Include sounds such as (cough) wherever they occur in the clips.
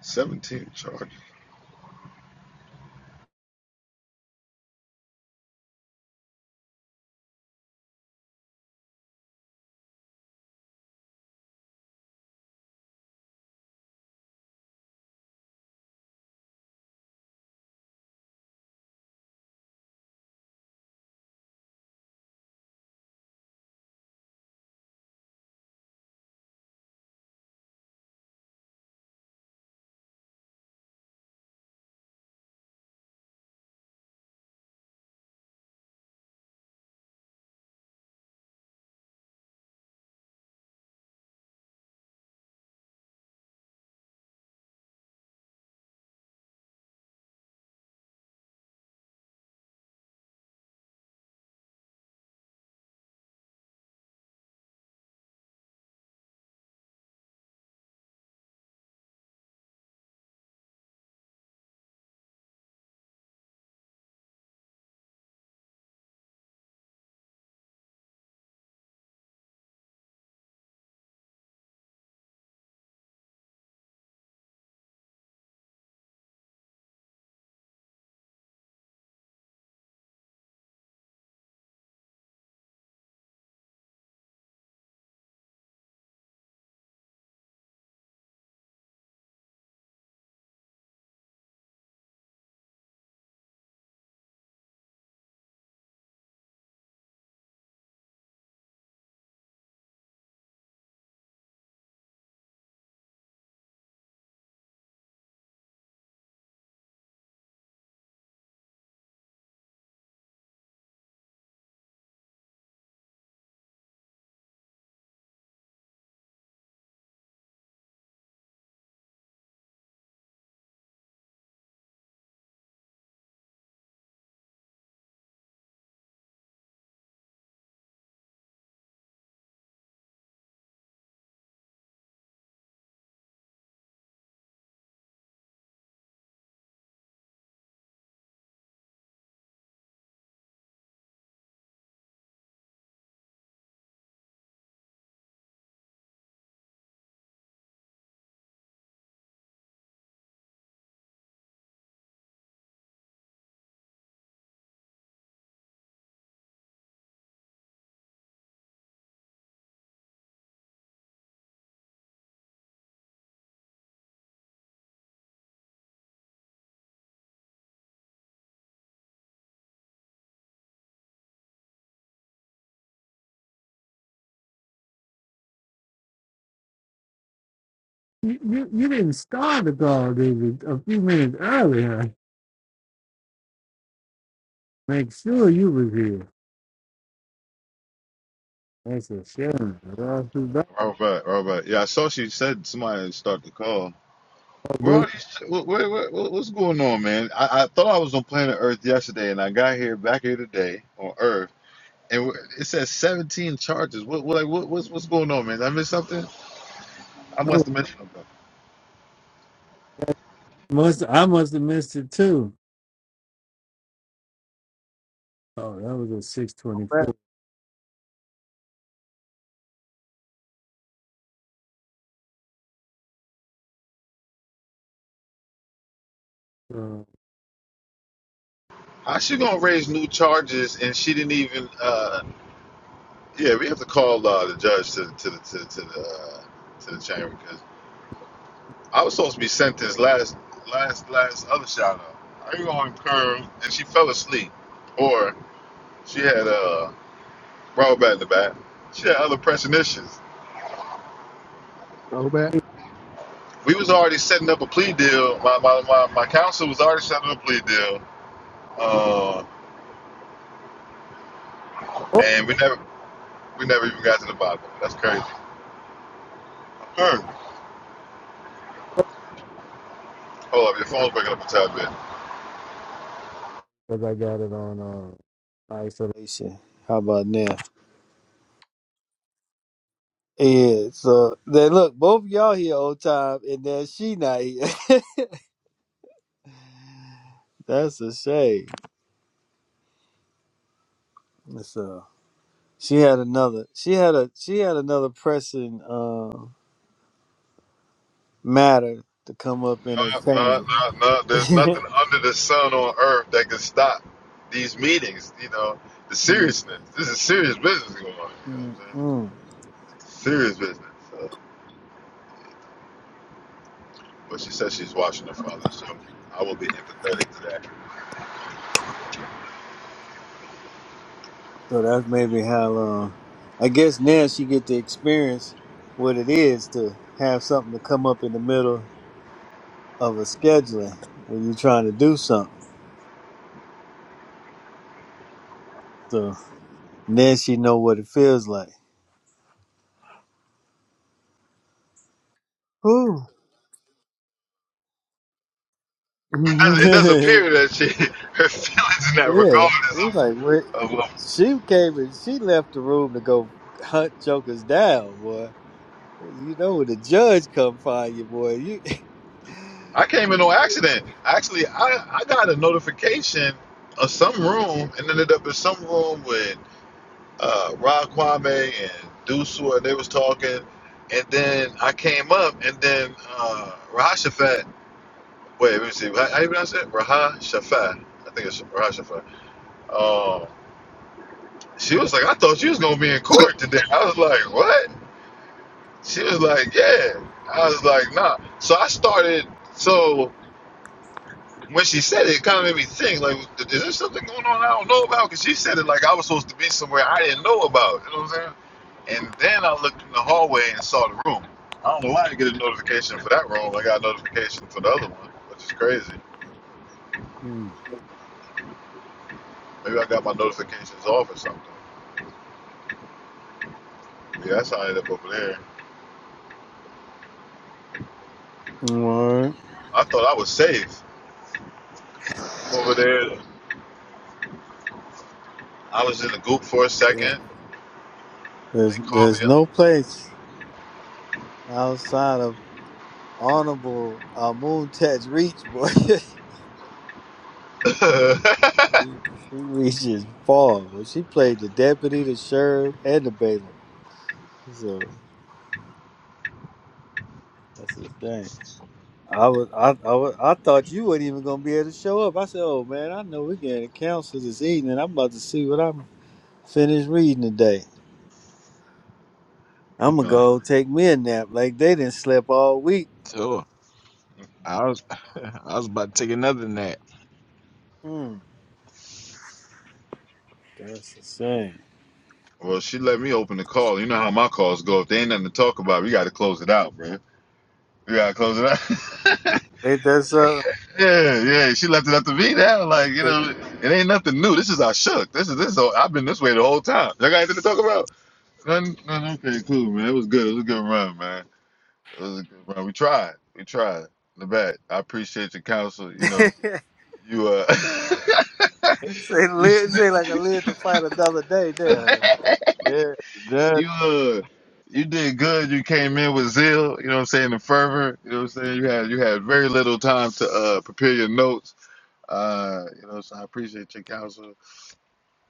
Seventeen charges. You, you, you didn't start the call, David, a few minutes earlier. Make sure you was here. That's a shame. Well, I bad Robert, Robert. Yeah, I saw she said somebody started the call. about Where this. all these? What, what, what, what's going on, man? I, I thought I was on planet Earth yesterday, and I got here back here today on Earth, and it says seventeen charges. What, what, like, what, what's, what's going on, man? Did I miss something? I Oh, must have missed something. that must I must have missed it too. Oh, that was a six twenty back. four. Because How she gonna raise new charges, and she didn't even? uh Yeah, we have to call uh, the judge to the to the to the, to the, uh, to the chamber I was supposed to be sent this last, last, last other shout out. I was on curve and she fell asleep, or she had uh brought back the back. She had other pressing issues. Go back. We was already setting up a plea deal. My my, my, my counsel was already setting up a plea deal, uh, and we never we never even got to the bottom. of it. That's crazy. Curve. Hold up, your phone's breaking up a tad bit. I got it on uh, isolation. How about now? Yeah. so then look, both y'all here all time, and then she not here. (laughs) That's a shame. So she had another. She had a. She had another pressing. um, matter to come up in her No, no, chamber. no, no. There's nothing (laughs) under the sun on earth that can stop these meetings. You know, the Mm, seriousness. This is serious business going on. You know mm, what mm. I'm saying? Serious business. So, but she says she's watching her father, so I will be empathetic to that. so that's maybe how uh I guess now she get to experience what it is to have something to come up in the middle of a scheduling when you're trying to do something. So now she know what it feels like. Whew. (laughs) yeah, It does, it does appear that she, (laughs) her feelings in that regard it's is like what of, of- of- she came and she left the room to go hunt jokers down, boy. You know when the judge come find you, boy. You I came in no accident. Actually, I, I got a notification of some room and ended up in some room with. uh, Rod Kwame and Dusua, they was talking, and then I came up, and then uh, Rahashafat. Wait, let me see. How, how you pronounce it? Rahashafat. I think it's Rahashafat. Um, she was like, I thought you was gonna be in court today. I was like, what? She was like, yeah. I was like, nah. So I started. So when she said it, it kind of made me think, like, is there something going on I don't know about? Because she said it like I was supposed to be somewhere I didn't know about. You know what I'm saying? And then I looked in the hallway and saw the room. I don't know why I didn't get a notification for that room. I got a notification for the other one, which is crazy. (laughs) Maybe I got my notifications off or something. Yeah, that's how I ended up over there. Word. I thought I was safe. I was in the goop for a second. They There's called there's me no place outside of honorable Amun Tet's reach, boy. (laughs) up. (laughs) she, she reaches far, but she played the deputy, the sheriff, and the bailiff. So that's a shame. I was I I, was, I thought you weren't even gonna be able to show up. I said, "Oh man, I know we're getting counsel this evening. I'm about to see what I'm finished reading today. I'm gonna Nah. go take me a nap. Like they didn't sleep all week. Sure. I was (laughs) I was about to take another nap. Mm, that's a shame. Well, she let me open the call. You know how my calls go. If they ain't nothing to talk about, we got to close it out, man. We got to close it out. (laughs) Ain't that Yeah, yeah, she left it up to me now. Like, you know, it ain't nothing new. This is our shook. This is this. I've been this way the whole time. Y'all got anything to talk about? None, none, okay, cool, man. It was good. It was a good run, man. It was a good run. We tried. We tried. The back. I appreciate your counsel. You something? know, (laughs) you uh, (laughs) Say, you live, st- say like I live to fight another day there. Yeah, the judge. you uh, you did good. You came in with zeal. You know what I'm saying? The fervor. You know what I'm saying? You had you had very little time to uh prepare your notes. Uh, you know, so I appreciate your counsel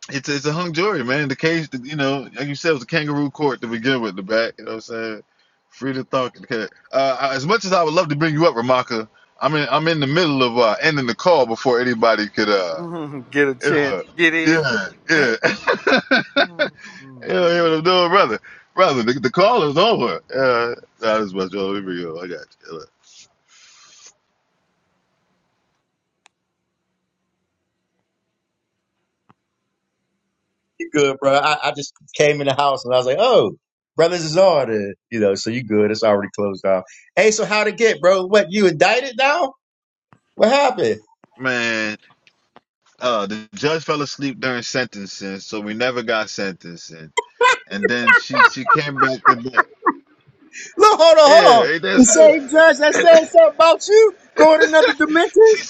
it's it's a hung jury, man. The case, you know, like you said, it was a kangaroo court to begin with. The back, you know what I'm saying? Free to talk. Okay. Uh, as much as I would love to bring you up, Ramaka, I'm in I'm in the middle of uh, ending the call before anybody could. uh, (laughs) get a chance. uh Get in. Yeah, yeah, (laughs) yeah. Mm. You know what I'm doing, brother? Brother, the, the call is over. Uh, that is what y'all. here we go. I got you. You good, bro? I, I just came in the house and I was like, oh, brothers is on it, you know. So you good? It's already closed off. Hey, so how'd it get, bro? What you indicted now? What happened? Man, uh, the judge fell asleep during sentencing, so we never got sentencing. And then she she came back to bed. Look, hold on, hold on. Yeah, The that's. same judge (laughs) that said something about you going in other dimensions. she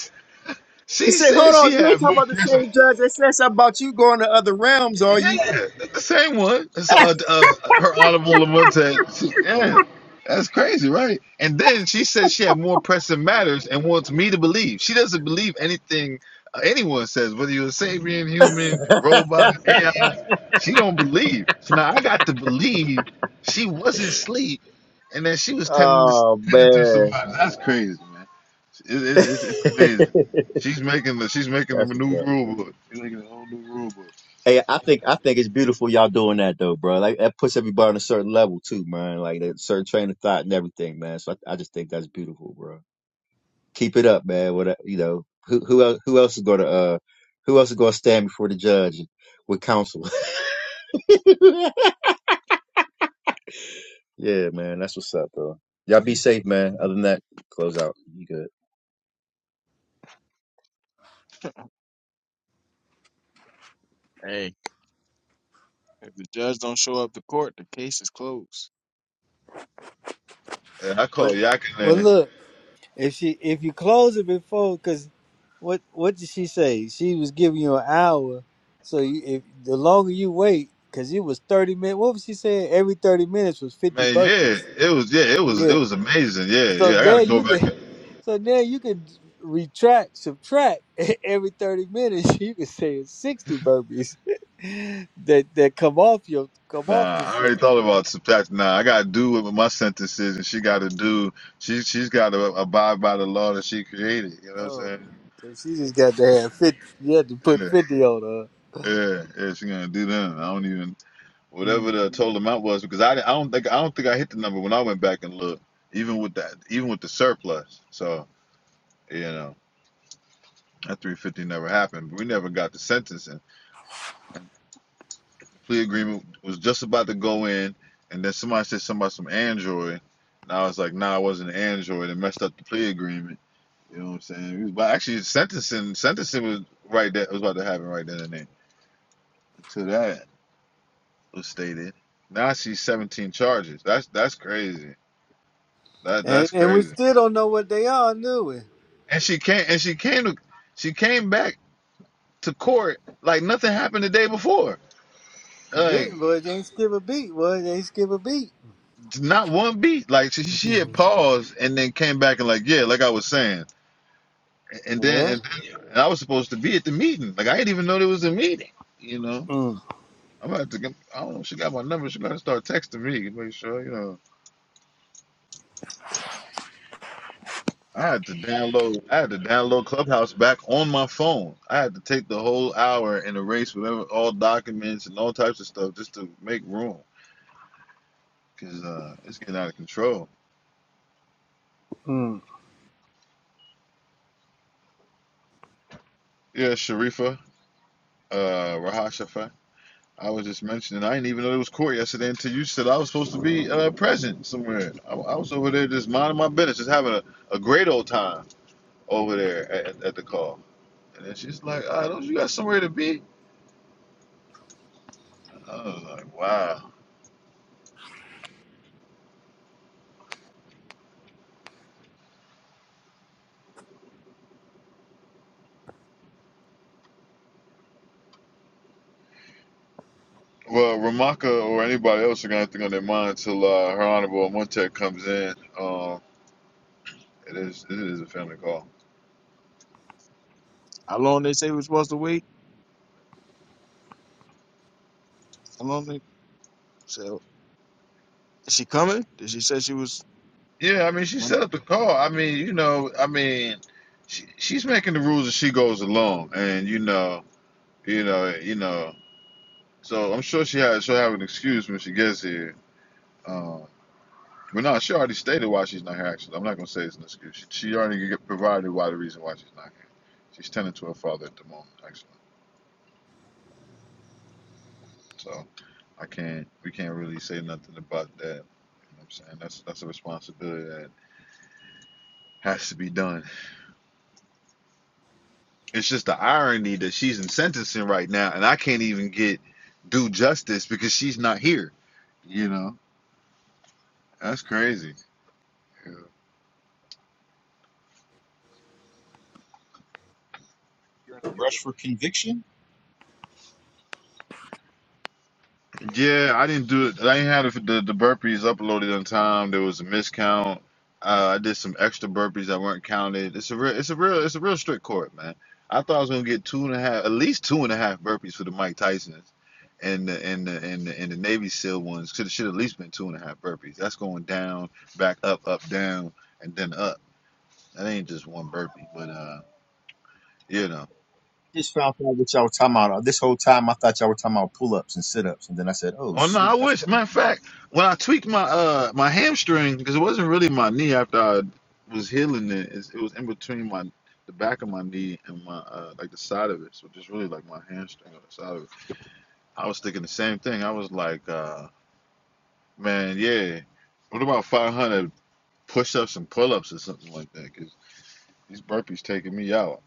They she say, hold said she on, you ain't had talking more about the same piercing. judge that said something about you going to other realms, are you? Yeah, that's the same one. It's uh, uh her honorable Lamont She, yeah, that's crazy, right? And then she said she had more pressing matters and wants me to believe. She doesn't believe anything uh, anyone says, whether you're a Sabian, human, robot, AI. She don't believe. So now I got to believe she wasn't asleep and that she (laughs) was tending to, oh tending to man, somebody. That's crazy, man. (laughs) it's, that's it's, it's amazing. She's making the she's making the new what's up. rule book. She's making a whole new rule book. Hey, I think I think it's beautiful y'all doing that though, bro. Like that puts everybody on a certain level too, man. Like that certain train of thought and everything, man. So I, I just think that's beautiful, bro. Keep it up, man. What a- you know, who who else who else is gonna uh who else is gonna stand before the judge with counsel? (laughs) yeah, man, that's what's up, bro. Y'all be safe, man. Other than that, close out. You good. Hey, if the judge don't show up to court, the case is closed. And I call Well, well, Yakinan. look, if she if you close it before, because what what did she say? She was giving you an hour, so you, if the longer you wait, because it was thirty minutes. What was she saying? Every thirty minutes was fifty Man, yeah, burpees. it was yeah, it was Yeah. it was amazing. Yeah, So yeah. I now gotta go you back. can, And, (laughs) so now you can retract, subtract (laughs) every thirty minutes. You can say it's sixty burpees (laughs) that that come off your come off nah, the I already city. thought about subtract. Nah, I gotta do what my sentence is, and she gotta do. She she's gotta abide by the law that she created. You know what I'm Oh, saying? so she just got to have fifty. You had to put Yeah, fifty on her, yeah, yeah. She's gonna do that. I don't even Mm. whatever the total amount was because I, I don't think I don't think I hit the number when I went back and looked. Even with that, even with the surplus. So. You know, that 350 never happened. We never got the sentencing. Plea agreement was just about to go in, and then somebody said something about some Android. And I was like, nah, it wasn't Android. It messed up the plea agreement. You know what I'm saying? But actually, sentencing sentencing was right there. It was about to happen right then and there. Until that was stated. Now I see 17 charges. That's that's crazy. That and that's and we crazy. still don't know what they are, do we? And she came and she came to she came back to court like nothing happened the day before. Like Didn't boy, they ain't skip a beat. Boy, they ain't skip a beat. not one beat. Like she, she had Mhm. paused and then came back and like, yeah, like I was saying. And then yeah. and, and I was supposed to be at the meeting. Like I didn't even know there was a meeting. You know, Mm. I'm about to. Get, I don't know. She got my number. She gotta start texting me. to Make sure you know. I had to download. I had to download Clubhouse back on my phone. I had to take the whole hour and erase whatever all documents and all types of stuff just to make room because uh, it's getting out of control. Mm. Yeah, Sharifa, uh, Rahashafa. I was just mentioning, I didn't even know it was court yesterday until you said I was supposed to be uh, present somewhere. I, I was over there just minding my business, just having a, a great old time over there at, at, the call. And then she's like, ah, don't you got somewhere to be? I was like, wow. Well, Ramaka or anybody else are going to have to go on their mind until uh, Her Honorable Montek comes in. Um, it is it is a family call. How long they say we're supposed to wait? How long they so is she coming? Did she say she was Yeah, I mean, she when set up the call. I mean, you know, I mean, she, she's making the rules as she goes along. And, you know, you know, you know. So I'm sure she has she'll have an excuse when she gets here. Um, but no, she already stated why she's not here. Actually, I'm not gonna say it's an excuse. She, she already g- provided why the reason why she's not here. She's tending to her father at the moment, actually. So I can't we can't really say nothing about that. You know what I'm saying that's that's a responsibility that has to be done. It's just the irony that she's in sentencing right now, and I can't even get due justice because she's not here. You know that's crazy. You're in a Yeah. rush for conviction? Yeah, I didn't do it. I didn't have the, the, the burpees uploaded on time. There was a miscount. Uh, I did some extra burpees that weren't counted. It's a real, it's a real, it's a real strict court, man. I thought I was gonna get two and a half, at least two and a half burpees for the Mike Tyson's, and the and the and the, and the Navy SEAL ones should should at least been two and a half burpees. That's going down, back up, up, down, and then up. That ain't just one burpee, but uh, you know. Just found out what y'all were talking about. This whole time I thought y'all were talking about pull ups and sit ups, and then I said, Oh Oh no, shoot, I that's wish. what Matter of fact, when I tweaked my uh my hamstring because it wasn't really my knee after I was healing it, it's, it was in between my the back of my knee and my uh like the side of it, so just really like my hamstring on the side of it. I was thinking the same thing. I was like, uh man, yeah, what about 500 push-ups and pull-ups or something like that? Because these burpees taking me out.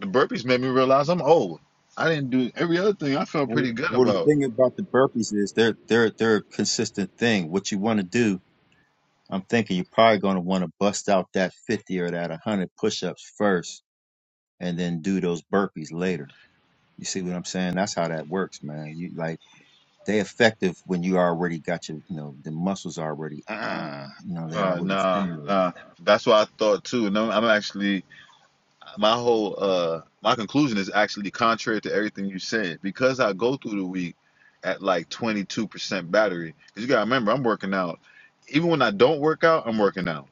The burpees made me realize I'm old. I didn't do every other thing. I felt Well, pretty good well, the about. thing about the burpees is they're they're they're a consistent thing. What you want to do, I'm thinking you're probably going to want to bust out that 50 or that 100 push-ups first, and then do those burpees later. You see what I'm saying? That's how that works, man. You like they effective when you already got your, you know, the muscles already, ah, you know, they Uh, already nah, stimulated. nah. That's what I thought too. And I'm, I'm actually my whole uh my conclusion is actually contrary to everything you said because I go through the week at like 22% battery. battery. Cause you gotta remember, I'm working out. Even when I don't work out, I'm working out.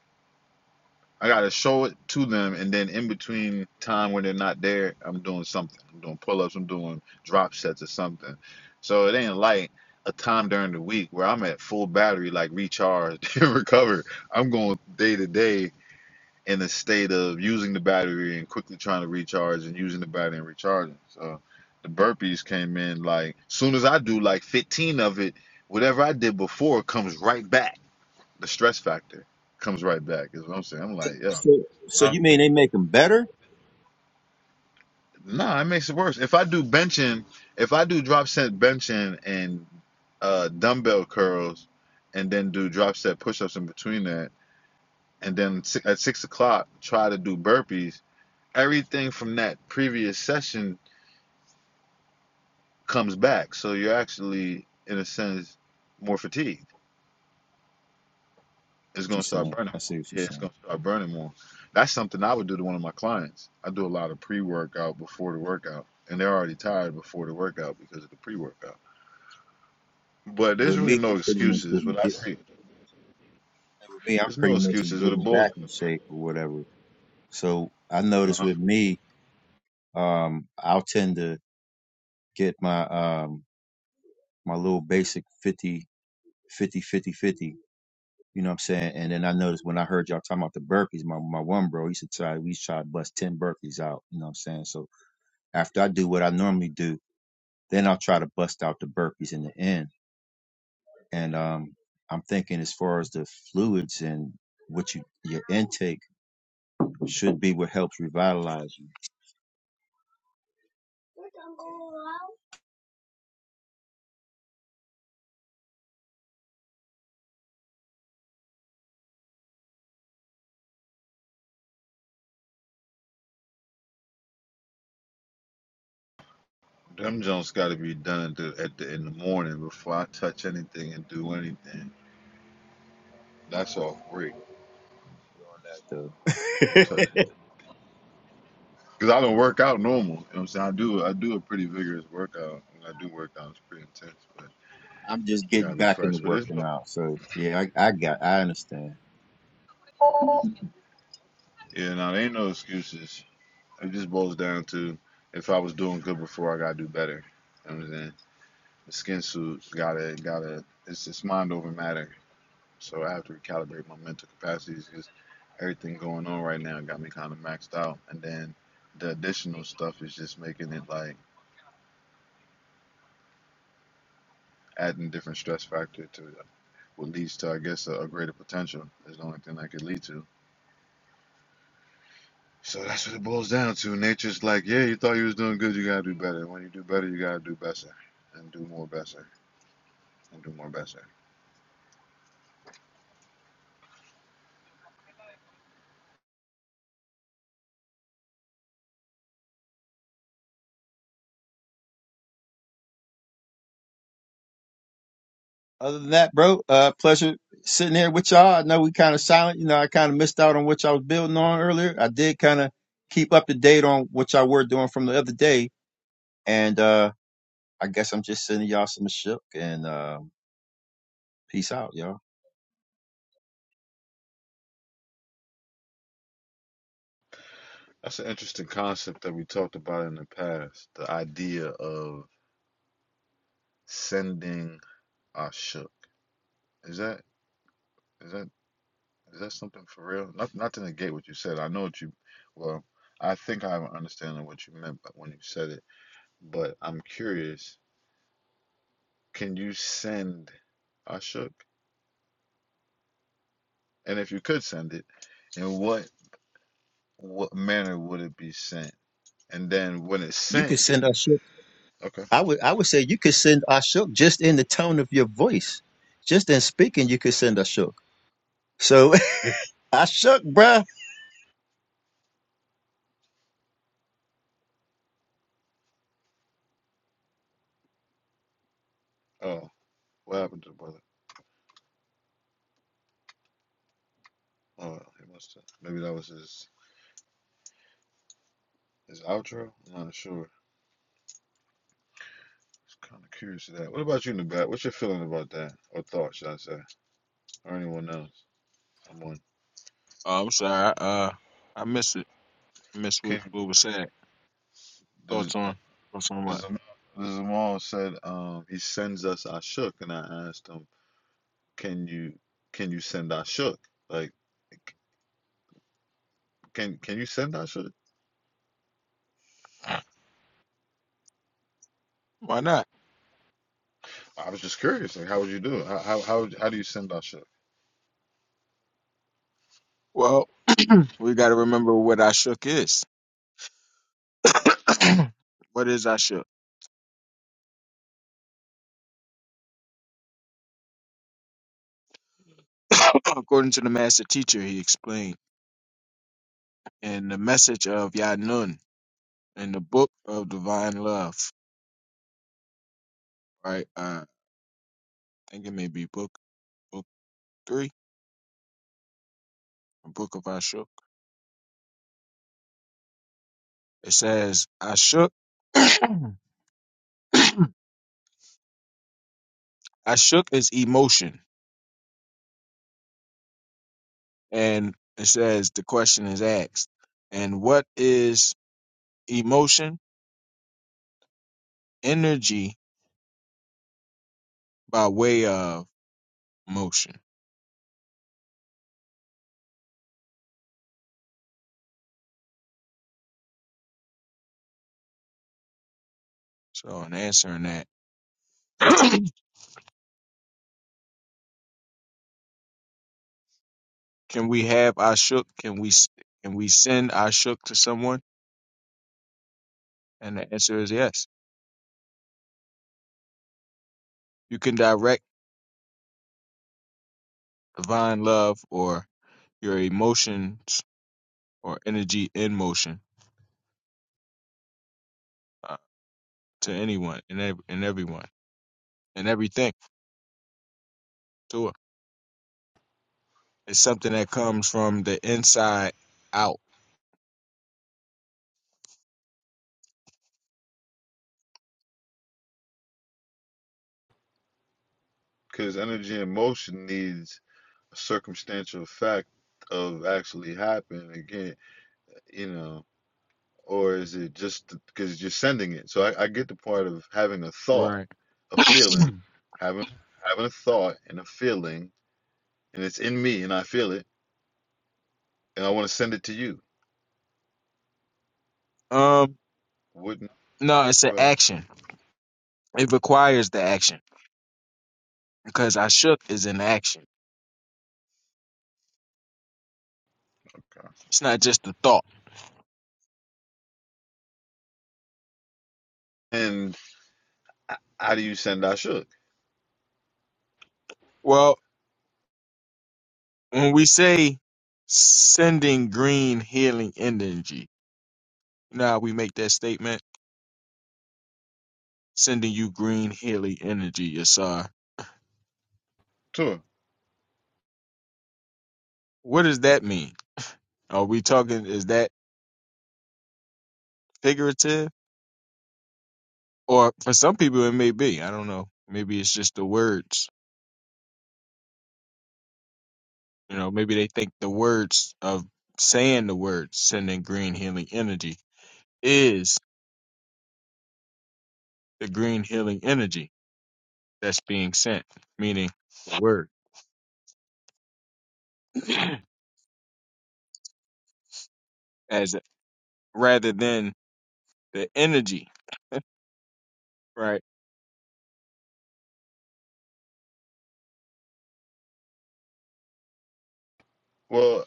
I gotta show it to them, and then in between time when they're not there, I'm doing something. I'm doing pull ups. I'm doing drop sets or something. So it ain't like a time during the week where I'm at full battery, like recharged (laughs) and recover. I'm going day to day in a state of using the battery and quickly trying to recharge and using the battery and recharging. So the burpees came in like soon as I do like 15 of it, whatever I did before comes right back. The stress factor comes right back is what I'm saying. I'm like, yeah. So, so Huh? you mean they make them better? Nah, it makes it worse. If I do benching, if I do drop set benching and uh, dumbbell curls and then do drop set push ups in between that, and then si- at six o'clock try to do burpees, everything from that previous session comes back. So you're actually, in a sense, more fatigued. It's going to She's start saying. burning I more. see what you're Yeah, it's saying. going to start burning more. That's something I would do to one of my clients. I do a lot of pre workout before the workout, and they're already tired before the workout because of the pre workout. But With there's really me, I'm no pretty much excuses. just What I get, see, with me, I'm there's pretty no much just excuses. With the getting Bulls, back in shape or whatever So I notice uh, with me, um, I'll tend to get my um my little basic 50 50 50 fifty. You know what I'm saying? And then I noticed when I heard y'all talking about the Berkeys, my, my one bro, he should try, we try to bust 10 Berkeys out. You know what I'm saying? So after I do what I normally do, then I'll try to bust out the Berkeys in the end. And um, I'm thinking as far as the fluids and what you, your intake should be what helps revitalize them Jones got to be done to, at the, in the morning before I touch anything and do anything. That's all free. you. Don't touch. The (laughs) anything. Cause I don't work out normal. You know what I'm saying? I do I do a pretty vigorous workout. When I do work out, it's pretty intense, but I'm just you getting gotta be back into fresh. But it's working out. So yeah, I, I got, I understand. yeah, no, there ain't no excuses. It just boils down to if I was doing good before, I gotta do better. You know what I'm saying? The skin suit gotta gotta it's just mind over matter. So I have to recalibrate my mental capacities because everything going on right now got me kind of maxed out. And then the additional stuff is just making it like adding different stress factor to what leads to, I guess, a, a greater potential is the only thing that could lead to. So that's what it boils down to. Nature's like, yeah, you thought you was doing good, you gotta do better. And when you do better, you gotta do better, and do more better, and do more better. Other than that, bro, uh, pleasure sitting here with y'all. I know we kind of silent. You know, I kind of missed out on what y'all was building on earlier. I did kind of keep up to date on what y'all were doing from the other day. And, uh, I guess I'm just sending y'all some shook and, um, peace out, y'all. That's an interesting concept that we talked about in the past. The idea of sending a Is that is that is that something for real? Not not to negate what you said. I know what you. Well, I think I have an understanding of what you meant, but when you said it, but I'm curious can you send Ashok? And if you could send it, in what what manner would it be sent? And then when it's You could sent, send us shook. okay. I would, I would say you could send us shook just in the tone of your voice, just in speaking. You could send us shook. So (laughs) I shook, bruh. Oh, what happened to the brother? Oh, well, he must have. Maybe that was his his outro. I'm not sure. It's kind of curious to that. What about you, Nabat? What's your feeling about that, or thought, should I say, or anyone else? I'm on. oh, I'm sorry, uh I missed it. I missed what, Can what was said. does Thoughts uh, on thoughts on what? does Amal, does Amal said um he sends us Ashok, and I asked him, can you can you send Ashok? Like. Can can you send that shit? (clears throat) Why not? I was just curious. Like, how would you do it? How how how, how do you send that shit? Well, we gotta remember what I shook is. (coughs) what is I shook? (coughs) According to the master teacher, he explained. and the message of Yanun in the book of divine love, right? Uh, I think it may be book book three, the book of Ashuk. It says, Ashuk, (coughs) Ashuk is emotion, and it says the question is asked, and what is emotion? Energy by way of motion. So, in answering that, (coughs) can we have Ashuk? Can we can we send Ashuk to someone? And the answer is yes. You can direct divine love or your emotions or energy in motion uh, to anyone and, ev- and everyone and everything to it. It's something that comes from the inside out. Because energy and motion needs a circumstantial fact of actually happening again, you know, or is it just because you're sending it? So I, I get the part of having a thought, Right. a (clears throat) feeling, having having a thought and a feeling, and it's in me and I feel it, and I want to send it to you. um. Wouldn't No, it's an go ahead. action. It requires the action because I shook is an action. Okay. It's not just a thought. And h- how do you send that shit? Well, when we say sending green healing energy, you know how we make that statement? Sending you green healing energy, Yasar. Sure. What does that mean? Are we talking? Is that figurative? Or for some people, it may be. I don't know. Maybe it's just the words. You know, maybe they think the words of saying the words, sending green healing energy, is the green healing energy that's being sent, meaning the word, (clears throat) as rather than the energy, right? Well,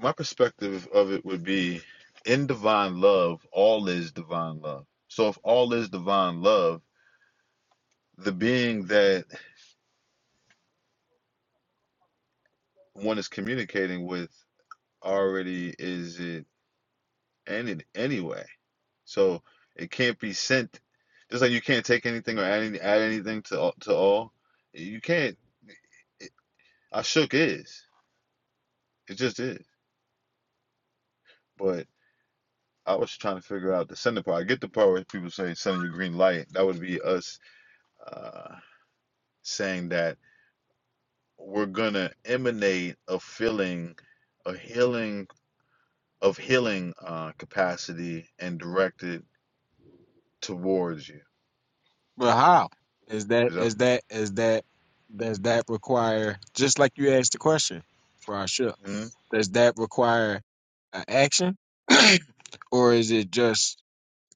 my perspective of it would be in divine love, all is divine love. So if all is divine love, the being that one is communicating with already is it any anyway. So it can't be sent just like you can't take anything or add, any, add anything to all- to all. You can't. I shook is. It just is. But I was trying to figure out the sender part. I get the part where people say sending you green light. That would be us uh, saying that we're gonna emanate a feeling, a healing of healing uh, capacity and direct it towards you. But how is that? Is that Is that? Is that? Does that require? Just like you asked the question for Ashok Mhm. Does that require an action? (clears throat) or is it just,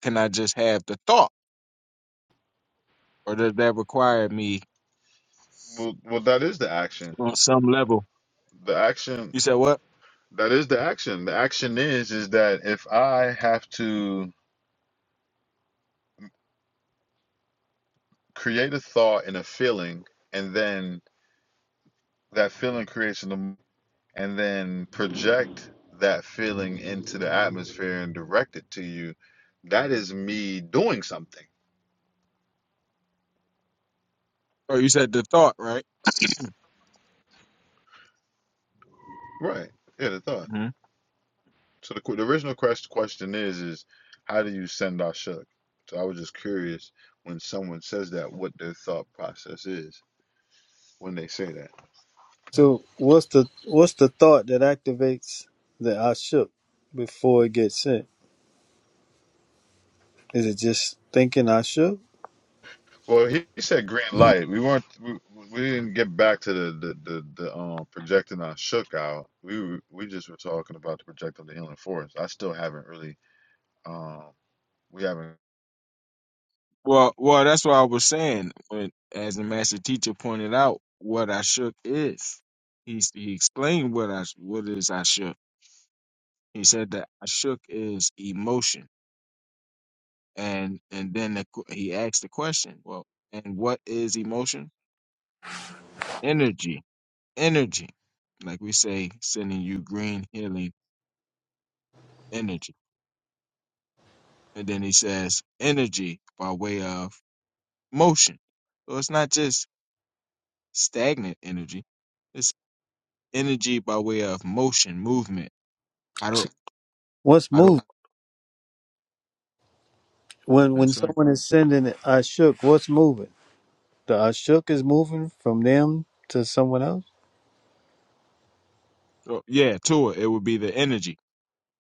can I just have the thought? Or does that require me well? Well, that is the action. on some level? The You action said what? that is the action. The action is is that if I have to create a thought and a feeling, and then that feeling creates an emo- and then project that feeling into the atmosphere and direct it to you, that is me doing something Oh, you said the thought, right? Right. Yeah, the thought. hmm So the, que- the original quest- question is is how do you send our shook? So I was just curious when someone says that, what their thought process is when they say that. So what's the what's the thought that activates the I shook before it gets sent? Is it just thinking I shook? Well, he, he said green light. We weren't. We, we didn't get back to the the the, the um projecting our shook out. We were- we just were talking about the project on the inland forest. I still haven't really. Um, we haven't. Well, well, that's what I was saying. When, as the master teacher pointed out, what I shook is. He, s- he explained what I what is I shook. He said that I shook is emotion, and and then the, qu- he asked the question. Well, and what is emotion? Energy energy. Like we say, sending you green healing energy. And then he says energy by way of motion. So it's not just stagnant energy. It's energy by way of motion, movement. I don't What's I don't moving? When when that's right. someone is sending it, I shook, what's moving? The I shook is moving from them to someone else. So yeah, Tua, it would be the energy.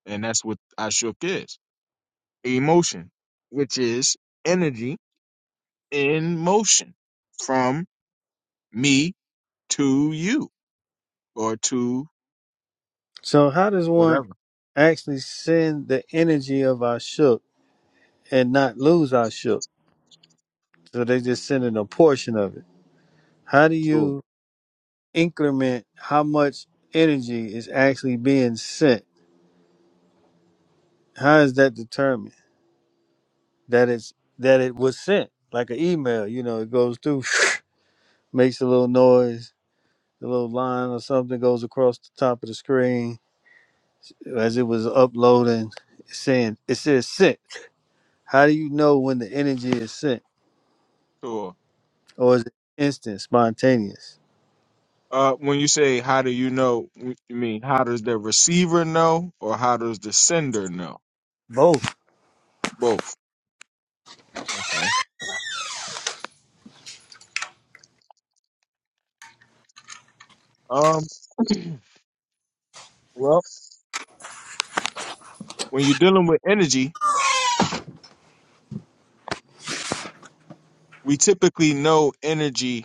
And that's what I shook is. Emotion, which is energy in motion from me to you or to So how does one whatever. actually send the energy of I shook and not lose I shook? So they just sending a portion of it. How do Tua. you increment how much energy is actually being sent? How is that determined? That it's that it was sent like an email. You know, it goes through, (laughs) (sniffs) makes a little noise the little line or something goes across the top of the screen as it was uploading it's saying it says sent how do you know when the energy is sent Tua. or is it instant spontaneous Uh, when you say how do you know, you mean how does the receiver know, or how does the sender know? Both. Both. Okay. Um. Well, when you're dealing with energy, we typically know energy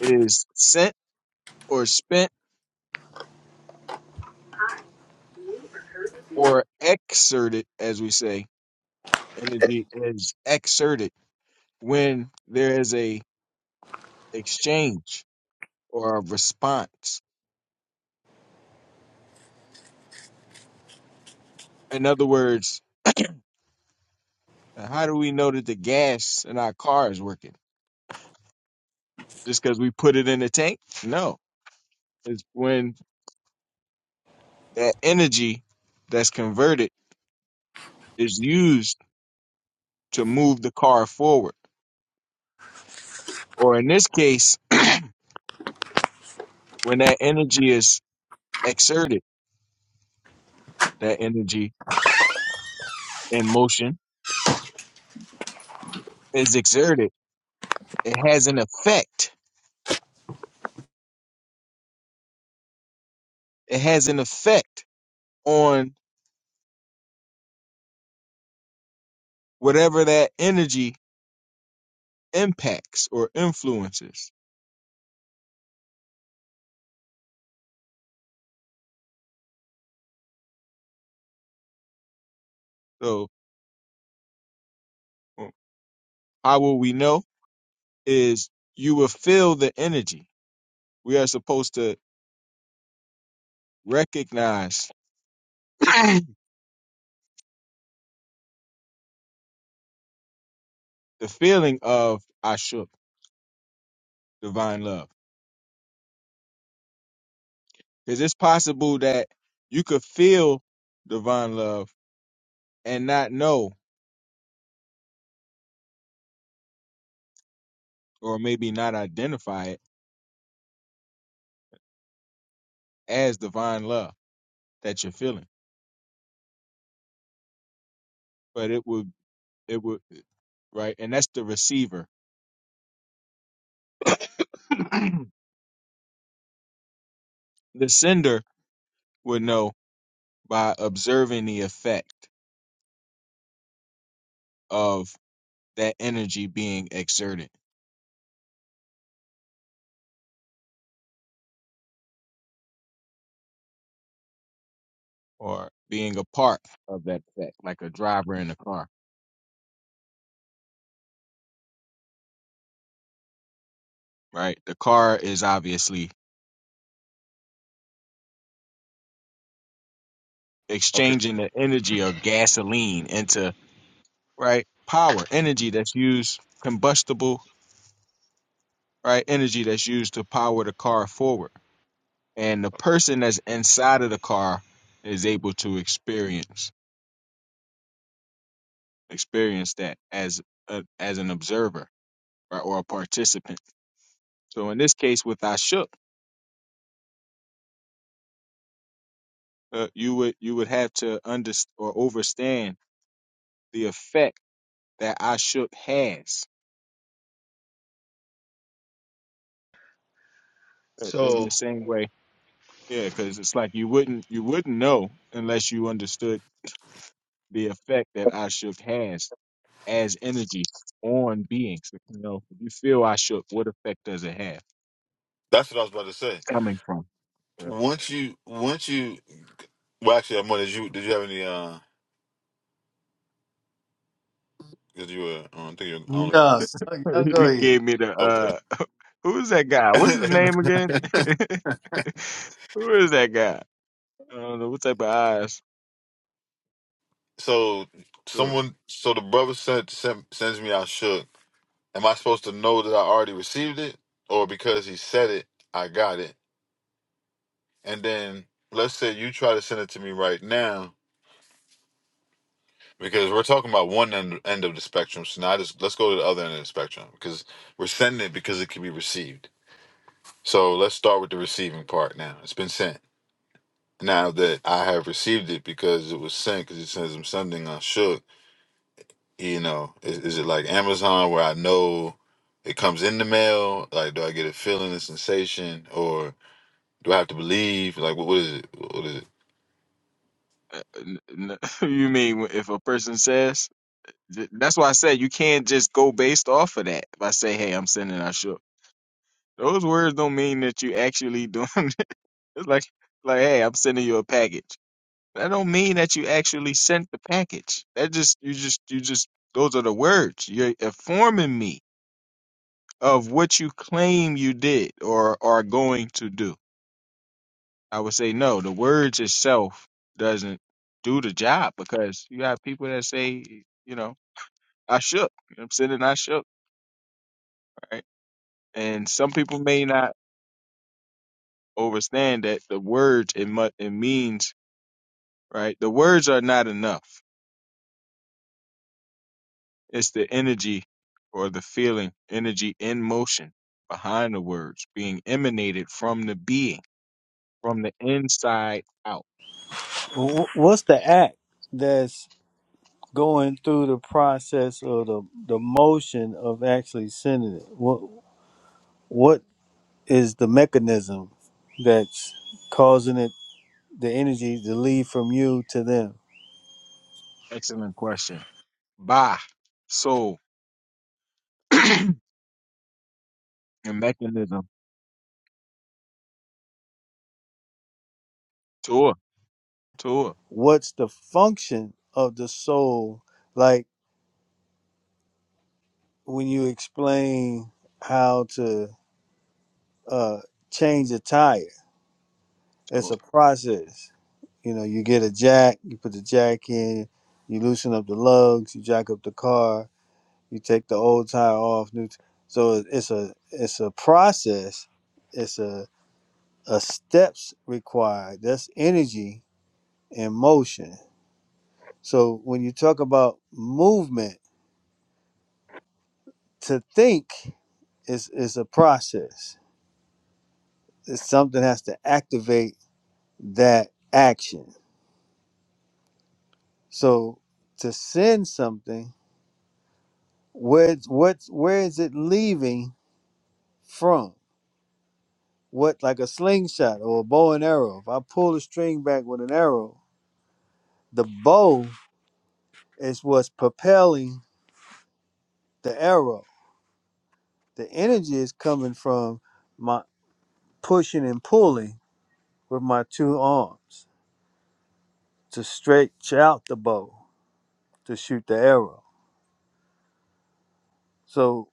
is sent or spent or exerted, as we say. Energy is exerted when there is a exchange or a response. In other words, how do we know that the gas in our car is working? Just because we put it in the tank? No is when that energy that's converted is used to move the car forward. Or in this case, (clears throat) when that energy is exerted, that energy in motion is exerted, it has an effect. It has an effect on whatever that energy impacts or influences. So, uh, how will we know? Is you will feel the energy. We are supposed to recognize (clears throat) the feeling of I shook divine love. Because it's possible that you could feel divine love and not know, or maybe not identify it as divine love that you're feeling. But it would, it would, right? And that's the receiver. (clears throat) the sender would know by observing the effect of that energy being exerted or being a part of that effect, like a driver in a car, right? The car is obviously Okay. exchanging the energy or gasoline into right power energy that's used combustible right energy that's used to power the car forward and the person that's inside of the car is able to experience experience that as a, as an observer right, or a participant so in this case with i uh, you would you would have to understand or overstand the effect that i has uh, in So the same way Yeah, because it's like you wouldn't you wouldn't know unless you understood the effect that Ashuk has as energy on beings. You know, if you feel Ashuk, what effect does it have That's what I was about to say. coming from? Yeah. Once you, once you, well, actually, I'm Amor, did you did you have any? Cause you were, um, I think you're only no (laughs) y'all go he ahead gave me the okay. uh, (laughs) who's that guy? What's his name again? (laughs) Who is that guy? I don't know what type of eyes. (laughs) so Uh, someone, so the brother sent, sent sends me. I shook. Am I supposed to know that I already received it, or because he said it, I got it? And then let's say you try to send it to me right now, because we're talking about one end, end of the spectrum. So now I just let's go to the other end of the spectrum, because we're sending it because it can be received. So let's start with the receiving part now. It's been sent. now that I have received it because it was sent because it says I'm sending on shook. You know, is, is it like Amazon where I know it comes in the mail? Like, do I get a feeling, a sensation, or do I have to believe? Like, what, what is it? What is it? n- n- (laughs) You mean if a person says? That's why I said you can't just go based off of that. If I say, "Hey, I'm sending Ashuk." Those words don't mean that you actually doing (laughs) it. It's like like hey, I'm sending you a package. That don't mean that you actually sent the package. That just you just you just those are the words. You're informing me of what you claim you did or are going to do. I would say no, the words itself doesn't do the job because you have people that say, you know, I shook. I'm sending I shook, right? And some people may not understand that the words it mu- it means right? The words are not enough. It's the energy or the feeling, energy in motion behind the words being emanated from the being, from the inside out. Wh- what's the act that's going through the process or the the motion of actually sending it what what is the mechanism that's causing it the energy to leave from you to them Excellent question. Ba, soul, (clears throat) and mechanism. Tour, tour, what's the function of the soul like when you explain how to uh change a tire it's a tour. process you know you get a jack you put the jack in you loosen up the lugs you jack up the car you take the old tire off new t- so it's a it's a process it's a, a steps required that's energy and motion so when you talk about movement to think is is a process. It's something has to activate that action. So to send something, where what where is it leaving from? What like a slingshot or a bow and arrow? If I pull the string back with an arrow, the bow is what's propelling the arrow. The energy is coming from my pushing and pulling with my two arms to stretch out the bow to shoot the arrow So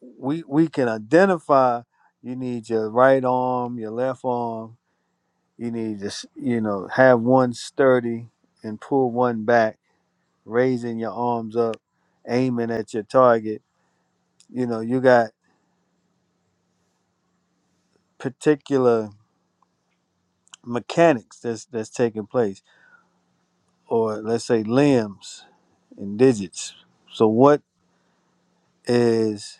we we can identify you need your right arm, your left arm. You need to s- you know have one sturdy and pull one back, raising your arms up, aiming at your target. You know you got particular mechanics that's that's taking place, or let's say limbs and digits. So what is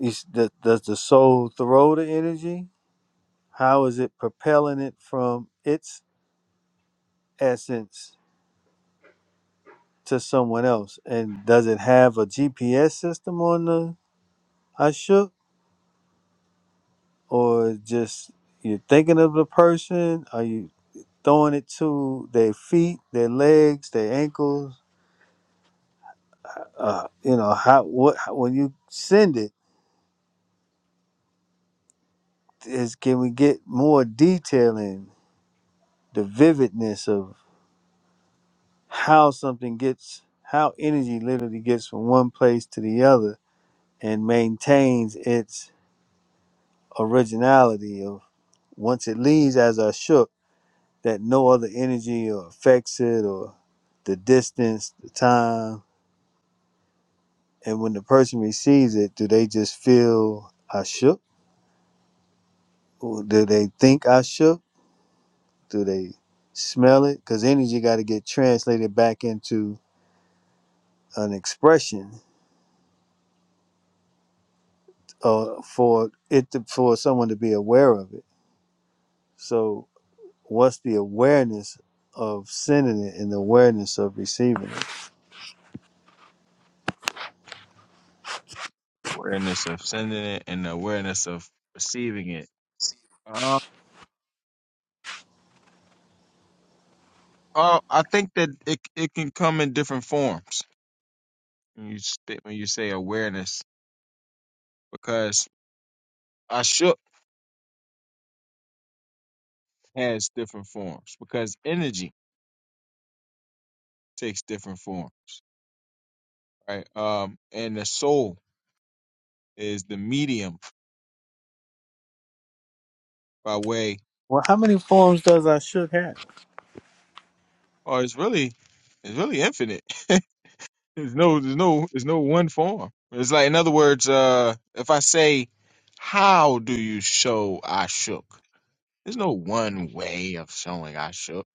is the, does the soul throw the energy? How is it propelling it from its essence to someone else? And does it have a GPS system on the I shook, or just you're thinking of the person? Are you throwing it to their feet, their legs, their ankles? Uh, you know how what how, when you send it is can we get more detail in the vividness of how something gets how energy literally gets from one place to the other and maintains its originality of once it leaves as a shook that no other energy or affects it or the distance, the time. And when the person receives it, do they just feel I shook? Or do they think I shook? Do they smell it? Because energy got to get translated back into an expression uh, for it to, for someone to be aware of it. So what's the awareness of sending it and the awareness of receiving it? Awareness of sending it and the awareness of receiving it. Uh, oh, I think that it it can come in different forms. When you st- when you say awareness, because I shook. has different forms because energy takes different forms, right? Um, and the soul is the medium by way, Well, how many forms does I shook have? or it's really, it's really infinite. (laughs) there's no, there's no, there's no one form. It's like, in other words, uh, if I say, "How do you show I shook?" There's no one way of showing I shook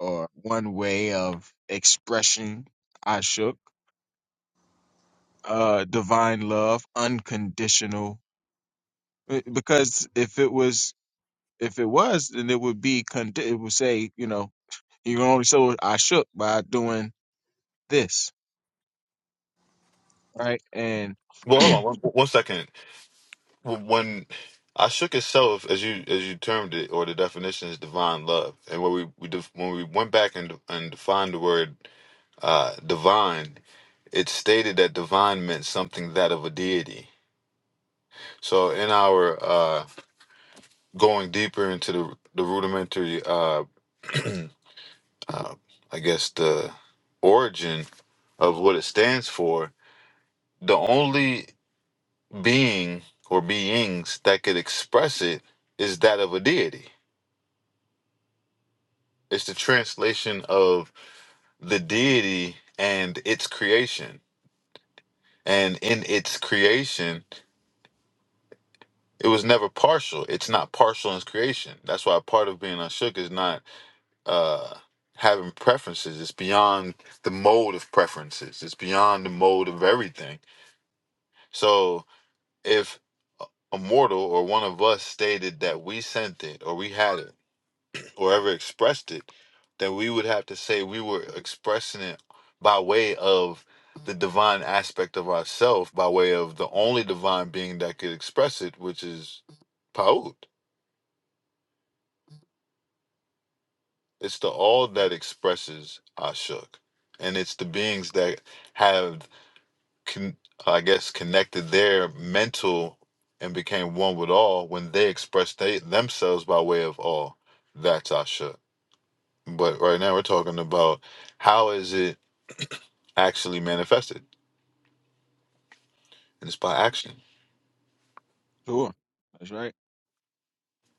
or one way of expression I shook. Uh, divine love, unconditional Uh, because if it was if it was then it would be con- it would say you know you can only show i shook by doing this right and (clears throat) Well, hold on one, one second. W- When I shook itself, as you as you termed it, or the definition is divine love, and when we, we def- when we went back and and defined the word uh, divine, it stated that divine meant something that of a deity So in our uh, going deeper into the the rudimentary, uh, (clears throat) uh, I guess the origin of what it stands for, the only being or beings that could express it is that of a deity. It's the translation of the deity and its creation, and in its creation, it was never partial. It's not partial in its creation. That's why part of being unshook is not uh, having preferences. It's beyond the mode of preferences. It's beyond the mode of everything. So if a mortal or one of us stated that we sent it or we had it or ever expressed it, then we would have to say we were expressing it by way of the divine aspect of ourself, by way of the only divine being that could express it, which is Paut. It's the all that expresses Ashuk. And it's the beings that have con- I guess, connected their mental and became one with all when they expressed they, themselves by way of all. That's Asha. But right now we're talking about how is it actually manifested, and it's by action. sure that's right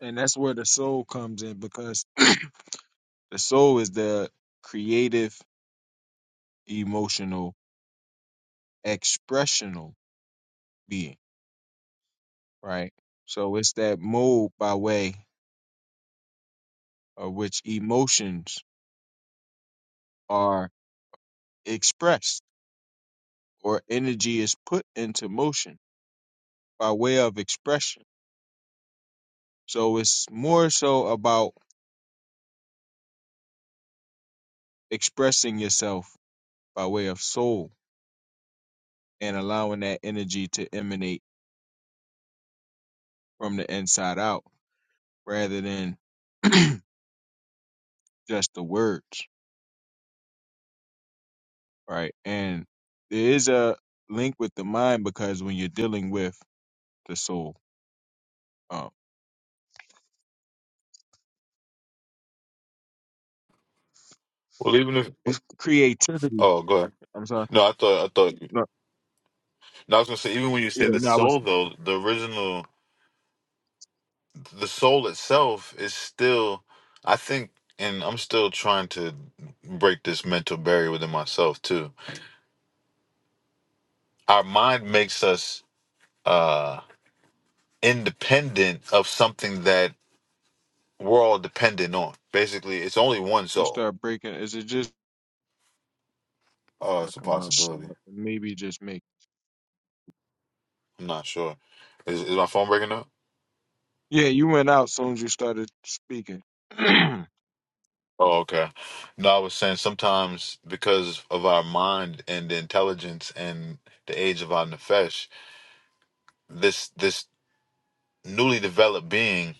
and that's where the soul comes in because (clears throat) the soul is the creative emotional expressional being right so it's that mode by way of which emotions are expressed or energy is put into motion by way of expression So it's more so about expressing yourself by way of soul and allowing that energy to emanate from the inside out rather than (clears throat) just the words, right? And there is a link with the mind because when you're dealing with the soul, um, Well, even if creativity. oh, go ahead. I'm sorry. No, I thought I thought. No, No, I was gonna say even when you say yeah, the no, I was. soul though, the original, the soul itself is still. I think, and I'm still trying to break this mental barrier within myself too. Our mind makes us uh independent of something that we're all dependent on. Basically, it's only one You soul. start breaking. Is it just Oh, I it's a come out? So possibility. maybe just make. I'm not sure. Is, is my phone breaking up? Yeah, you went out soon as you started speaking. (clears throat) Oh, okay. No, I was saying sometimes because of our mind and the intelligence and the age of our nefesh, this this newly developed being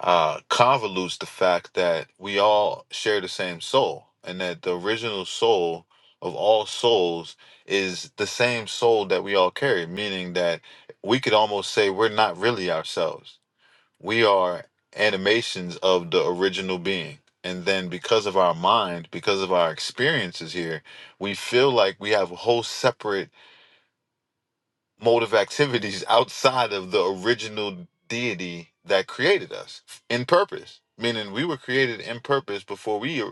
uh, convolutes the fact that we all share the same soul and that the original soul of all souls is the same soul that we all carry, meaning that we could almost say we're not really ourselves. We are animations of the original being. And then because of our mind, because of our experiences here, we feel like we have a whole separate mode of activities outside of the original deity that created us in purpose, meaning we were created in purpose before we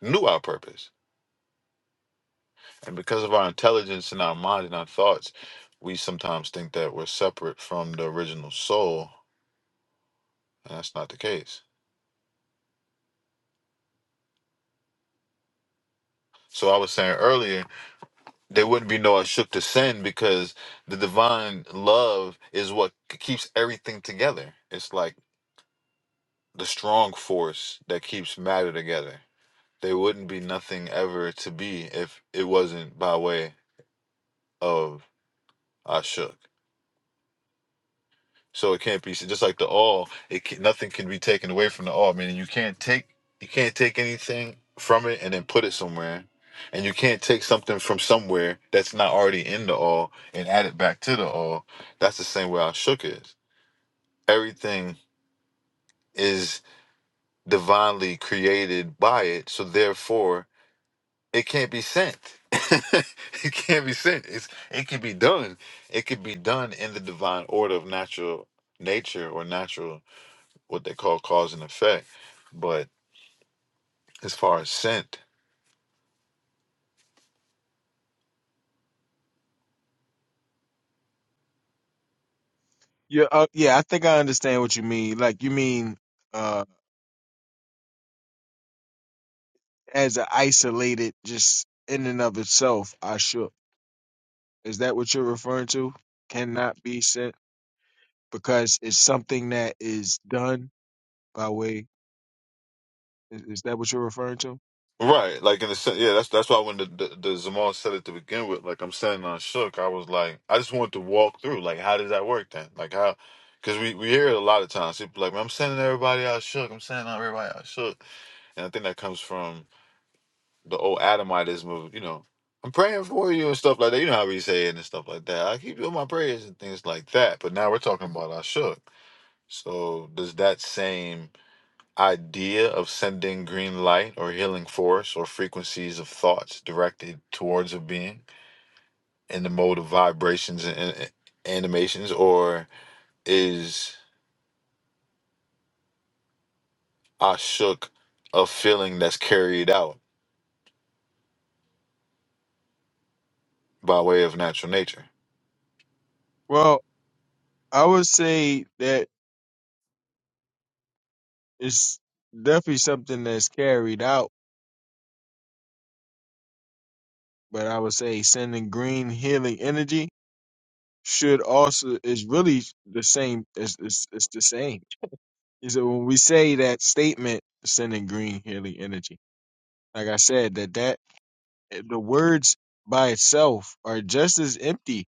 knew our purpose. And because of our intelligence and our mind and our thoughts, we sometimes think that we're separate from the original soul, and that's not the case. So I was saying earlier, there wouldn't be no Ashuk to sin because the divine love is what keeps everything together. It's like the strong force that keeps matter together They wouldn't be nothing ever to be if it wasn't by way of Ashuk. So it can't be so just like the all. It can, nothing can be taken away from the all. Meaning you can't take you can't take anything from it and then put it somewhere, and you can't take something from somewhere that's not already in the all and add it back to the all. That's the same way Ashuk is. Everything is divinely created by it. So therefore, it can't be sent. (laughs) it can't be sent. It's it can be done. It could be done in the divine order of natural nature or natural what they call cause and effect. But as far as sent, Yeah, uh, yeah, I think I understand what you mean. Like you mean uh as an isolated just in and of itself, I shook. Is that what you're referring to? Cannot be sent because it's something that is done by way is, is that what you're referring to? right? Like in the sense, yeah. That's that's why when the the, the Zamal said it to begin with, like I'm sitting on shook, I was like, I just wanted to walk through. Like, how does that work then? Like how? Because we, we hear it a lot of times. People like, I'm sending everybody out shook. I'm sending out everybody out shook. And I think that comes from the old Adamitis move, you know, I'm praying for you and stuff like that. You know how we say it and stuff like that. I keep doing my prayers and things like that. But now we're talking about Ashuk. So does that same idea of sending green light or healing force or frequencies of thoughts directed towards a being in the mode of vibrations and, and animations, or is Ashuk a feeling that's carried out by way of natural nature? Well, I would say that it's definitely something that's carried out, but I would say sending green healing energy should also is really the same it's, it's, it's the same He said, when we say that statement, sending green healing energy. Like I said, that that the words by itself are just as empty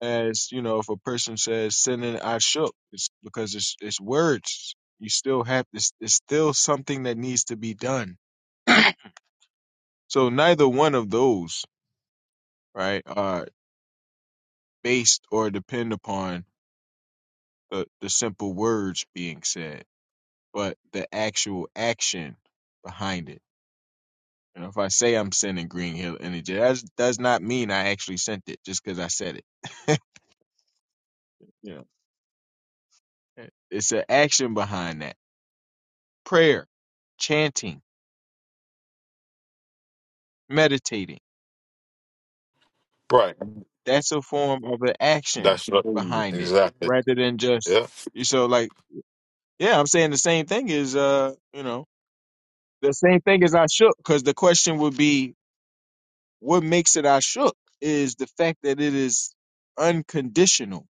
as you know if a person says sending I shook. It's because it's it's words. You still have it's, it's still something that needs to be done. (clears throat) So neither one of those right are based or depend upon the the simple words being said, but the actual action behind it. You know, if I say I'm sending Green Hill Energy, that does not mean I actually sent it just because I said it. (laughs) you know, it- it's an action behind that. Prayer, chanting, meditating. Right. That's a form of an action That's what- behind it exactly. rather than just, Yeah. you so like, yeah, I'm saying the same thing is, uh, you know, the same thing as I shook because the question would be, what makes it I shook is the fact that it is unconditional.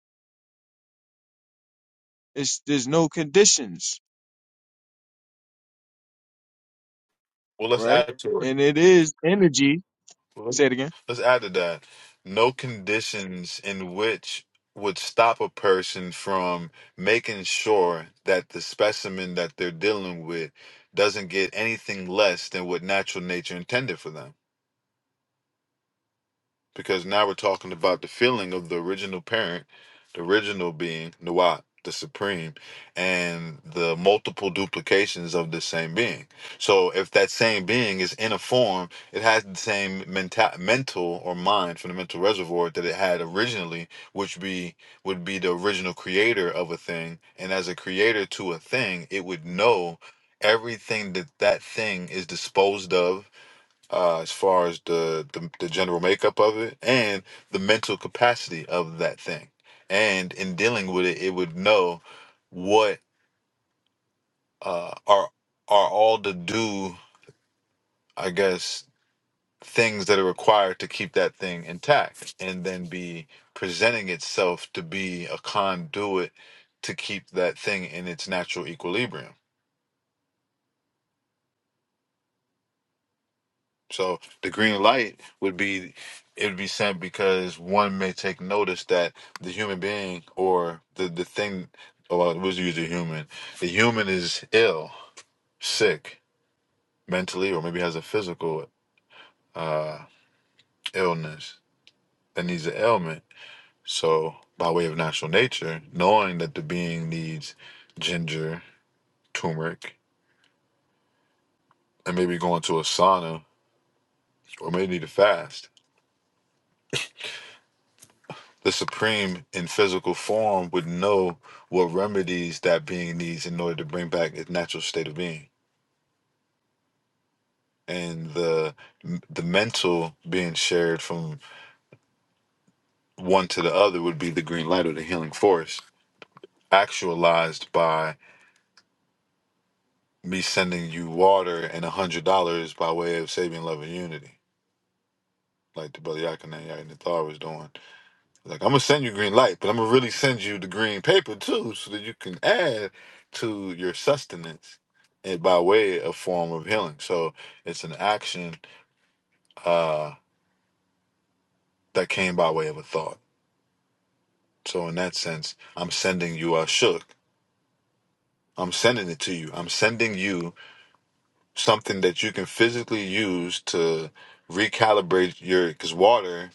It's, there's no conditions Well, let's right? add to it. And it is energy. Well, Say it again. Let's add to that. No conditions in which would stop a person from making sure that the specimen that they're dealing with doesn't get anything less than what natural nature intended for them. because now we're talking about the feeling of the original parent, the original being Nuat, the supreme, and the multiple duplications of the same being. So if that same being is in a form, it has the same mental, mental or mind fundamental reservoir that it had originally, which be would be the original creator of a thing, and as a creator to a thing, it would know everything that that thing is disposed of uh, as far as the, the the general makeup of it and the mental capacity of that thing. And in dealing with it, it would know what uh, are are all the due, I guess, things that are required to keep that thing intact, and then be presenting itself to be a conduit to keep that thing in its natural equilibrium So the green light would be it would be sent because one may take notice that the human being or the the thing or it was usually human. The human is ill, sick mentally, or maybe has a physical uh, illness that needs an ailment. So by way of natural nature, knowing that the being needs ginger, turmeric, and maybe going to a sauna or maybe need to fast the supreme in physical form would know what remedies that being needs in order to bring back its natural state of being and the the mental being shared from one to the other would be the green light or the healing force actualized by me sending you water and a hundred dollars by way of saving love and unity like the brother Yakana Yakana Thar was doing Like I'm gonna send you green light, but I'm gonna really send you the green paper too, so that you can add to your sustenance and by way of form of healing. So it's an action uh, that came by way of a thought. So in that sense, I'm sending you a shook. I'm sending it to you. I'm sending you something that you can physically use to recalibrate your because water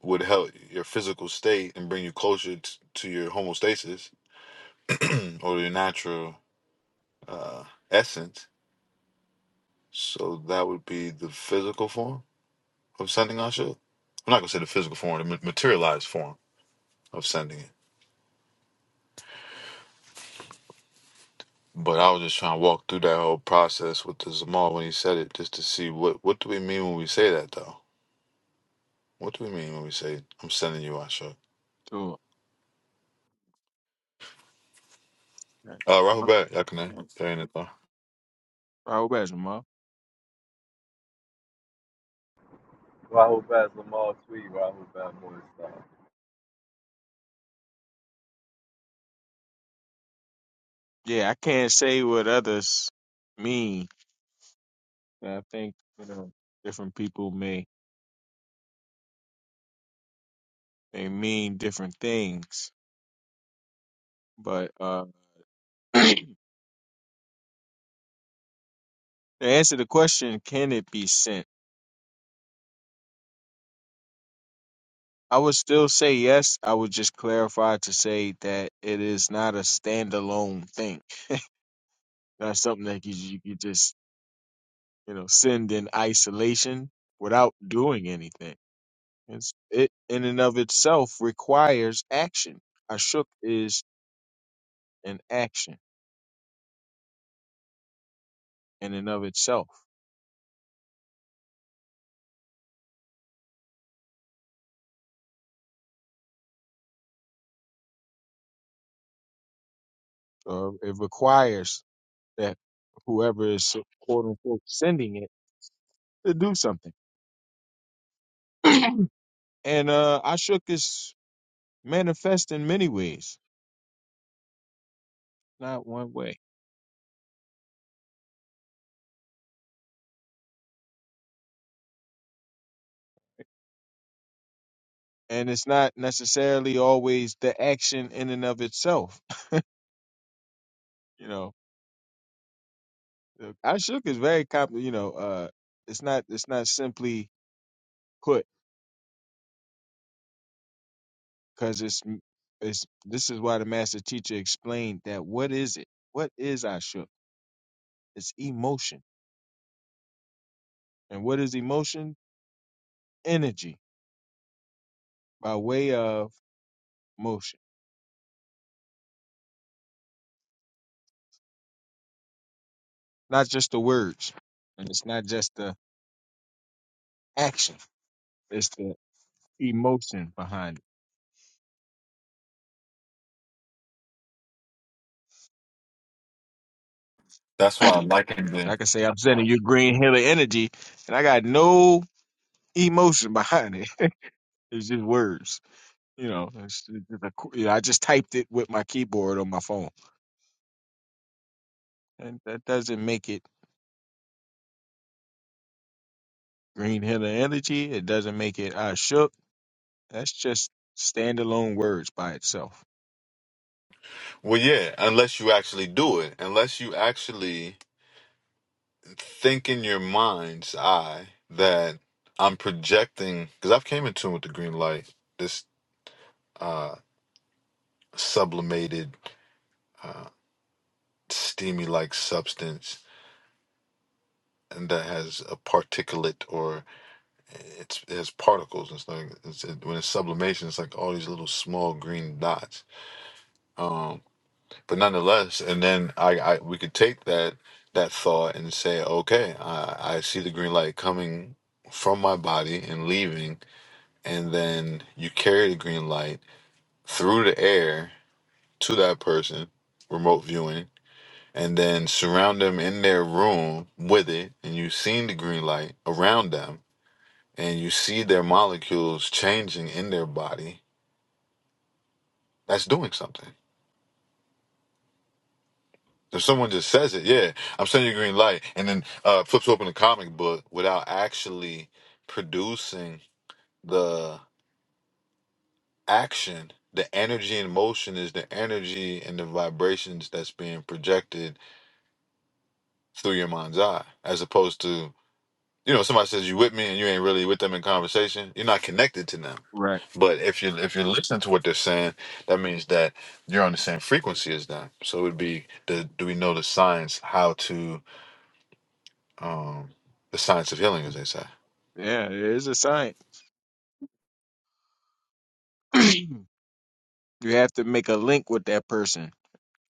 would help your physical state and bring you closer t- to your homeostasis or your natural uh, essence. So that would be the physical form of sending Asha. I'm not gonna say the physical form, the ma- materialized form of sending it. But I was just trying to walk through that whole process with the Zamal when he said it, just to see what what do we mean when we say that though. What do we mean when we say I'm sending you Asha? To Uh, Rahul back, y'all can in it though. Rahul Basma. Wahoo Bass Lamar Tweed, Wahoo Bass Morning Star. Yeah, I can't say what others mean. I think you know different people may they mean different things. But uh (clears throat) to answer the question, can it be sent? I would still say yes. I would just clarify to say that it is not a standalone thing. (laughs) Not something that you you could just you know send in isolation without doing anything. It's, it in and of itself requires action. Ashuk is an action in and of itself. So it requires that whoever is quote unquote sending it to do something. And uh, Ashuk is manifest in many ways, not one way. And it's not necessarily always the action in and of itself. (laughs) You know, Ashuk is very comp. You know, uh, it's not. It's not simply put. because it's it's this is why the master teacher explained that what is it what is ashuk it's emotion and what is emotion energy by way of motion not just the words and it's not just the action it's the emotion behind That's why I it likened it. (clears throat) and i Then. can say i'm sending you green hill of energy and i got no emotion behind it (laughs) it's just words you know, it's, it's just a qu- you know i just typed it with my keyboard on my phone and that doesn't make it Green Hill Energy. It doesn't make it I shook. That's just standalone words by itself. Well, yeah, unless you actually do it, unless you actually think in your mind's eye that I'm projecting because I've came in tune with the green light, this uh, sublimated, uh, steamy-like substance, and that has a particulate or it's, it has particles. It's like it's, it, when it's sublimation, it's like all these little small green dots. Um, but nonetheless, and then I, I we could take that that thought and say, okay, I, I see the green light coming from my body and leaving and then you carry the green light through the air to that person, remote viewing, and then surround them in their room with it, and you've seen the green light around them, and you see their molecules changing in their body, that's doing something. If someone just says it, yeah, I'm sending you green light, and then uh, flips open a comic book without actually producing the. action, the energy in motion is the energy and the vibrations that's being projected through your mind's eye, as opposed to, you know, somebody says you with me and you ain't really with them in conversation, you're not connected to them. Right. But if you if you're listening to what they're saying, that means that you're on the same frequency as them. So it would be the do we know the science how to um the science of healing, as they say. Yeah, it is a sign. (clears throat) you have to make a link with that person.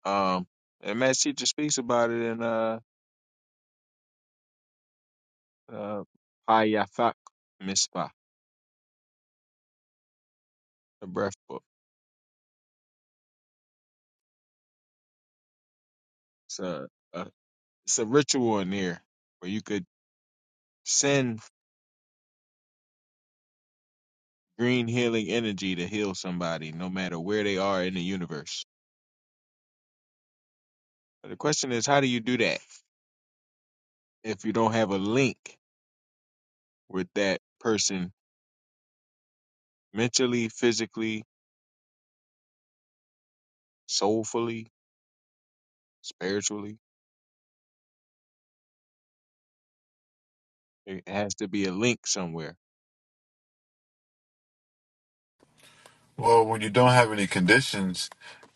Um, and Matt Teacher speaks about it in uh, uh, Hayafak Mispah, the breath book. It's a, a, it's a ritual in there where you could send green healing energy to heal somebody, no matter where they are in the universe. But the question is, how do you do that if you don't have a link? with that person mentally, physically, soulfully, spiritually. It has to be a link somewhere. Well, when you don't have any conditions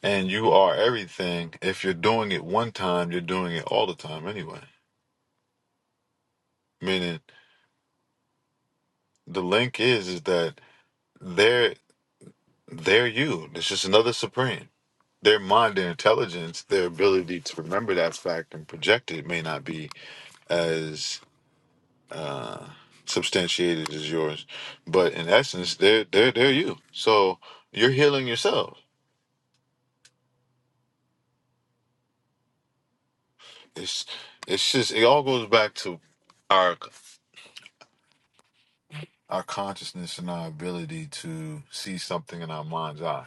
and you are everything, if you're doing it one time, you're doing it all the time anyway. Meaning the link is is that they're they're you. It's just another supreme. Their mind, their intelligence, their ability to remember that fact and project it may not be as uh substantiated as yours. But in essence, they're they're they're you. So you're healing yourself. It's it's just it all goes back to our our consciousness and our ability to see something in our mind's eye.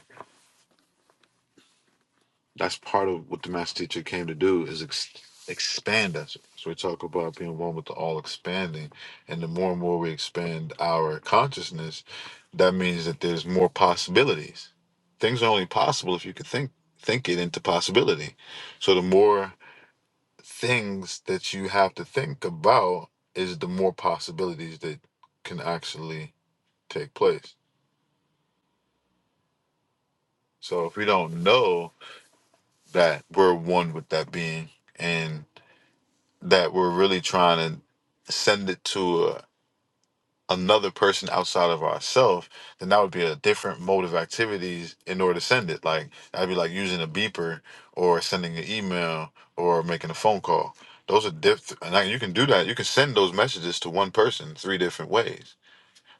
That's part of what the master teacher came to do is ex- expand us. So we talk about being one with the all expanding, and the more and more we expand our consciousness, that means that there's more possibilities. Things are only possible if you can think think it into possibility. So the more things that you have to think about is the more possibilities that can actually take place. So if we don't know that we're one with that being and that we're really trying to send it to a, another person outside of ourselves, then that would be a different mode of activities in order to send it. Like that'd be like using a beeper or sending an email or making a phone call. Those are different. And like, you can do that. You can send those messages to one person three different ways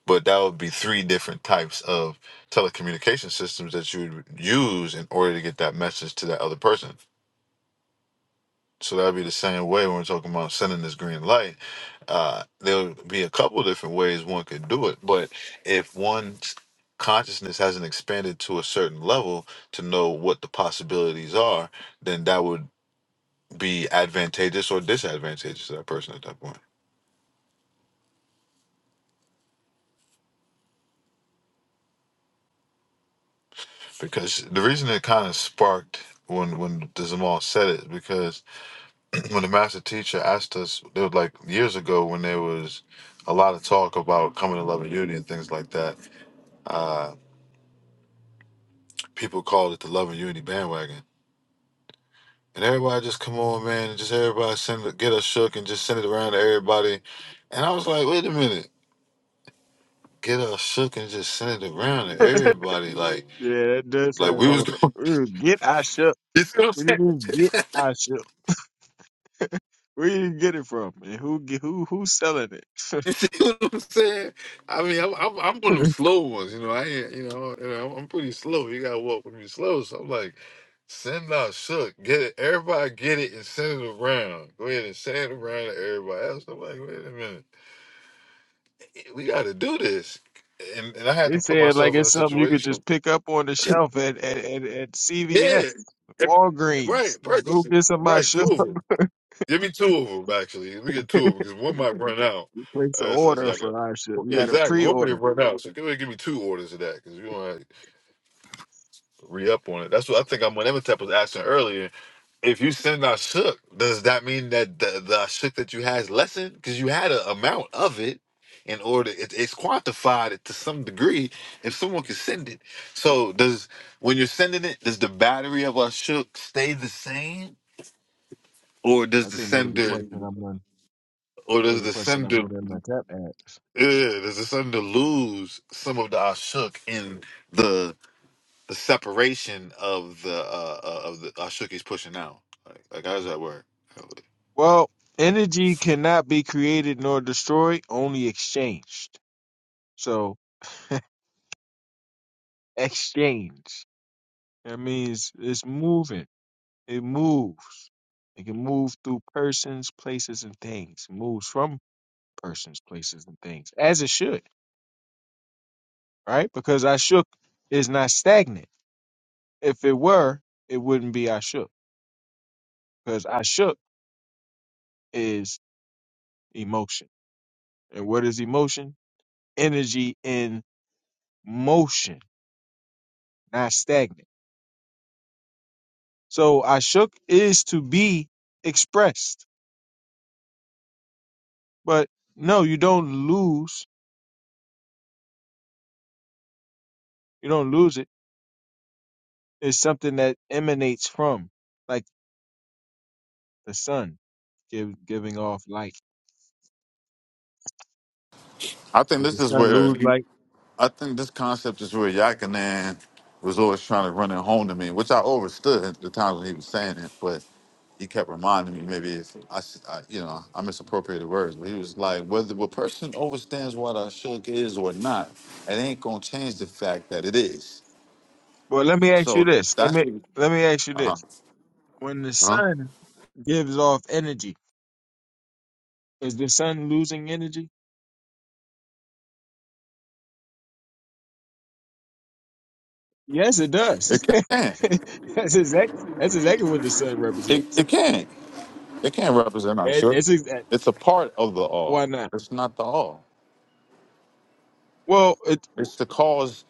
but that would be three different types of telecommunication systems that you would use in order to get that message to that other person. So that'd be the same way when we're talking about sending this green light. Uh, there'll be a couple different ways one could do it, but if one's consciousness hasn't expanded to a certain level to know what the possibilities are, then that would be advantageous or disadvantageous to that person at that point. Because the reason it kind of sparked when when Zamal said it is because when the master teacher asked us, it was like years ago when there was a lot of talk about coming to love and unity and things like that. Uh, people called it the love and unity bandwagon, and everybody just come on, man, and just everybody send it, get us shook and just send it around to everybody. And I was like, wait a minute, get us shook and just send it around to everybody, like Yeah, that does sound like we kind was of fun. going. (laughs) Get I shook. You see what I'm What do you saying? mean get I shook? Where you get it from? And who ge- who who's selling it? (laughs) (laughs) You see what I'm saying? I mean, I'm, I'm I'm one of them slow ones, you know. I ain't, you know, you know, I'm I'm pretty slow. You gotta walk with me slow. So I'm like, send out shook, get it, everybody get it and send it around. Go ahead and send it around to everybody else. I'm like, wait a minute, we gotta do this, and and I had they to put said like myself in a it's something you could situation. just pick up on the shelf at at, at, at Yeah, CVS, Walgreens. right, Go purchase it. get some I Right, two shook. of 'em. Give me two of them actually. We get two of them because one might run out. Place an Uh, so that's order y'all got. for I shook. You Yeah, got a exactly. One might pre-order. run out. So go ahead and give me two orders of that because we want to re up on it. That's what I think. I'm when Emetep was asking earlier. If you send our shook, does that mean that the the shook that you had is lessened because you had an amount of it? In order, it, it's quantified to some degree. If someone can send it, so does when you're sending it, does the battery of our shook stay the same, or I does the think that was the sender, question I'm on. or That was does the the question I'm sender? on in my tap ad. Yeah, there's a sudden to lose some of the ashuk in the the separation of the uh, uh, of the ashuk he's pushing out. Like, like how's that work? Well, energy cannot be created nor destroyed, only exchanged. So exchange. That means it's moving. It moves. It can move through persons, places, and things. moves from persons, places, and things. As it should, right? Because I shook is not stagnant. If it were, it wouldn't be I shook. Because I shook is emotion. And what is emotion? Energy in motion, not stagnant. So ashuk is to be expressed, but no, you don't lose. You don't lose it. It's something that emanates from, like the sun, give, giving off light. I think Does this the is sun where lose light? I think this concept is where Yakanan was always trying to run it home to me, which I overstood at the times when he was saying it, but he kept reminding me maybe if I, s- I- you know, I misappropriated words, but he was like, whether a person understands what a shook is or not, it ain't gonna change the fact that it is. Well, let me ask you So this. Let that's me what. let me ask you Uh huh. this. When the Uh-huh. uh-huh. sun gives off energy, is the sun losing energy? Yes, it does. (laughs) It can. that's exact. That's exactly what the sun It represents. it can. It can represent our It- sure. It's, ex- It's a part of the why all. not? It's not the all. Well, it, It's the cause.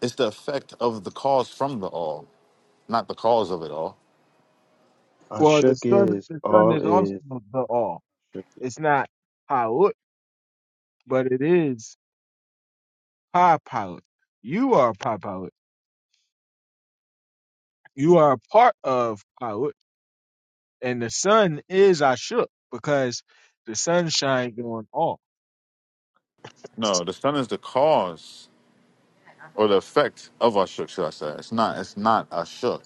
It's the effect of the cause from the all, not the cause of it all. Uh, Well, the shook sun, is the sun all is also is, the all. shook. It's not pilot, but it is pi pilot. You are pi pilot. You are a part of pilot, and the sun is Ashuk because the sun shines on all. No, the sun is the cause or the effect of our shook, should I say? It's not. It's not our shook.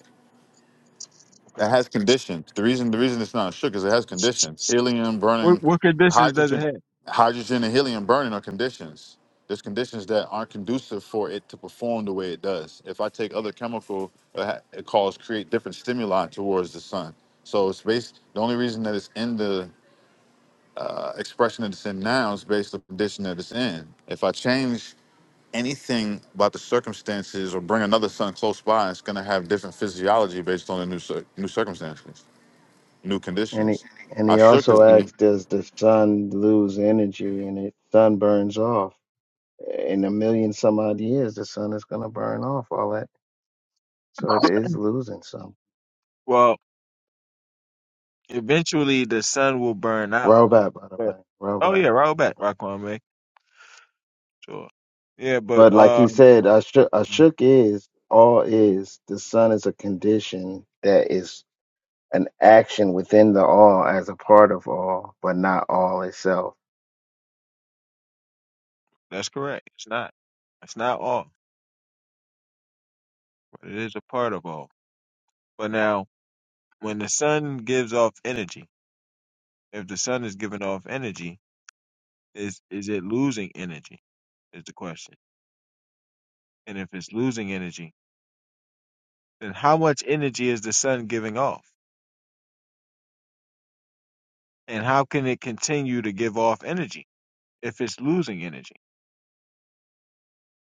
It Okay, has conditions. The reason the reason it's not shook is it has conditions. Helium what burning, what conditions does it hydrogen, have? hydrogen and helium burning are conditions. There's conditions that aren't conducive for it to perform the way it does. If I take other chemical, it ha- it cause create different stimuli towards the sun. So it's based. The only reason that it's in the uh, expression that it's in now is based on the condition that it's in. If I change anything about the circumstances or bring another sun close by, it's going to have different physiology based on the new cir- new circumstances new and he conditions. and I he shook also his knee. asks, does the sun lose energy? And it sun burns off in a million some odd years. The sun is gonna burn off all that, so it is losing some. Well, eventually the sun will burn out. Robot, by the But way, oh robot. yeah, roll back, Raquan May. Sure. Yeah, but But like he um, said, Ashuk shook, is all is. The sun is a condition that is an action within the all as a part of all, but not all itself. that's correct. It's not. It's not all, but it is a part of all. But now. when the sun gives off energy, if the sun is giving off energy, is is it losing energy? Is the question. And if it's losing energy, then how much energy is the sun giving off? And how can it continue to give off energy if it's losing energy?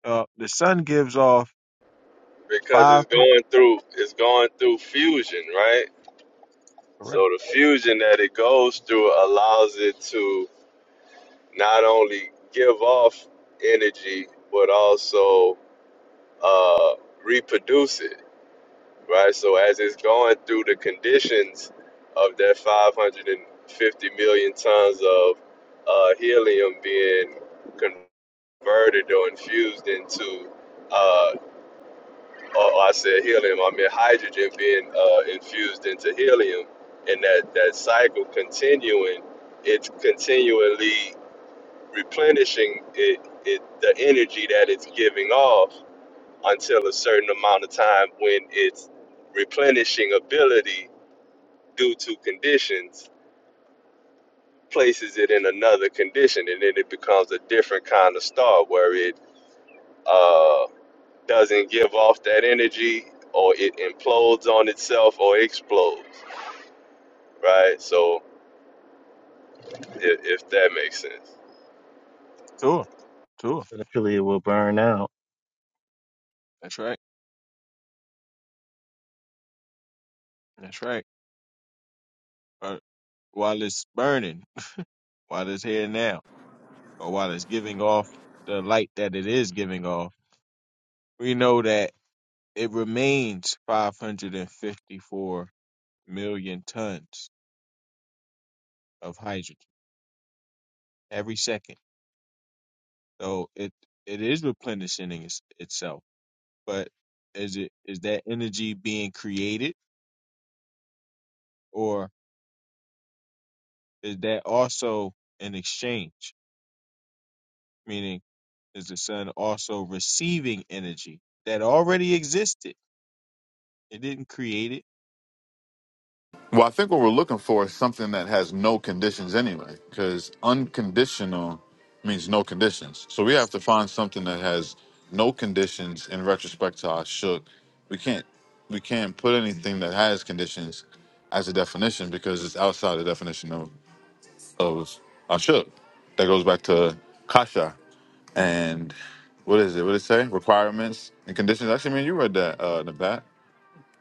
Uh, the sun gives off because five it's hundred. going through it's going through fusion, right? So Correct. the fusion that it goes through allows it to not only give off energy but also uh, reproduce it, right? So as it's going through the conditions of that 550 million tons of uh, helium being converted or infused into uh, or, or I said helium, I meant hydrogen being uh, infused into helium, and that, that cycle continuing, it's continually replenishing it, it the energy that it's giving off until a certain amount of time when its replenishing ability due to conditions places it in another condition, and then it becomes a different kind of star where it uh, doesn't give off that energy or it implodes on itself or explodes. right? So if, if that makes sense. Sure. Sure. Eventually, it will burn out. That's right. That's right. Uh, while it's burning, while it's here now, or while it's giving off the light that it is giving off, we know that it remains 554 million tons of hydrogen every second. So it it is replenishing its, itself, but is it is that energy being created or is that also an exchange? Meaning, is the sun also receiving energy that already existed? It didn't create it Well, I think what we're looking for is something that has no conditions anyway, because unconditional means no conditions. So we have to find something that has no conditions in retrospect to I shook. We can't we can't put anything that has conditions as a definition because it's outside the definition of, of I shook. That goes back to Kasha and what is it? What did it say? Requirements and conditions. Actually, man, you read that uh Nabat a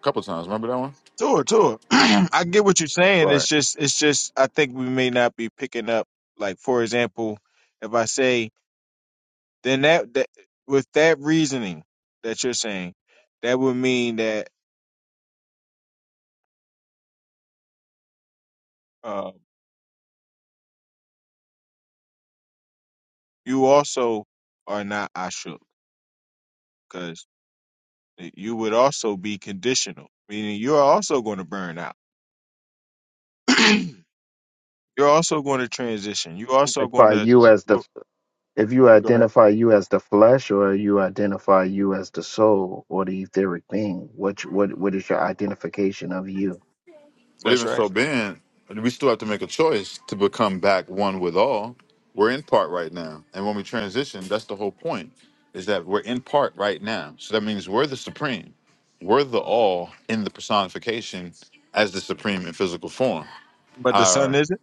couple times. Remember that one? Sure, sure. (clears throat) I get what you're saying. It's Right. just, it's just. I think we may not be picking up. Like, for example, if I say, then that, that with that reasoning that you're saying, that would mean that uh, you also are not ashuk because you would also be conditional, meaning you're also going to burn out. (clears throat) you're also going to transition. You're also Like going by to you as the if you go ahead. identify you as the flesh or you identify you as the soul or the etheric being what what what is your identification of you But That's even right. so being, we still have to make a choice to become back one with all. We're in part right now. And when we transition, that's the whole point, is that we're in part right now. So that means we're the supreme. We're the all in the personification as the supreme in physical form. But the sun Uh isn't.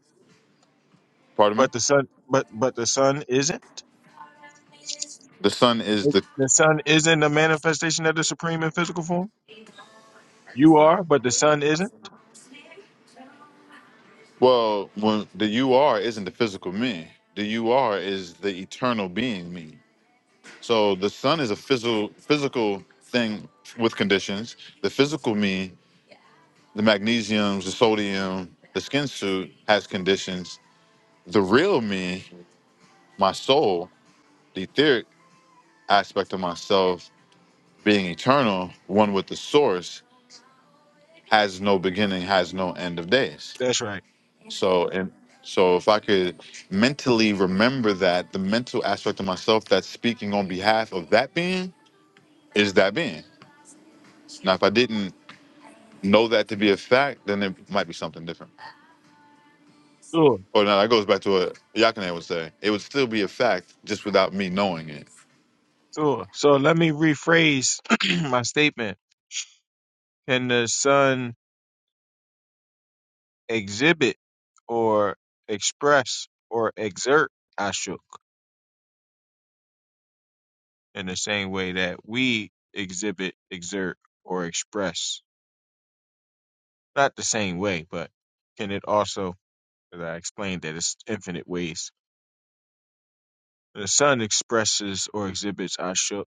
pardon me? But the sun. But but the sun isn't. The sun is Is- the The Son isn't a manifestation of the Supreme in physical form. You are, but the Son isn't. well, when the you are isn't the physical me. The you are is the eternal being me. So the sun is a physical physical thing with conditions. The physical me, the magnesiums, the sodium, the skin suit has conditions. The real me, my soul, the etheric aspect of myself being eternal, one with the source, has no beginning, has no end of days. That's right. So and so if I could mentally remember that the mental aspect of myself that's speaking on behalf of that being is that being. Now if I didn't know that to be a fact, then it might be something different. Sure, Or now that goes back to what Yakane would say. It would still be a fact just without me knowing it. sure. So let me rephrase (clears throat) my statement. Can the Son exhibit or express or exert Ashuk in the same way that we exhibit, exert, or express? Not the same way, but can it also, as I explained, that it's infinite ways. The Son expresses or exhibits Ashuk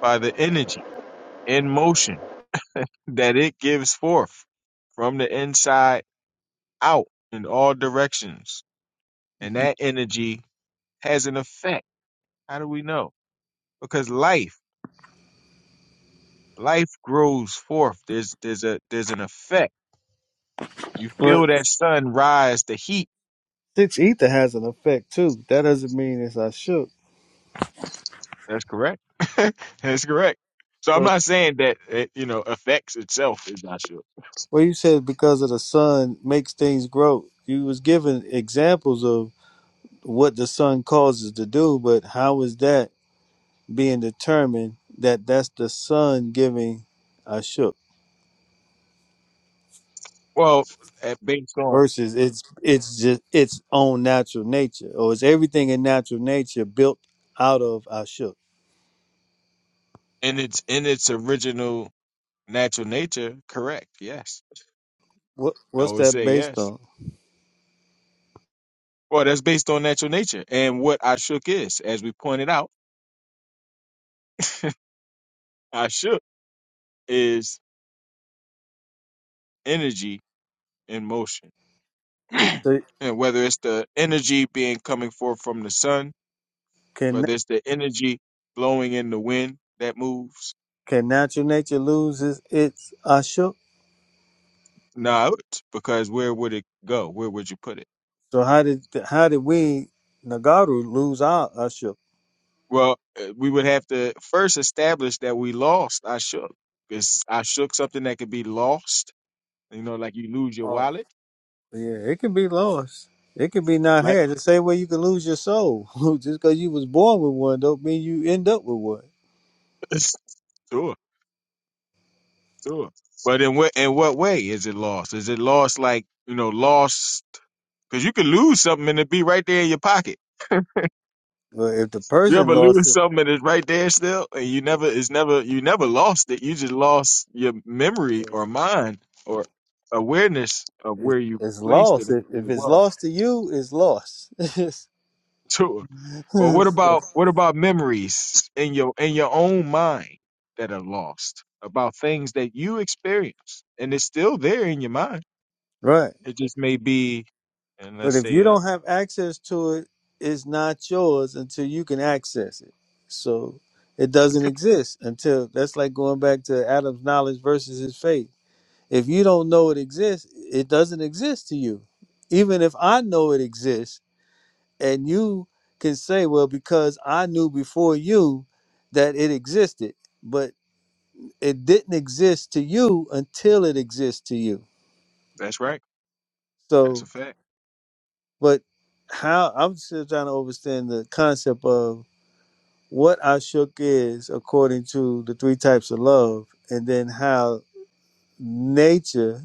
by the energy in motion that it gives forth from the inside out in all directions. And that energy has an effect. How do we know? Because life, life grows forth. There's there's a there's an effect. You Well, feel that sun rise, the heat. six ether has an effect too. That doesn't mean it's I shook. That's correct. (laughs) That's correct. So I'm So not saying that it, you know, affects itself is not sure. well you said because of the sun makes things grow. You was giving examples of what the sun causes to do, but how is that being determined that that's the sun giving I shook Well, eh, based on versus it's it's just its own natural nature or is everything in natural nature built out of I shook? in its in its original natural nature, correct. Yes. What I what's would that say based yes. on? Well, that's based on natural nature. And what Ashuk is, as we pointed out, Ashuk is energy in motion. (clears throat) So and whether it's the energy being coming forth from the sun, can whether it's the energy blowing in the wind that moves, can natural nature lose its its I shook? not because where would it go? Where would you put it? So how did how did we Nagaru lose our usher? Well, uh, we would have to first establish that we lost Ashuk. Is Ashuk something that could be lost? You know, like you lose your Oh, wallet? yeah, it could be lost. It could be not Like, had. The same way you can lose your soul (laughs) just because you was born with one don't mean you end up with one. (laughs) sure. Sure. But in what in what way is it lost? Is it lost like you know lost? Because you could lose something and it be right there in your pocket. But if the You person ever lost lose it, something and it's right there still, and you never it's never you never lost it. You just lost your memory uh, or mind or awareness of it's, where you it's placed it lost. and If where if it it's was. (laughs) lost to you, it's lost. Sure. Well, what (laughs) about what about memories in your in your own mind that are lost about things that you experienced and it's still there in your mind? right. It just may be, and But let's if say, you uh, don't have access to it, it's not yours until you can access it. So it doesn't exist until that's like going back to Adam's knowledge versus his faith If you don't know it exists, it doesn't exist to you. Even if I know it exists and you can say, well, because I knew before you that it existed, but it didn't exist to you until it exists to you. that's right. That's So, a fact. but how I'm still trying to understand the concept of what Ashuk is according to the three types of love, and then how nature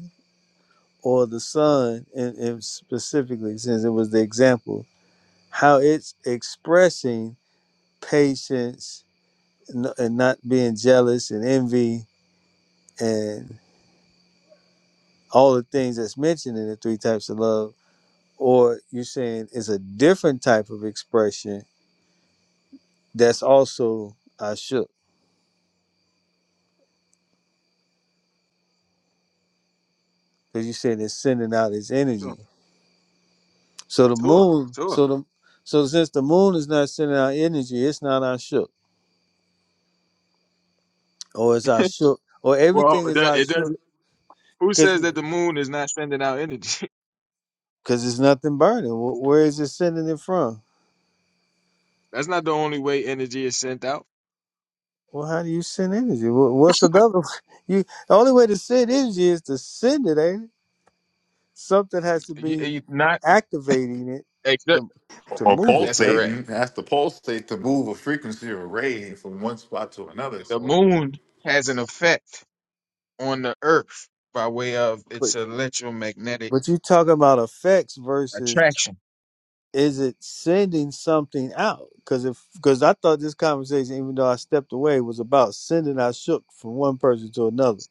or the sun, and, and specifically, since it was the example, how it's expressing patience and and not being jealous and envy and all the things that's mentioned in the three types of love or you're saying it's a different type of expression that's also I shook because you said it's sending out its Sure, energy so the sure, moon sure. so the so since the moon is not sending out energy it's not I shook or it's I (laughs) shook or Well, everything it is do- I it shook doesn't. Who says because that the moon is not sending out energy? because it's nothing burning Wh- where is it sending it from (laughs) That's not the only way energy is sent out. Well, how do you send energy? Wha- What's another? (laughs) way? You the only way to send energy is to send it, ain't it? Something has to You, be you not activating it except, to to Or move it, that's right? correct. pulsating. That's the pulsate to move a frequency or a ray from one spot to another. The So moon has an effect on the Earth by way of But its electromagnetic but you talking about effects versus attraction. is it sending something out? Because if because I thought this conversation, even though I stepped away, was about sending our shook from one person to another.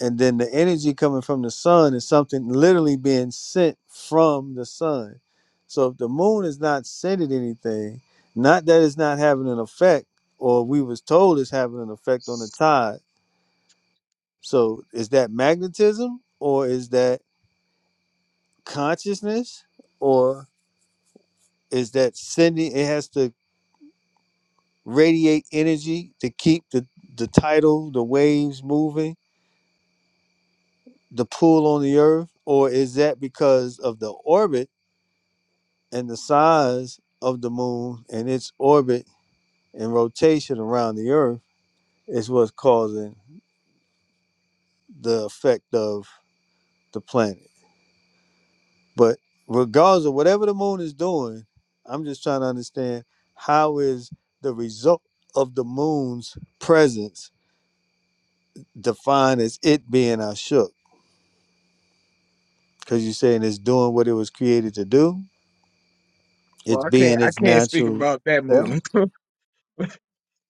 and then the energy coming from the sun is something literally being sent from the sun. So if the moon is not sending anything, not that it's not having an effect, or we was told it's having an effect on the tide. So is that magnetism, or is that consciousness, or is that sending? It has to radiate energy to keep the the tidal, the waves moving, the pull on the earth, or is that because of the orbit? and the size of the moon and its orbit and rotation around the earth is what's causing the effect of the planet. But regardless of whatever the moon is doing, I'm just trying to understand how is the result of the moon's presence defined as it being Ashuk? Because you're saying it's doing what it was created to do, Well, it's I can't. being I its can't speak natural about that self. moon.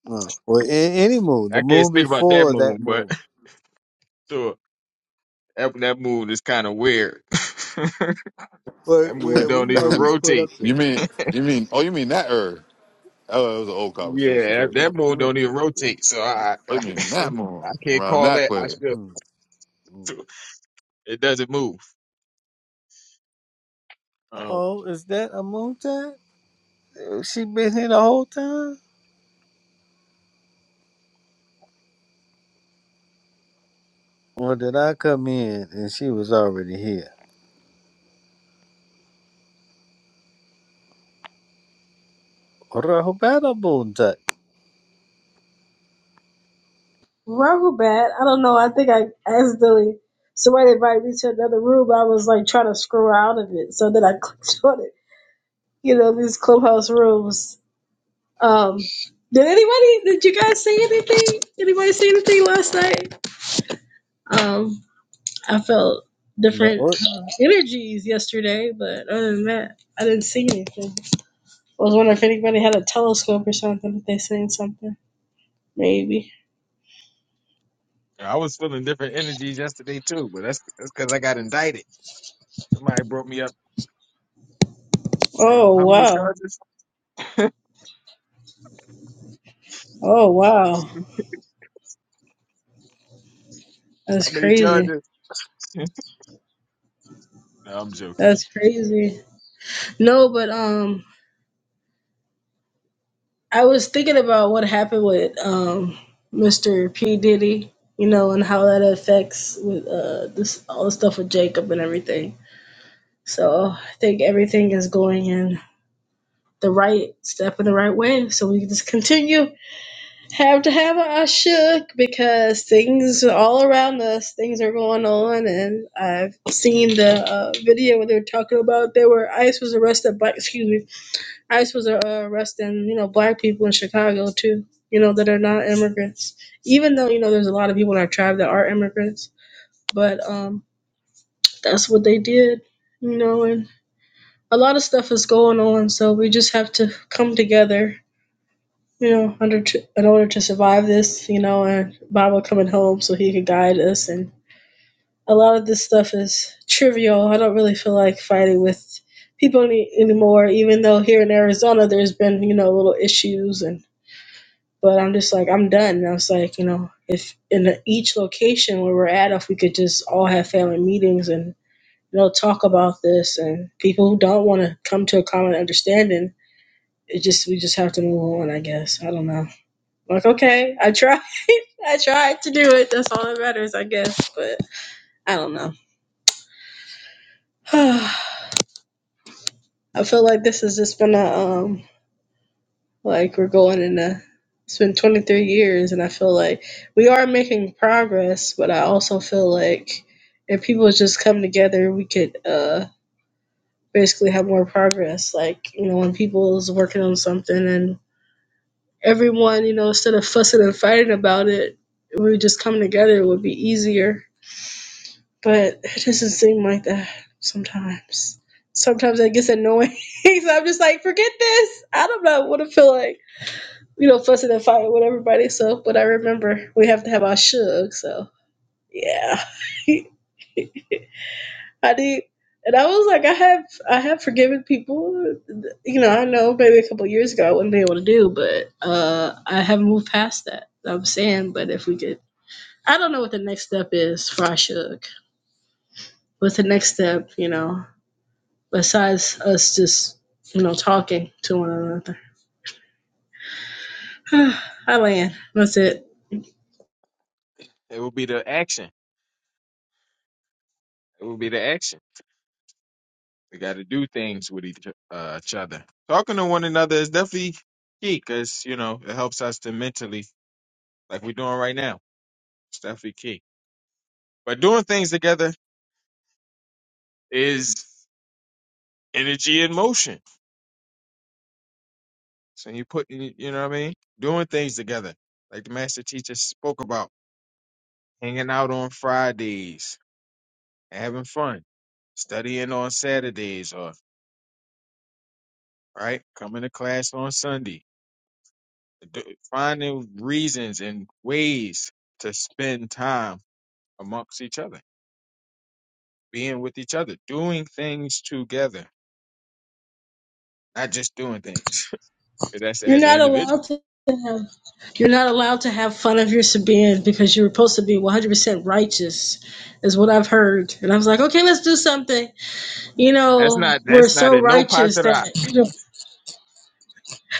Oh, well, a- any moon, (laughs) the I can't moon speak about that before that moon, but moon. (laughs) sure, that, that moon is kind of weird. (laughs) where That moon where we don't even know he (laughs) was put rotate. up there. you mean you mean oh you mean that er. Oh, it was an old Yeah, that conversation. that (laughs) You moon mean don't even rotate. So I, oh you mean I, that (laughs) moon I can't around call that that. I place. Uh still, it doesn't move. Um, oh, is that a moon time? She been here the whole time? Or did I come in and she was already here? Rahupada Bunta. Rubber bad. I don't know. I think I accidentally somebody invited me to another room. I was like trying to scroll out of it, so then I (laughs) clicked on it. You know these clubhouse rooms. Um, did anybody? Did you guys see anything? Anybody see anything last night? Um, I felt No, different uh, energies yesterday, but other than that, I didn't see anything. I was wondering if anybody had a telescope or something. If they seen something, maybe. I was feeling different energies yesterday too, but that's that's because I got indicted. Somebody brought me up. and Say, oh, Oh how many wow! charges? (laughs) how Oh wow! That's many crazy. charges? No, I'm joking. That's crazy. No, but um, I was thinking about what happened with um, Mr. P Diddy, you know, and how that affects with uh this all the stuff with Jacob and everything. So I think everything is going in the right step in the right way. So we can just continue have to have our shook because things are all around us. Things are going on, and I've seen the uh, video where they were talking about there were ICE was arrested by excuse me ICE was uh, arresting, you know, black people in Chicago too, you know, that are not immigrants. Even though, you know, there's a lot of people in our tribe that are immigrants, but um, that's what they did, you know, and a lot of stuff is going on, so we just have to come together, you know, under to, in order to survive this, you know, and Baba coming home so he could guide us. And a lot of this stuff is trivial. I don't really feel like fighting with people any, anymore, even though here in Arizona there's been, you know, little issues and But I'm just like, I'm done. And I was like, you know, if in each location where we're at, if we could just all have family meetings and, you know, talk about this and people who don't want to come to a common understanding, it just, we just have to move on, I guess. I don't know. Like, okay, I tried. (laughs) I tried to do it. That's all that matters, I guess. But I don't know. (sighs) I feel like this has just been a, um, Like we're going in a it's been 23 years and I feel like we are making progress, but I also feel like if people just come together, we could uh basically have more progress. Like, you know, when people is working on something and everyone, you know, instead of fussing and fighting about it, we just come together it would be easier. But it doesn't seem like that sometimes. Sometimes that gets annoying. (laughs) so I'm just like, forget this. I don't know what I feel like you know, fussing and fighting with everybody. So, but I remember we have to have our shug. So, yeah, (laughs) I did, and I was like, I have, I have forgiven people. You know, I know maybe a couple of years ago I wouldn't be able to do, but uh, I haven't moved past that. I'm saying, but if we could, I don't know what the next step is for our shug. What's the next step? You know, besides us just you know talking to one another. (sighs) I land. That's it. It will be the action. It will be the action. We got to do things with each, uh, each other. Talking to one another is definitely key because you know it helps us to mentally, like we're doing right now. It's definitely key. But doing things together is energy in motion. So you put, you you know what I mean? Doing things together. Like the master teacher spoke about hanging out on Fridays, having fun, studying on Saturdays, or, right? Coming to class on Sunday. Do- Finding reasons and ways to spend time amongst each other, being with each other, doing things together, not just doing things. 'Cause That's You're as an not individual. allowed to have. You're not allowed to have fun of your Sabian because you are supposed to be 100% righteous, is what I've heard. And I was like, okay, let's do something. You That's not, know, we're that's not so in no part righteous of the that, you know,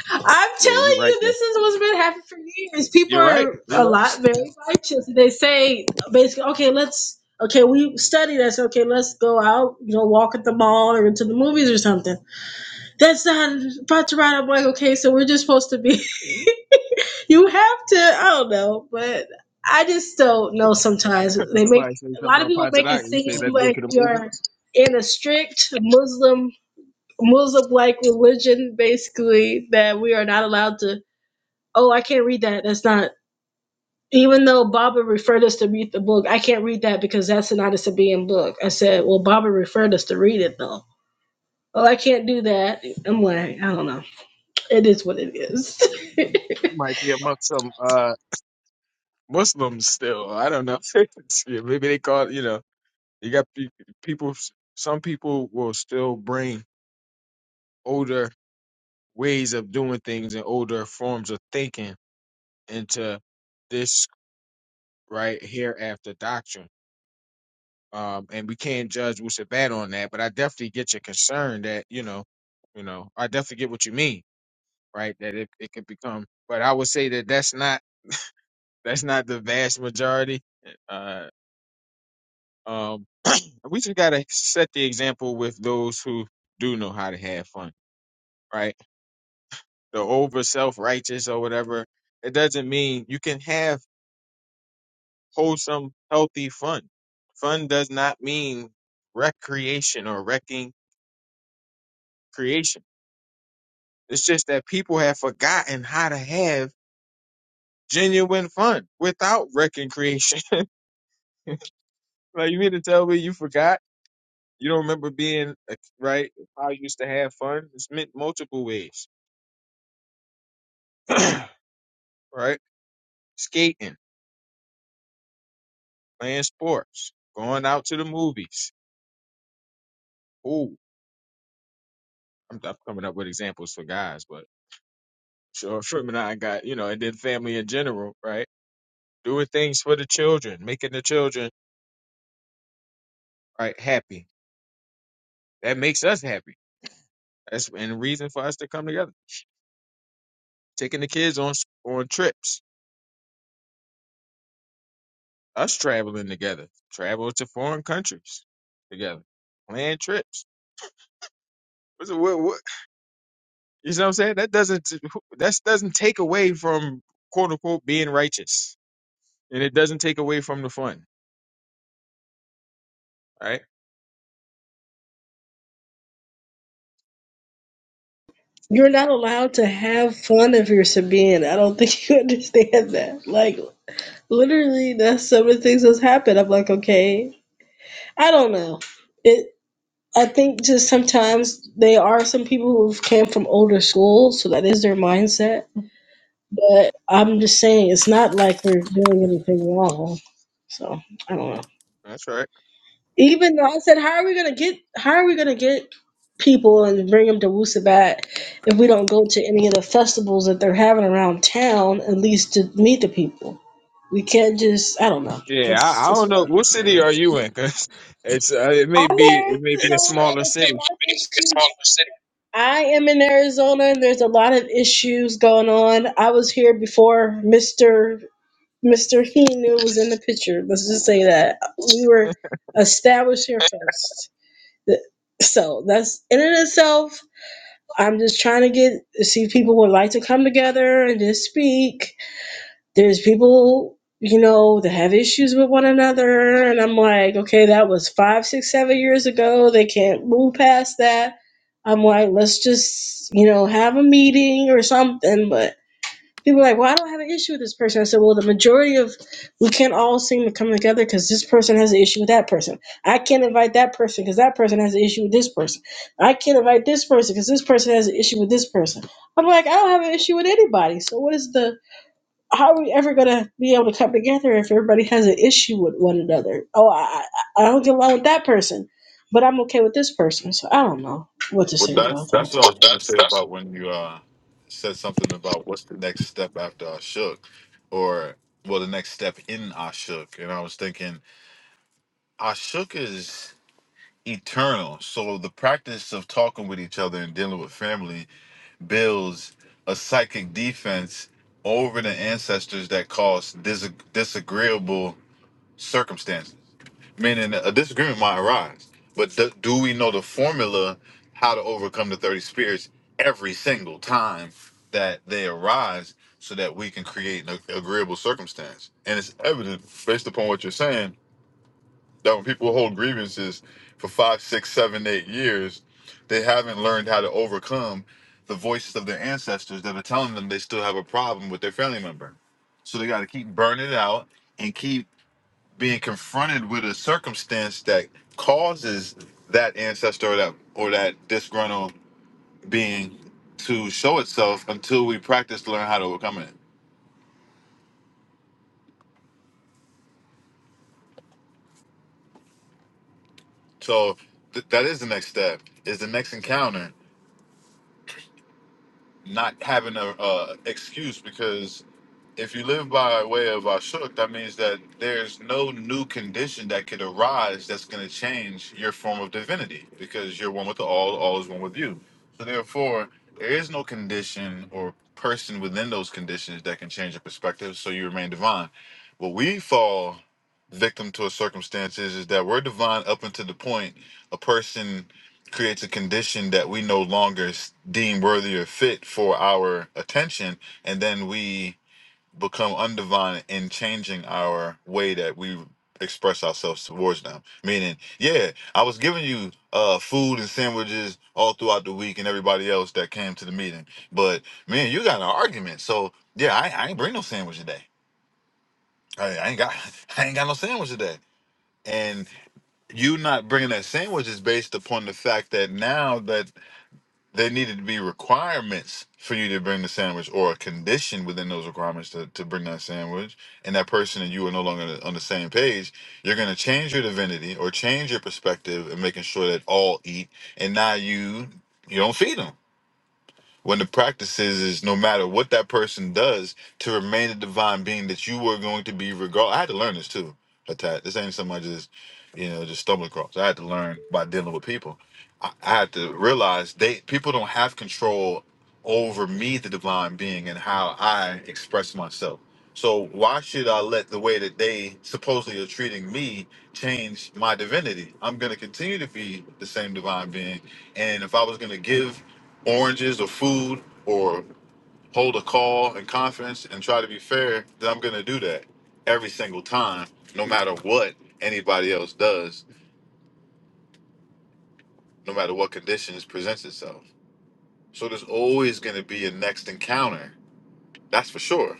I'm Yeah, you're telling right you, though. this is what's been happening for years. People You're right. are a You're right. lot very Yeah. righteous. They say, basically, okay, let's, okay, we studied this. Okay, let's go out, you know, walk at the mall or into the movies or something. That's not brought to right. I'm like, okay, so we're just supposed to be. (laughs) You have to. I don't know, but I just don't know. Sometimes (laughs) they make Somebody say a something lot of about people make it Patadak. You say, seem let's go like to the movies. you're in a strict Muslim Muslim like religion, basically that we are not allowed to. Oh, I can't read that. That's not. Even though Baba referred us to read the book, I can't read that because that's an Anisabean book. I said, well, Baba referred us to read it though. Well, I can't do that. I'm like, I don't know. It is what it is. (laughs) You might be amongst some uh, Muslims still. I don't know. (laughs) Yeah, Maybe they call it, you know, you got pe- people, some people will still bring older ways of doing things and older forms of thinking into this right hereafter doctrine. Um, and we can't judge what's bad on that, but I definitely get your concern that, you know, you know, I definitely get what you mean right? That it, it could become. But I would say that that's not that's not the vast majority. Uh, um, (clears throat) we just gotta set the example with those who do know how to have fun, right? The over self righteous or whatever. It doesn't mean you can have wholesome, healthy fun. Fun does not mean recreation or wrecking creation. It's just that people have forgotten how to have genuine fun without wrecking creation. (laughs) Right, you mean to tell me you forgot? You don't remember being a- right? How you used to have fun? It's meant multiple ways, (clears throat) right? Skating, playing sports, going out to the movies. Ooh, I'm, I'm coming up with examples for guys, but sure, Shrimp and I got you know, and then family in general, right? Doing things for the children, making the children right happy. That makes us happy. That's and a reason for us to come together. Taking the kids on s- on trips us traveling together, travel to foreign countries together, plan trips. What's What, what, you know what I'm saying? That doesn't that doesn't take away from quote unquote being righteous, and it doesn't take away from the fun. Right? You're not allowed to have fun if you're Sabian. I don't think you (laughs) understand that. Like, literally, that's some of the things that's happened. I'm like, okay, I don't know. It. I think just sometimes they are some people who've came from older schools, so that is their mindset. But I'm just saying, it's not like we're doing anything wrong. So I don't know. That's right. Even though I said, how are we gonna get? How are we gonna get people and bring them to Wusabat if we don't go to any of the festivals that they're having around town, at least to meet the people? We can't just. I don't know. Yeah, I, That's I just don't what know I'm what city saying. are you in, cause it's uh, it may I'm be it may be a smaller Arizona. There's a city. lot of issues. I am in Arizona, and there's a lot of issues going on. I was here before Mister Mister He knew was in the picture. Let's just say that we were established here first. So that's in and of itself. I'm just trying to get see if people would like to come together and just speak. There's people, you know, that have issues with one another, and I'm like, okay, that was five, six, seven years ago. They can't move past that. I'm like, let's just, you know, have a meeting or something. But People are like, well, I don't have an issue with this person. I said, well, the majority of we can't all seem to come together because this person has an issue with that person. I can't invite that person because that person has an issue with this person. I can't invite this person because this person has an issue with this person. I'm like, I don't have an issue with anybody. So what is the? How are we ever gonna be able to come together if everybody has an issue with one another? Oh, I I I don't get along with that person, but I'm okay with this person. So I don't know what to Well, say that's about that's that. what I was gonna say about when you uh said something about what's the next step after I shook, or well, the next step in I shook, and I was thinking I shook is eternal. So the practice of talking with each other and dealing with family builds a psychic defense over the ancestors that cause dis- disagreeable circumstances meaning a disagreement might arise. But do, do we know the formula how to overcome the 30 spirits every single time that they arise so that we can create an agreeable circumstance? And it's evident based upon what you're saying that when people hold grievances for five, six, seven, eight years, they haven't learned how to overcome the voices of their ancestors that are telling them they still have a problem with their family member. So they got to keep burning it out and keep being confronted with a circumstance that causes that ancestor or that or that disgruntled being to show itself until we practice to learn how to overcome it. So th- that is the next step. Is the next encounter not having a uh, excuse because if you live by way of Ashuk, that means that there's no new condition that could arise that's going to change your form of divinity because you're one with the all, all is one with you. So, therefore, there is no condition or person within those conditions that can change your perspective, so you remain divine. What we fall victim to a circumstance is, is that we're divine up until the point a person creates a condition that we no longer s- deem worthy or fit for our attention, and then we become undivine in changing our way that we express ourselves towards them. Meaning, yeah, I was giving you uh food and sandwiches all throughout the week and everybody else that came to the meeting. But man, you got in an argument. So yeah, I, I ain't bring no sandwich today. I, I ain't got (laughs) I ain't got no sandwich today. And you not bringing that sandwich is based upon the fact that now that there needed to be requirements for you to bring the sandwich or a condition within those requirements to, to bring that sandwich and that person and you are no longer on the same page you're going to change your divinity or change your perspective and making sure that all eat and now you you don't feed them when the practice is, is no matter what that person does to remain the divine being that you were going to be regard. I had to learn this too, Atat. This ain't something I just, you know, just stumbled across. I had to learn by dealing with people. I, I had to realize they people don't have control over me, the divine being, and how I express myself. So why should I let the way that they supposedly are treating me change my divinity? I'm going to continue to be the same divine being. And if I was going to give oranges or food or hold a call and conference and try to be fair, then I'm going to do that every single time, no matter what anybody else does, no matter what conditions presents itself. So there's always going to be a next encounter. That's for sure.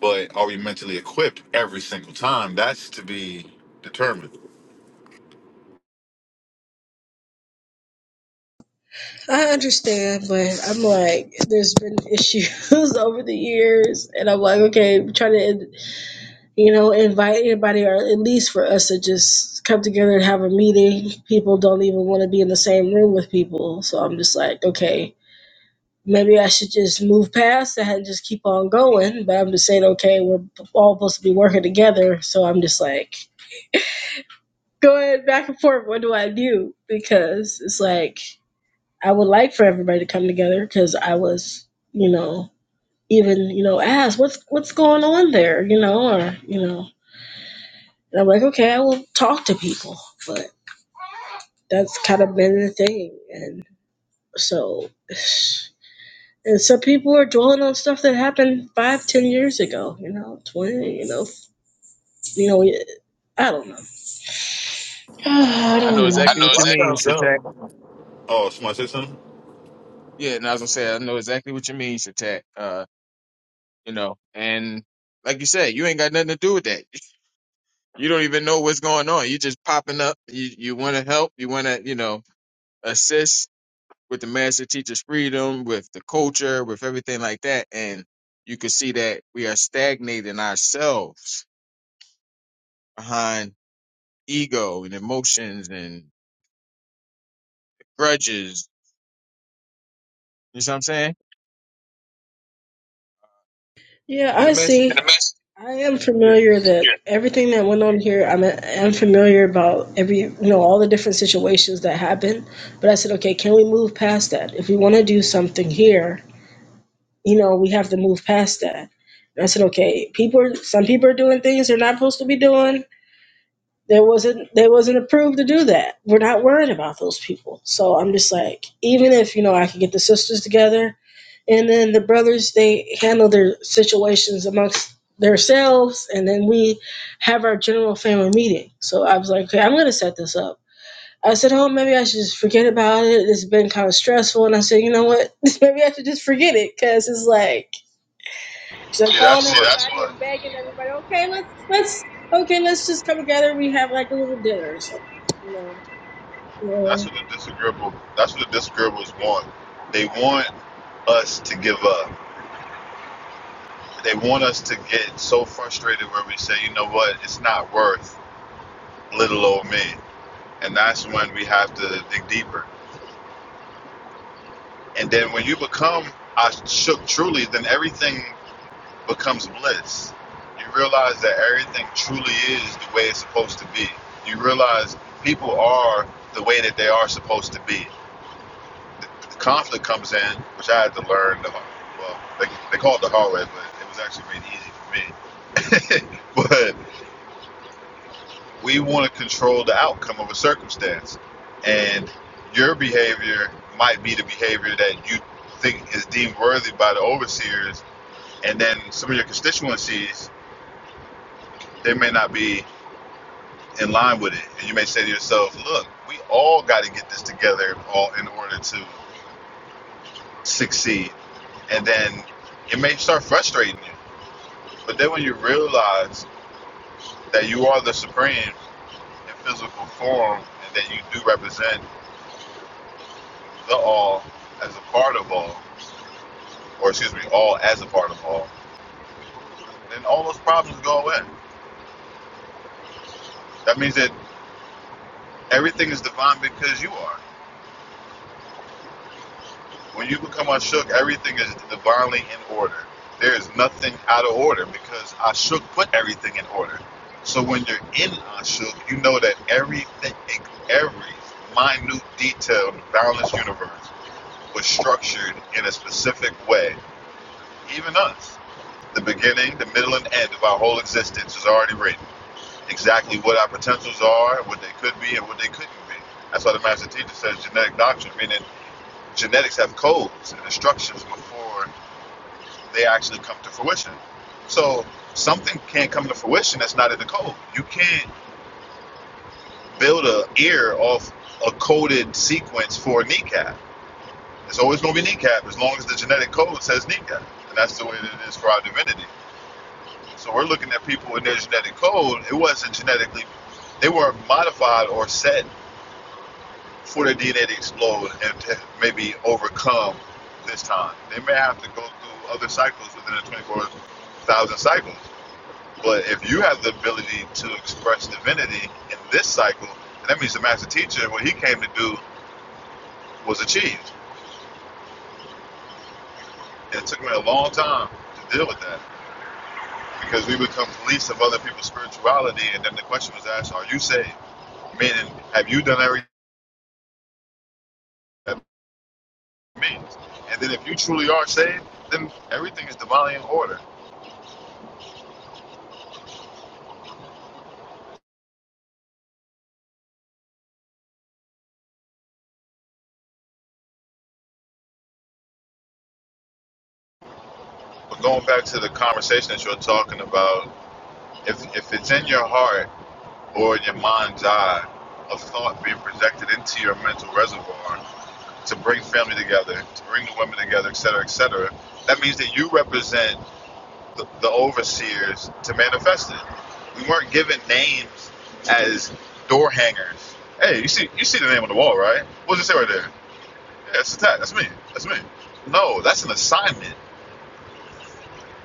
but are we mentally equipped every single time? That's to be determined. I understand, but I'm like, there's been issues (laughs) over the years, and I'm like, okay, try to, you know, invite anybody, or at least for us to just come together and have a meeting. People don't even want to be in the same room with people, so I'm just like, okay, maybe I should just move past that and just keep on going. But I'm just saying, okay, we're all supposed to be working together, so I'm just like going back and forth. What do I do? Because it's like. I would like for everybody to come together because I was, you know, even you know, asked what's what's going on there, you know, or you know, and I'm like, okay, I will talk to people, but that's kind of been the thing, and so, and some people are dwelling on stuff that happened five, ten years ago, you know, twenty, you know, you know, I don't know, (sighs) Oh, I I don't know know. I exactly what know you exactly. mean, Sounds Shatak. dumb. Oh, smart system. Yeah, and I was gonna say I know exactly what you mean, Shatak. Uh, you know, and like you said, you ain't got nothing to do with that you don't even know what's going on. You just popping up. You you want to help. You want to you know assist with the master teacher's freedom, with the culture, with everything like that. And you can see that we are stagnating ourselves behind ego and emotions and grudges. You know what I'm saying? Yeah, And the I see. master teacher, And the message. I am yeah. familiar that Yeah. everything that went on here, I'm, I'm familiar about every, you know, all the different situations that happened. But I said, okay, can we move past that? If we want to do something here, you know, we have to move past that. And I said, okay, people, are, some people are doing things they're not supposed to be doing. There wasn't they wasn't approved to do that. We're not worried about those people. So I'm just like, even if you know I could get the sisters together, and then the brothers they handle their situations amongst themselves, and then we have our general family meeting. So I was like, okay, I'm gonna set this up. I said, oh, maybe I should just forget about it. It's been kind of stressful, and I said, you know what, (laughs) maybe I should just forget it because it's like. So See, calling that's See, what that's everybody and begging everybody, okay, let's let's okay, let's just come together. We have like a little dinner or something, you know. that's Yeah. what the disagreeable that's what the disagreeables want. They want us to give up. They want us to get so frustrated where we say, you know what, it's not worth little old me. And that's when we have to dig deeper. And then when you become I shook truly, then everything. becomes bliss. You realize that everything truly is the way it's supposed to be. You realize people are the way that they are supposed to be. The conflict comes in, which I had to learn. The, hard way. well, they, they call it the hard way, but it was actually made easy for me. (laughs) but we want to control the outcome of a circumstance, and your behavior might be the behavior that you think is deemed worthy by the overseers, and then some of your constituencies, they may not be in line with it. And you may say to yourself, look, we all got to get this together all in order to succeed. And then it may start frustrating you. But then when you realize that you are the supreme in physical form and that you do represent the all as a part of all, or excuse me, all as a part of all, then all those problems go away. That means that everything is divine because you are. When you become Ashuk, everything is divinely in order. There is nothing out of order because Ashuk put everything in order. So when you're in Ashuk, you know that everything, every minute detail in the balanced universe was structured in a specific way. Even us. The beginning, the middle, and end of our whole existence is already written. Exactly what our potentials are, what they could be, and what they couldn't be. That's why the master teacher says genetic doctrine, meaning genetics have codes and instructions before they actually come to fruition. So something can't come to fruition that's not in the code. You can't build an ear off a coded sequence for a kneecap. It's always going to be kneecap as long as the genetic code says kneecap, and that's the way that it is for our divinity. So we're looking at people in their genetic code. It wasn't genetically; they were not modified or set for their DNA to explode and to maybe overcome this time. They may have to go through other cycles within the 24,000 cycles But if you have the ability to express divinity in this cycle, and that means the master teacher, what he came to do was achieved. And it took me a long time to deal with that because we become police of other people's spirituality. And then the question was asked, are you saved? Meaning, have you done everything that means? And then if you truly are saved, then everything is divinely in order. But going back to the conversation that you're talking about, if, if it's in your heart or in your mind's eye, of thought being projected into your mental reservoir, to bring family together, to bring the women together, et cetera, et cetera. That means that you represent the, the overseers to manifest it. We weren't given names as door hangers. Hey, you see, you see the name on the wall, right? What does it say right there? Yeah, it's a tag. That's me. That's me. No, that's an assignment.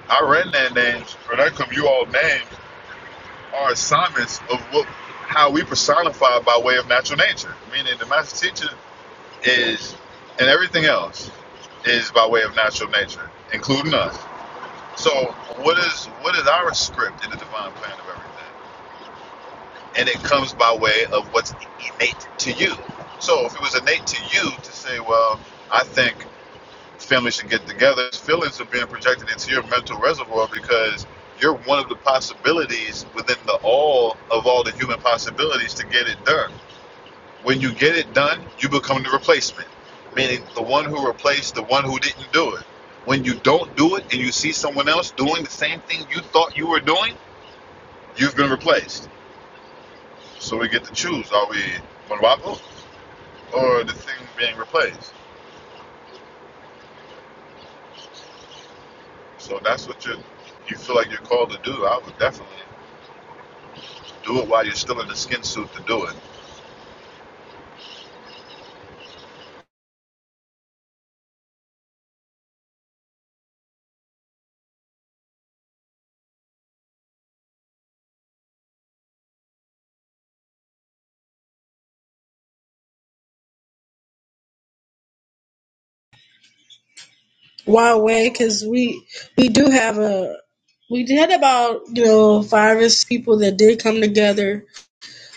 Our redman names, or that come you all names, are assignments of what, how we personify by way of natural nature. Meaning, the master teacher is, and everything else is by way of natural nature, including us. So, what is what is our script in the divine plan of everything? And it comes by way of what's innate to you. So, if it was innate to you to say, well, I think families should get together, feelings are being projected into your mental reservoir because you're one of the possibilities within the all of all the human possibilities to get it done. When you get it done, you become the replacement, meaning the one who replaced the one who didn't do it. When you don't do it and you see someone else doing the same thing you thought you were doing, you've been replaced. So we get to choose: are we Mwapo or the thing being replaced? So that's what you you feel like you're called to do. I would definitely do it while you're still in the skin suit to do it. Wild way, because we we do have a we had about you know five or six people that did come together,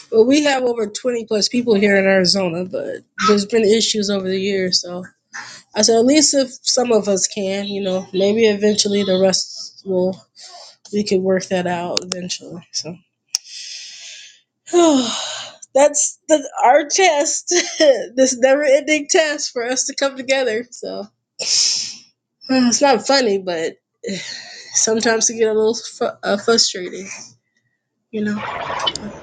but we have over twenty plus people here in Arizona. But there's been issues over the years, so I said at least if some of us can, you know, maybe eventually the rest will we could work that out eventually. So. (sighs) That's the, our test, (laughs) this never ending test for us to come together. So it's not funny, but (sighs) sometimes it get a little fu- uh, frustrating, you know. But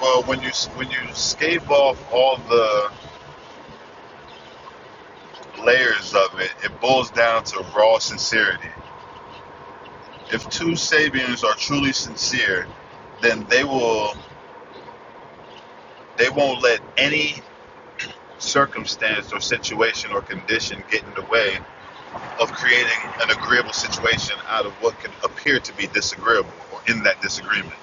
Well, when you when you scave off all the layers of it, it boils down to raw sincerity if two Sabians are truly sincere, then they will they won't let any circumstance or situation or condition get in the way of creating an agreeable situation out of what can appear to be disagreeable or in that disagreement.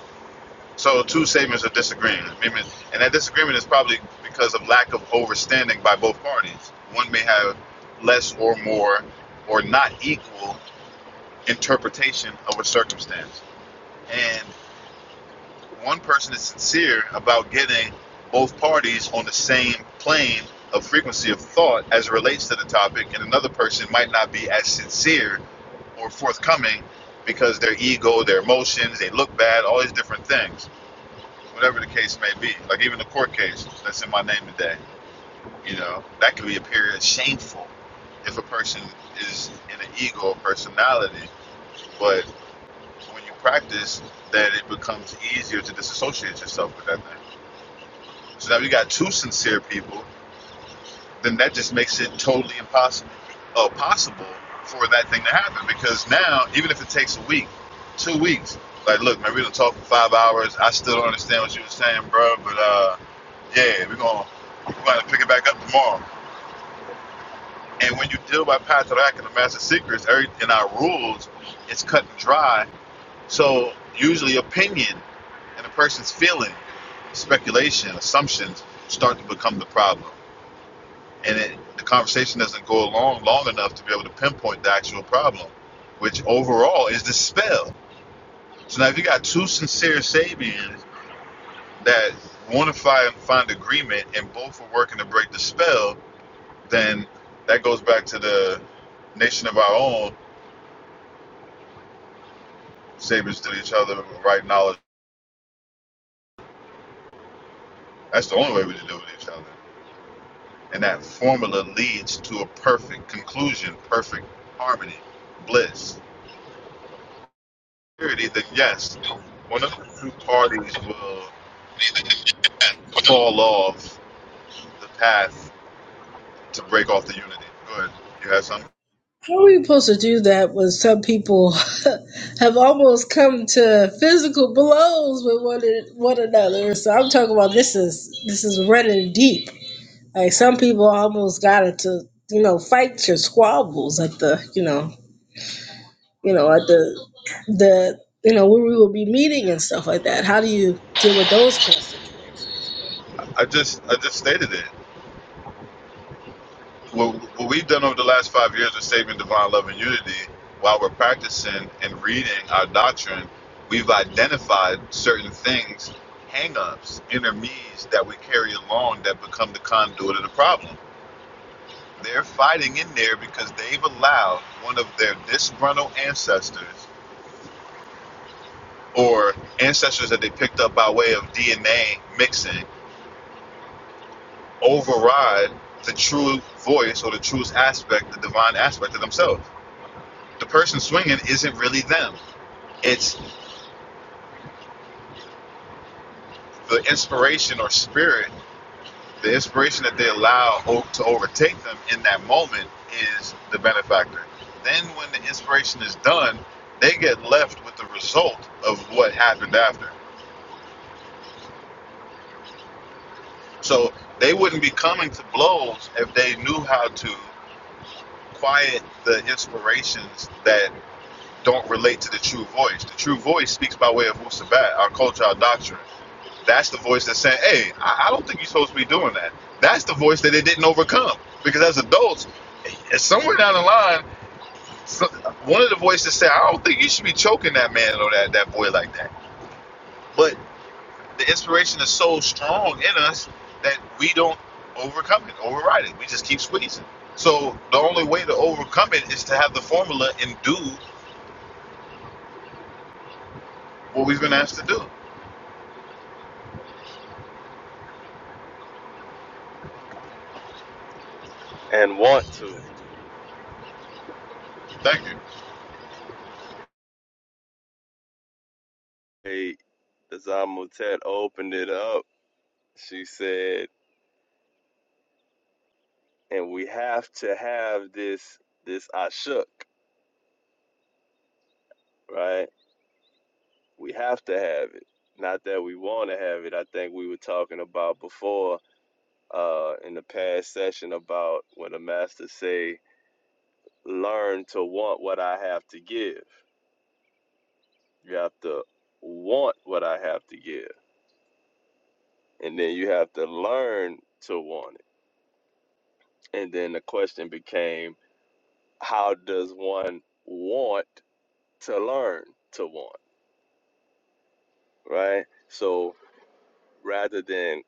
So two Sabians are disagreeing. I mean, and that disagreement is probably because of lack of overstanding by both parties. One may have less or more or not equal interpretation of a circumstance. and. one person is sincere about getting both parties on the same plane of frequency of thought as it relates to the topic, and another person might not be as sincere or forthcoming because their ego, their emotions, they look bad, all these different things, whatever the case may be. Like even the court case that's in my name today, you know, that could be a period shameful if a person is in an ego or personality, but when you practice, that it becomes easier to disassociate yourself with that thing. So now you got two sincere people, then that just makes it totally impossible uh, possible for that thing to happen. Because now, even if it takes a week, two weeks, like look, man, we done talked for five hours. I still don't understand what you were saying, bro. But uh, yeah, we're gonna we're gonna pick it back up tomorrow. And when you deal by Patrak and the Master Secrets, every in our rules, it's cut and dry. So usually opinion and a person's feeling, speculation, assumptions start to become the problem. and it, the conversation doesn't go along long enough to be able to pinpoint the actual problem, which overall is the spell. So now, if you got two sincere Sabians that want to find, find agreement and both are working to break the spell, then that goes back to the nation of our own Sabians to each other, right knowledge. That's the only way we can do it with each other. And that formula leads to a perfect conclusion, perfect harmony, bliss. security, then yes, one of the two parties will fall off the path to break off the unity. Good. You have something. how are we supposed to do that when some people (laughs) have almost come to physical blows with one, one another? So I'm talking about this is this is running deep. Like some people almost got it to you know fight your squabbles at the you know you know, at the the you know where we will be meeting and stuff like that. How do you deal with those kind of situations? I just, I just stated it. What, what we've done over the last five years is saving divine love and unity. While we're practicing and reading our doctrine, we've identified certain things, hang-ups, inner me's that we carry along that become the conduit of the problem. They're fighting in there because they've allowed one of their disgruntled ancestors or ancestors that they picked up by way of DNA mixing override the true voice or the truest aspect, the divine aspect of themselves. The person swinging isn't really them. It's the inspiration or spirit, the inspiration that they allow to overtake them in that moment is the benefactor. Then, when the inspiration is done, they get left with the result of what happened after. So, they wouldn't be coming to blows if they knew how to. quiet the inspirations that don't relate to the true voice. The true voice speaks by way of Wusabat, our culture, our doctrine. That's the voice that's saying, hey, I, I don't think you're supposed to be doing that. That's the voice that they didn't overcome. Because as adults, eh, somewhere down the line, so- one of the voices said, I don't think you should be choking that man or that, that boy like that. But the inspiration is so strong in us that we don't overcome it, override it. We just keep squeezing. So the only way to overcome it is to have the formula and do what we've been asked to do. And want to. Thank you. Hey, Zamotet opened it up. She said, and we have to have this this ashuk, right? We have to have it. Not that we want to have it. I think we were talking about before uh, in the past session about when the master say, learn to want what I have to give. You have to want what I have to give, and then you have to learn to want it And then the question became, how does one want to learn to want, right? So rather than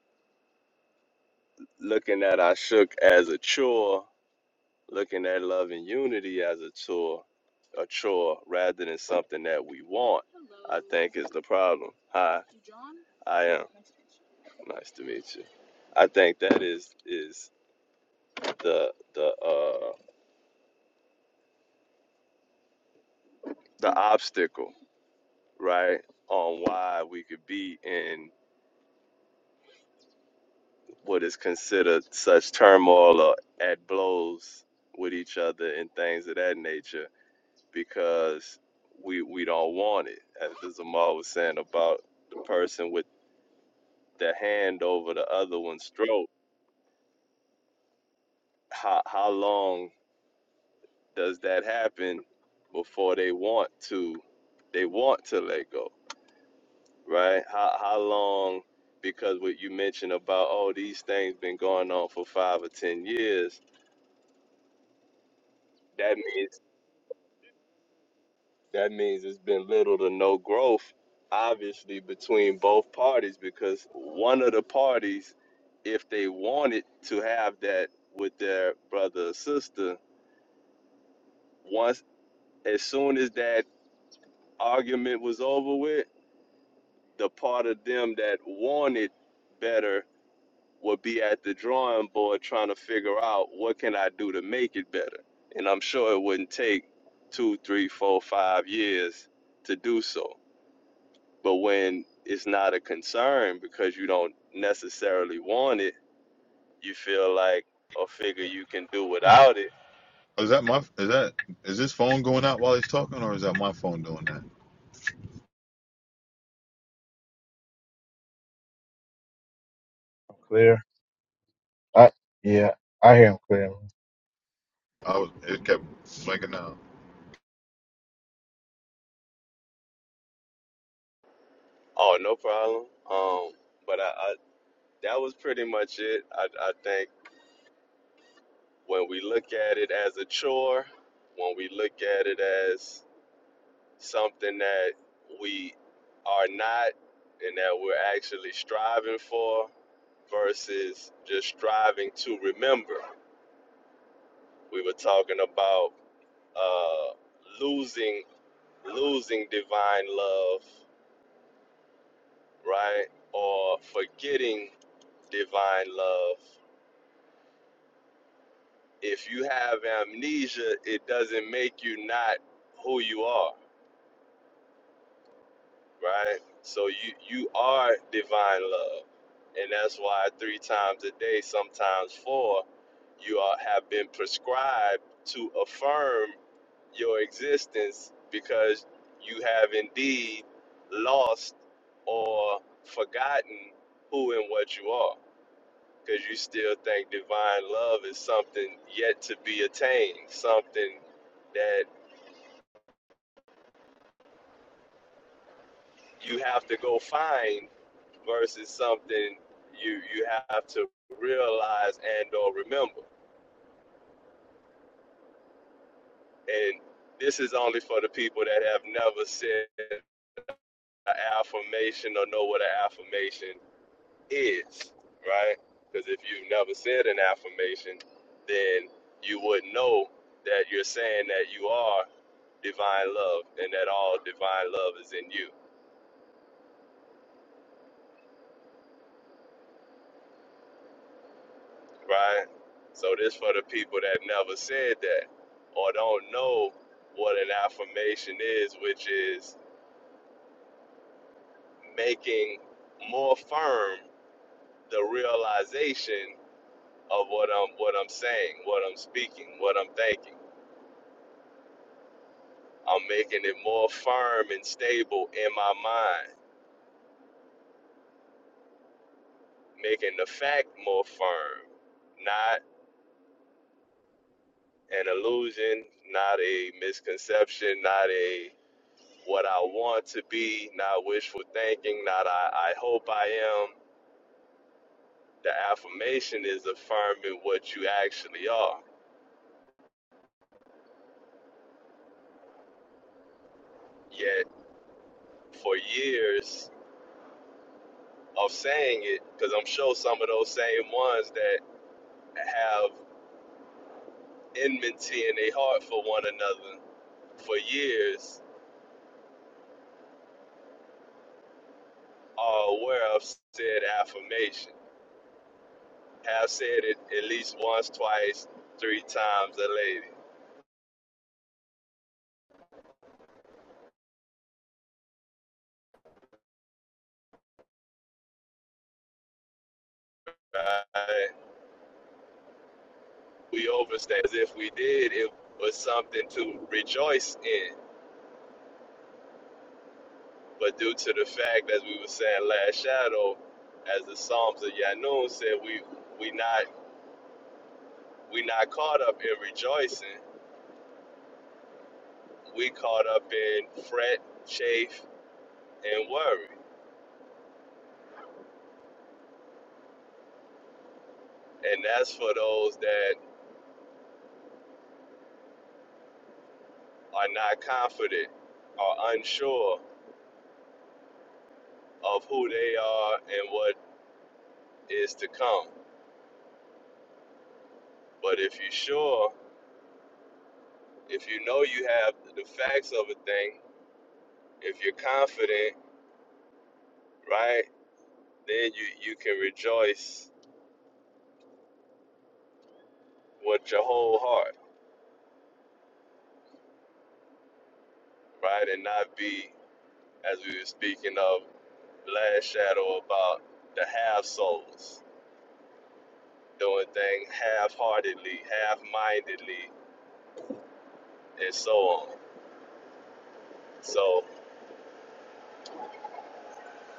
looking at I shook as a chore, looking at love and unity as a chore, a chore rather than something that we want, I think is the problem. Hi, I am. Nice to meet you. I think that is is the the uh the obstacle, right? On why we could be in what is considered such turmoil or at blows with each other and things of that nature because we we don't want it. As Zamal was saying about the person with the hand over the other one's throat, how how long does that happen before they want to they want to let go, right? How how long because what you mentioned about oh these things been going on for five or ten years, that means that means it's been little to no growth, obviously, between both parties because one of the parties, if they wanted to have that with their brother or sister, once as soon as that argument was over with, the part of them that wanted better would be at the drawing board trying to figure out what can I do to make it better. And I'm sure it wouldn't take two, three, four, five years to do so But when it's not a concern because you don't necessarily want it, you feel like or figure you can do without it. Is that my? Is that? Is this phone going out while he's talking, or is that my phone doing that? Clear. I yeah, I hear him clear. I was. It kept blinking out. Oh, no problem. Um, but I, I that was pretty much it. I, I think when we look at it as a chore, when we look at it as something that we are not and that we're actually striving for versus just striving to remember. We were talking about uh, losing losing divine love, right? Or forgetting divine love. If you have amnesia, it doesn't make you not who you are, right? So you you are divine love. And that's why three times a day, sometimes four, you are have been prescribed to affirm your existence because you have indeed lost or forgotten who and what you are because you still think divine love is something yet to be attained something that you have to go find versus something you you have to realize and or remember. And this is only for the people that have never said an affirmation or know what an affirmation is, right? Because if you've never said an affirmation, then you would know that you're saying that you are divine love and that all divine love is in you, right? So this for the people that never said that or don't know what an affirmation is, which is making more firm the realization of what I'm what I'm saying, what I'm speaking, what I'm thinking I'm making it more firm and stable in my mind, making the fact more firm, not an illusion, not a misconception, not a what I want to be, not wishful thinking, not I, I hope I am. The affirmation is affirming what you actually are. Yet, for years of saying it, because I'm sure some of those same ones that have enmity in their heart for one another for years are aware of said affirmation. Have said it at least once, twice, three times a lady. Right? We overstate. As if we did, it was something to rejoice in. But due to the fact, as we were saying last shadow, as the Psalms of Yanun said, we we not we not caught up in rejoicing. We caught up in fret, chafe, and worry. And that's for those that are not confident, are unsure, of who they are and what is to come. But if you're sure, if you know you have the facts of a thing, if you're confident, right, then you, you can rejoice with your whole heart, right, and not be, as we were speaking of last shadow, about the half souls, doing things half heartedly, half mindedly, and so on. So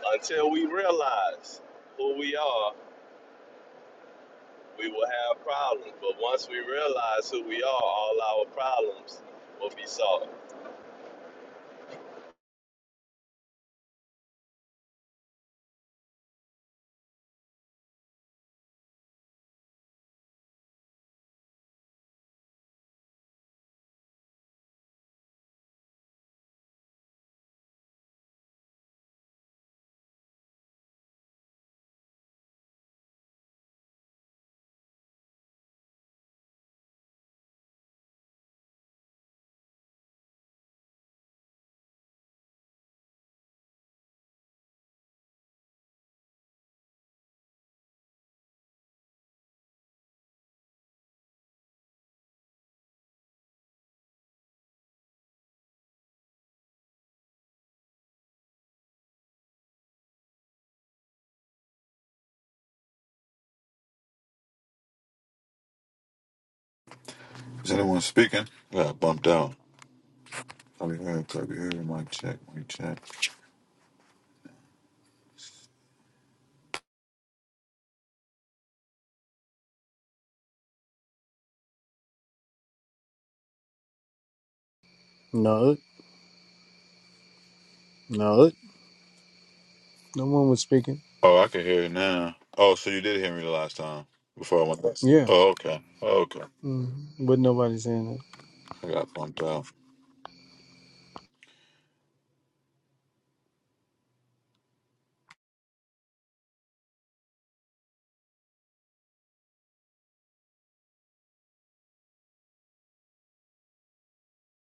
until we realize who we are, we will have problems. But once we realize who we are, all our problems will be solved. Is anyone speaking? Yeah, I bumped out. Can you Probably heard, you heard. Mic check, mic check. no, no, no one was speaking. Oh, I can hear it now. Oh, so you did hear me the last time before I went back. Yeah, Oh, okay. Oh, okay. mm but nobody saying that. I got bumped out.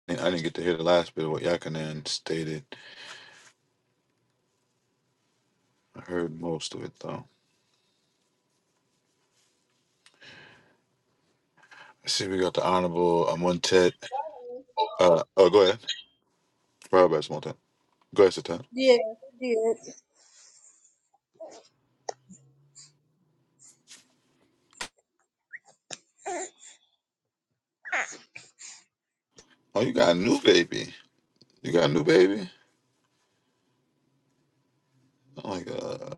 I didn't I didn't get to hear the last bit of what Yakanan stated. I heard most of it, though. I see we got the Honorable Amontet. Uh, oh, go ahead. Roberts Montet. Go ahead, Satan. Yeah, I did. Oh, you got a new baby. You got a new baby? Oh my god.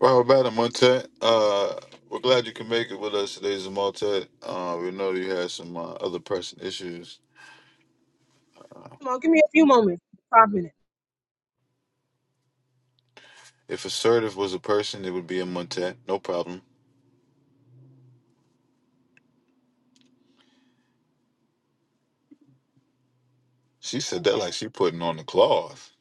Robert about Montet. Uh we're glad you can make it with us today, Zamontet. Uh we know you had some uh, other person issues. Come on, give me a few moments. Five minutes. If assertive was a person, it would be a Montet. No problem. She said that like she putting on the cloth.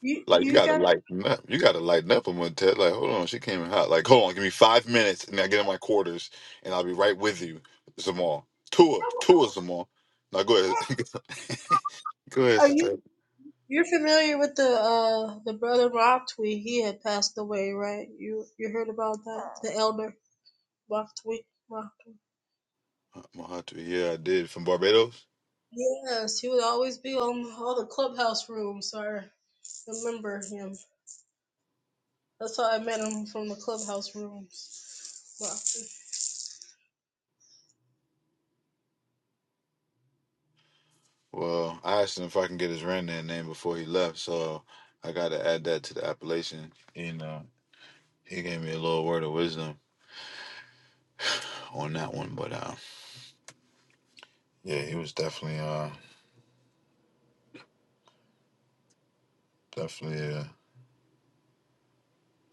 You Like you you gotta got lighten up. You gotta lighten up a Montet. Like, hold on, she came in hot. Like, hold on, give me five minutes and I get in my quarters and I'll be right with you, Zamal. Tour, tour Zamal. Now go ahead. (laughs) go ahead, are Sister. you you're familiar with the uh the brother Rock He had passed away, right? You you heard about that? The elder Rock tweet. Mahatu, yeah, I did from Barbados. Yes, he would always be on all the clubhouse rooms. So I remember him. That's how I met him from the clubhouse rooms. Rock Well, I asked him if I can get his granddad name before he left, so I got to add that to the appellation. And uh, he gave me a little word of wisdom on that one, but uh, yeah, he was definitely, uh, definitely a,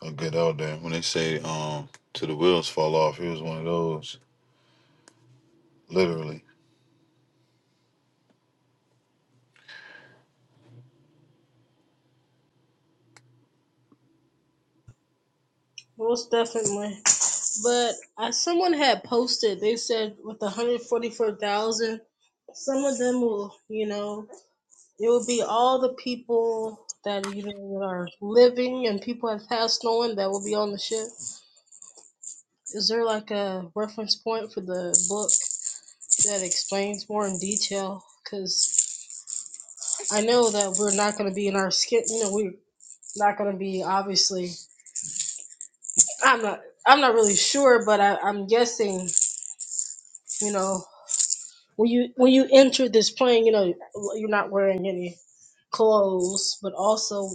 a good elder. When they say um, to the wheels fall off, he was one of those, literally. Most definitely. But as someone had posted, they said with 144,000, some of them will, you know, it will be all the people that you know are living and people have passed on that will be on the ship. Is there like a reference point for the book that explains more in detail? Because I know that we're not going to be in our skin. You know, we're not going to be obviously. I'm not. I'm not really sure, but I, I'm guessing. You know, When you when you enter this plane, you know well, you're not wearing any clothes, but also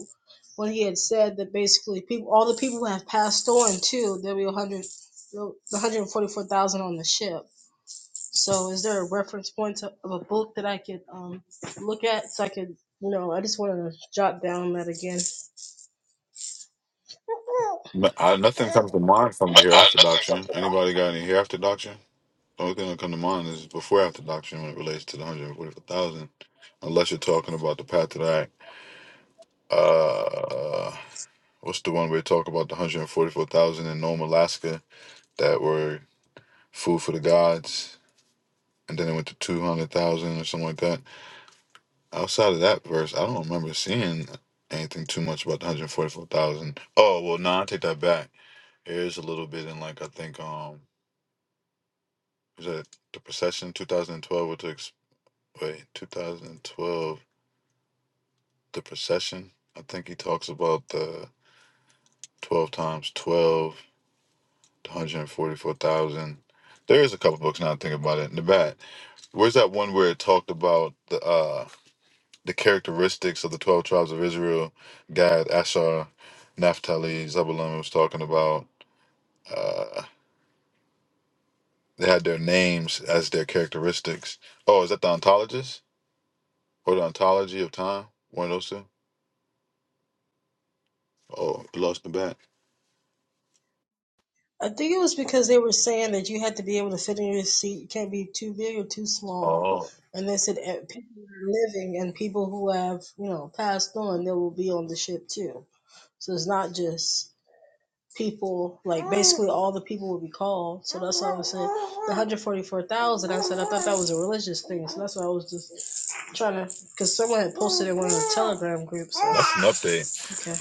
when he had said that basically people, all the people who have passed on too, there'll be 100, the 144,000 on the ship. So is there a reference point to, of a book that I could um look at so I could, you know, I just want to jot down that again. But I, nothing comes to mind from the hereafter doctrine. Anybody got any hereafter doctrine? Only thing that come to mind is before after doctrine when it relates to the hundred and forty four thousand, unless you're talking about the path to that. Uh, what's the one where you talk about the hundred and forty four thousand in Nome, Alaska, that were food for the gods, and then it went to two hundred thousand or something like that. Outside of that verse, I don't remember seeing anything too much about the hundred and forty four thousand. Oh well, no, I take that back. There is a little bit in like I think um was that the procession two thousand twelve or to ex- wait two thousand twelve the procession. I think he talks about the 12 times 12, the 144,000. There is a couple books now I think about it. in the back. Where's that one where it talked about the uh the characteristics of the 12 tribes of Israel? Gad, Asher, Naphtali, Zebulun was talking about uh they had their names as their characteristics. Oh, is that the ontologist or the ontology of time? One of those two? Oh, lost in the back. I think it was because they were saying that you had to be able to fit in your seat. You can't be too big or too small. Oh, And they said eh, people who are living and people who have, you know, passed on, they will be on the ship too. So it's not just people, like basically all the people will be called. So that's why I said the 144,000. I said I thought that was a religious thing. So that's why I was just trying to, because someone had posted in one of the Telegram groups. So, that's an update. okay.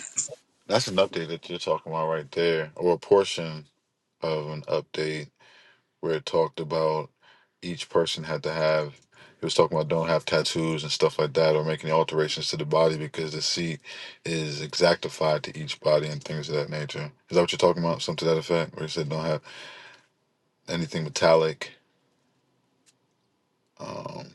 That's an update that you're talking about right there, or a portion of an update where it talked about each person had to have. It was talking about don't have tattoos and stuff like that, or making alterations to the body because the seat is exactified to each body and things of that nature. Is that what you're talking about? Something to that effect, where you said don't have anything metallic, um,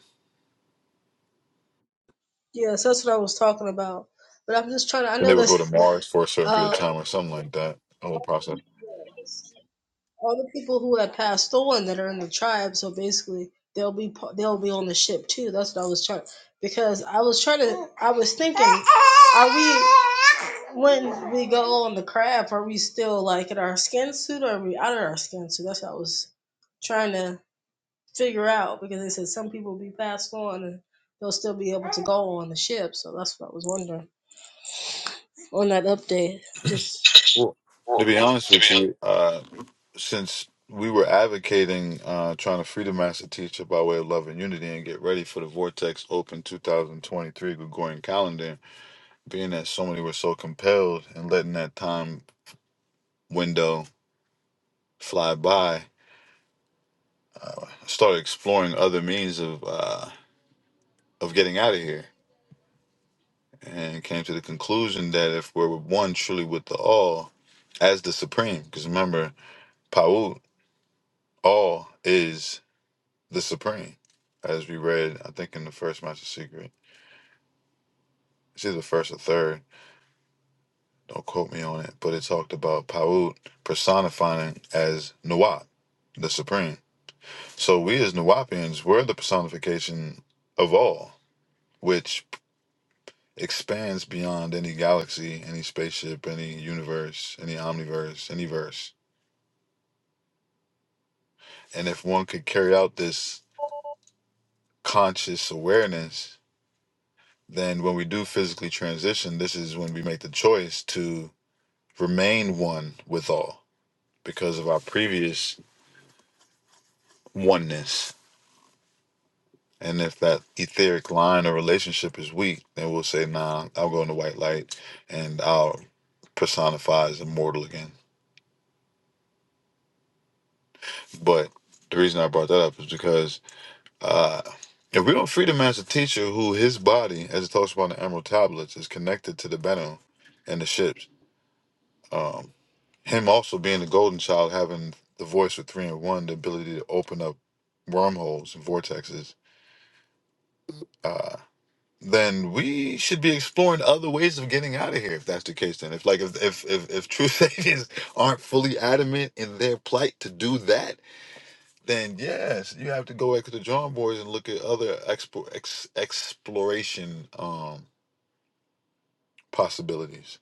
Yeah, so that's what I was talking about. But I'm just trying to, I and they know would go to this. Mars for a (laughs) certain period of Uh, time or something like that. The whole process. all the people who had passed on that are in the tribe. So basically, they'll be pa- they'll be on the ship too. That's what I was trying because I was trying to. I was thinking, are we when we go on the crab? Are we still like in our skin suit? Or are we out of our skin suit? That's what I was trying to figure out because they said some people will be passed on and they'll still be able to go on the ship. So that's what I was wondering on that update. Just Well, to well, be honest to with be you, uh, since we were advocating uh, trying to free the master teacher by way of love and unity and get ready for the Vortex Open 2023 Gregorian calendar, being that so many were so compelled and letting that time window fly by, I started exploring other means of uh, of getting out of here and came to the conclusion that if we're one truly with the all as the supreme, because remember, Paut, all is. the Supreme, as we read, I think in the first Master Secret. It's either first or third. Don't quote me on it, but it talked about Paut personifying as Nuwap, the Supreme. So we as Nuwapians, we're the personification of all, which expands beyond any galaxy, any spaceship, any universe, any omniverse, any verse. And if one could carry out this conscious awareness, then when we do physically transition, this is when we make the choice to remain one with all because of our previous oneness. And if that etheric line or relationship is weak, then we'll say, nah, I'll go into white light and I'll personify as immortal again. But the reason I brought that up is because uh, if we don't free the master teacher who his body, as it talks about in the Emerald Tablets, is connected to the Benu and the ships, um, him also being the golden child, having the voice of three and one, the ability to open up wormholes and vortexes uh, then we should be exploring other ways of getting out of here. If that's the case, then if like if if if, if truth (laughs) agents aren't fully adamant in their plight to do that, then yes, you have to go back to the drawing boards and look at other expo- ex- exploration um, possibilities.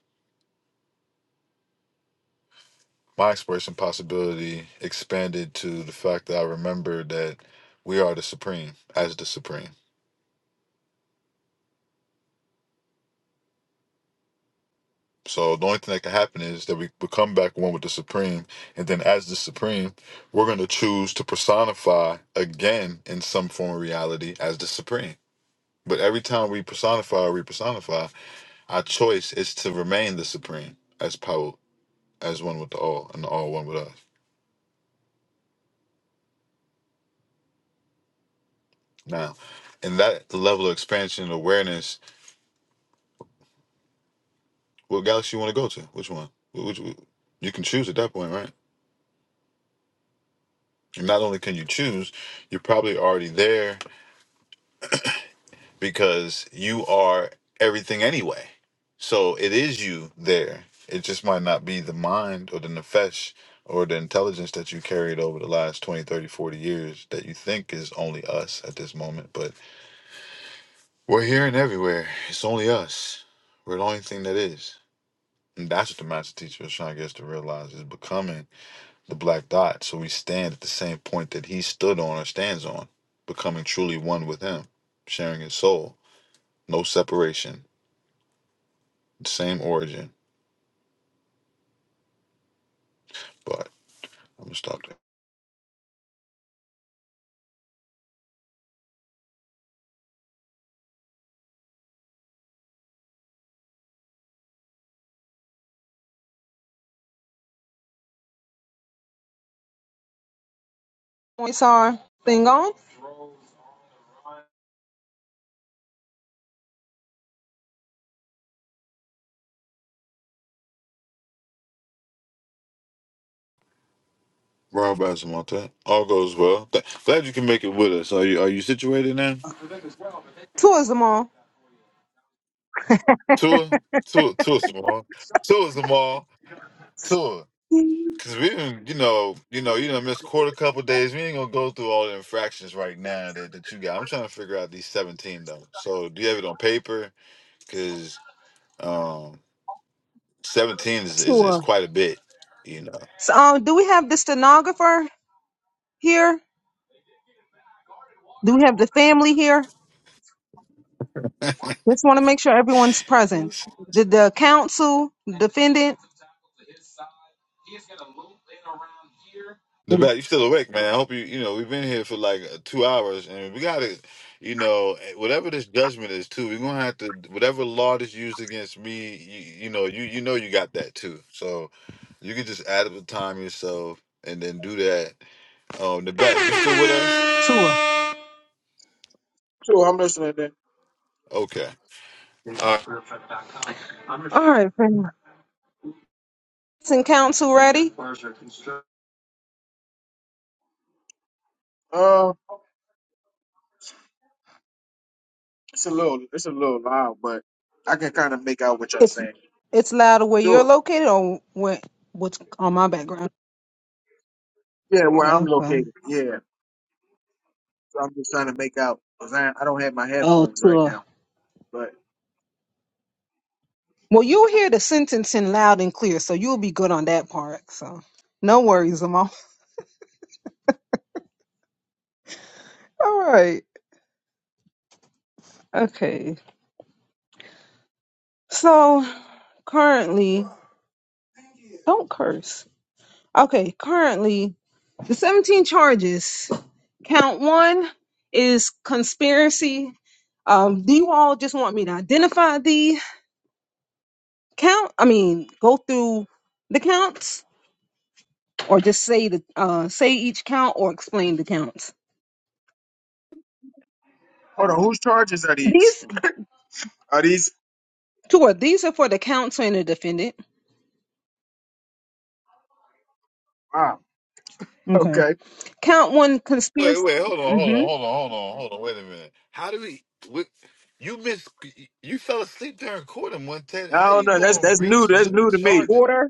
My exploration possibility expanded to the fact that I remember that we are the supreme as the supreme. So the only thing that can happen is that we become back one with the Supreme, and then as the Supreme, we're going to choose to personify again in some form of reality as the Supreme. But every time we personify or repersonify, our choice is to remain the Supreme as power, as one with the all, and the all one with us. Now, in that level of expansion and awareness, what galaxy you want to go to? Which one? Which, which- you can choose at that point, right? And not only can you choose, you're probably already there because you are everything anyway. So it is you there. It just might not be the mind or the nefesh or the intelligence that you carried over the last 20, 30, 40 years that you think is only us at this moment. But we're here and everywhere. It's only us. We're the only thing that is. And that's what the master teacher is trying to get us to realize is becoming the black dot. So we stand at the same point that he stood on or stands on, becoming truly one with him, sharing his soul. No separation Same origin, but I'm gonna stop there. It's our thing on. Rob Bass All goes well. Th- glad you can make it with us. Are you are you situated now? Tourism on. Tour, tour, tour tomorrow. Tour tomorrow. Tour. Cause we didn't, you know, you know, you done missed quarter couple days. We ain't gonna go through all the infractions right now that, that you got. I'm trying to figure out these 17 though. So do you have it on paper? Cause um, 17 is, is is Tour. quite a bit, you know. So, um, do we have the stenographer here? Do we have the family here? Just want to make sure everyone's present. Did the council, defendant, The and back, you still awake, man. I hope you, you know, we've been here for like uh, two hours and we got to, you know, eh, whatever this judgment is too, we're going to have to, whatever law is used against me, you, you know, you, you know, you got that too. So you can just add up the time yourself and then do that. Um, the back, you still with us? tour. Okay. All right. All right, family. And council ready? Uh, it's a little it's a little loud, but I can kind of make out what y'all It's saying. it's louder where you're Sure. located or where, what's on my background. Yeah, where I'm Okay. located. Yeah. So I'm just trying to make out because I, I don't have my Oh, headphones right tour. now, but. Well, you'll hear the sentencing loud and clear, so you'll be good on that part. So, no worries, Amal. All right. Okay. So currently, don't curse. Okay. Currently, the 17 charges. Count one is conspiracy. Um, do you all just want me to identify the count? I mean, go through the counts, or just say the uh, say each count, or explain the counts. Hold on, whose charges are these? These Are these? two are these are for the counsel and the defendant. Wow. Okay. Okay. Count one Wait, conspiracy. wait, hold on, hold hmm on, hold on, hold on, hold on. Wait a minute. How do we, what, you missed, you fell asleep during court and one Ted. I How don't you know. That's going to that's new. breach That's new new to me. charges? Order.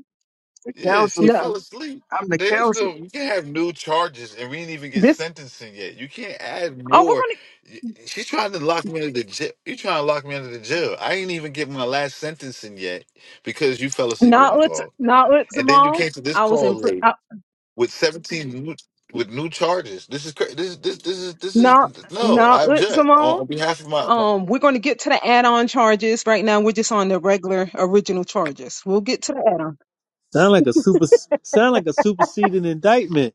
The Yeah, counsel. she No. fell asleep. I'm the There's counsel. no, you can't have new charges, and we didn't even get This. sentencing yet. You can't add Oh, we're more. gonna Y- She's trying to lock me into the jail. You trying to lock me into the jail? I ain't even get my last sentencing yet because you fell asleep on Not the with call, not with and then you Zamal. came to this I was call in pr- late I, with seven new, with new charges. This is cra- this this this is this not is no. not I with object on, Zamal. on behalf of my, Um, we're going to get to the add-on charges. Right now, we're just on the regular original charges. We'll get to the add-on. Sound like a super, sound like a superseding indictment.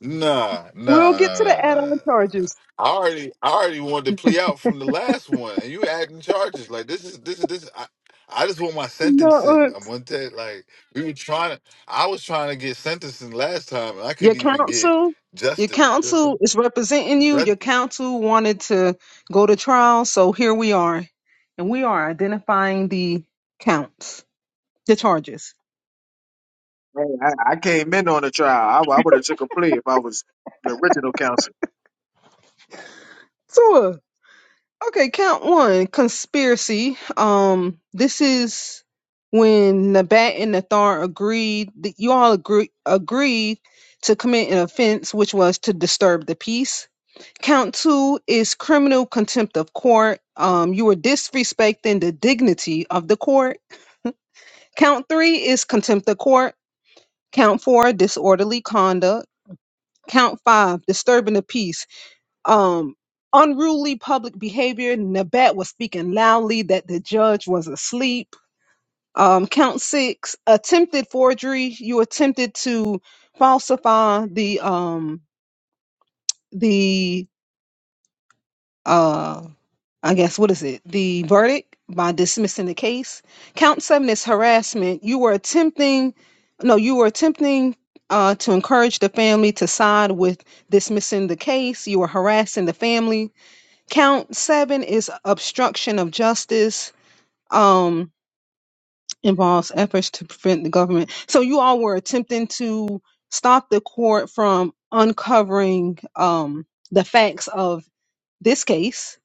Nah, nah, We'll nah, get to nah, the nah. nah. add-on charges. I already, I already wanted to plea out from the last one, and you adding charges like this is this is this. I, I just want my Not sentencing. with I'm gonna tell like we were trying to. I was trying to get sentencing last time, and I your couldn't even get counsel. Your justice. counsel is representing you. Judge, Your counsel wanted to go to trial, so here we are, and we are identifying the counts, the charges. Man, I, I came in on the trial. I, I would have took a plea if I was the original counsel. Sure. Okay, count one, conspiracy. Um, this is when Nabat and Nathar agreed that you all agree agreed to commit an offense, which was to disturb the peace. Count two is criminal contempt of court. Um, you were disrespecting the dignity of the court. Count three is contempt of court. Count four, disorderly conduct. Count five, disturbing the peace um, unruly public behavior. Nabat was speaking loudly that the judge was asleep. Um, count six, attempted forgery. You attempted to falsify the um the uh I guess what is it? The verdict by dismissing the case. Count seven is harassment. You were attempting no, you were attempting uh, to encourage the family to side with dismissing the case. You were harassing the family Count seven is obstruction of justice. Um, involves efforts to prevent the government. So you all were attempting to stop the court from uncovering um the facts of this case.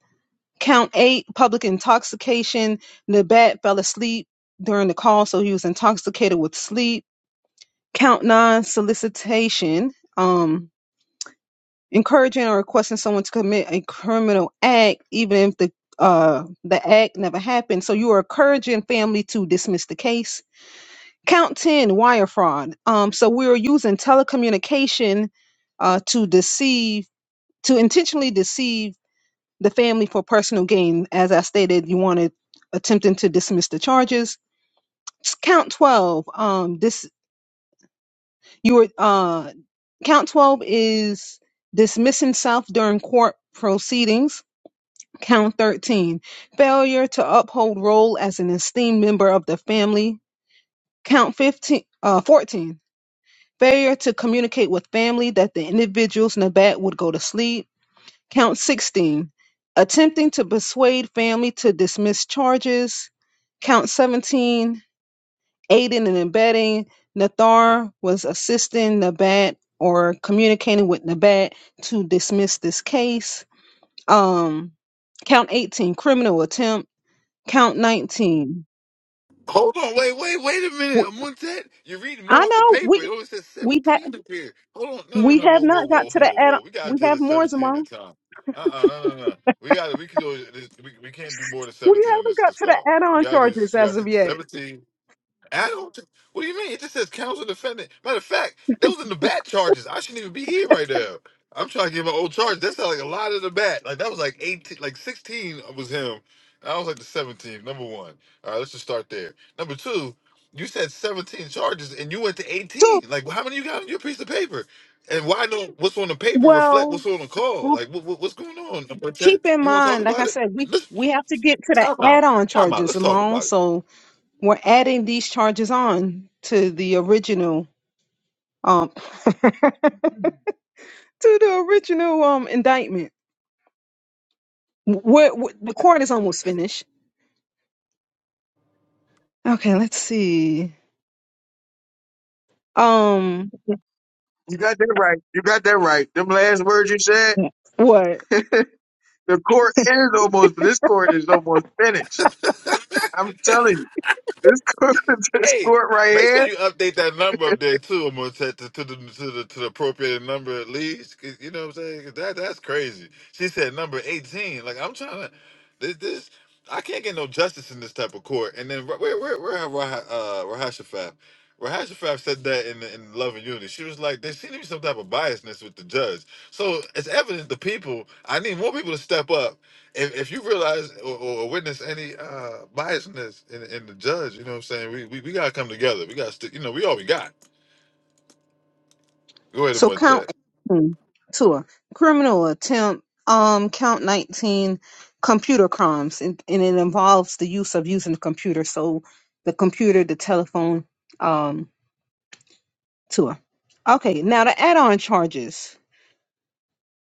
Count eight, public intoxication. Nabat fell asleep during the call, so he was intoxicated with sleep. Count nine, solicitation. Um, encouraging or requesting someone to commit a criminal act, even if the uh the act never happened. So you are encouraging family to dismiss the case. Count ten, wire fraud. Um, so we are using telecommunication uh to deceive, to intentionally deceive the family for personal gain. As I stated, you wanted attempting to dismiss the charges. Count twelve. Um, this you were uh count twelve is dismissing self during court proceedings Count 13. Failure to uphold role as an esteemed member of the family. Count 15, uh, 14. Failure to communicate with family that the individuals Nabat would go to sleep. Count 16. Attempting to persuade family to dismiss charges. Count 17. Aiding and abetting. Nathar was assisting Nabat or communicating with Nabat to dismiss this case. Um, count 18. Criminal attempt count 19 Hold on, wait, wait, wait a minute. W- I'm on that. You're reading more i off the know paper. It we only says we ha- 17 up here. Hold on. No, no, we no. have Whoa, whoa, not got whoa, to the whoa, add whoa. We gotta we deal have with more 17 at Zamon. a time. Uh-uh, no, no, no. We gotta we can do this we, we can't do more than we 17 on haven't this got this to the call. We add-on gotta do charges this. You gotta as of stick to yet 17. I don't. thi- What do you mean? It just says counsel defendant. Matter of fact, that was in the bat charges. I shouldn't even be here right now. I'm trying to get my old charge. That's not like a lot of the bat. Like that was like 18, like 16 was him. I was like the seventeenth Number one. All right, let's just start there. Number two, you said 17 charges and you went to so 18. Like how many you got on your piece of paper? And why don't what's on the paper reflect well what's on the call? well Like what, what- what's going on? Number 10? keep in You want to talk mind like i about it? said we Let's we have to get to the time out. add-on Time out. charges Let's talk about Zamon. it. so we're adding these charges on to the original um (laughs) to the original um indictment what the court is almost finished okay let's see um You got that right. You got that right. Them last words you said. what The court is almost. This court is almost finished. I'm telling you. This court, (laughs) this Hey, court right make sure here. you update that number up there too. I'm gonna set to, to the to the to the appropriate number at least. 'cause you know what I'm saying? 'Cause That that's crazy. She said number 18. Like I'm trying to this this I can't get no justice in this type of court. And then where where where where have Rah, uh, Rahashafaf? Rahashafaf said that in in Love and Unity. She was like, there seemed to be some type of biasness with the judge. So it's evident the people. I need more people to step up if, if you realize or, or witness any uh biasness in, in the judge, you know what I'm saying? We, we, we gotta come together. We gotta stick, you know, we all we got. Go ahead and So what count that. 18, Tua. Criminal attempt, um, count 19 computer crimes, and, and it involves the use of using the computer. So the computer, the telephone, um, Tua. Okay, now the add-on charges.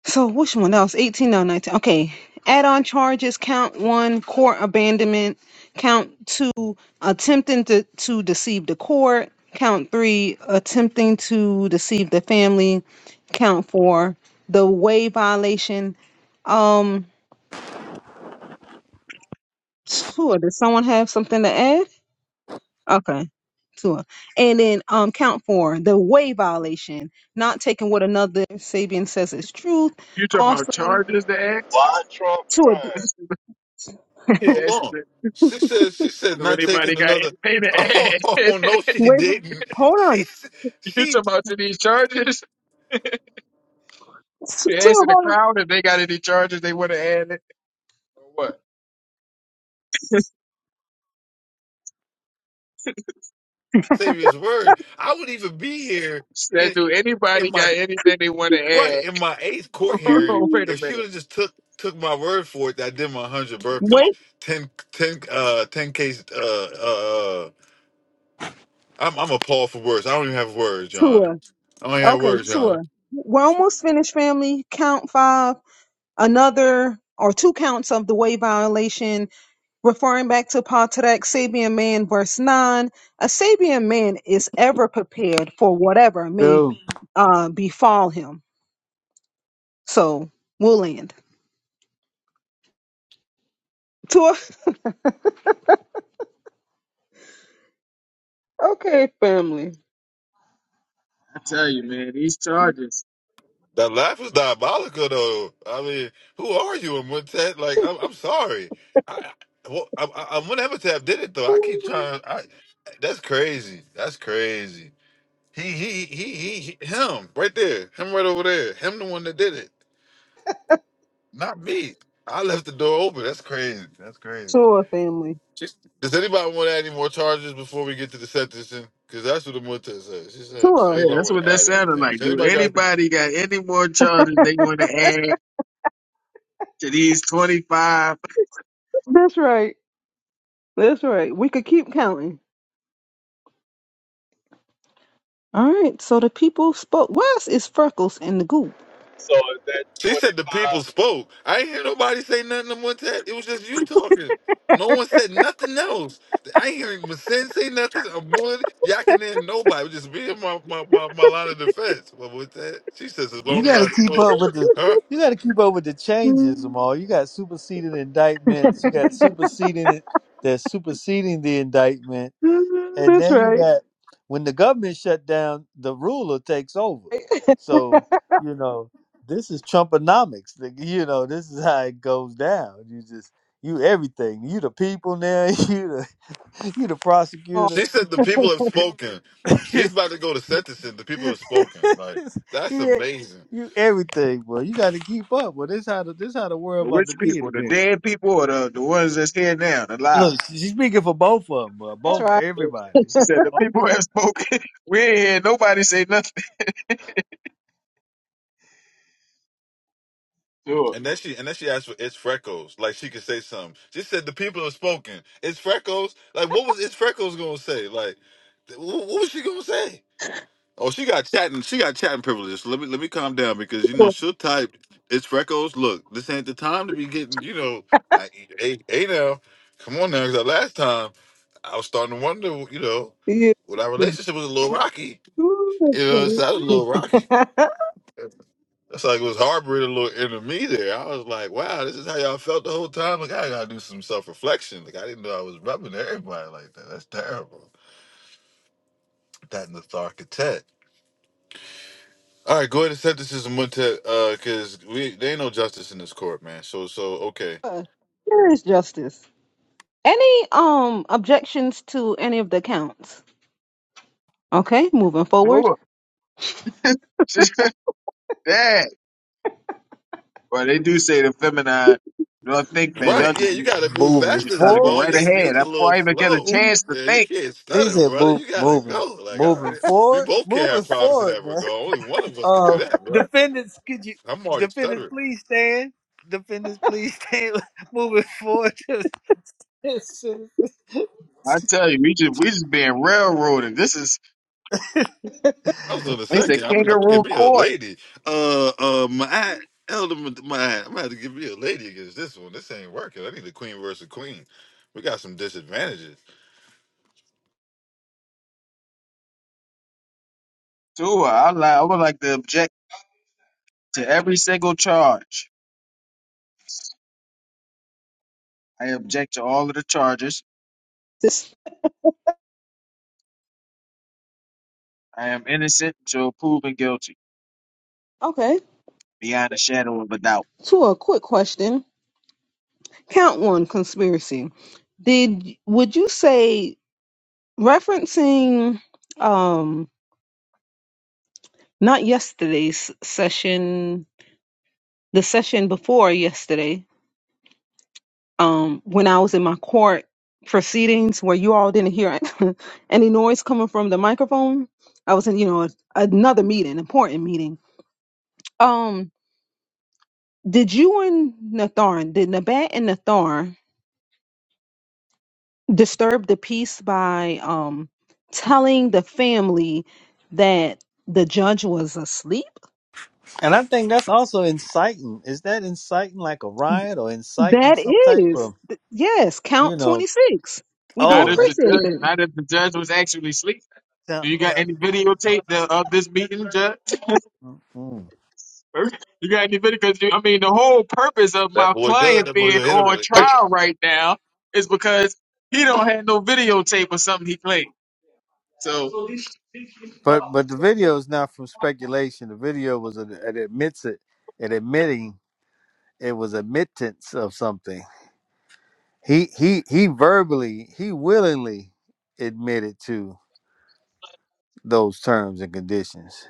So which one else? 18 no 19. Okay. Add-on charges count one court abandonment, count two attempting to, to deceive the court, count three attempting to deceive the family, count four the way violation. Um, sure. Does someone have something to add? Okay. Sure. And then um count four the way violation, not taking what another Sabian says is truth. You talking about Also, charges to Why ask? Trump sure. crime? (laughs) Hold yes. on. She said she said Do not anybody taking got another anything (laughs) to Oh add? (laughs) no she Wait, didn't. hold on. She s- you talking she about to these charges? T- You Tour, asking the hold crowd if they got any charges they want to add it or what? serious word. I would even be here Said, in do in anybody my got anything they want to right add? in my eighth court (laughs) Hold hearing on, on. wait a if she would minute. have just took took my word for it that I did my one hundred burpees, Wait, 10 10 uh ten case uh uh uh, I'm I'm appalled for words. I don't even have words, John. tour. I don't even have Okay, words, John. tour. We're almost finished, family. Count five, another or two counts of the way violation, referring back to Patrick, Sabian man, verse nine. A Sabian man is ever prepared for whatever may uh, befall him. So we'll end. Tour. Okay, family. I tell you, man, these charges. That laugh was diabolical, though. I mean, who are you and what's that? Like, I'm, I'm sorry. I, I, well, I, I, I'm whenever Tab did it though. I keep trying. I, that's crazy. That's crazy. He, he, he, he, he, him right there. Him right over there. Him the one that did it, not me. I left the door open. That's crazy. That's crazy. Tour, family. Does anybody want to add any more charges before we get to the sentencing? Because that's what the Amita said. She said, "Does Tour. Yeah, anybody that's want what to that add sounded anything? like. Does Do anybody got?" anything?" anybody got any more charges they want to add to these twenty five? That's right. That's right. We could keep counting. All right, so the people spoke. Wes is Freckles in the group. So is that She said the 25 people spoke. I ain't hear nobody say nothing. Amita, it was just you talking. No one said nothing else. I ain't hearing Masin say nothing. I'm one. Y'all can hear nobody. It was just me and my my, my, my line of defense. What was that? She says, "As You long as got to I keep spoke." up with the. Her. You got to keep up with the Mhm, changes, Jamal. You got superseding indictments. You got superseding it- that's superseding the indictment, and That's then you right. got when the government shut down, the ruler takes over. So you know this is Trumponomics. Like, You know this is how it goes down. You just you everything. You the people now. (laughs) You the you the Oh, prosecutor. She said the people have spoken. (laughs) She's about to go to sentencing. The people have spoken. (laughs) Like that's you, e, amazing. you everything, boy. You got to keep up. Well, this how the, this how the world about to Which be in people? a The minute. dead people or the the ones that's here now, the live? Look, she's speaking for both of them, uh, that's both right. Yeah. everybody. She said the people Look, have spoken. (laughs) we ain't hear nobody say nothing. Sure, And then she and then she asked for it's freckles. Like she could say something. She said the people have spoken. It's freckles. Like what was it's freckles gonna say? Like th- wh- what was she gonna say? Oh, she got chatting. She got chatting privileges. Let me let me calm down because you know she'll type. It's freckles. Look, this ain't the time to be getting. You know, I, hey, hey now, come on now. Because last time I was starting to wonder. You know, Yeah. well, our relationship was a little rocky. Ooh, You know, so I was a that's funny. little rocky. (laughs) That's like it was harboring a little inner me there. I was like, wow, this is how y'all felt the whole time. Like I gotta do some self reflection. Like I didn't know I was rubbing everybody like that. That's terrible. That and the Tharkatet. All right, go ahead and set this as a Montet, uh, cause we there ain't no justice in this court, man. So so okay. There is justice. Any um objections to any of the counts? Okay, moving forward. sure. (laughs) She said, Dad. Well, they do say the feminine. Y'all think that yeah. Right, y'all yeah, just you gotta move You Moving fast just as try the to go forward, ball. right Your ahead. speech I- a Before little I even get a slow. she chance to Yeah, you think, can't stutter, said, brother. "Move, You gotta moving, go. Like, all moving right, we forward, both can moving have problems in forward." that regard. Now, Only one of (laughs) us could do uh, that, bro. defendants, could you I'm already defendants stuttering. please stand? Defendants, please stand. (laughs) moving forward, To I tell you, we just we just being railroaded. This is I was in a it's a second. I'm, I'm gonna kangaroo give me a court lady. Uh, uh, my elder, my I'm gonna have to give me a lady against this one. This ain't working. I need a queen versus queen. We got some disadvantages. too. I li- I would like to object to every single charge. I object to all of the charges. This I am innocent until proven guilty, okay. beyond a shadow of a doubt. To a quick question. Count one conspiracy. Did would you say referencing um not yesterday's session the session before yesterday, um, when I was in my court proceedings where you all didn't hear (laughs) any noise coming from the microphone, I was in, you know, another meeting, important meeting. Um, did you and Nathan, did Nabat and Nathan disturb the peace by um telling the family that the judge was asleep? and I think that's also inciting. Is that inciting like a riot or inciting That some type of? is, th- yes, you count know, 26. We do Not oh, if that's the appreciate judge, that. not if the judge was actually asleep. Do count, you got count. any videotape the, of this meeting, Judge? Mm-mm. You got any video? Because I mean, the whole purpose of That my boy good. client That boy being gonna hit him on with it. trial right now is because he don't have no videotape or something he played. So, But but the video is not from speculation. The video was an, it admits it, it admitting it was admittance of something. He he he verbally he willingly admitted to those terms and conditions.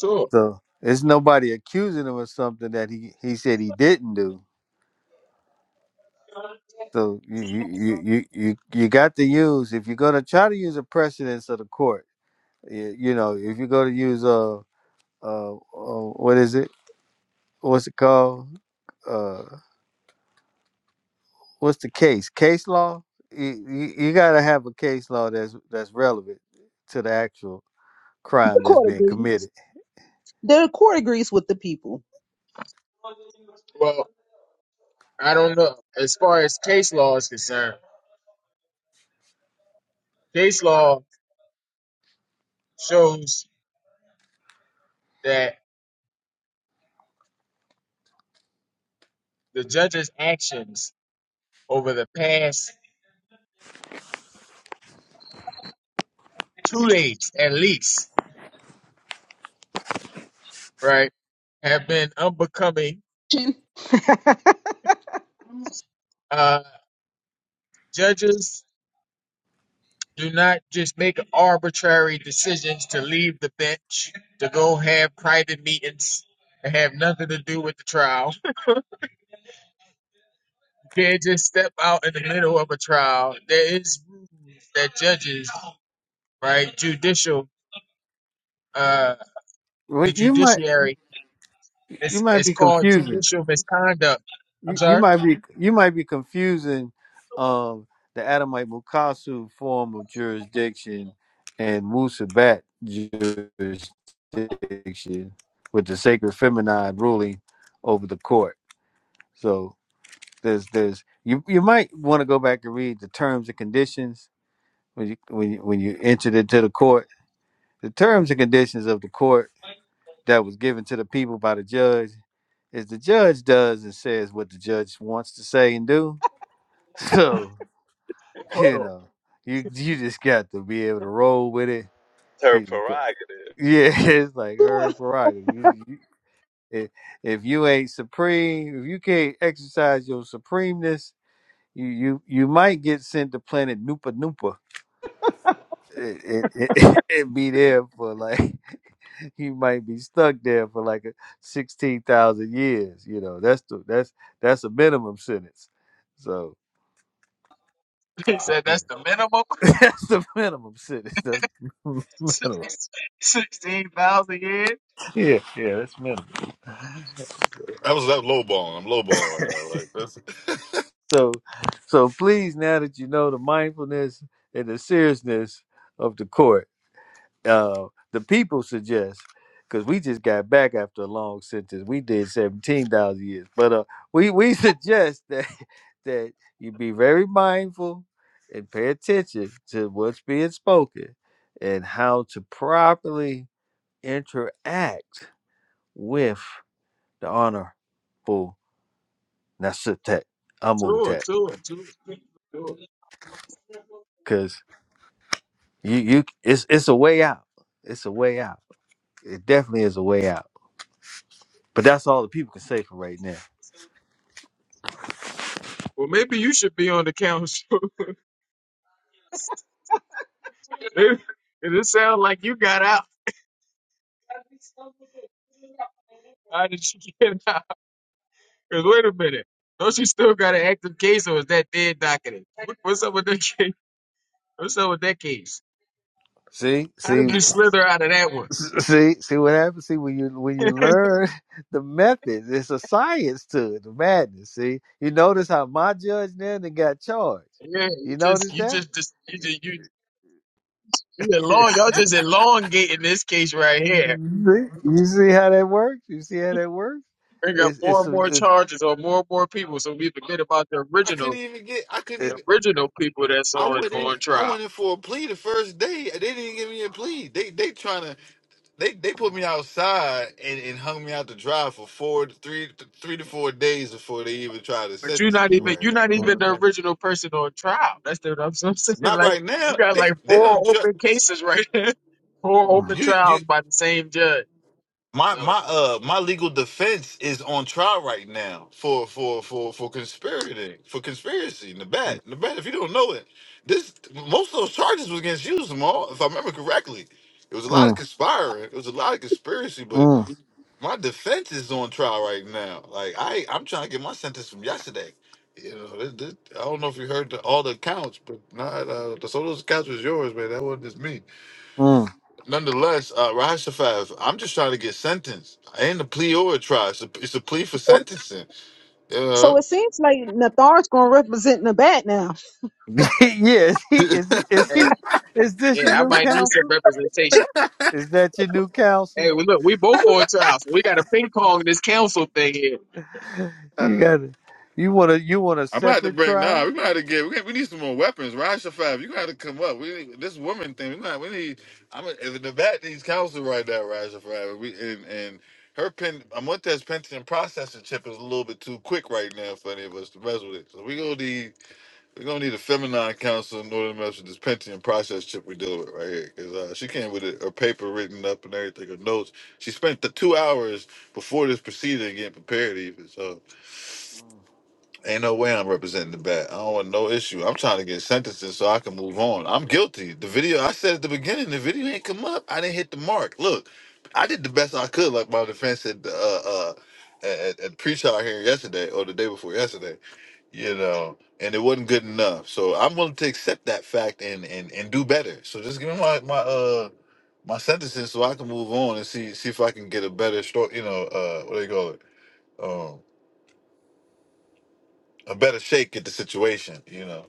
sure. So it's nobody accusing him of something that he he said he didn't do. So you you you you you you got to use if you're gonna try to use a precedence of the court. You, you know if you're gonna use uh, uh, uh what is it? What's it called? Uh, what's the case? Case law. You, you, you gotta have a case law that's that's relevant to the actual The crime that's court being agrees. committed. The court agrees with the people. Well, I don't know. As far as case law is concerned, case law shows that the judge's actions over the past two days, at least, right, have been unbecoming. (laughs) Uh, judges Do not just make arbitrary decisions to leave the bench, to go have private meetings that have nothing to do with the trial. (laughs) You can't just step out in the middle of a trial. There is rules that judges, right, judicial, uh, Well, the you might judiciary, you it's, might it's be called confusing. judicial misconduct. I'm You, you sorry? might be you might be confusing um the Adamite Mukasu form of jurisdiction and Musabat jurisdiction with the sacred feminine ruling over the court. So There's there's you you might want to go back and read the terms and conditions when you when you, when you entered into the court. The terms and conditions of the court that was given to the people by the judge is the judge does and says what the judge wants to say and do. (laughs) So you know you you just got to be able to roll with it. her You- prerogative? yeah, (laughs) it's like her prerogative. You, you, if if you ain't supreme, if you can't exercise your supremeness You you you might get sent to planet Noopa Noopa. It it, it (laughs) it be there for like (laughs) you might be stuck there for like a sixteen thousand years. You know that's the that's that's a minimum sentence. So (laughs) He said yeah. that's the minimum. (laughs) that's the minimum sentence. That's minimum. (laughs) 16,000 years? Yeah, yeah, that's minimum. That was that low balling. I'm low balling right now. Like that's. (laughs) So so please, now that you know the mindfulness and the seriousness of the court. uh the people suggest because we just got back after a long sentence we did 17,000 years but uh we we (laughs) suggest that that you be very mindful and pay attention to what's being spoken and how to properly interact with the honorable Nasutet Sure, Amutet sure, sure, sure. because you you it's it's a way out it's a way out it definitely is a way out but that's all the people can say for right now Well, maybe you should be on the council. it, it sounds like you got out. (laughs) How did she get out? Because (laughs) wait a minute. Don't she still got an active case or is that dead docketed? What, what's up with that (laughs) case? What's up with that case? See, How see, did you slither out of that one? see, see what happens. See when you when you learn (laughs) the methods, it's a science to it. The madness. See, you notice how my judge then and got charged. Yeah, you You just, notice you that? just, (laughs) just you just, you, you See? elong, y'all just elongating this case right here. You see how that works? You see how that works? Bring up It's more it's and a, more it, charges or more and more people so we forget about the I original, couldn't even get. I couldn't it, the even. original people that's I on, went in. on I trial. went in for a plea the first day. They didn't even give me a plea. They they trying to they they put me outside and, and hung me out to dry for four to three three to four days before they even tried to But you're sentence not me (laughs) mm, even right you're not now. even mm, the Mhm. original person on trial. That's the that's what (laughs) I'm saying. Not Like right you now. got They like they don't four try, open cases right there, (laughs) four open you you trials by the same judge. my So my uh my legal defense is on trial right now for for for for conspirating for conspiracy in the bat the bat if you don't know it this most of those charges was against you Zamal if I remember correctly it was a lot of mm, conspiring it was a lot of conspiracy but mm, my defense is on trial right now. Like I, I'm trying to get my sentence from yesterday. You know, this, this, I don't know if you heard the, all the accounts, but not uh, the so those accounts was yours, man. That wasn't just me. mm. Nonetheless, uh, Rashafaz, I'm just trying to get sentenced. I ain't a plea or a trial. It's a, it's a plea for sentencing. So You it seems like Nathar's going to represent Nabat now. (laughs) yeah. Is he is he is hey, he is this your yeah, I new might need some counsel? representation. Is that your new counsel? Hey, well, look, we both on trial, so we got a ping pong this council thing here. (laughs) You know. (laughs) got it. You want to? You want a I'm about to separate bring. trial? Nah, we about to get. We, we need some more weapons. Rasha Five, you got to come up. We need, this woman thing. We not. We need. I'm in in the back needs counsel right now, Rasha Five. We and and her pen. Amonte's Pentium processor chip is a little bit too quick right now for any of us to mess with it. So we gonna need. We gonna need a feminine counsel in order to mess with this Pentium process chip we deal with right here. Cause uh, she came with a, her paper written up and everything, her notes. She spent the two hours before this proceeding getting prepared even. So. Ain't no way I'm representing the bad. I don't want no issue. I'm trying to get sentences so I can move on. I'm guilty. The video I said at the beginning, the video ain't come up. I didn't hit the mark. Look, I did the best I could, like my defense at uh, uh at, at pre-trial hearing yesterday or the day before yesterday. You know, and it wasn't good enough. So I'm willing to accept that fact and and and do better. So just give me my my uh my sentences so I can move on and see see if I can get a better story. You know, uh, what do you call it? Um, a better shake at the situation. You know.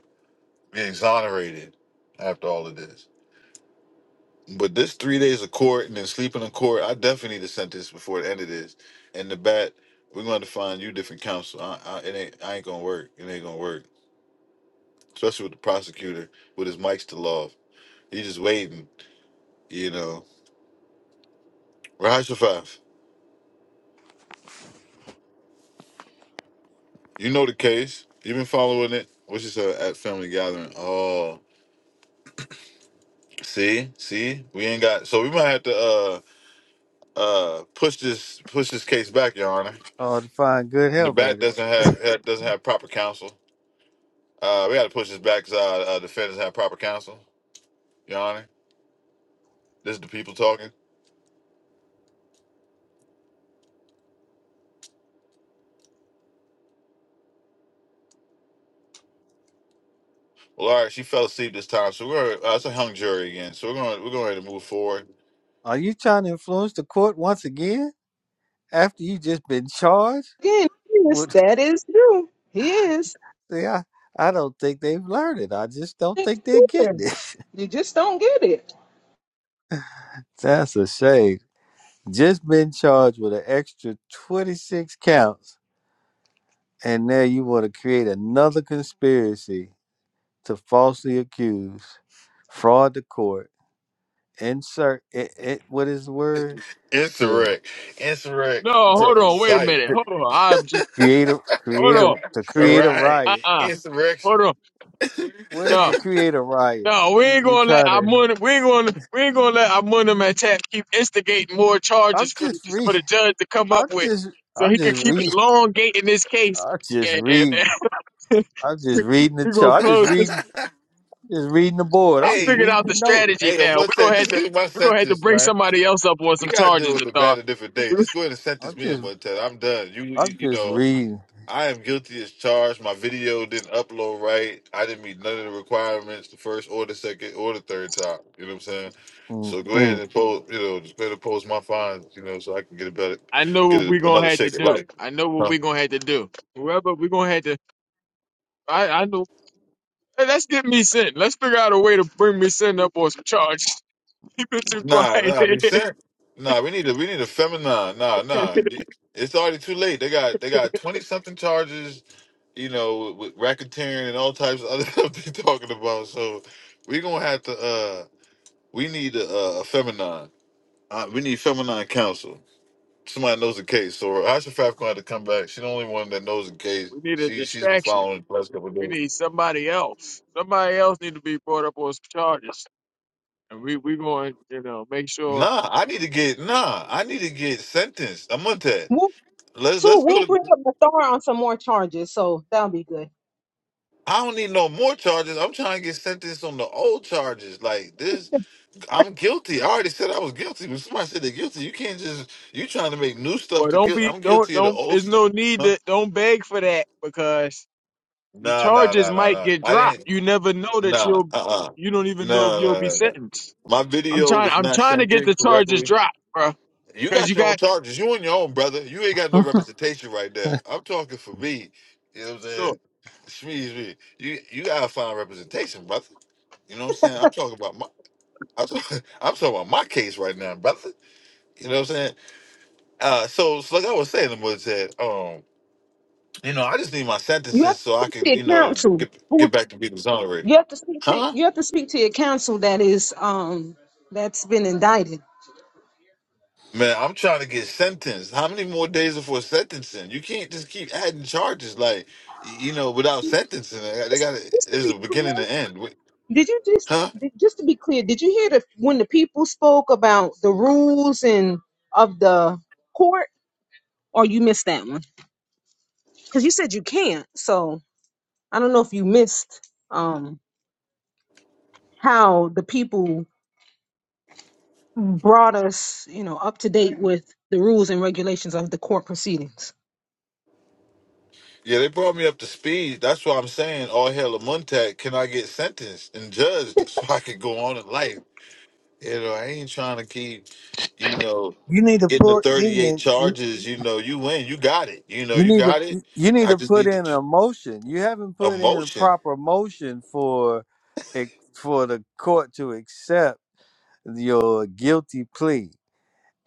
be exonerated after all of this. But this three days of court and then sleeping in court, I definitely need a sentence before the end of this. And the bat, we're going to find you different counsel. I, I, it ain't, I ain't gonna work. It ain't gonna work, especially with the prosecutor with his mic still off. He just waiting, you know. Raj Shafaf, you know the case. you been following it. What's this uh, at family gathering? Oh, see, see, we ain't got. So we might have to uh uh push this push this case back, Your Honor. Oh, to find good The help, back baby. doesn't have ha- doesn't have proper counsel. Uh, we got to push this back because uh, uh, defenders have proper counsel. Your Honor, this is the people talking. Well, all right, she fell asleep this time, so we're uh, it's a hung jury again. So we're going we're going to move forward. Are you trying to influence the court once again after you just been charged? Again, yes, With, that is true. He is. (laughs) see, I, I don't think they've learned it. I just don't think they're getting it. You just don't get it. (laughs) That's a shame. Just been charged with an extra 26 counts, and now you want to create another conspiracy to falsely accuse, fraud the court. insert it, it what is the word to Insurrect, insurrect, No, to, uh, hold on, wait a incite. minute, to hold on, I'm just create a hold create a on, to All create a right, uh, riot uh hold insurrection. on, what is no. to create a riot No, we you, ain't you gonna let try our to money. We ain't gonna. We ain't gonna let our money man tap keep instigating more i'm charges for the, just re for the judge to come up i'm with, just so i'm he could just keep re elongating this (laughs) case. i'm just And, and, reading and i'm just reading (laughs) the we're gonna chart i'm (laughs) just close this. reading just reading the board I i'm just hey, figured reading out the the notice strategy hey, I'm now. one We're said, gonna have just to. give me my We're gonna have to sentence, bring man. somebody else up on You some gotta do charges, with the Nathar. bad a different (laughs) day. Just go ahead and sentence i'm me in just one time. I'm done. You, you, i'm you just know. reading I am guilty as charged. My video didn't upload right. I didn't meet none of the requirements the first or the second or the third time. You know what I'm saying? Mm, So go ahead mm. and post, you know, just go ahead and post my fines, you know, so I can get a better, I know get what a, we're gonna another have to shake of do. life. I know what Huh? we're gonna have to do. Whoever we're gonna have to. I, I know. Hey, let's get me sent. Let's figure out a way to bring me sent up on some charges. (laughs) Keep it too Nah, nah, I quiet. mean, (laughs) sir, nah, we need to, we need a feminine. Nah, nah, it's already too late. They got, they got twenty something charges, you know, with racketeering and all types of other (laughs) stuff they are talking about. So we gonna have to, uh, we need a, a feminine. Uh, we need feminine counsel. Somebody knows the case. So Aisha Faf gonna have to come back. She's the only one that knows the case. We need a She she's been distraction. following it the last couple of We days. need somebody else. Somebody else need to be brought up on some charges, and we we going to you know make sure. Nah, I need to get nah, I need to get sentenced. I'm on that. We'll, Let's so let's go we'll bring to up Nathar on some more charges, so that'll be good. I don't need no more charges. I'm trying to get sentenced on the old charges. Like this I'm guilty. I already said I was guilty. When somebody said they're guilty, you can't just you trying to make new stuff Well, to don't guilt. be I'm don't guilty of the don't. old There's stuff. no need Huh? to don't beg for that because Nah, nah, charges nah, nah, might nah. get I dropped. didn't You never know that nah, you'll uh uh. you don't even know if No, you'll no, be no, no. sentenced. My I'm video trying was I'm not trying to sent get in the charges correctly. dropped, bro. You Because got you your got own charges. You on your own, brother. You ain't got no (laughs) representation right there. I'm talking for me. You know what I'm saying? so, Shmee's me. You you gotta find representation, brother. You know what I'm saying? I'm talking about my I'm talking, (laughs) I'm talking about my case right now, brother. You know what I'm saying? Uh so, so like I was saying, the was that um, you know, I just need my You have sentences to so I speak to can, your you know, counsel. get get who- back to being exonerated. You have to speak to, Huh? you have to speak to your counsel that is um that's been indicted. Man, I'm trying to get sentenced. How many more days before sentencing? You can't just keep adding charges like y- you know without sentencing. They got Just to to There's be a clear. beginning and end, Wait, Did you just huh? did- just to be clear? Did you hear the when the people spoke about the rules and of the court, or you missed that one? Because you said you can't, so I don't know if you missed um, how the people brought us, you know, up to date with the rules and regulations of the court proceedings. Yeah, they brought me up to speed. That's why I'm saying, all hell a Montag, can I get sentenced and judged (laughs) so I can go on in life? You know, I ain't trying to keep, you know, You need to getting the pull 38 even. charges. You know, you win, you got it. You know, You you need to got it. you need I to just put need the in ch- a motion. You haven't put in a emotion. proper motion for ex- for the court to accept your guilty plea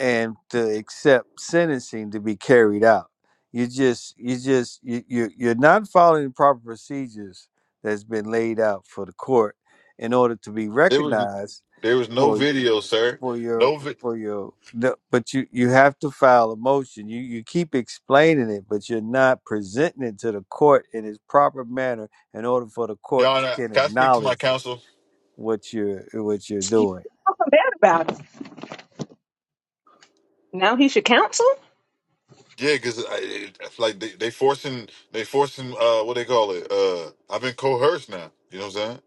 and to accept sentencing to be carried out. You just you just you, you you're not following the proper procedures that's been laid out for the court in order to be There was recognized there was no video, sir. for your No. vi- for your no, but you you have to file a motion you you keep explaining it but you're not presenting it to the court in its proper manner in order for the Your court to Honor, can can I speak to my acknowledge counsel? what you're what you're You doing talking bad about it. Now he's your counsel. Yeah, because like they, they forcing they forcing uh what they call it uh I've been coerced now. You know what I'm saying?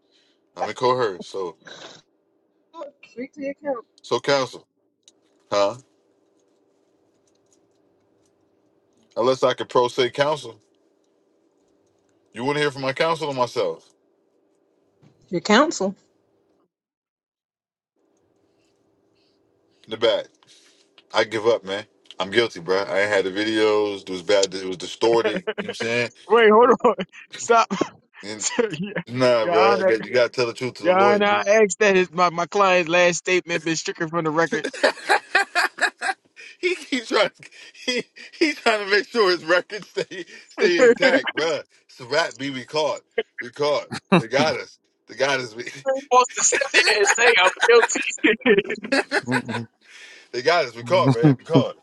I've been coerced. So Speak to your counsel. so counsel, huh? Unless I could pro se counsel, you wouldn't hear from my counsel or myself. Your counsel. In the back, I give up, man. I'm guilty, bro. I ain't had the videos. It was bad. It was distorted. You know what I'm saying? wait hold on (laughs) stop. And, (laughs) yeah, nah, Your bro. I Honor, got, you gotta tell the truth to the Your Honor, I lawyer. asked that his, my, my client's last statement been stricken from the record. he keeps trying. He he's trying to make sure his records stay stay (laughs) intact, bruh. It's a rap. B, we caught. We caught. They got us. They got us. (laughs) We, supposed to sit there and say I'm guilty. (laughs) Mm, they got us. We caught, man. mm. We (laughs) caught.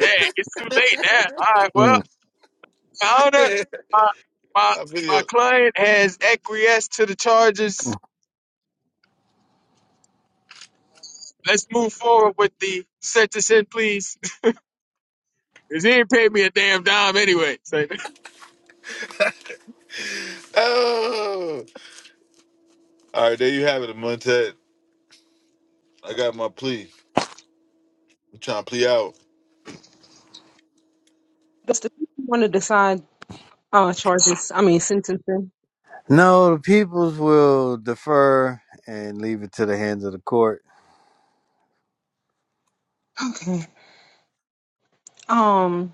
Dang, it's too late now. All right, well, Mm, Your (laughs) Honor, Our my my my video. client has acquiesced to the charges. mm. Let's move forward with the sentencing, please. (laughs) Cause he ain't paid me a damn dime anyway. So, Oh. All right, there you have it, Montet. I got my plea. I'm trying to plea out. Does the people want to decide uh, charges? I mean sentencing. no the peoples will defer and leave it to the hands of the court Okay. Um.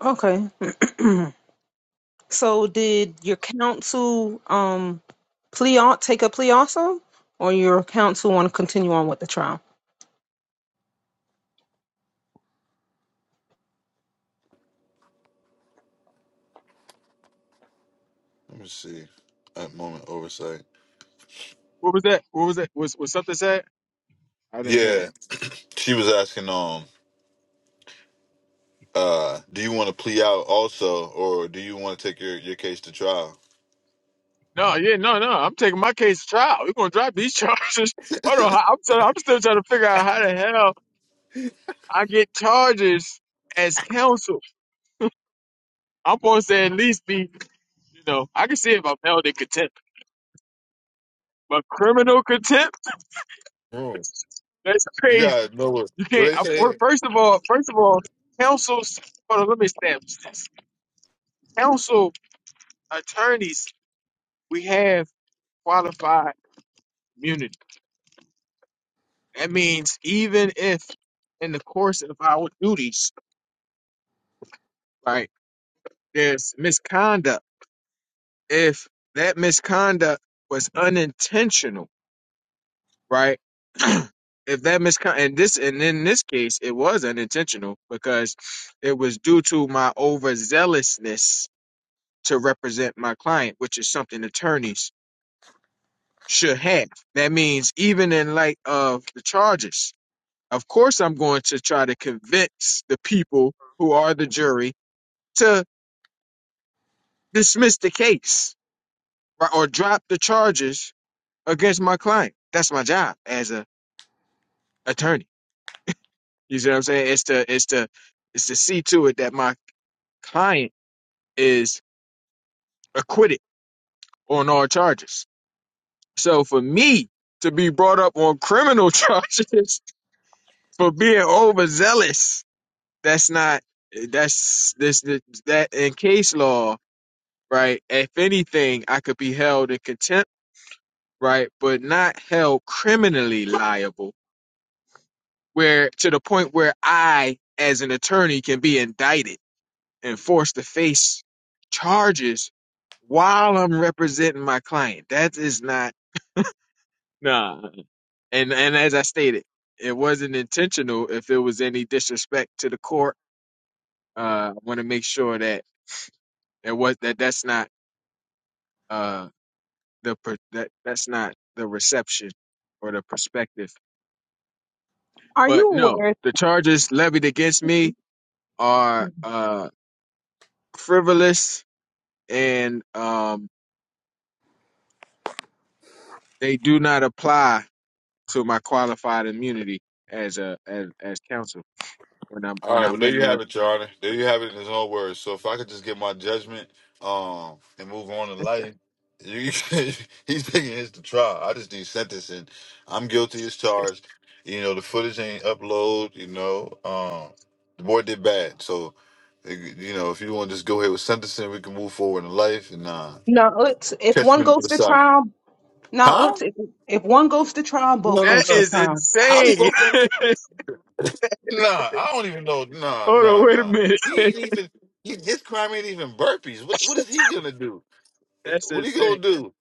Okay. (clears throat) So did your counsel um plea al- take a plea also? Or your counsel want to continue on with the trial? Let me see. At moment oversight. (laughs) what was that? What was that? Was was something said? I didn't hear Yeah, that. she was asking. Um, uh, do you want to plea out also, or do you want to take your your case to trial? No, yeah, no, no. I'm taking my case to trial. We're gonna drop these (laughs) charges. Hold on, I- I'm trying, I'm still trying to figure out how the hell I get charges as counsel. I'm supposed to at least be You know, I can see about felony contempt, but criminal contempt? That's You crazy. gotta know what, You what can't. they I- fir- say. First of all, first of all, counsels. Hold on, let me establish this. Counsel attorneys, we have qualified immunity. That means even if, in the course of our duties, right, there's misconduct. If that misconduct was unintentional right? (clears throat) if that miscon and this and in this case it was unintentional because it was due to my overzealousness to represent my client, which is something attorneys should have. That means even in light of the charges, of course I'm going to try to convince the people who are the jury to dismiss the case right, or drop the charges against my client. That's my job as a attorney You see what I'm saying? It's to it's to it's to see to it that my client is acquitted on all charges. So for me to be brought up on criminal (laughs) charges for being overzealous, that's not that's this, this that in case law, right? If anything, I could be held in contempt, right? But not held criminally liable, where to the point where I, as an attorney, can be indicted and forced to face charges while I'm representing my client. That is not nah. And and as I stated, it wasn't intentional. If it was any disrespect to the court, uh, I want to make sure that it was that that's not uh the per, that that's not the reception or the perspective. Are But you no, aware? the charges levied against me are uh frivolous and um they do not apply to my qualified immunity as a as as counsel when I'm All when right, well I'm there in you the have it, Your Honor. There you have it in his own words. So if I could just get my judgment, um, and move on in life, you, (laughs) he's taking his to trial. I just need sentencing. I'm guilty as charged. You know the footage ain't upload. You know, um, the boy did bad. So eh, you know if you want to just go ahead with sentencing, we can move forward in life and uh, No, it's if catch one me on the goes other to side, trial, no, huh? it's if, if one goes to trial, No, both no, that goes to no. is trial. How we insane. both on (laughs) Nah, I don't even know. Nah, Hold nah, on, wait a nah. minute. He (laughs) ain't even. He, his crime ain't even burpees. What What is he gonna do? Eh, That's What he insane. gonna do?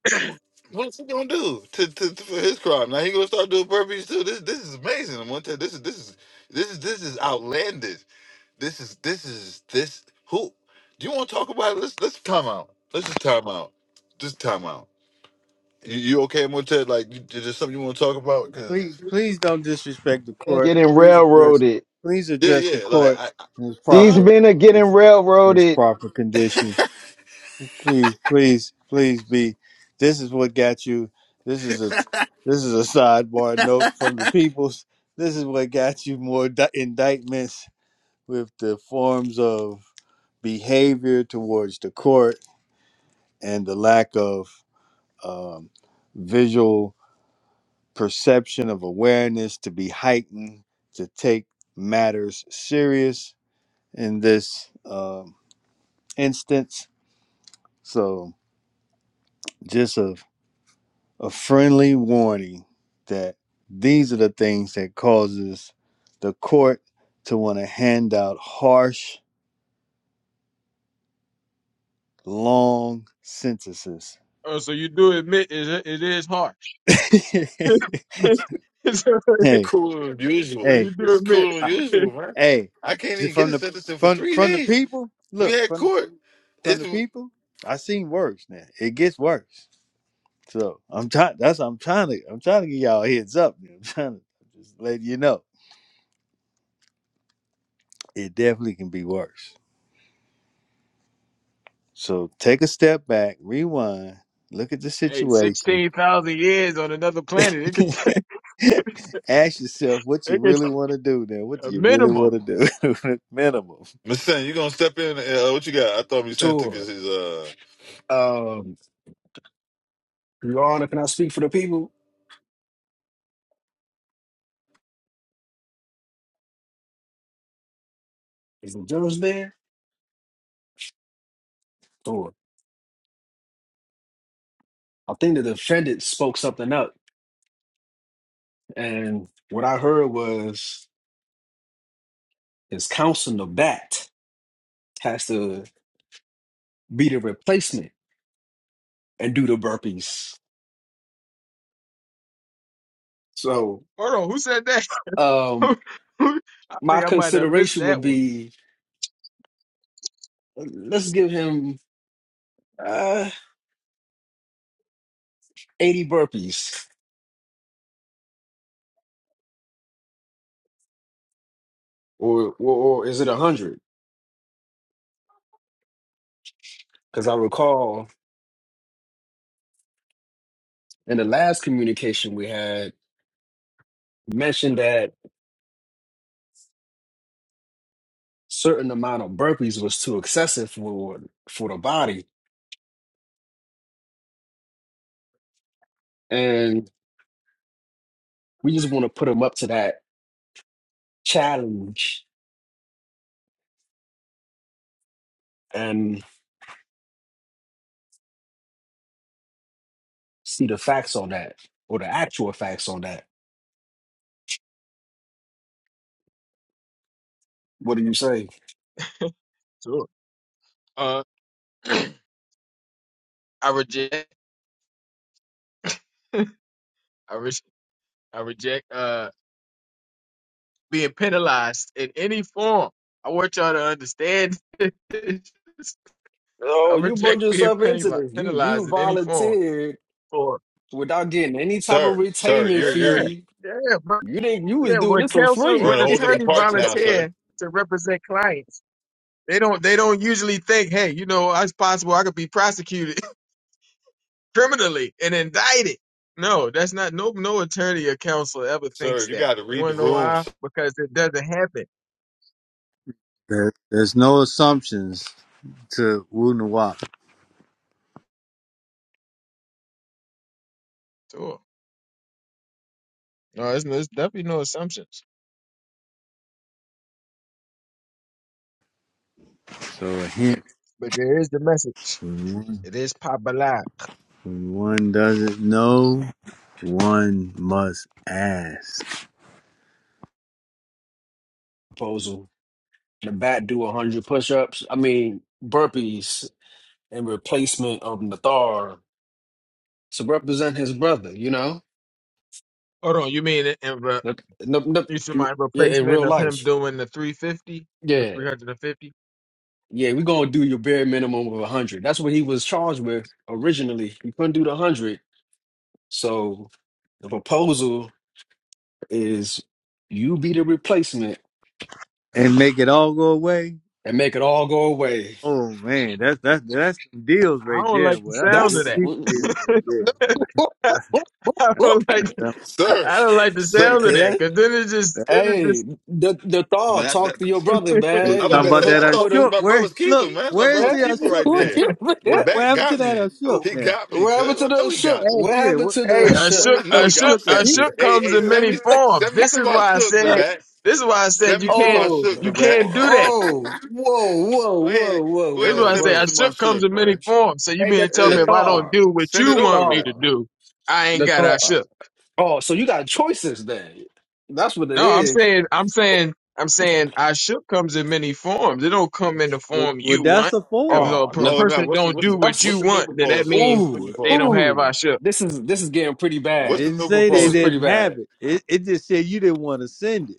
What's he gonna do to, to, to- for his crime? Now he gonna start doing burpees too. This This is amazing. I'm gonna tell you, this is this is this is this is outlandish. This is this is this. Who do you want to talk about? It? Let's Let's time out. Let's just time out. Just time out. You, you okay, Motet? Like, you, is there something you want to talk about? Cause please please don't disrespect the Men court Getting please address railroaded. please yeah, address the yeah. Like, court I, I- in its These huh? proper men are getting in its railroaded. proper condition please, please, please be. This is what got you. This is a this is a sidebar note from the peoples. This is what got you more di- indictments with the forms of behavior towards the court and the lack of um, visual perception of awareness to be heightened to take matters serious in this um, instance. So just a a friendly warning that these are the things that causes the court to want to hand out harsh long sentences Oh, so you do admit it, it is harsh. (laughs) (laughs) so hey hey cooler than usual. you This do is admit, cooler than I- (laughs) usual, man. hey I can't just even get from a the sentence in for from three from the days. people We look had from the, court. from the It's people i seen worse now it gets worse so i'm trying that's i'm trying to i'm trying to get y'all a heads up i'm trying to just let you know it definitely can be worse So take a step back, rewind, look at the hey, situation, sixteen thousand years on another planet, it (laughs) could, ask yourself (laughs) what you it could really want to do now. What do a you really minimum. want to do? (laughs) Minimum. Miss Sen, you gonna step in? Uh, what you got? I thought Miss Sen took his, Tour. his uh, Um, Your Honor, can I speak for the people? Is the judge there? Tour. I think the defendant spoke something up, and what I heard was his counsel, the bat, has to be the replacement and do the burpees. So, Hold on, who said that? (laughs) um, I my think I might have missed consideration would that one. be let's give him uh, 80 burpees, or, or, or is it 100? Because I recall in the last communication we had, mentioned that. certain amount of burpees was too excessive for for the body, and we just want to put them up to that challenge and see the facts on that or the actual facts on that. What do you say? Sure. Uh, (clears throat) I reject. (laughs) I reject. I reject uh being penalized in any form. I want y'all to understand. (laughs) I Oh, you reject brought being yourself into penali- this. You you penalized in any form. volunteered For without getting any type of sir, sir. retainment You're yeah, you're fee. yeah, but You didn't. You was yeah. doing When this for counsel, we're free. in when (laughs) a whole different attorneys parts now, sir. volunteer to represent clients, they don't they don't usually think, hey, you know, it's possible I could be prosecuted (laughs) criminally and indicted. No, that's not no no attorney or counsel ever Sir, thinks you that. got to You read want the to know why? rooms, Because it doesn't happen. There, there's no assumptions to Wu Nawap. Sure. No, it's, it's definitely no assumptions, So a hint but there is the message. when one, It is pop alive. when one doesn't know, one must ask Proposal: the bat do hundred push-ups. I mean burpees in replacement of Nathar to represent his brother. You know. Hold on, you mean in re, No, no, no, you see my yeah, in replacement real of him life. doing the 350, the Yeah. 350? Yeah, we're gonna do your bare minimum of a hundred. That's what he was charged with originally. He couldn't do the hundred. So the proposal is you be the replacement and make it all go away. and make it all go away. Oh man, that's that's that's some deals right I don't there. like the Well, that's a sound good of That's that. people deal right there. (laughs) (laughs) I don't like, That's, sir, I don't like the sir. sound of that Yeah. because then it that's, just, then it Hey, just, the the thaw, Man, that, talk to your brother, what He's I'm man. You about talking to better about say? that I hook up thought with we was him. Ashok. my Where brother's keeper, look, man. That's my where's Eh? brother's the keeper (laughs) Ashok right now? there. The Where, what back happened to got that me. Ashok He now? got me, What cuz happened I to know the he shook? got me. hey, What Yeah, happened to hey, the a wh- (laughs) shook? (laughs) shook, I where's the know a he got shook, Ashok a upset. at He. shook there? (laughs) Hey, comes hey, in send many me, forms. send me This is some of why I shook the (laughs) said, back. this is why I said Send you me some can't, of Oh, shook you the back. can't do that. oh, (laughs) whoa, whoa, go ahead, whoa, whoa, go That's ahead and whoa, why I send say me I whoa. some somebody shook comes in shook, many man. forms. So you Hey, mean to the tell me Hey, if I don't Nathar, do what send you it want over me there. to Nathar, do, I ain't got I Nathar. shook. Oh, so you got choices then. That's what it No, I'm is. saying I'm saying I'm saying I shook comes in many forms. It don't come in the Well, form well, you that's want. the If form. a Oh, per- no, Oh no, person what's the don't what's do the what you what's that's the new want, then that proposal? means What's the new ooh, they don't proposal? have I ooh. shook. This is this is getting pretty It What's bad. the didn't new say This they is proposal? pretty didn't have bad. it. It, it just said you didn't want to send it.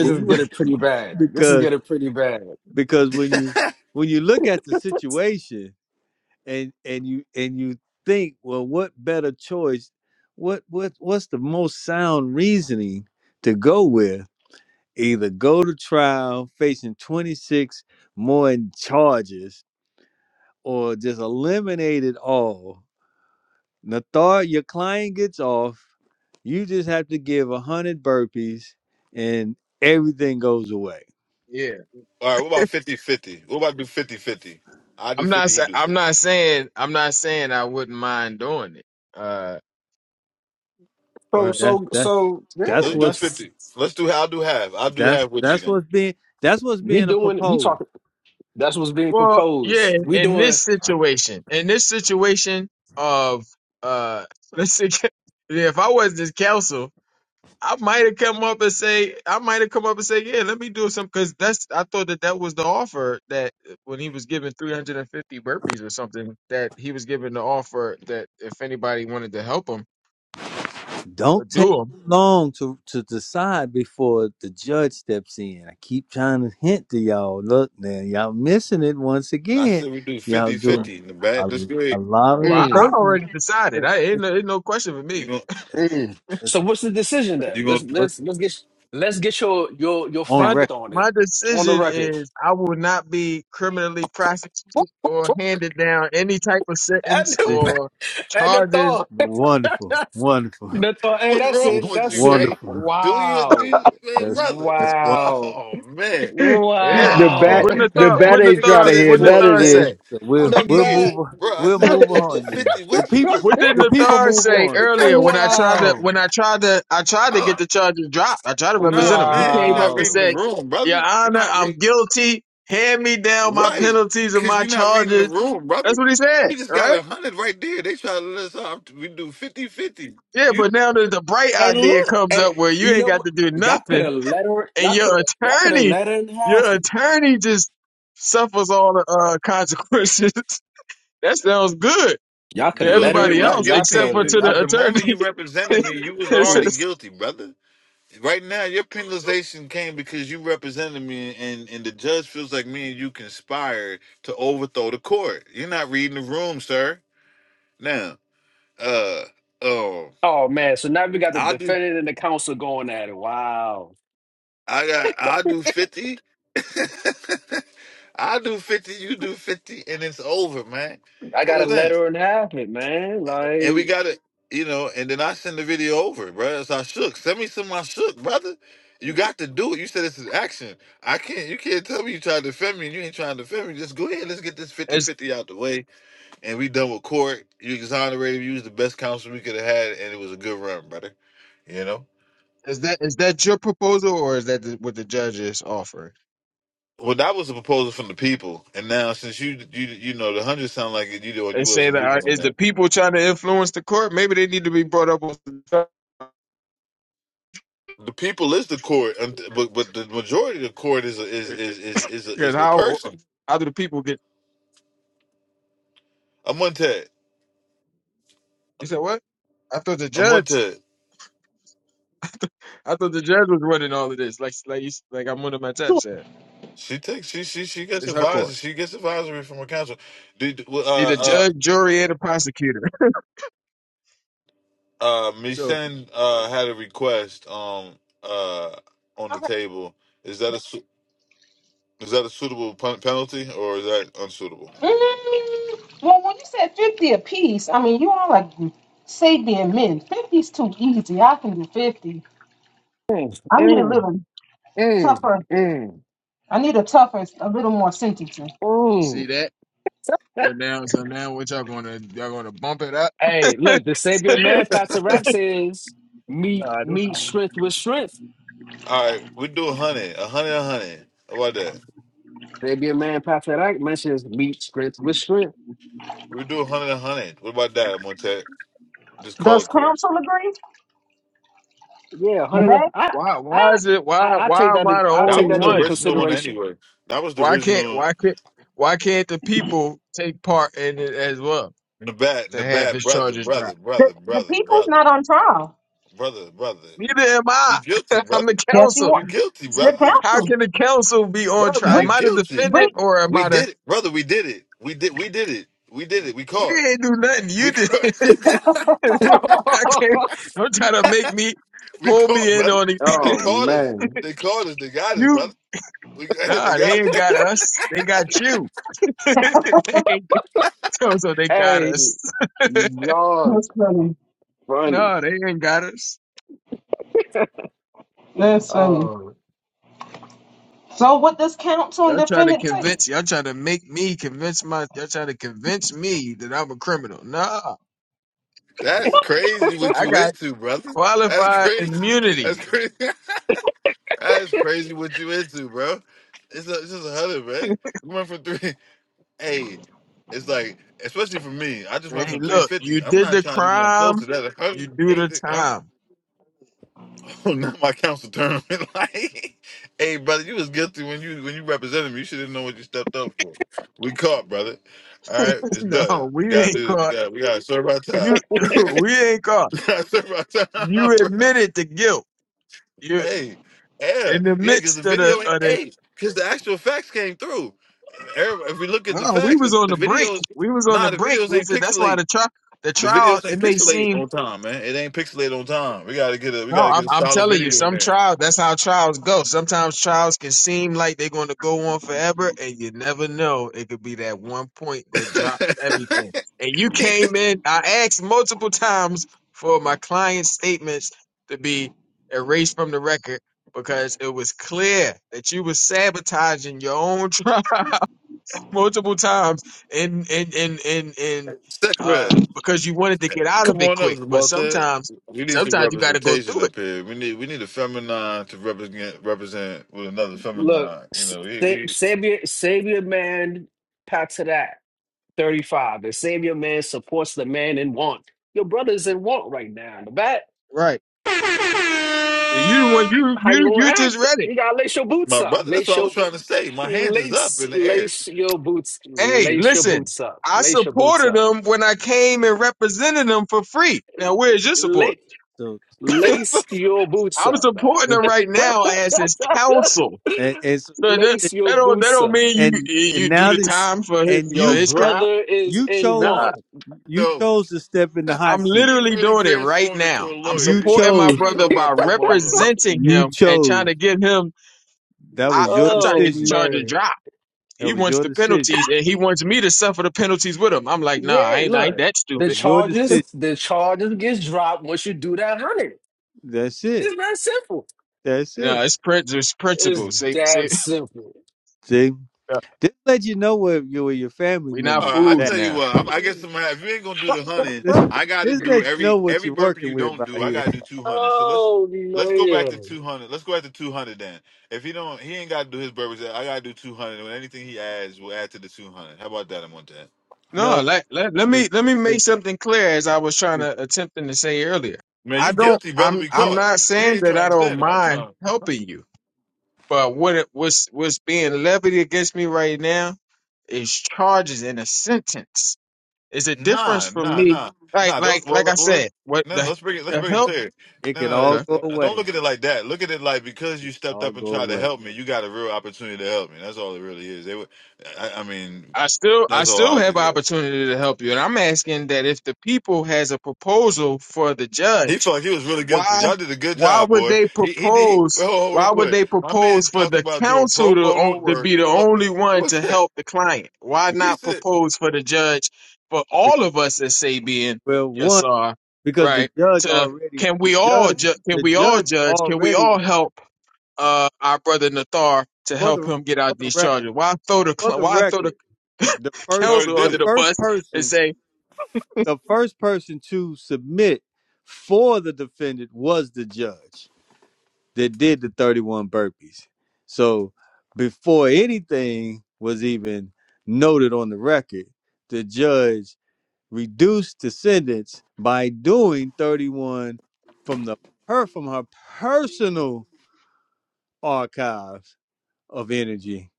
Wh- is you getting pretty (laughs) bad. This is because getting pretty bad. because when you when you look at the (laughs) situation and and you and you think, well, what better choice? What what what's the most sound reasoning to go with? either go to trial facing 26 more charges or just eliminate it all. Nathar, your client gets off. You just have to give 100 burpees and everything goes away. Yeah. All right, what about fifty-fifty? What about do fifty-fifty? I do I'm not fifty, he sa- do I'm fifty. not saying I'm not saying I wouldn't mind doing it. Uh so Well, that's so that's so that's yeah, Let's do what's that's fifty. Let's do I'll do half. I'll do that's half with you that's then. what's being that's what's we being a doing we proposed. talking that's what's being Well, yeah, proposed. in We in doing this situation, in this situation of uh (laughs) let's say yeah, if I was this counsel, I might have come up and say I might have come up and say, "Yeah, let me do some cuz that's I thought that that was the offer that when he was given 350 burpees or something that he was given the offer that if anybody wanted to help him or Don't do take them. long to, to decide before the judge steps in. I keep trying to hint to y'all. Look, now y'all missing it once And I again. said we do Y'all Mm, So, doing fifty-fifty in the a, back. That's a great. lot of well, I, mm, I debating. already decided. It- I ain't it- no, ain't no question for You me. gonna mm. It's So what's the decision you then? Let's gonna what's let's let's get let's get your your your on my de- fact record. on it my on the decision record. is I will not be criminally Fuck, prosecuted fuck, or fuck. (laughs) handed down any type of sentence And It- the, or and the charges. thought, Wonderful, wonderful, (laughs) (laughs) the thought. (laughs) Hey, What's that's wrong it. w- with That's you, man? it. wonderful. Do your Wow, do, man, That's brother. that's wonderful. wow, Oh man. (laughs) the Yeah. Yeah, Oh, bat wow. Wouldn't the (laughs) the thought bat wouldn't how ain't we the get trying to thought to this hear wouldn't the none point, of thought this man? say? yeah, How we'll we get we'll here, move the on- bro? I we'll said I bad. was move gonna do on then. fifty The with you, people brother. What didn't the (laughs) the (laughs) people thought move say on. earlier when I tried to wow, when I tried to I tried to get oh, the charges dropped. I tried to nah, represent him. He man, you're came up not and wow. reading the said, room, Your brother. You're Honor, not I'm reading guilty. Hand me down my right, penalties and cause my you're not reading the charges. room, That's brother. what he said, We just got right? a hundred right there. They try to let us off. We do fifty-fifty. Yeah, You but now there's a bright Hey, idea look, comes hey, up where you you ain't know got what? to do Y'all could nothing have let her. and Y'all could your have. Y'all could have attorney, let her in your half. attorney just suffers all the uh, consequences. (laughs) that sounds good Y'all could to have look, let her. you everybody was Y'all. else Y'all could guilty except for have. the, to the, Y'all. the the moment attorney. you represented me. You (laughs) was coulda- it's already Ooh. just, guilty, brother. Right now, your So penalization came because you represented me, and and the judge feels like me and you conspired to overthrow the court. You're not reading the room, sir. Now, uh, oh, Oh man, so now we got the I do. defendant and the counsel going at it. Wow. I got. I do fifty. (laughs) I do fifty. You do fifty, and it's over, man. I You know got a what I'm saying? letter and half it, man. And Like, we got to, you know, and then I send the video over, bro. That's I shook. Send me some of my shook, brother. You got to do it. You said this is action. I can't, you can't tell me you tried to defend me and you ain't trying to defend me. Just go ahead. Let's get this is fifty-fifty out the way. And we done with court. You exonerated. You was the best counsel we could have had. And it was a good run, brother. You know? is that is that your proposal or is that the, what the judge is offering? Well, that was a proposal from the people. And now, since you, you, you know, the 100 sound like you know, they you say wasn't that uh, moving on is the that people trying to influence the court? Maybe they need to be brought up with the people is the court, and- but but the majority of the court is a, is is is is a, because is the how person. how do the people get? I'm on that. You said what? I thought the I'm on judge. that. I thought the judge was running all of this. Like like you, s- like I'm one of my taps said. She takes she she she gets It's her court. advisory. She gets advisory from her counsel. Did uh Be the uh judge, jury, and the prosecutor. (laughs) uh So Misen uh had a request um uh on the table. Is that a su- is that a suitable pen- penalty or is that unsuitable? Mm, well, when you said 50 apiece, I mean, you all like saving men. Fifty's too easy. I can do 50. mm, I need a mm, little mm, tougher. mm, I need a tougher, a little more sentencing. see mm. that? So (laughs) now, so now, what y'all gonna y'all gonna bump it up? hey, (laughs) Nah, look, the Sabian man, Patrick Rack says, meet, this is meet strength with strength. All right, we do a hundred, a hundred, a hundred. How about that? Sabian man, Patrick Rack mentions meet strength with strength. We do a hundred, a hundred. What about that, Montet? Just call Does it quits. counsel agree? Yeah, The, hundred. ma- I, why. Why I, is it? I, Why? I Why take am that. I the I That only take was that the into one? original one consideration. anyway. That was the Why can't? original Why can't? Why can't the people take part in it as well Nabat, to have Nabat, his brother, charges brother, dropped? the, brother, the brother, people's brother. not on trial. brother, brother. Neither am You I. guilty, (laughs) I'm the brother. Yes, you counsel. You want guilty, the brother. How counsel. can the counsel be on Brother, trial? you Bring, Am I the guilty. bring. defendant or am We I the? did it, brother. We did it. We did. We did it. We did it. We We caught. ain't do nothing. You We did. (laughs) caught. (laughs) I (laughs) can't. Don't try to make me we pull caught, me in brother. on it. They oh caught us. man, They caught us. They got us, You brother. We, (laughs) they nah, they got. ain't us. got us. They got you. (laughs) they ain't, so, so they got hey, us. y'all That's funny. (laughs) funny. no, they ain't got us. That's funny. Oh, So, what does counsel and Y'all trying to defendant say? convince y'all trying to make me convince my y'all trying to convince me that I'm a criminal. Nah, That's (laughs) crazy. What I you got into, brother? That's qualified crazy. immunity. That's crazy. (laughs) That's crazy. What you into, bro? It's, a, it's just a hundred, man. We went from three. hey, it's like, especially for me, I just went Hey, from look, you 350. I'm did not the trying to do nothing close to crime, that. Like, Huh? you do the Anything- huh? time. (laughs) Oh, not my council tournament. (laughs) like, hey, brother, you was guilty when you when you represented me. You should have known what you stepped up for. We caught, brother. All right, (laughs) it's no, done. we We gotta ain't do this. We caught. got we gotta serve our You time. (laughs) (laughs) (clears throat) we we ain't caught. gotta serve our time, You (laughs) bro. admitted the guilt. You Hey, yeah, in the yeah, because the midst of the video, ain't- of the hey, because the actual facts came through. Everybody- If we look at the No, we facts, the, was on the the brink. videos, We was on nah, the the brink. videos ain't Listen, that's why pixelated the trial, the The trial, videos ain't it may pixelated seem. on time, man. It ain't pixelated on time. We gotta get a we No, gotta I'm, get a I'm solid telling you, video in some there. trials. That's how trials go. Sometimes trials can seem like they're going to go on forever, and you never know. It could be that one point that drops (laughs) everything. And you Eat that came in. I asked multiple times for my client's statements to be erased from the record because it was clear that you were sabotaging your own (laughs) trial multiple times and and and and and Sick bread. uh because you wanted to get out Come of it on up, quick but Walter. sometimes We need some sometimes you got to go representation through it up here. We need we need a feminine to represent represent with another look, feminine. You S- know, we, Sa- we Savior, Savior man, pat to that thirty-five. The Savior man supports the man in want. Your brother's in want right now. In the back, Right. you the one you how you you gonna you just act? read it You gotta lace your boots my up. brother. That's Lace what I was your trying to say. My hands is up Lace, in the air. lace your boots, hey lace your listen boots up, i lace your boots supported up, them when i came and represented them for free now where's your support lace, So (laughs) lace your boots i'm up, man. supporting them right now as his counsel (laughs) and and, so- so that lace your that don't that boots don't up. mean you and and you do now the that time for his and for Your you his step crime brother is you in Nah. chose want. you no, chose to step in the hot I'm (laughs) seat he literally really doing it right transformed into now. a I'm lawyer. you He, supporting my he chose brother told (laughs) our by promoter. representing you him and trying chose to get him. that I, was your I'm trying to oh get the decision Charger man, dropped. that He was wants your the decision penalties, and he wants me to suffer the penalties with him. I'm like, nah, I yeah. ain't, I ain't Look, that that the was stupid. your charges, decision the charges gets dropped once you do that hundred. that's it It's that simple. that's No, it it's prin- it's It's principle. Say, say, that simple. see (laughs) this let you know where you where your family we not members is Uh, I fools at tell you now. what, I, I guess I'm- if you ain't gonna do the (laughs) hunting, this, (laughs) I got to this do let you know every what every you're burpee working you with don't out do. I here got to do two hundred. So let's oh let's go back to man. two hundred. Let's go back to two hundred then. If he don't, he ain't got to do his burpees. I got to do two hundred. And anything he adds, will add to the two hundred. How about that? I'm on that. (laughs) No, no let, let let 'cause- me let me 'cause make something clear as I was trying it, to attempting to say earlier. Man, I you don't. guilty, brother. I'm We I'm caught. not You saying ain't that trying I to don't stand it. I'm mind trying. helping you. But what it was what's being levied against me right now is charges and a sentence. It's a difference Nah, for nah, me. nah, Like nah. like Don't well, like I let- well let's, said, what no, no, the let's bring it. Let's the bring it help clear. it can No, all okay. go no, no, don't away look at it like that. Look at it like because you stepped all up and go tried to away help me, you got a real opportunity to help me. That's all it really is. They were, I, I mean, I still I that's all still I have took an it at. opportunity to help you. And I'm asking that if the people has a proposal for the He judge felt like he was really guilty. why Y'all did a good why job, would boy. they He he did. He, propose whoa, whoa, whoa, real why would quick, they my propose man for talked the about doing pro counsel to, bono o- to work. be the Hello, only one what's to that? help the client why He not said, propose for the judge for all of us as sabian well yes one sir because the right judge to already can the we all judge ju- can the we all judge judge can we already all help uh our brother nathar to for help the him get for out the these record charges why throw the for cl- the why throw the record (laughs) the "No, first already counsel did the under it." the first bus and person say the first person to submit for the defendant was the judge that did the 31 burpees so before anything was even noted on the record the judge reduced the sentence by doing 31 from the her from her personal archives of energy,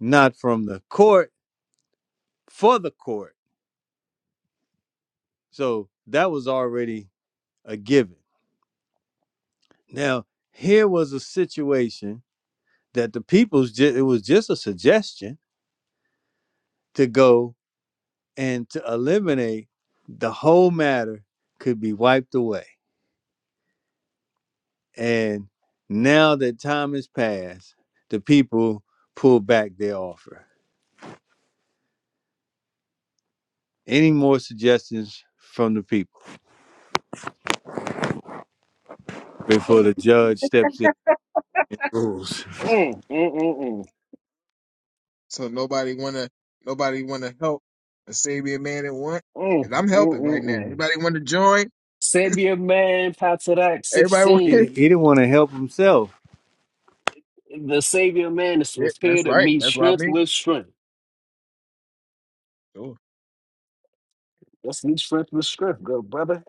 not from the court for the court. So that was already a given. Now, here was a situation that the people's ju- it was just a suggestion to go and to eliminate the whole matter could be wiped away. And now that time has passed, the people pull back their offer. Any more suggestions from the people One before from the- the judge steps in and rules? Mm, mm, mm, mm, So nobody wanna nobody wanna help a Sabian man at once. mm, And I'm mm, helping right mm, now. mm. Anybody wanna join? Savior man, Patarak Everybody want He didn't, 16. he didn't want to help himself. The Savior man (laughs) is yeah, that's prepared to right. meet That's what I strength mean. with strength. Sure. Let's meet strength with strength, good brother.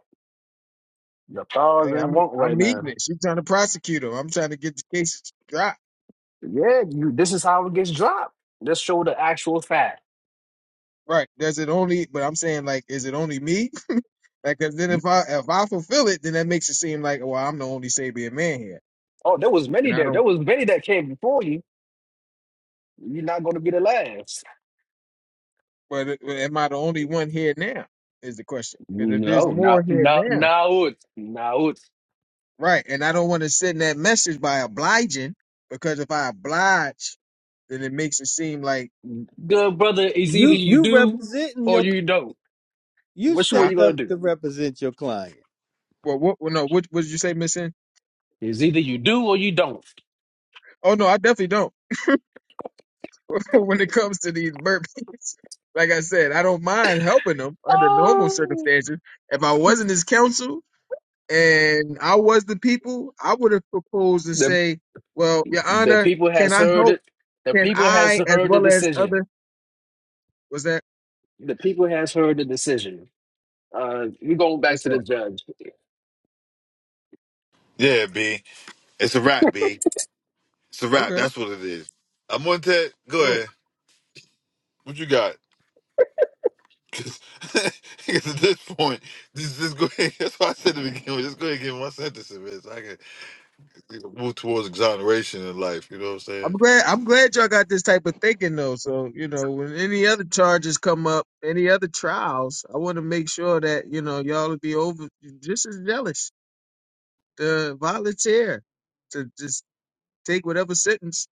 Your thoughts Hey, and I'm want I'm right meeting now. it. She's trying to prosecute him. I'm trying to get the case dropped. Yeah, you, this is how it gets dropped. Let's show the actual fact. Right. Does it only but I'm saying like is it only me? Like 'cause then if I if I fulfill it, then that makes it seem like well I'm the only Sabian man here. Oh, there was And many I there. don't There was many that came before you. You're not going to be the last. but am I the only one here now? Is the question. Because if there's No, more now, here now, now. now it, now it. Right. And I don't want to send that message by obliging because if I oblige, then it makes it seem like, Good brother, it's either You you you do representing or your you don't. you Which one ah, you stepped gonna up do? to represent your client, well, what, well, no, what, what did you say, Miss N? It's either you do or you don't. Oh, no, I definitely don't. (laughs) when it comes to these burpees, (laughs) like I said, I don't mind helping them under normal Oh, circumstances. If I wasn't his counsel and I was the people, I would have proposed and the say, well, Your the Honor, people can has I heard help? it. The Can people has I, as heard the well as decision. other, What's that, The people has heard the decision. Uh, we going back what's to the that? judge. Yeah, B. It's a wrap, B. It's a wrap. Okay, That's what it is. I'm on Ted. Go sure. ahead. What you got? Because (laughs) at this point, just, just go ahead. (laughs) That's why I said to begin with, just go ahead and get one sentence in man, so I can you know, move towards exoneration in life. You know what I'm I'm saying? glad I'm glad y'all got this type of thinking though. So, you know, when any other charges come up, any other trials, I want to make sure that, you know, y'all will be over just as jealous to volunteer to just take whatever sentence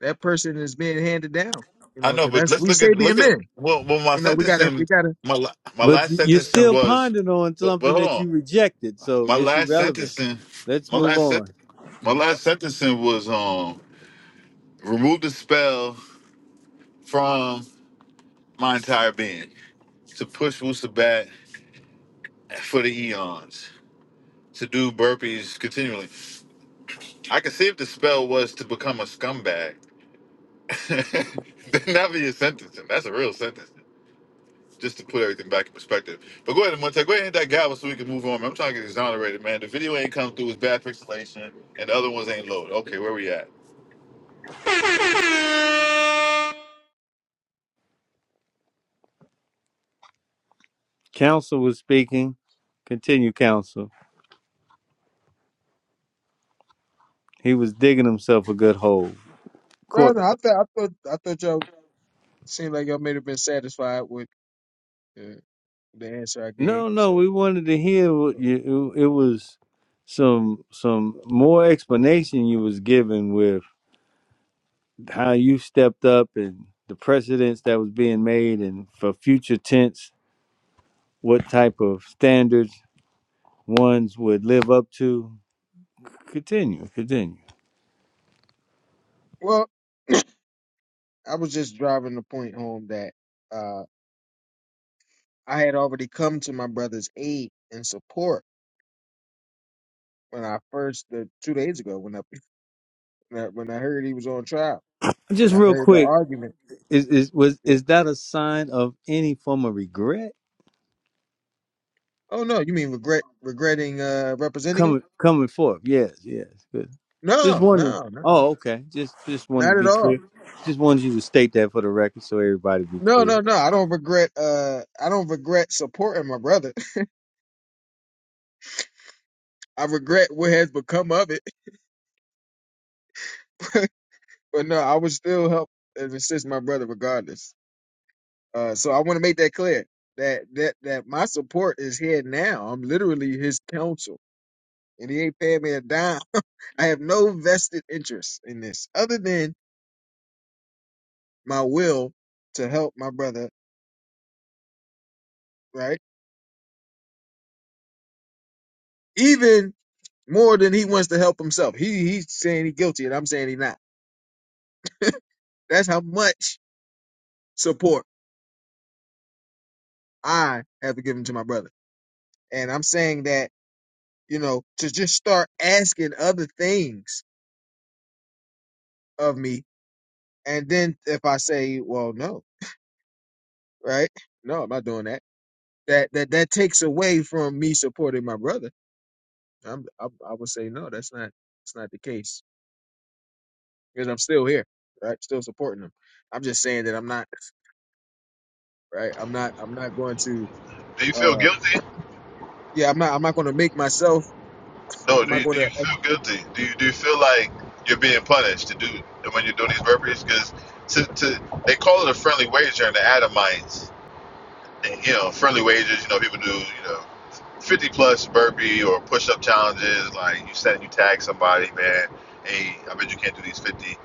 that person is being handed down. You I know, know, because but that's let's we look say at look being at men. well, well my You know, we gotta sentencing, we gotta my la- my but last you- are sentencing still was, pondering on but, but something hold that on, you rejected, so my it's last irrelevant. sentencing, Let's my move last sent on. my last sentencing was um remove the spell from my entire being to push Wusabat for the eons to do burpees continually. I could see if the spell was to become a scumbag. (laughs) then that'd be a sentencing. That's a real sentencing. Just to put everything back in perspective. But go ahead, Monte. Go ahead and hit that gavel so we can move on. man. I'm trying to get exonerated, man. The video ain't come through. It's bad pixelation, and the other ones ain't loaded. Okay, where we at? Counsel was speaking. Continue, counsel. He was digging himself a good hole. No, Court. no, I thought I thought I thought y'all seemed like y'all may have been satisfied with uh, the answer I gave. No, no, So we wanted to hear what uh, you. It was some some more explanation you was giving with. how you stepped up and the precedents that was being made and for future tense what type of standards ones would live up to continue continue well, I was just driving the point home that uh I had already come to my brother's aid and support when I first the two days ago when I (laughs) when I when I heard he was on trial and just I real heard the quick argument. is is was Yeah. is that a sign of any form of regret Oh no, you mean regret regretting uh representing him? coming coming forth yes yes good just No, wondering no, no, oh okay just just wanted to not at be clear all. just wanted you to state that for the record so everybody be No, clear no, no. I don't regret. Uh, I don't regret supporting my brother. (laughs) I regret what has become of it. (laughs) but no, I would still help and assist my brother regardless. Uh, so I want to make that clear that that that my support is here now. I'm literally his counsel and he ain't paying me a dime. (laughs) I have no vested interest in this other than my will to help my brother, right? Even more than he wants to help himself. He he's saying he's guilty and I'm saying he's not. That's how much support I have given to my brother. And I'm saying that, you know, to just start asking other things of me and then if I say, well, no, right? No, I'm not doing that. That that that takes away from me supporting my brother I'm, I, I would say no, that's not that's not the case because I'm still here, right? Still supporting them. I'm just saying that I'm not right. I'm not I'm not going to Do you feel uh guilty? yeah I'm not I'm not going to make myself. No. I'm Do not you, going do you to. feel guilty? Do you do you feel like you're being punished to do when you're doing these burpees? Because to, to they call it a friendly wager in the Adamites. And, you know, friendly wagers. You know, people do. You know. 50 plus burpee or push up challenges. Like you said, you tag somebody, man. Hey, I bet you can't do these 50.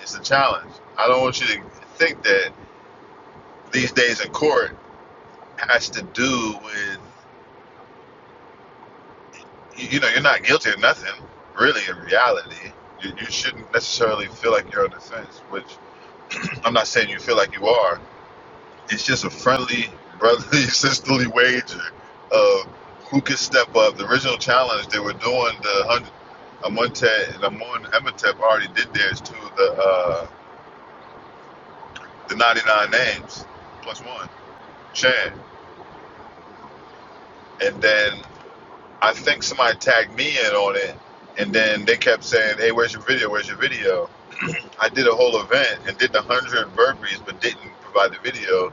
It's a challenge. I don't want you to think that these days in court has to do with, you you know, you're not guilty of nothing, really, in reality. You, you shouldn't necessarily feel like you're on the fence, which (clears throat) I'm not saying you feel like you are, it's just a friendly, brotherly, (laughs) sisterly wager of who could step up. The original challenge they were doing the hundred Amonte and Amon Emotep already did theirs too. The uh, the ninety nine names plus one Chan, and then I think somebody tagged me in on it, and then they kept saying, "Hey, where's your video? Where's your video?" I did a whole event and did the hundred burpees, but didn't provide the video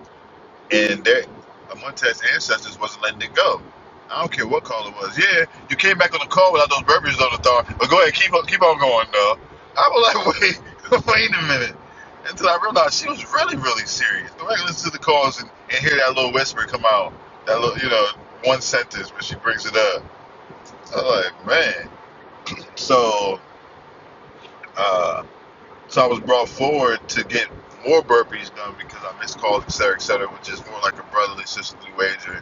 And their Amonte's ancestors wasn't letting it go. I don't care what call it was. Yeah, you came back on the call without those burpees on the thought, but go ahead, keep on, keep on going, though. I was like, (laughs) wait, (laughs) wait a minute. Until I realized she was really, really serious. Go back and listen to the calls and, and hear that little whisper come out. That little, you know, one sentence when she brings it up. I was like, man. So, uh, so I was brought forward to get more burpees done because I missed calls, et cetera, et cetera, which is more like a brotherly, sisterly wager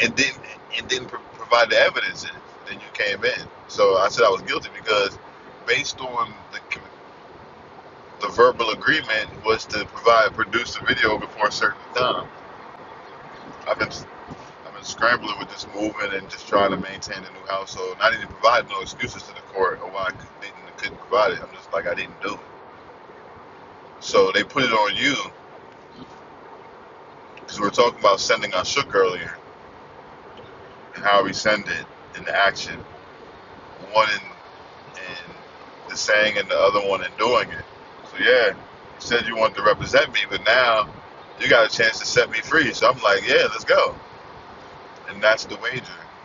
and didn't and didn't pro- provide the evidence, and then you came in. So I said I was guilty because, based on the com- the verbal agreement, was to provide produce the video before a certain time. I've been I've been scrambling with this movement and just trying to maintain a new household, and I didn't provide no excuses to the court or why I couldn't, didn't couldn't provide it. I'm just like I didn't do it. So they put it on you because we were talking about sending our shook earlier, how we send it in the action. One in and the saying and the other one and doing it. So yeah, you said you wanted to represent me, but now you got a chance to set me free. So I'm like, yeah, let's go. And that's the wager.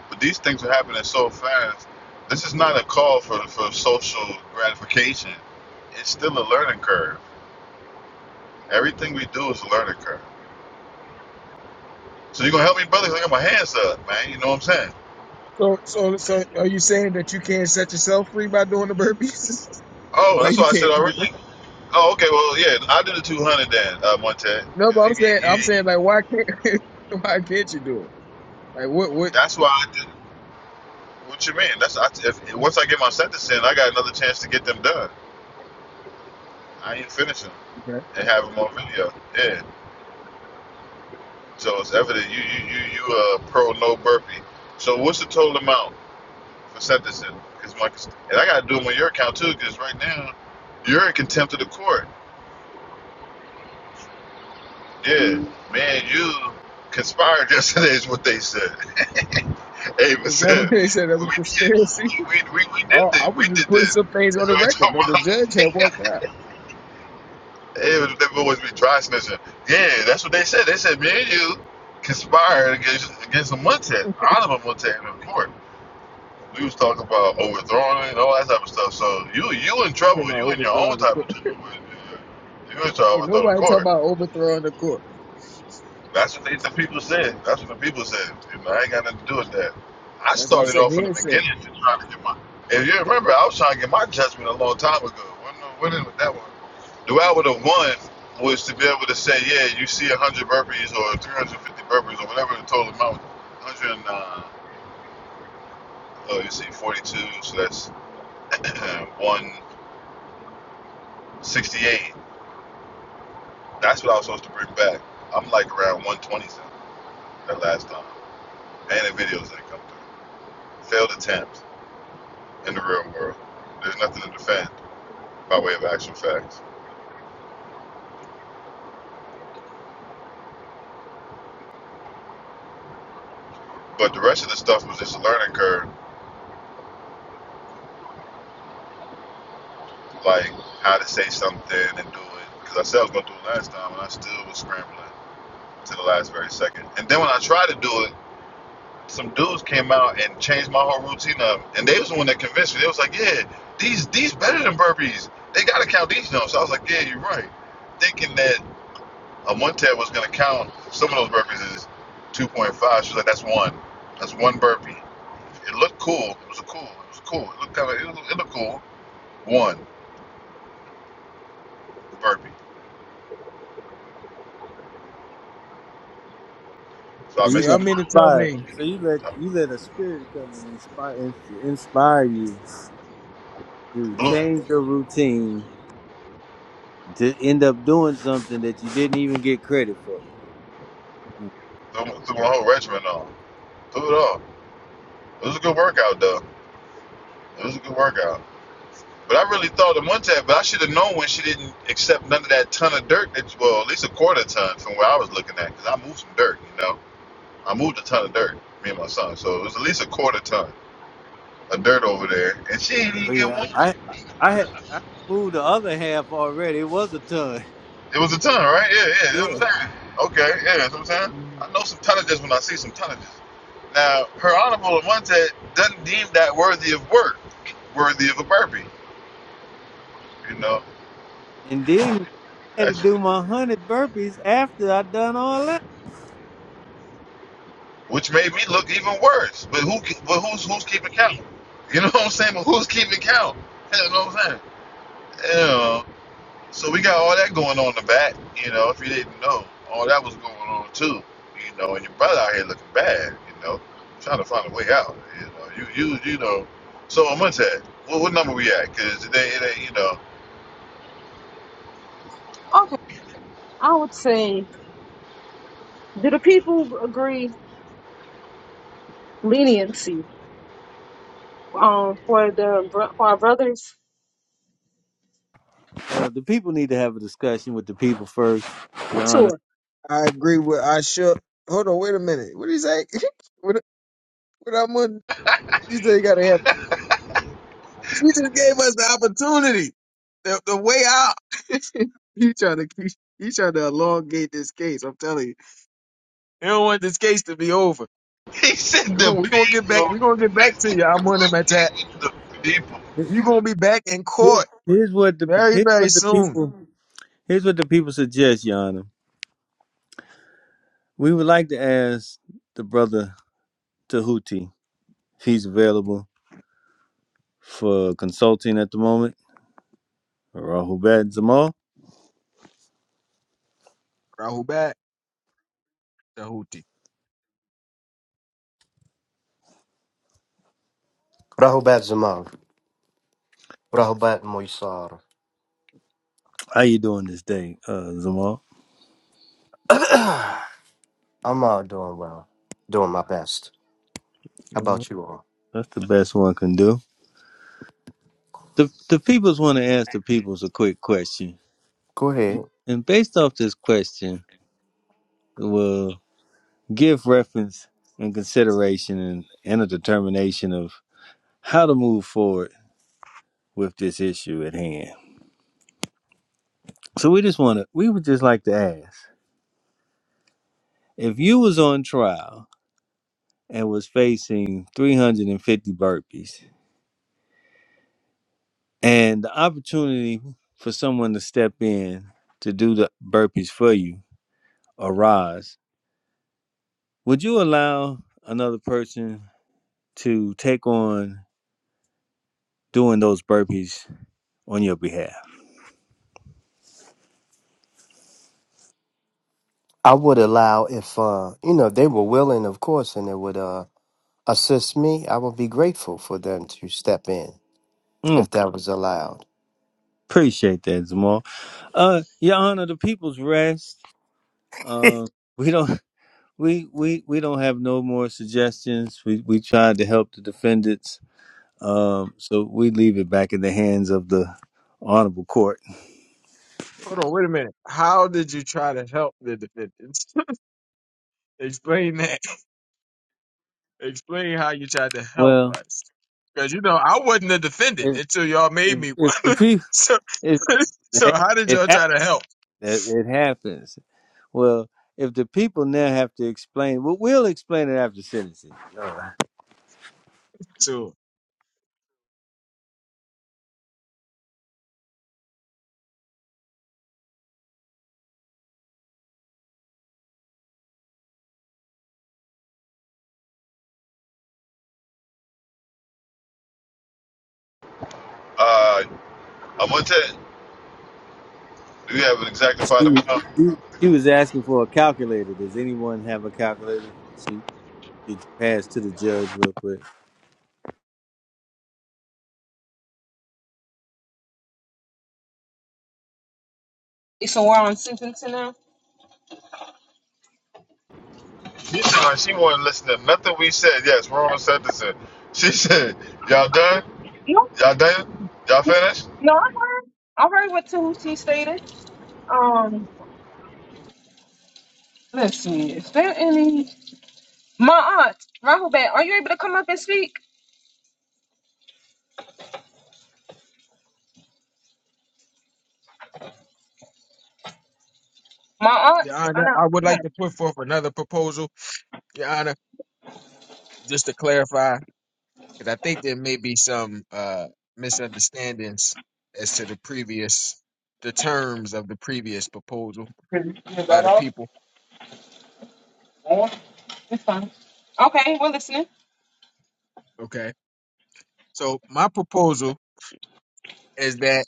But these things are happening so fast. This is not a call for for social gratification. It's still a learning curve. Everything we do is a learning curve. So you're gonna help me, brother? 'Cause I got my hands up, man. You know what I'm saying? So so so are you saying that you can't set yourself free by doing the burpees? (laughs) Oh, why that's you what I said can't do it? already. Oh, okay. Well, yeah, I did the 200 then, uh, Monte. No, but Because I'm you, saying you, I'm you, saying like why can't (laughs) why can't you do it? Like what what? that's why I did. What you mean? That's I, if once I get my sentence in, I got another chance to get them done. I ain't finishing Okay. and have them on video. Yeah. So it's evident you you you you uh pro no burpee. So what's the total amount for sentencing? Cause my and I gotta do them on your account too. Cause right now you're in contempt of the court. Yeah, man, you conspired (laughs) yesterday is what they said. (laughs) Ava Is that what said they said? That was we conspiracy. (laughs) (laughs) we we, we Oh, did this. I was We just did putting this. some things You on the know what record, I'm but the talking about? (laughs) judge had walked out. They them always be dry snitching. Yeah, that's what they said. They said me and you conspired against against a Montet, Oliver Montet in the court. We was talking about overthrowing it and all that type of stuff. So you you in He's talking trouble. about You in your own overthrowing the cook. type of trouble. You in trouble Ain't overthrow the nobody talking court. about overthrowing the court. That's what they, the people said. That's what the people said. You know, I ain't got nothing to do with that. I That's what I'm started saying. off in the Head said. beginning to try to get my. If you remember, I was trying to get my judgment a long time ago. When, when did that one? The way I would have won was to be able to say, yeah, you see 100 burpees or 350 burpees or whatever the total amount. 100, and, uh, oh, you see 42, so that's (clears throat) 168. That's what I was supposed to bring back. I'm like around 120 that last time. And the videos didn't come through. Failed attempt in the real world. There's nothing to defend by way of actual facts. But the rest of the stuff was just a learning curve, like how to say something and do it. Because I said I was going to do it last time, and I still was scrambling to the last very second. And then when I tried to do it, some dudes came out and changed my whole routine up. And they was the one that convinced me. They was like, yeah, these these better than burpees. They gotta count these jumps. So I was like, yeah, you're right. Thinking that a one tab was gonna count some of those burpees is 2.5. She was like, that's one. That's one burpee. It looked cool. It was a cool. It was cool. It looked kind of. It, looked- it looked cool. One burpee. So I So So you missed the y'all got mean to one. tell inspired me so you let I you let a spirit come and inspire inspire you to blew change your routine to end up doing something that you didn't even get credit for. Mm. threw, threw my whole regimen off. Threw it off. It was a good workout though. It was a good workout. But I really thought the one time, but I should have known when she didn't accept none of that ton of dirt. That well, at least a quarter ton from where I was looking at, because I moved some dirt. You know, I moved a ton of dirt, me and my son. So it was at least a quarter ton of dirt over there, and she ain't even Oh get yeah, one. I I had I moved the other half already. It was a ton. It was a ton, right? Yeah, yeah. That's what I'm Yeah, saying. Okay, yeah. That's what I'm saying. Mhm. I know some tonnages when I see some tonnages. Now, her honorable Monte doesn't deem that worthy of work, worthy of a burpee. You know, and then I had to That's. do my hundred burpees after I done all that. which made me look even worse. But who? But who's who's keeping count? You know (laughs) what I'm saying? But who's keeping count? You know what I'm saying? You know, so we got all that going on in the back. You know, if you didn't know, all that was going on too. You know, and your brother out here looking bad. You know, trying to find a way out. You know, you you you know. So I'm gonna tell you, what, what number we at? Cause it ain't, it ain't you know. (laughs) Okay, I would say, do the people agree leniency? um for the bro- for our brothers Uh, the people need to have a discussion with the people first, Your Honor. tour. I agree with I should hold on, wait a minute. What do you say? (laughs) what what I'm on you say you gotta have she just gave us the opportunity. The the way out. (laughs) he trying to he, he trying to elongate this case. I'm telling you. They don't want this case to be over. He said We're the gonna we're gonna get back people. we're gonna get back to you. (laughs) I'm on them attack. With the people. You're gonna be back in Here- court Here's what the very, here's very what the soon. people here's what the people suggest, Your Honor. We would like to ask the brother Tahuti if he's available for consulting at the moment, Rahubat Zamal. Rahul back. Dahuti. Rahubat Zamal, Rahubat Moisar. How you doing this day, uh, Zamal? (clears throat) (coughs) I'm all doing well, doing my best. How Mm, about you all? That's the best one can do. The the peoples want to ask the peoples a quick question, Go ahead. and based off this question, we'll give reference and consideration and, and a determination of how to move forward with this issue at hand. So we just want to we would just like to ask if you was on trial and was facing 350 burpees And the opportunity for someone to step in to do the burpees for you arise, would you allow another person to take on doing those burpees on your behalf? I would allow if uh, you know they were willing, of course, and they would uh, assist me. I would be grateful for them to step in if Okay. that was allowed. Appreciate that, Zamal. Uh, Your Honor, the people's rest. Uh, we don't (laughs) we we we don't have no more suggestions. We we tried to help the defendants. Um, so we leave it back in the hands of the honorable court. Hold on, wait a minute. How did you try to help the defendants? (laughs) Explain that. Explain how you tried to help Well, us. Because, you know, I wasn't a defendant until y'all made if, me one. if the (laughs) people, so, if, (laughs) so hey, how did it y'all try happens. to help? It, it happens. Well, if the people now have to explain, well, we'll explain it after sentencing. So, Uh, I'm gonna tell you, do you have an exactified She, was- amount? she, she was asking for a calculator. Does anyone have a calculator? She, she passed to the judge real quick. So we're on Simpson now. She said like she wasn't listening to nothing we said. Yes, we're on the She said, Y'all done? No, Y'all done? Y'all finished? no, I heard, I heard what Tuti stated. Um, let's see, is there any? My aunt, Rahubat, are you able to come up and speak? My aunt, Your I Honor, know. I would Okay, like to put forth another proposal, Your Honor, just to clarify, because I think there may be some uh, misunderstandings as to the previous, the terms of the previous proposal Really? by the people. It's fine. Okay, we're listening. Okay. So, my proposal is that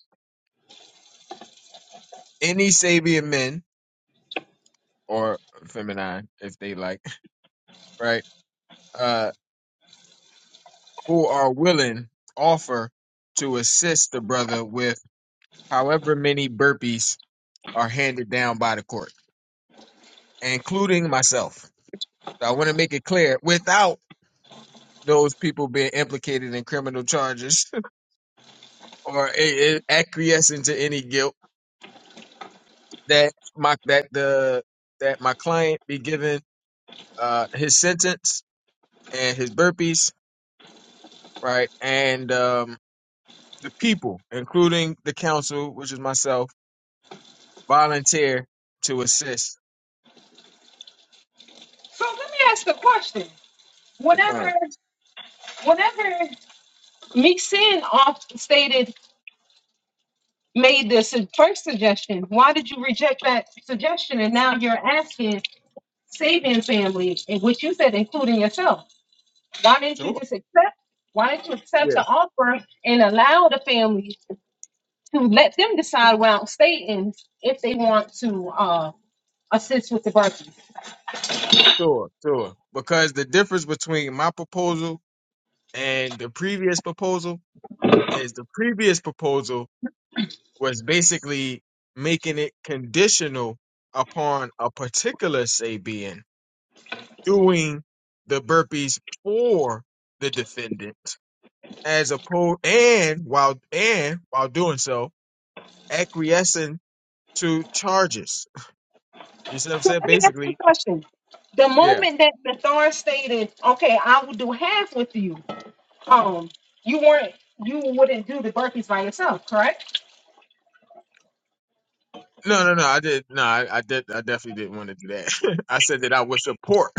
any Sabian men or feminine, if they like, (laughs) right, uh, who are willing offer to assist the brother with however many burpees are handed down by the court, including myself. So I want to make it clear without those people being implicated in criminal charges (laughs) or a- a- acquiescing to any guilt that my that the that my client be given uh, his sentence and his burpees, right, and um, The people, including the council, which is myself, volunteer to assist So let me ask a question. the Whenever, client. whenever Mixin off stated made this first suggestion, why did you reject that suggestion? And now you're asking saving family, and which you said, including yourself. Why didn't you Sure. just accept? Why didn't you accept the Yeah, offer and allow the family to let them decide without stating if they want to uh, assist with the birthday? sure, sure. Because the difference between my proposal and the previous proposal is the previous proposal was basically making it conditional upon a particular Sabian doing the burpees for the defendant as opposed and while and while doing so acquiescing to charges. You see what I'm So saying? let me ask you Basically, a question. The yeah. moment that the Thorn stated, "Okay, I will do half with you," um, you weren't, you wouldn't do the burpees by yourself, correct? No, no, no. I did. No, I, I did. I definitely didn't want to do that. (laughs) I said that I would support.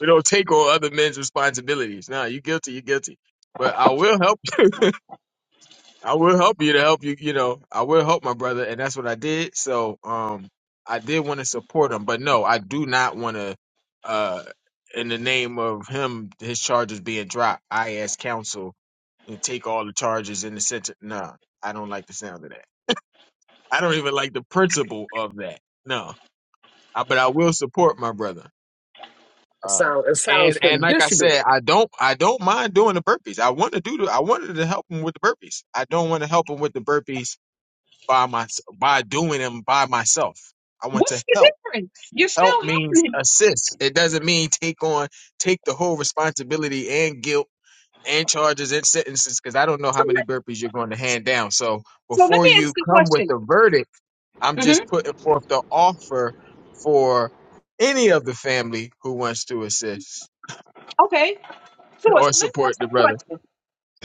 We don't take on other men's responsibilities. No, you guilty. you guilty. But I will help. (laughs) I will help you to help you. You know, I will help my brother, and that's what I did. So, um, I did want to support him, but no, I do not want to. Uh, in the name of him, his charges being dropped, I as counsel and take all the charges in the center. No, I don't like the sound of that. I don't even like the principle of that. No, I, but I will support my brother. It Uh, sound it and sounds and like I said, conditional. I don't I don't mind doing the burpees. I want to do the, I wanted to help him with the burpees. I don't want to help him with the burpees by my by doing them by myself. I want to What's the help. difference? You're Help still means helping him. assist. It doesn't mean take on take the whole responsibility and guilt and charges and sentences because I don't know So, how many let- burpees you're going to hand down. So so let before me you ask you a come with question. a verdict I'm just hmm putting forth the offer for any of the family who wants to assist Okay, So, or so let us support ask the the brother. question.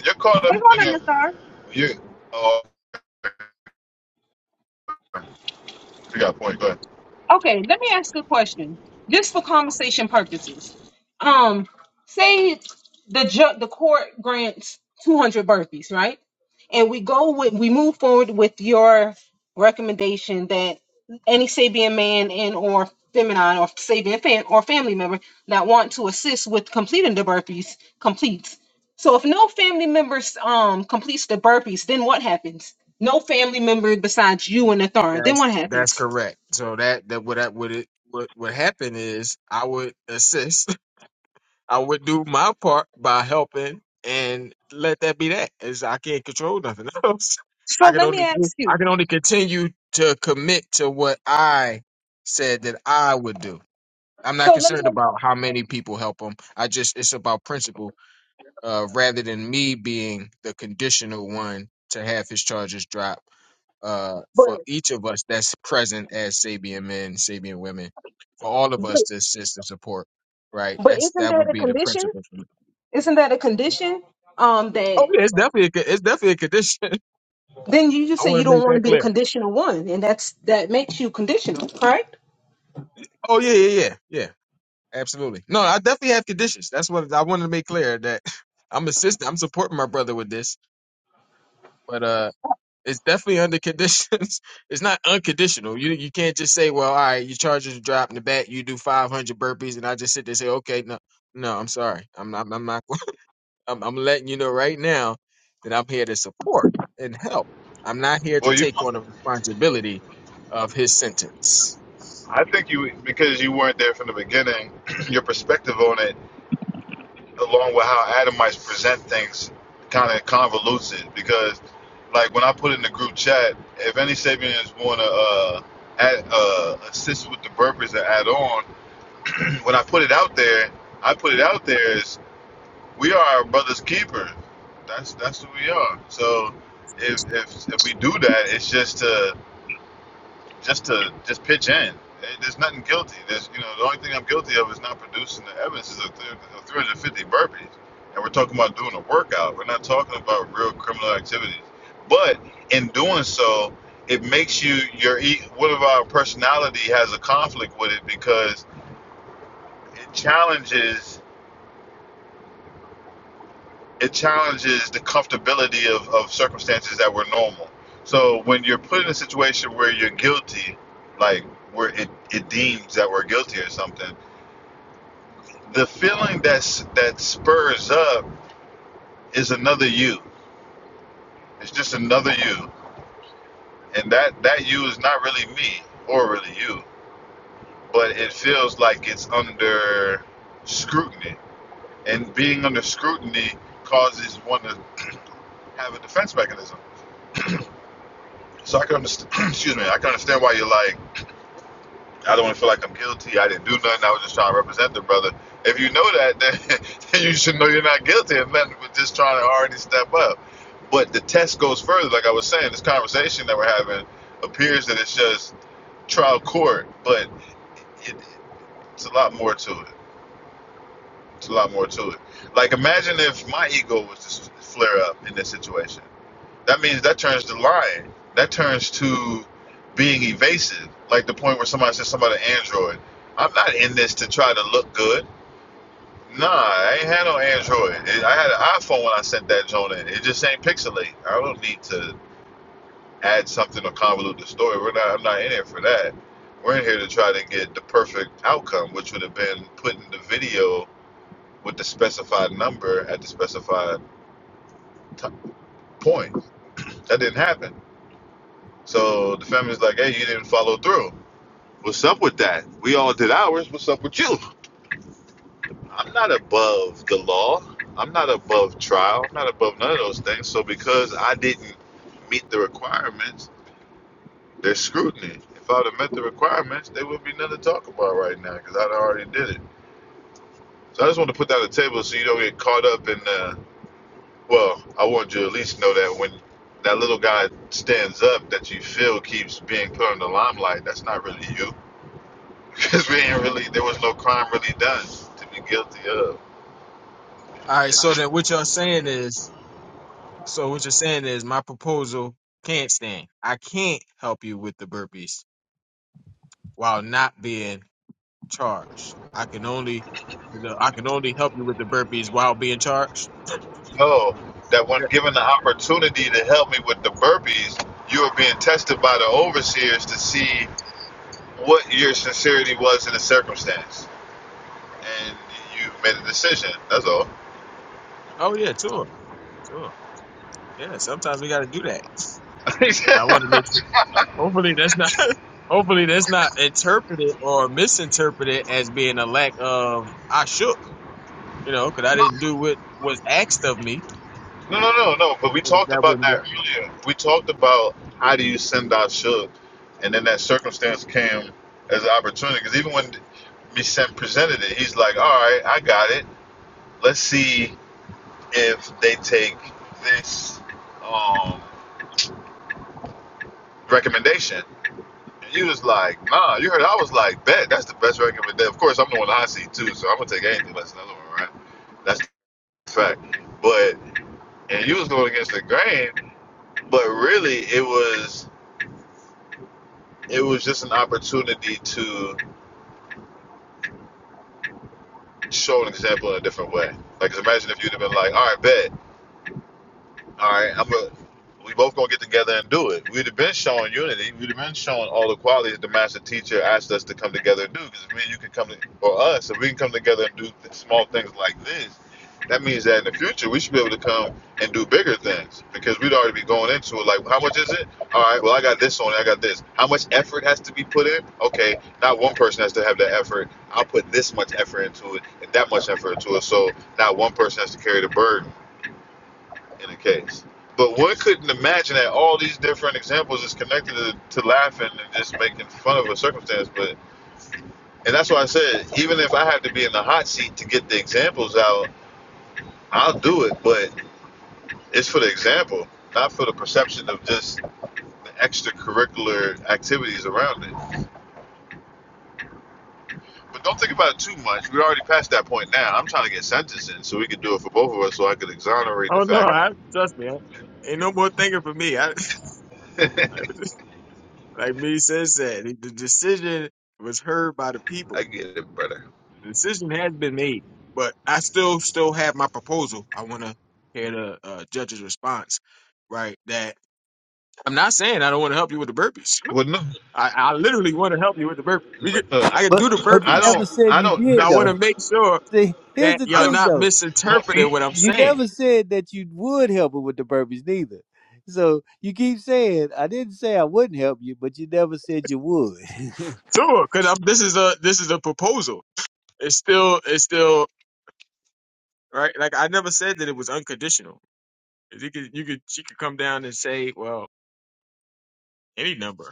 You're caught up Wait, hold in on, it. Nathar. You oh you got a point, go ahead. Okay, let me ask a question, just for conversation purposes. Um, say the ju- the court grants 200 burpees, right? And we go with we move forward with your recommendation that any Sabian man and or feminine or Sabian fan or family member that want to assist with completing the burpees completes. So if no family members um completes the burpees, then what happens? No family member besides you and the thorn. Then That's what that's happens? correct. So that that what that would it what would happen is I would assist. (laughs) I would do my part by helping and let that be that. Is I can't control nothing (laughs) else. So I can let me only do, ask I you. can only continue to commit to what I said that I would do. I'm not So let me. concerned ask- about how many people help them. I just it's about principle uh, rather than me being the conditional one to have his charges drop uh, But for each of us that's present as Sabian men, Sabian women, for all of but, us to assist and support. Right, but that's isn't that that would a be the condition? principle for me. Isn't that a condition? Um, Oh that yeah, it's definitely a, co- it's definitely a condition. then you (laughs) just I say want you to don't make want to that be the clear. conditional one, and that's that makes you conditional, correct? Oh yeah, yeah, yeah, yeah, absolutely. No, I definitely have conditions. That's what I wanted to make clear that (laughs) I'm assisting, I'm supporting my brother with this. But uh, It's definitely under conditions. (laughs) it's not unconditional. You you can't just say, well, all right, your charges drop in the back. You do 500 burpees, and I just sit there and say, okay, no, no, I'm sorry, I'm not, I'm not. (laughs) I'm, I'm letting you know right now that I'm here to support and help. I'm not here to Well you take on the responsibility of his sentence. I think you because you weren't there from the beginning, (clears throat) your perspective on it, along with how Adamites present things kinda convolutes it because like when I put in the group chat, if any Sabians wanna uh add, uh assist with the burpees and add on, (clears throat) when I put it out there I put it out there. as we are our brother's keeper. That's that's who we are. So if if if we do that, it's just to just to just pitch in. Eh, There's nothing guilty. There's you know the only thing I'm guilty of is not producing the evidence of 350 burpees, and we're talking about doing a workout. We're not talking about real criminal activities. But in doing so, it makes you your e- what if our personality has a conflict with it because it challenges it challenges the comfortability of, of circumstances that were normal. So when you're put in a situation where you're guilty, like where it, it deems that we're guilty or something, the feeling that's that spurs up is another you. It's just another you. And that, that you is not really me or really you. But it feels like it's under scrutiny. And being under scrutiny causes one to have a defense mechanism. So I can understand (clears throat) excuse me, I can understand why you're like I don't want to feel like I'm guilty. I didn't do nothing. I was just trying to represent the brother. If you know that, then, (laughs) then you should know you're not guilty of nothing but just trying to already step up. But the test goes further. Like I was saying, this conversation that we're having appears that it's just trial court, but it, it's a lot more to it. It's a lot more to it. Like imagine if my ego was to flare up in this situation that means that turns to lying. That turns to being evasive. Like the point where somebody says somebody an Android. I'm not in this to try to look good. Nah, I ain't had no Android. It- I had an iPhone when I sent that joint in. It just ain't pixelate. I don't need to add something or convolute the story. We're not. I'm not in here for that. We're in here to try to get the perfect outcome, which would have been putting the video with the specified number at the specified t- point. That didn't happen. So the family's like, hey, you didn't follow through. What's up with that? We all did ours. What's up with you? I'm not above the law. I'm not above trial. I'm not above none of those things. So because I didn't meet the requirements, there's scrutiny. If I'd have met the requirements, there would be nothing to talk about right now because I'd already did it. So I just want to put that on the table so you don't get caught up in. Uh, well, I want you to at least know that when that little guy stands up, that you feel keeps being put in the limelight. That's not really you because we ain't really there was no crime really done to be guilty of. All right. Okay. So then, what y'all saying is, so what you're saying is, my proposal can't stand. I can't help you with the burpees while not being charged. I can only the- I can only help you with the burpees while being charged. No, that Is when that- given the opportunity to help me with the burpees, you were being tested by the overseers to see what your sincerity was in the circumstance, and you made a decision. That's all. Oh yeah, sure, sure. Yeah, sometimes we got to do that. But I want to make sure. Hopefully that's not. (laughs) hopefully that's not interpreted or misinterpreted as being a lack of I shook. You know, (laughs) because I no, didn't do what was asked of me. No, no, no, no. But we 'Cause talked That about wouldn't be. that earlier. We talked about how do you send out should, and then that circumstance came as an opportunity. Because even when Misen presented it, he's like, "All right, I got it. Let's see if they take this um, recommendation." And you was like, "Nah." You heard? I was like, "Bet that's the best recommendation." Of course, I'm the one I see too, so I'm gonna take anything less than the other one, right? That's the fact. But and you was going against the grain, but really it was. it was just an opportunity to show an example in a different way. Like, imagine if you'd have been like, all right, bet. All right, I'm a, we both gonna get together and do it. We'd have been showing unity. We'd have been showing all the qualities the master teacher asked us to come together and do. Because if me and you can come to, or us, if we can come together and do th- small things like this, that means that in the future we should be able to come and do bigger things. Because we'd already be going into it like, how much is it? All right, well I got this on, it, I got this. How much effort has to be put in? Okay, not one person has to have that effort. I'll put this much effort into it and that much effort into it. So not one person has to carry the burden in a case. But one couldn't imagine that all these different examples is connected to, to laughing and just making fun of a circumstance. But and that's why I said even if I have to be in the hot seat to get the examples out, I'll do it. But it's for the example, not for the perception of just the extracurricular activities around it. But don't think about it too much. We're already past that point now. I'm trying to get sentencing so we could do it for both of us, so I could exonerate the Oh no, fact. I trust me. I, ain't no more thinking for me. I, (laughs) like me says that the decision was heard by the people. I get it, brother. The decision has been made, but I still still have my proposal. I want to hear the uh, judge's response. Right, that I'm not saying I don't want to help you with the burpees. Well, no, (laughs) I, I literally want to help you with the burpees. We no, could, no I could But do the but I you burpees. never don't. said I you don't. So did I Listen. want though. to make sure See, here's that the y'all I thing not though. don't You, you misinterpreting what know. I'm you saying. never said that you would help her with the burpees neither. So you keep saying I didn't say I wouldn't help you, but you never said you would. (laughs) Sure, because this is a this is a proposal. It's still it's still right. Like I never said that it was unconditional. You could you could she could come down and say, well, any number.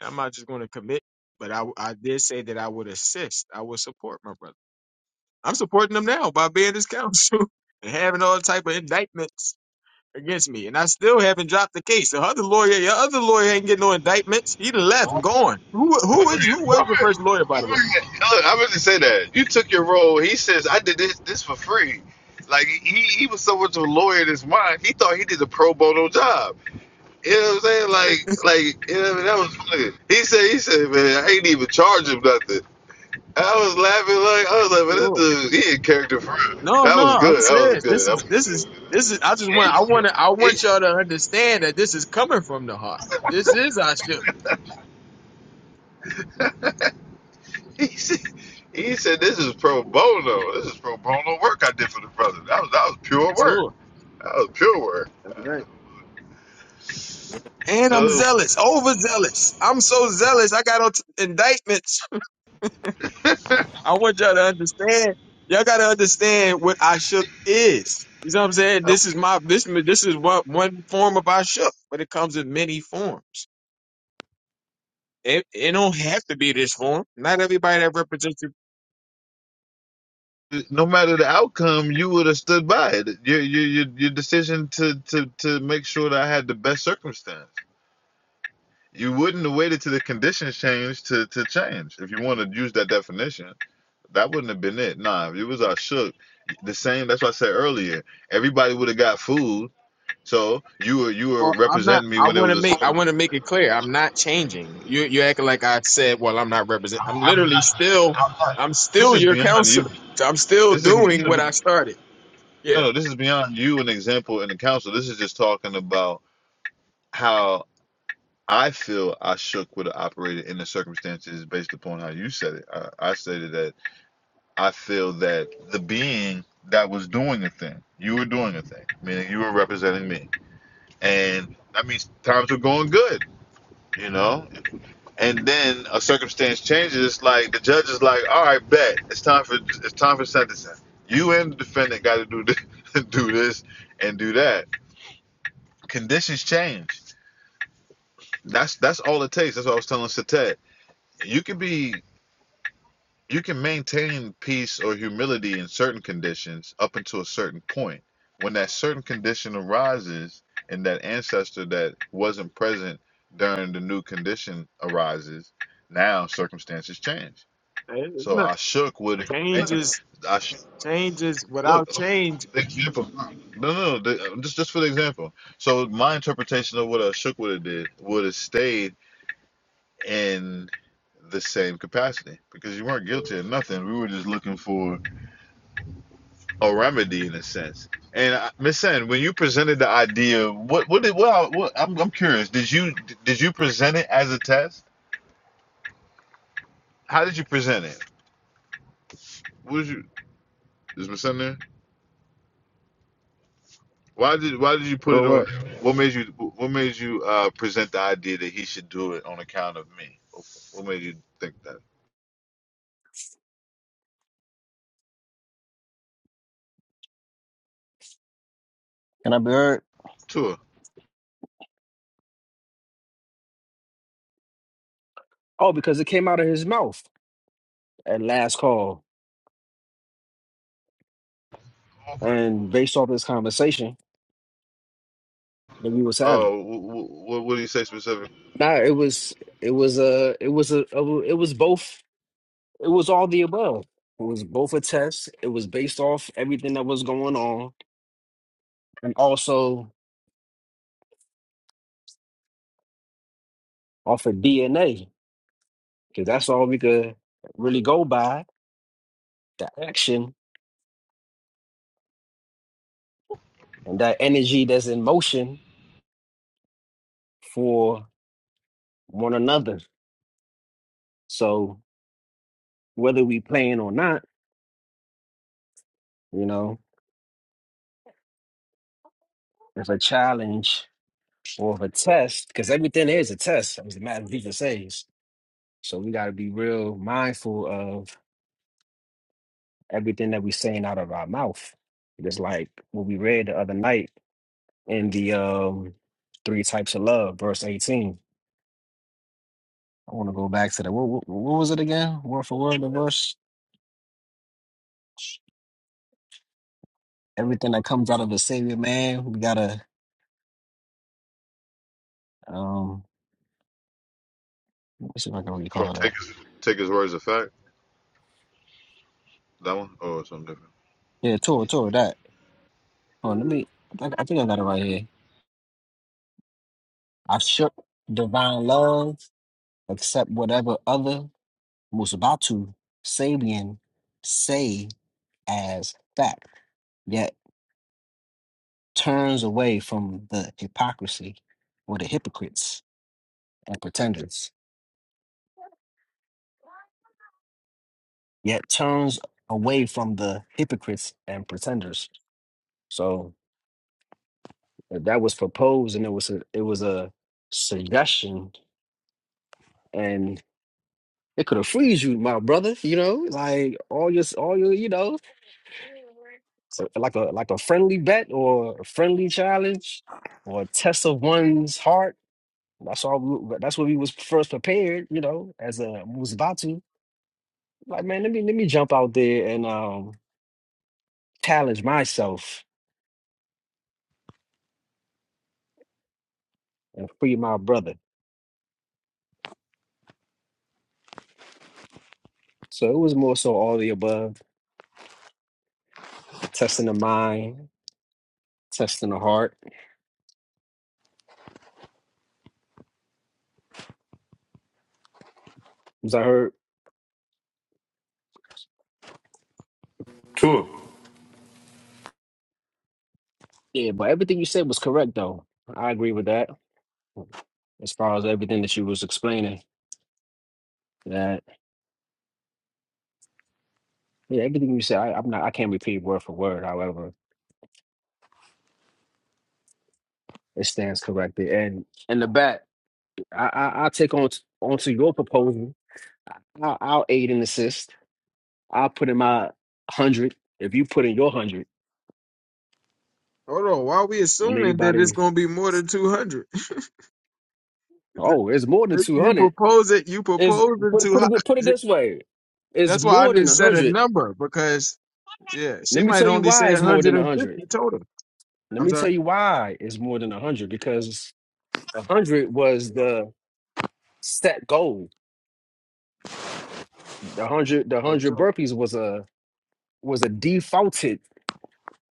I'm not just going to commit, but I, I did say that I would assist. I would support my brother. I'm supporting him now by being his counsel (laughs) and having all type of indictments against me, and I still haven't dropped the case. The other lawyer, your other lawyer, ain't getting no indictments. He done left and gone. Who Why who would is who you? was Why your would, why would first lawyer, by the way? you look, I really say that. You took your role. He says, I did this, this for free. Like, he, he was so much of a lawyer in his mind, he thought he did a pro bono job. You know what I'm saying? Like, like you know, what I mean? that was funny. He said, he said, man, I ain't even charge him nothing. And I was laughing like, I was like, man, Sure. this dude, he in character for real. No, That no, was I'm good. That was serious. This good. is this is this is. I just want I I, mean, want to I it, want y'all to understand that this is coming from the heart. This is our ship. (laughs) He said, he said, "This is pro bono. This is pro bono work I did for the brother. That was that was pure work. Sure. That was pure work. that's right. And I'm Uh, zealous, overzealous. I'm so zealous. I got on t- indictments. (laughs) I want y'all to understand. Y'all got to understand what I shook is. You know what I'm saying? uh, This is my this this is what one form of I shook, but it comes in many forms. It, it don't have to be this form. Not everybody that represents you. no matter the outcome, you would have stood by it. Your your your, your decision to, to to make sure that I had the best circumstance. You wouldn't have waited till the conditions changed to to change. If you want to use that definition, that wouldn't have been it. Nah, if it was our shook, the same. That's what I said earlier. Everybody would have got food." So you were you were Well, I'm not. representing me I when there want was to a make. I certain. want to make it clear. I'm not changing. You you acting like I said. Well, I'm not represent. I'm I'm literally not. still. I'm not. I'm This still is your beyond you. counselor. So I'm still This is doing no, what I started. Yeah. no. This is beyond you. An example in the council. This is just talking about how I feel. I shook would have operated in the circumstances based upon how you said it. I, I stated that I feel that the being that was doing a thing, you were doing a thing, meaning you were representing me, and that means times were going good. You know, and then a circumstance changes, like the judge is like, "All right, bet it's time for it's time for sentencing. You and the defendant got to do this, (laughs) do this and do that. Conditions change. That's that's all it takes. That's what I was telling Satet. You can be you can maintain peace or humility in certain conditions up until a certain point. When that certain condition arises, and that ancestor that wasn't present during the new condition arises, now circumstances change Hey, So Look, I shook with it. Man, changes, I sh- changes look. without change. The example. No, no, no. the- just just for the example. So my interpretation of what a shook would have did would have stayed in the same capacity because you weren't guilty of nothing. We were just looking for a remedy in a sense. And I- Miss Sen, when you presented the idea, what what did well, what, I'm I'm curious. Did you did you present it as a test? How did you present it? What did you is Miss Sen there? Why did why did you put Bro, it on? What made you what made you uh, present the idea that he should do it on account of me? What made you think that? Can I be heard? Tua. Oh, because it came out of his mouth at last call, and based off this conversation that we was having. Oh, what what did he say specifically? Nah, it was it was uh it was a it was both It was all the above. It was both a test. It was based off everything that was going on, and also off of DNA, because that's all we could really go by the action and that energy that's in motion for one another. So whether we playing or not, you know, it's a challenge or a test, because everything is a test, as the Master Teacher says. So we got to be real mindful of everything that we're saying out of our mouth. Just like what we read the other night in the um, Three Types of Love, verse 18. I want to go back to that. What, what, what was it again? Word for word, the verse? Everything that comes out of the savior, man, we got to, um, let me see if I can You wanna recall that. Take his take his words as fact. That one or something different. Yeah, toward, toward that. Hold on, let me, I think I think I got it right here. I shook divine love, accept whatever other Musabatu, Sabian, say as fact. turns away from the hypocrisy or the hypocrites and pretenders, yet turns away from the hypocrites and pretenders. So uh, that was proposed, and it was a, it was a suggestion, and it could have freed you, my brother. You know, like all your all your you know, so like a like a friendly bet or a friendly challenge or a test of one's heart. That's all. That's what we was first prepared, you know, as a musbatu Like, man, let me let me jump out there and um challenge myself and free my brother. So it was more so all the above, testing the mind, testing the heart. As I heard, True. yeah, but everything you said was correct though. I agree with that. As far as everything that you was explaining, that yeah, everything you said, I, I'm not, I can't repeat word for word. However, it stands corrected. And and the bat, I, I I'll take on t- onto your proposal. I, I'll I'll aid and assist I put in my hundred. If you put in your hundred, Hold on, why are we and assuming that it's anybody, gonna be more than two hundred? (laughs) oh, it's more than two you hundred. propose it, you Is propose it put too put it put it high. this way, (laughs) it's That's why I more didn't than a set a hundred. number because yeah, she Let me might tell you only why say it's one more hundred than a and hundred. fifty total. Let I'm me sorry. tell you why it's more than a hundred because a hundred was the set goal. The hundred the Oh, hundred so burpees was a was a defaulted.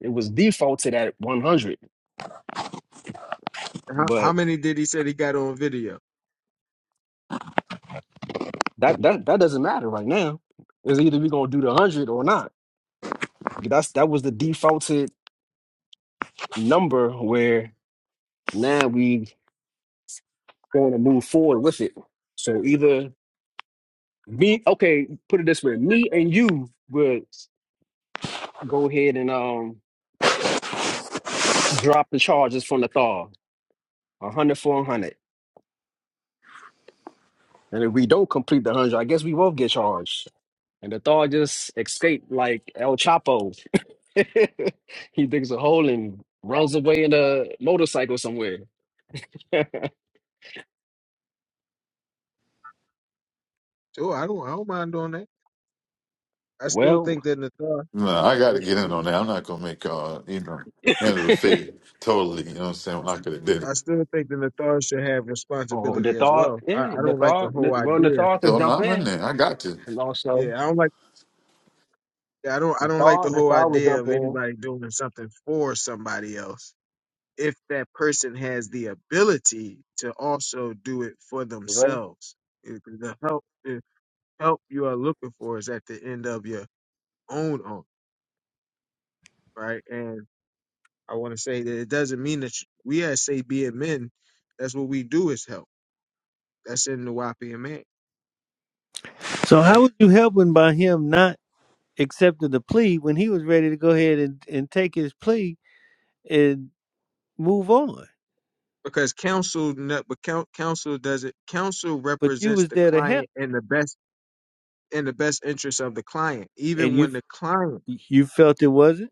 It was defaulted at one hundred, how, how but many did he say he got on video? that that that doesn't matter right now. It's either we gonna do the hundred or not. That's that was the defaulted number where now we going to move forward with it. So either me, okay, put it this way, me and you would go ahead and um drop the charges from the thaw, a hundred for a hundred. And if we don't complete the hundred, I guess we both get charged. And the thaw just escaped like El Chapo. (laughs) he digs a hole and runs away in a motorcycle somewhere. (laughs) Sure, I don't, I don't mind doing that. I still well, think that Nathar, No, I got to it, get in it, on that. I'm not gonna make uh, you know, end of the fate totally. You know what I'm saying? When I could have did I, it. I still think that Nathar should have oh, the responsibility as thaw, well. I, I yeah, the don't like the thaw, whole well, the idea. thaw could Oh jump no, I'm in in. there. I got you. And also. Yeah, I don't like. Yeah, I don't I don't like the Nathal, whole Nathal was idea up of in. anybody doing something for somebody else if that person has the ability to also do it for Right? themselves. If The help the help you are looking for is at the end of your own arm, right? And I want to say that it doesn't mean that you- we as say being men, that's what we do is help. That's in the wapian man, So how right? was you helping by him not accepting the plea when he was ready to go ahead and, and take his plea and move on? Because counsel, ne- but coun- counsel doesn't. Counsel But you represents was the there to help, client in the best in the best interest of the client, and even you when f- the client, you felt it wasn't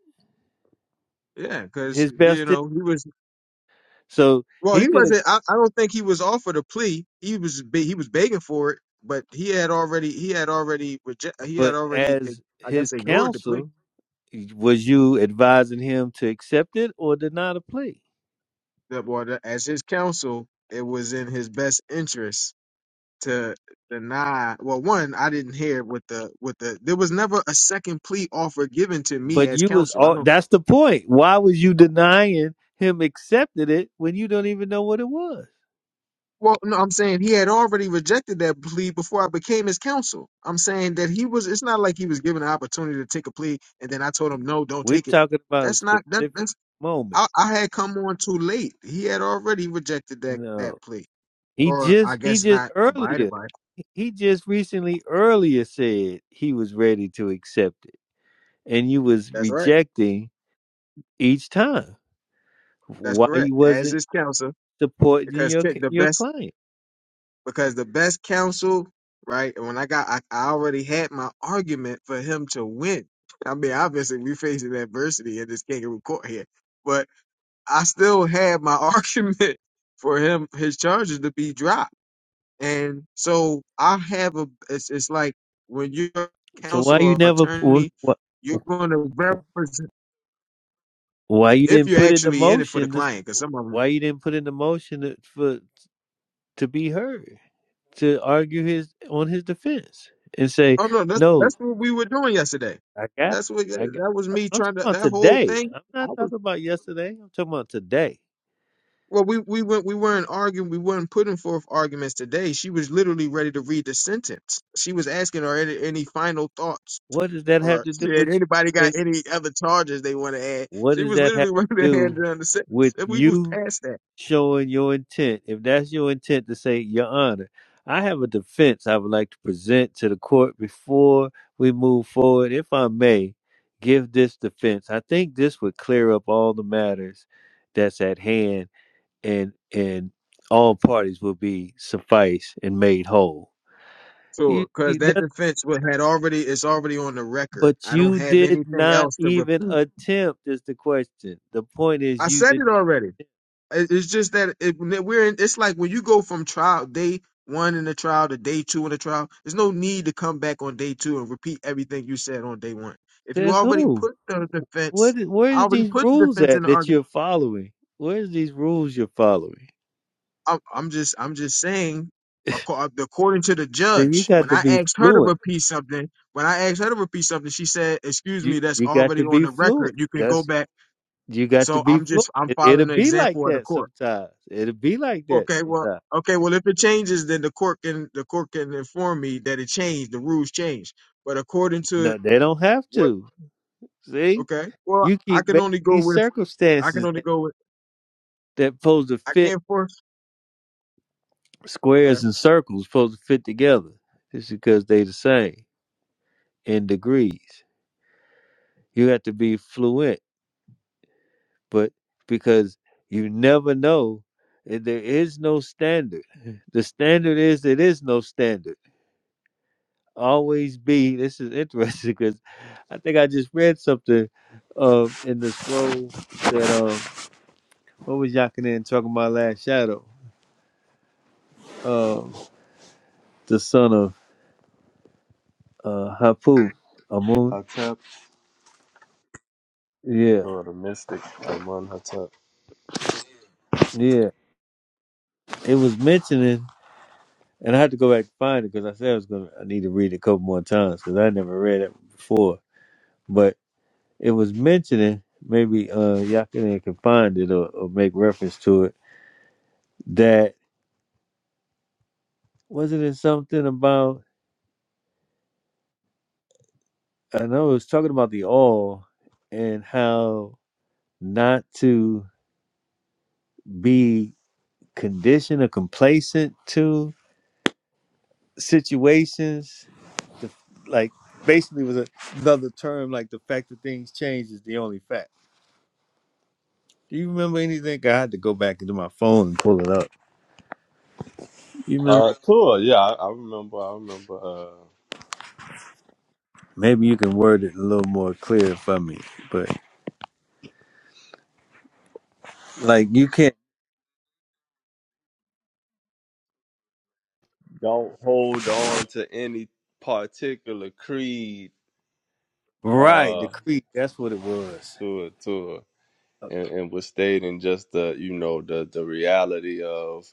yeah, because his you best. in- know he was So well, he he could have, wasn't. I, I don't think he was offered a plea. He was be- he was begging for it, but he had already he had already reject he had but already eh, as I his guess ignored the plea. counsel, was you advising him to accept it or deny the plea? That well, the- as his counsel, it was in his best interest to deny. Well, one, I didn't hear what the what the there was never a second plea offer given to me But as you was counsel. I all don't. that's the point. Why was you denying him accepted it when you don't even know what it was? Well, no, I'm saying he had already rejected that plea before I became his counsel. I'm saying that he was. It's not like he was given an opportunity to take a plea, and then I told him no, don't We're take it. talking about a That's not that. specific That's moment. I, I had come on too late. He had already rejected that that No. plea, He or I just he guess just not abided earlier by. it. he just recently earlier said he was ready to accept it. And you was That's right. rejecting each time. That's Why correct. you As wasn't his counsel, supporting because your Ke- c- the your best client? because the best counsel, right? And when I got, I, I already had my argument for him to win. I mean, obviously we facing adversity in this kangaroo court here, but I still had my (laughs) argument for him, his charges to be dropped. And so I have a, it's, it's like when you're a So why counsel you or never why attorney, you're going to represent, why you if didn't you're put in the actually in it for the motion this client, because some of them, why you didn't put in the motion to be heard, to argue his on his defense and say, oh no, that's, "No, that's what we were doing yesterday. I got, That's what, I got." that was uh, me I'm talking trying to, about that whole today. thing. I'm I not was. talking about yesterday. I'm talking about today. Well, we we went we weren't arguing. We weren't putting forth arguments today. She was literally ready to read the sentence. She was asking, "Are any, any final thoughts?" What does that have Or to do she had with anybody got you? any other charges they want to add? What She does was that have literally (laughs) to ready to do hand down the sentence, with and we was you past that. showing your intent? If that's your intent to say, Your Honor, I have a defense I would like to present to the court before we move forward. If I may give this defense, I think this would clear up all the matters that's at hand and and all parties will be sufficed and made whole. So, You, because you- that that, defense wa- had already it's already on the record. but I don't you have did anything not else to even repeat. attempt is the question. The point is I you said did it already. It- It's just that it, when we're in, it's like when you go from trial day one in the trial to day two in the trial, there's no need to come back on day two and repeat everything you said on day one. If you Says already who? put the What? defense, I Where's already these put the rules defense in at the that argument. you're following? Where's these rules you're following? I'm, I'm just, I'm just saying, acco- according to the Then you judge, got when to I be asked her to fluent. repeat something, when I asked her to repeat something, she said, "Excuse You me, that's you got already to on be the fluent. record. You can go That's back." you got to So be I'm fluent. just, I'm It, it'll following the be like example of the that court. sometimes. It'll be like that Okay, well, sometimes. okay, well, if it changes, then the court can the court can inform me that it changed, the rules changed. But according to No, they don't have what? to. See, Okay, well, you I keep can making only go these with I can circumstances only that go with that supposed to I fit can't force. squares Okay, and circles supposed to fit together. It's because they the same in degrees. You have to be fluent. but because you never know eh, there is no standard (laughs) the standard is it is no standard always be this is interesting because i think i just read something um in the scroll that um what was Yakinen talking about last shadow um the son of uh hapu amun Hotep yeah or the mystic among Hotep. yeah it was mentioning and i had to go back and find it because i said i was gonna i need to read it a couple more times because i never read it before but. it was mentioning maybe uh Yakinen can find it or, or make reference to it that wasn't it something about I know it was talking about the all and how not to be conditioned or complacent to situations the, like basically was a, another term like the fact that things change is the only fact do you remember anything I had to go back into my phone and pull it up you remember Uh cool, yeah, I, I remember I remember uh maybe you can word it a little more clear for me but. Like you can't don't hold on to any particular creed right the uh creed. That's what it was. to it, to it and, and was stating just the you know the the reality of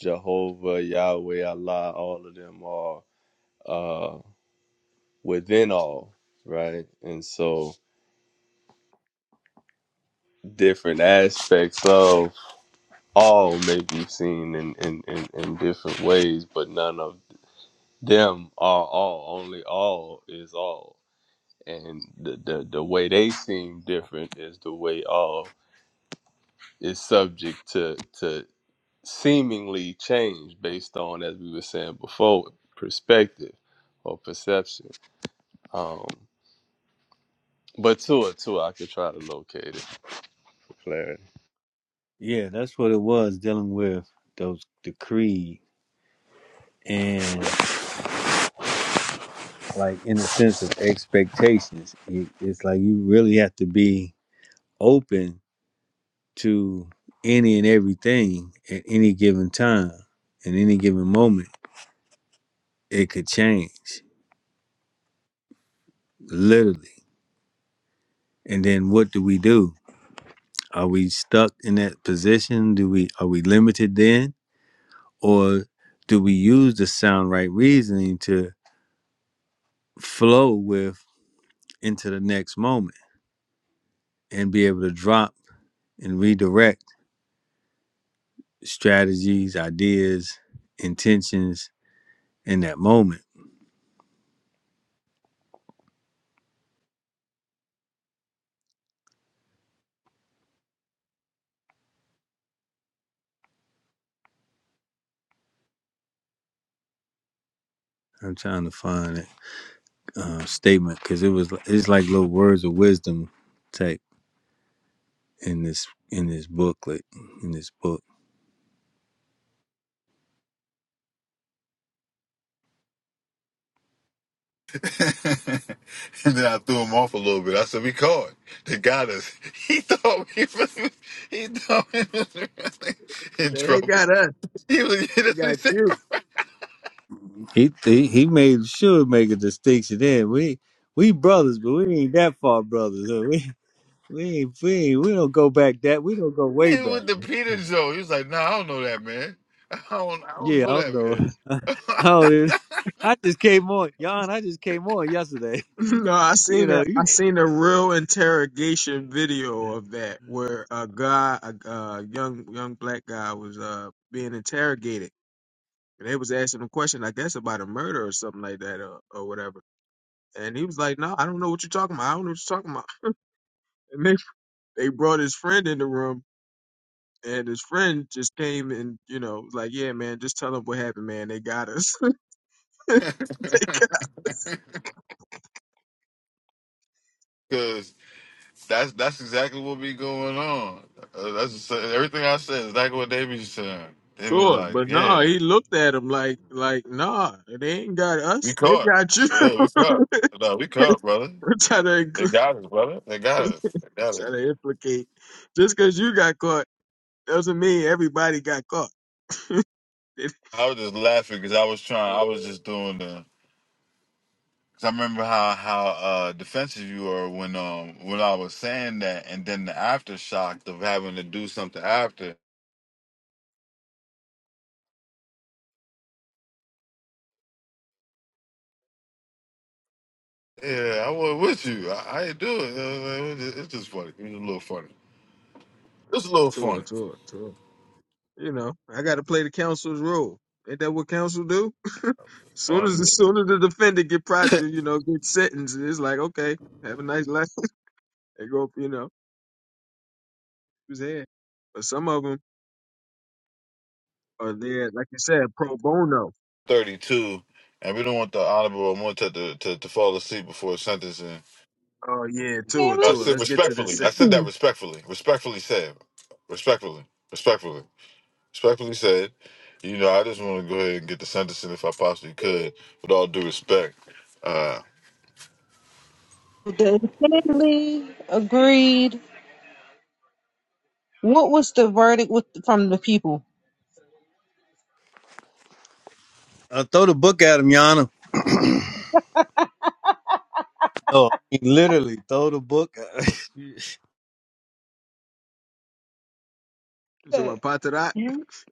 Jehovah, Yahweh, Allah, all of them are uh within all, right? And so different aspects of all may be seen in, in, in, in different ways, but none of them are all. Only all is all. And the, the, the way they seem different is the way all is subject to to seemingly change based on, as we were saying before, perspective or perception. Um, but Tua, Tua, I could try to locate it. for Clarity. Yeah, that's what it was. Dealing with those the creed and like in the sense of expectations, it, it's like you really have to be open to any and everything at any given time, in any given moment. It could change literally. And then what do we do? Are we stuck in that position? Do we are we limited then? or do we use the sound right reasoning to flow with into the next moment and be able to drop and redirect strategies, ideas, intentions in that moment? I'm trying to find that uh, statement because it was it's like little words of wisdom type in this in this booklet in this book. (laughs) and then I threw him off a little bit. I said, "We caught. They got us." (laughs) He thought we was, he thought we was really in they ain't trouble. got us, He was (laughs) they that's what he got said. you. (laughs) He he, he made sure to make a distinction there. We we brothers, but we ain't that far brothers. Huh? We (laughs) We ain't, we we don't go back that. We don't go way And back. with the Peter Joe, he was like, "No, nah, I don't know that man. I don't, I don't Yeah, know I don't know. (laughs) Oh, dude. I just came on, Jan. I just came on yesterday. (laughs) (laughs) no, I You seen a know, I you. seen a real interrogation video of that where a guy, a, a young young black guy, was uh being interrogated, and they was asking him question, I guess about a murder or something like that, or, or whatever And he was like, "No, I don't know what you're talking about. I don't know what you're talking about." (laughs) And they they brought his friend in the room, and his friend just came and you know was like, "Yeah, man, just tell them what happened, man. They got us. (laughs) they that man." (laughs) got Because that's that's exactly what be going on. Uh, that's everything I said. is Exactly what they be saying. us." They be like, But (laughs) no, "Yeah, he looked at him like like, "Nah, they ain't got we us. They caught. got you." Yeah, we caught. (laughs) No, we caught, brother." We're Trying to They include, got us, brother. They got us. They got try us. to implicate just because you got caught doesn't mean everybody got caught. (laughs) I was just laughing because I was trying. I was just doing the. Cause I remember how how uh, defensive you were when um when I was saying that, and then the aftershock of having to do something after. Yeah, I was with you. I, I ain't do it. Uh, It's just it's just funny. It's a little funny. It's a little Tour, funny. tour, tour. You know, I got to play the counsel's role. Ain't that what counsel do? (laughs) soon On as soon as the defendant get pro, you know, get sentenced, it's like okay, have a nice life. (laughs) they go, you know, who's here? But some of them are there, like you said, pro bono. thirty two, and we don't want the honorable Monte to, to to fall asleep before sentencing. Oh yeah, to it, Family. I to it. said Let's get to this respectfully. I said sentence. that respectfully. Respectfully said. Respectfully. Respectfully. Respectfully said, you know, I just want to go ahead and get the sentence in if I possibly could, with all due respect. Uh, The family agreed. What was the verdict with from the people? Uh, throw the book at him, Yana. No, I mean, literally, throw the book. At him. So my Okay, patarat,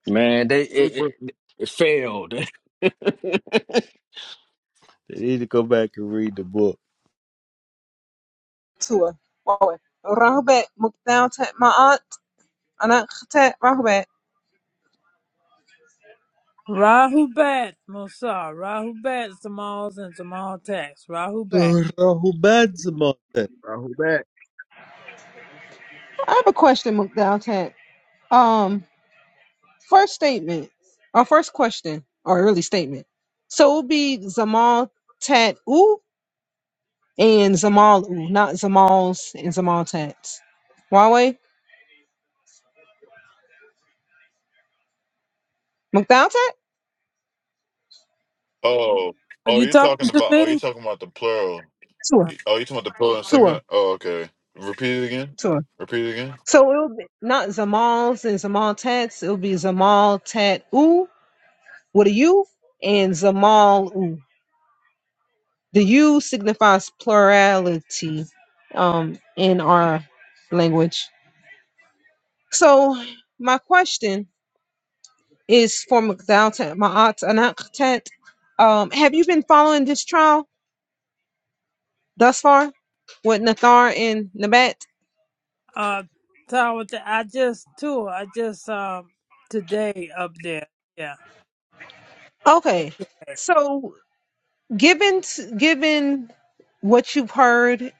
Man, they it, but it, it failed. (laughs) (laughs) they need to go back and read the book. To her. رهبة مقدار my aunt أنا أخت رهبة. Rahu Bat, Musa. Rahu Bat, Tamals and Tamal Tax. Rahu Bat. So, Uh, who beds about that? I hope that I have a question, Mukdal Tat. Um. First statement, our first question, or early statement. So it'll be Zamal Tat U and Zamal U, not Zamals and Zamal Tats. Huawei? McDowell Tat? oh, Are oh, you you're talking talking to about, oh, you're me? talking about the plural. Tua. Oh, you're talking about the plural and Tua. singular? Oh, okay. Repeat it again. Tua. Repeat it again. So it'll be not Zamals and Zamal Tats. It'll be Zamal Tat U with a U and Zamal U. The U signifies plurality um, in our language. So my question is for McDowell Ma'at Anaktet. Um, have you been following this trial thus far with Nathar and Nabat? Uh, Tower, I just too. I just um today up there. Yeah, Okay, so given given what you've heard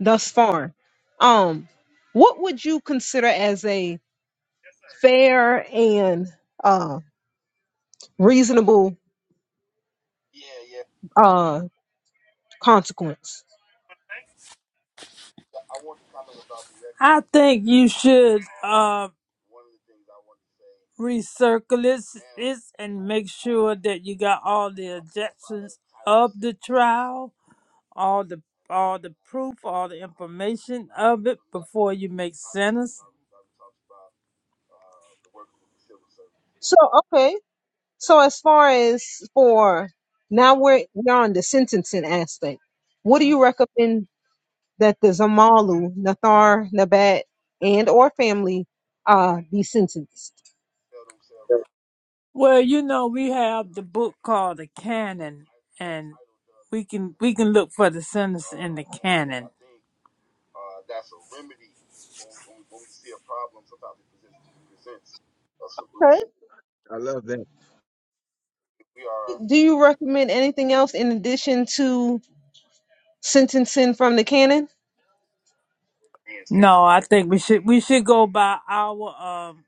thus far, um, what would you consider as a fair and uh, reasonable uh, consequence? I think you should uh recircle this, this and make sure that you got all the objections of the trial, all the all the proof, all the information of it before you make sentence. So okay. So as far as for now, we're we're on the sentencing aspect. What do you recommend that the Zamalu, Nathar, Nabat, and or family uh, be sentenced? Well, you know, we have the book called the Canon, and we can we can look for the sentence in the canon. Okay. I love that. Do you recommend anything else in addition to sentencing from the canon? No, I think we should we should go by our um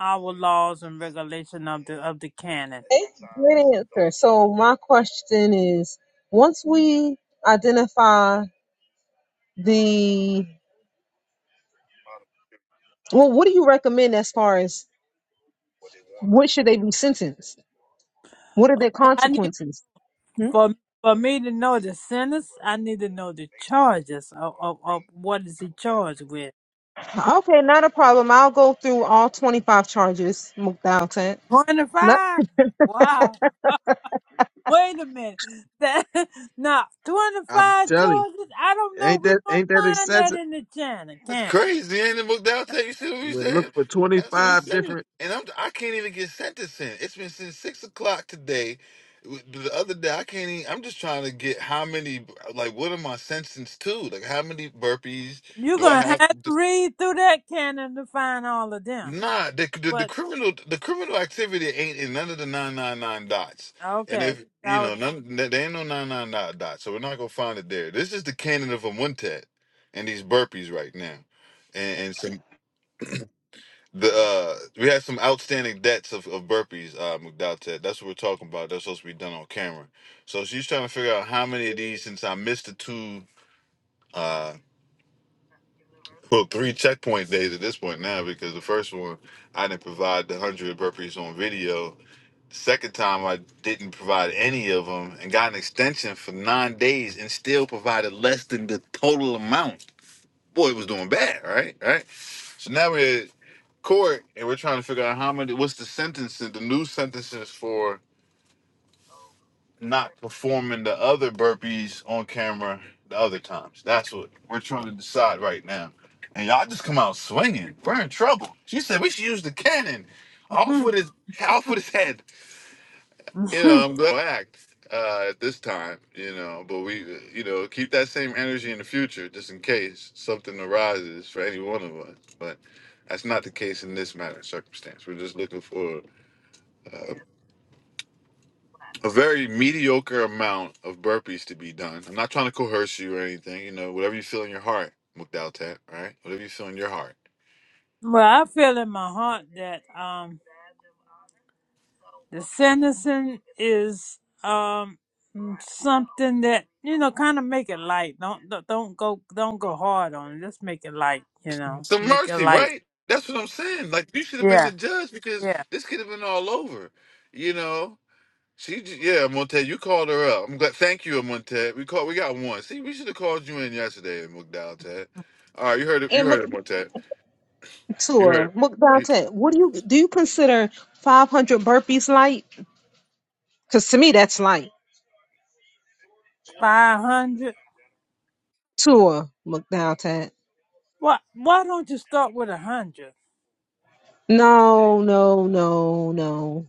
our laws and regulation of the of the canon. Okay, Great answer. So my question is, once we identify the well, what do you recommend as far as what should they be sentenced? What are their I need consequences? for for me to know the sentence. I need to know the charges of of, of what is he charged with. Okay, not a problem. I'll go through all 25 charges, Mukdalton. Twenty Not five. Wow. Wait a minute. That (laughs) now twenty I'm five telling, choices. I don't you, know. ain't We're that gonna ain't that find that excessive? in the canon. That's Canon. crazy. Ain't it, McDowell? You see what we We look saying? for twenty That's what we five saying. different. And I'm, I can't even get sentencing. It's been since six o'clock today. The other day, I can't even. I'm just trying to get how many, like, what am I sentenced to? Like, how many burpees You're do I gonna have to have? read through that canon to find all of them. Nah, the, the the But criminal the criminal activity ain't in none of the nine nine nine dots, and okay, if that you was. know none, there there ain't no nine nine nine dots, so we're not gonna find it there. This is the canon of a Amuntet and these burpees right now, and, and some the uh we had some outstanding debts of, of burpees, uh McDowell That's what we're talking about. That's supposed to be done on camera. So she's trying to figure out how many of these since I missed the two uh well three checkpoint days at this point now because the first one I didn't provide the hundred burpees on video The second time, I didn't provide any of them and got an extension for nine days and still provided less than the total amount. Boy, it was doing bad, right? Right? So now we're at court and we're trying to figure out how many, what's the sentence, the new sentences for not performing the other burpees on camera the other times. That's what we're trying to decide right now. And y'all just come out swinging. We're in trouble. She said we should use the cannon. (laughs) Off with his, off with his head. you know, well, I'm glad to act uh, at this time, you know, but we, you know, keep that same energy in the future just in case something arises for any one of us. But that's not the case in this matter of circumstance. We're just looking for a very mediocre amount of burpees to be done. I'm not trying to coerce you or anything, you know, whatever you feel in your heart, Mukdaltat, right? Whatever you feel in your heart. I feel in my heart that um the sentencing is um something that you know kind of make it light. Don't don't don't go don't go hard on it. Just make it light. You know, Some make it mercy, light. right? That's what I'm saying. Like, you should have been the Yeah. judge because yeah. this could have been all over, you know? She, j- yeah, Monte, you called her up. I'm glad. Thank you, Monte. We called. We got one. See, we should have called you in yesterday, McDowell Ted. All right, you heard it. You and heard it, Monte. You Muktua. heard. It. Mukdalton, what do you do you consider 500 burpees light? Because to me, that's light. Five hundred. Tua, Mukdalton. Why? Why don't you start with a hundred? No, no, no, no,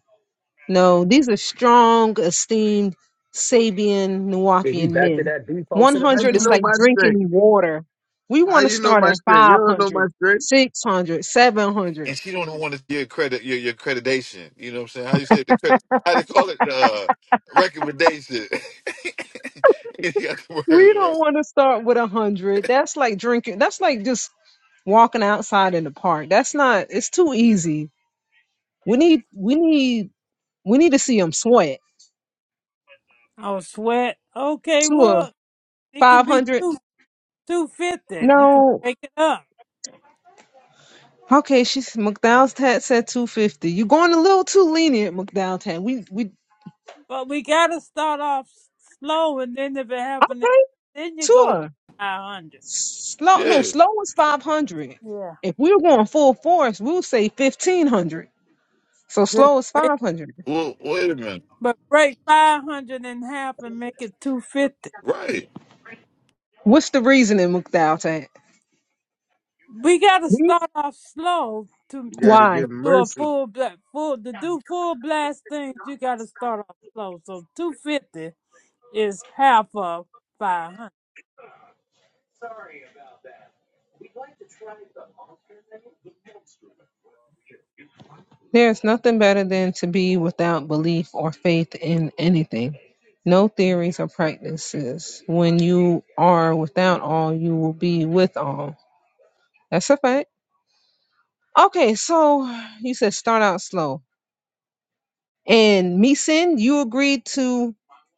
no. These are strong, esteemed Sabian, If you Nuwapian back to men. that default to the How 100 you hundred, is know like my strength? drinking water. We How want to you know start my at strength? You five don't know my hundred, strength. 600, 700. And she don't want to your credit, your your accreditation. You know what I'm saying? How you say it, the credit? How they call it the uh, recommendation? (laughs) you got the words We right. don't want to start with a hundred. That's like drinking. That's like just walking outside in the park. That's not. It's too easy. We need. We need. We need to see them sweat Oh, sweat. Okay, to a well, it can five be hundred. two two fifty. You can No. break it up, Okay. She's McDowell's tat said two fifty. You're going a little too lenient, McDowell tat. We we but we gotta start off s- slow, and then if it happens, okay. then you go Tour five hundred. slow. No, Yeah. slow is five hundred. Yeah. If we were going full force, we'll say fifteen hundred. So Good. slow is gracious. five hundred. Well, wait a minute. But break five hundred in half and make it two fifty. Right. What's the reasoning, McDowell tat? We gotta start off slow to You got to to Why? to give do a mercy. full bla full to do full blast things. You gotta start off slow. So two fifty. is half of 500. There is nothing better than to be without belief or faith in anything. No theories or practices. When you are without all, you will be with all. That's a fact. Okay, so you said start out slow. And me sin, you agreed to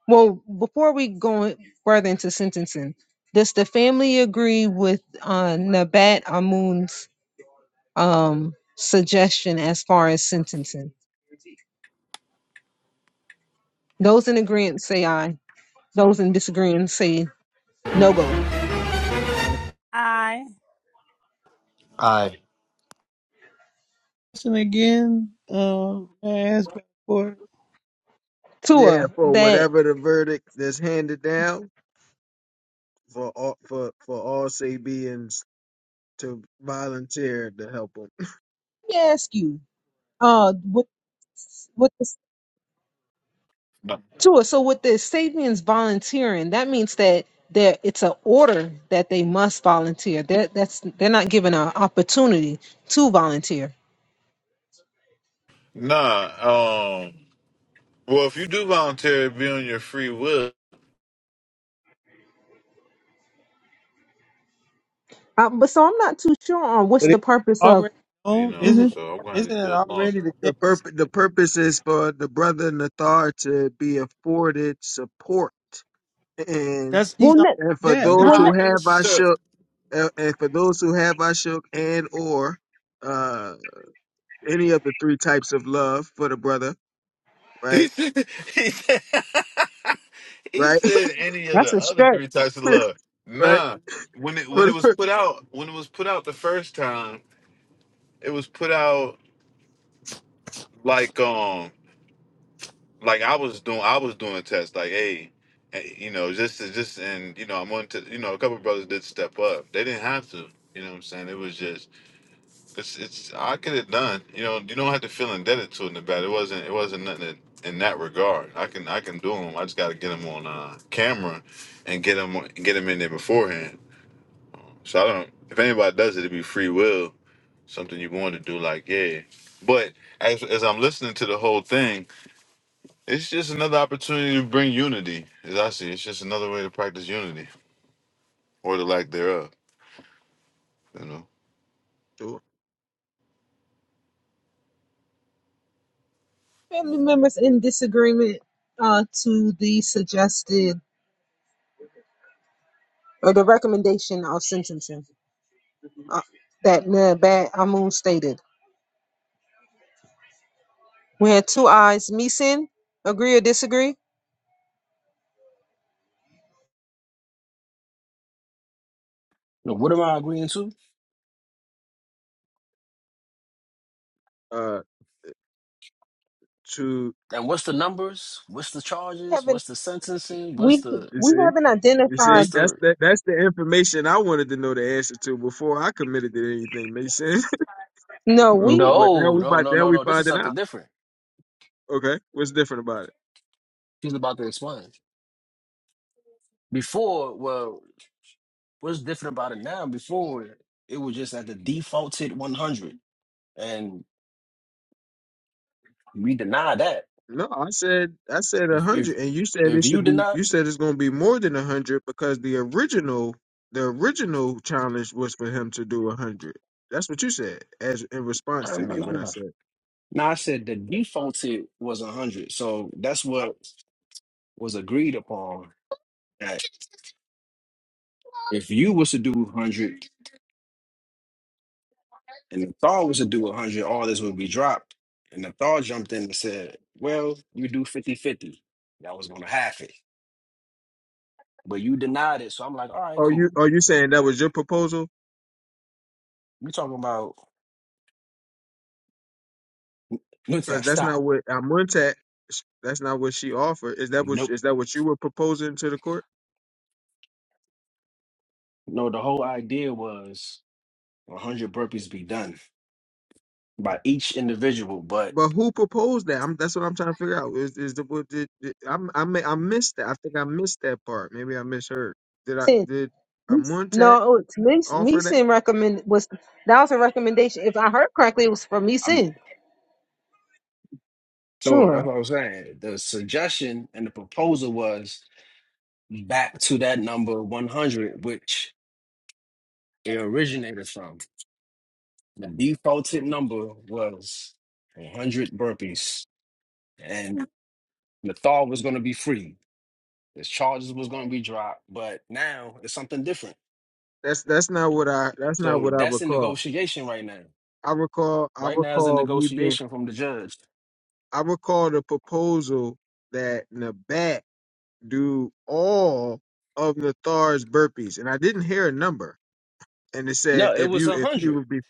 well, before we go further into sentencing, does the family agree with uh Nabat Amun's um suggestion as far as sentencing? Those in agreement say aye. Those in disagreeing say no go. Uh, I (laughs) Aye. Listen again. Uh, I asked for. it. yeah, Tua, for that let whatever the verdict that's handed down, for all, for for all Sabians to volunteer to help them. me ask you, uh, with with this, Tua, so with the Sabians volunteering, that means that that it's an order that they must volunteer. That that's they're not given an opportunity to volunteer. Nah. Um. Well, if you do volunteer, it'd be on your free will. Uh, but so I'm not too sure on what's But the it's purpose of. already You known? know. hmm Isn't So I'm going to have isn't to it do it long. already the The case? purpose the purpose is for the brother Nathar to be afforded support, and That's he's Well, already let and for dead. That- those well Nah, who let not have necessarily. Ashok, uh, and for those who have Ashok and or uh any of the three types of love for the brother, He right, said, (laughs) he said, (laughs) he right, (laughs) said any of that's the other right. three types of love. right, Nah, when it when for it was put out when it was put out the first time, it was put out like um like I was doing I was doing tests like hey, eh, you know just just and you know I'm on to you know a couple brothers did step up they didn't have to you know what I'm saying it was just It's it's I get it done. You know, you don't have to feel indebted to it in the bad. It wasn't it wasn't nothing in, in that regard. I can I can do them. I just got to get them on uh, camera and get them get them in there beforehand. So I don't. If anybody does it, it'd be free will, something you want to do. Like yeah, but as as I'm listening to the whole thing, it's just another opportunity to bring unity. As I see, it's just another way to practice unity or the lack thereof. You know, the, Family members in disagreement uh, to the suggested or the recommendation of sentencing. uh, that Ned Amun stated. We had two eyes. Meeson, agree or disagree? Now, what am I agreeing to? uh to And what's the numbers? What's the charges? Haven't What's the sentencing? What's we? the you We see. haven't You identified. see, what's that's the the that's the information I wanted to know the answer to before I committed to anything. Makes sense. (laughs) No, Well, we. but now No, we no, about no, now no, we no. This is finding out. something different. Okay, what's different about it? She's about to explain. Before, well, what's different about it now? Before it was just at the defaulted one hundred. And we deny that. No, I said I said a If if hundred, and you said if it you should be. deny, You said it's going to be more than a hundred because the original the original challenge was for him to do a hundred. That's what you said as in response no, to no, me no, when I no. said. No, I said the defaulted was a hundred, so that's what was agreed upon. That if you was to do hundred and the thaw was to do hundred, all this would be dropped. And the Thor jumped in and said, "Well, you do fifty-fifty. 50 That was gonna half it, but you denied it." So I'm like, "All right, Are you cool. are you saying that was your proposal? We talking about what's Because that that's stop? not what Amuntat. That's not what she offered. Is that what Nope. is that what you were proposing to the court? No, the whole idea was hundred burpees be done by each individual, but But who proposed that? I'm, that's what I'm trying to figure out. Is is the what did, did I'm, I may, I missed that? I think I missed that part. Maybe I misheard. Did I sin. did Amontet No, it's Meeson offer that? Meeson recommend was that was a recommendation. If I heard correctly, it was from I'm Meeson. so that's Sure. what I was saying. The suggestion and the proposal was back to that number 100, which it originated from. The defaulted number was 100 burpees, and the thought was going to be free. His charges was going to be dropped, but now it's something different. That's that's not what I that's not So what I that's in recall. negotiation right now. I recall I Right now is a recall me being negotiation from the judge. I recall the proposal that Nabat do all of Nathar's burpees, and I didn't hear a number. And it said No, it if was you if you 100. would be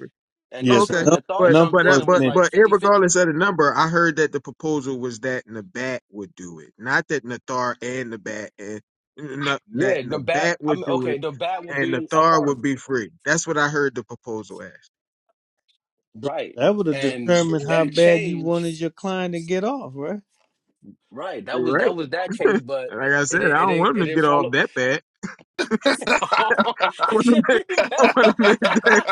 And Oh, that's yes, a Okay, when the number, a thought but number jumped but I- in was and but was mentioned. like but fifty-fifty. regardless of the number, I heard that the proposal was that Nabat would do it, not that Nathar and Nabat and n- n- that Yeah, the bat, Nabat I would mean, do okay, it the bat will and be a Nathar part would of it. be free. That's what I heard the proposal as. Right. That would have And determined how that bad you changed. wanted your client to get off, right? Right. That You're was that right. was that case, but Like it I it said, didn't- I it don't didn't want him it to didn't get follow. off that bad. (laughs) (laughs) I want yeah, to make, we I back. want to make that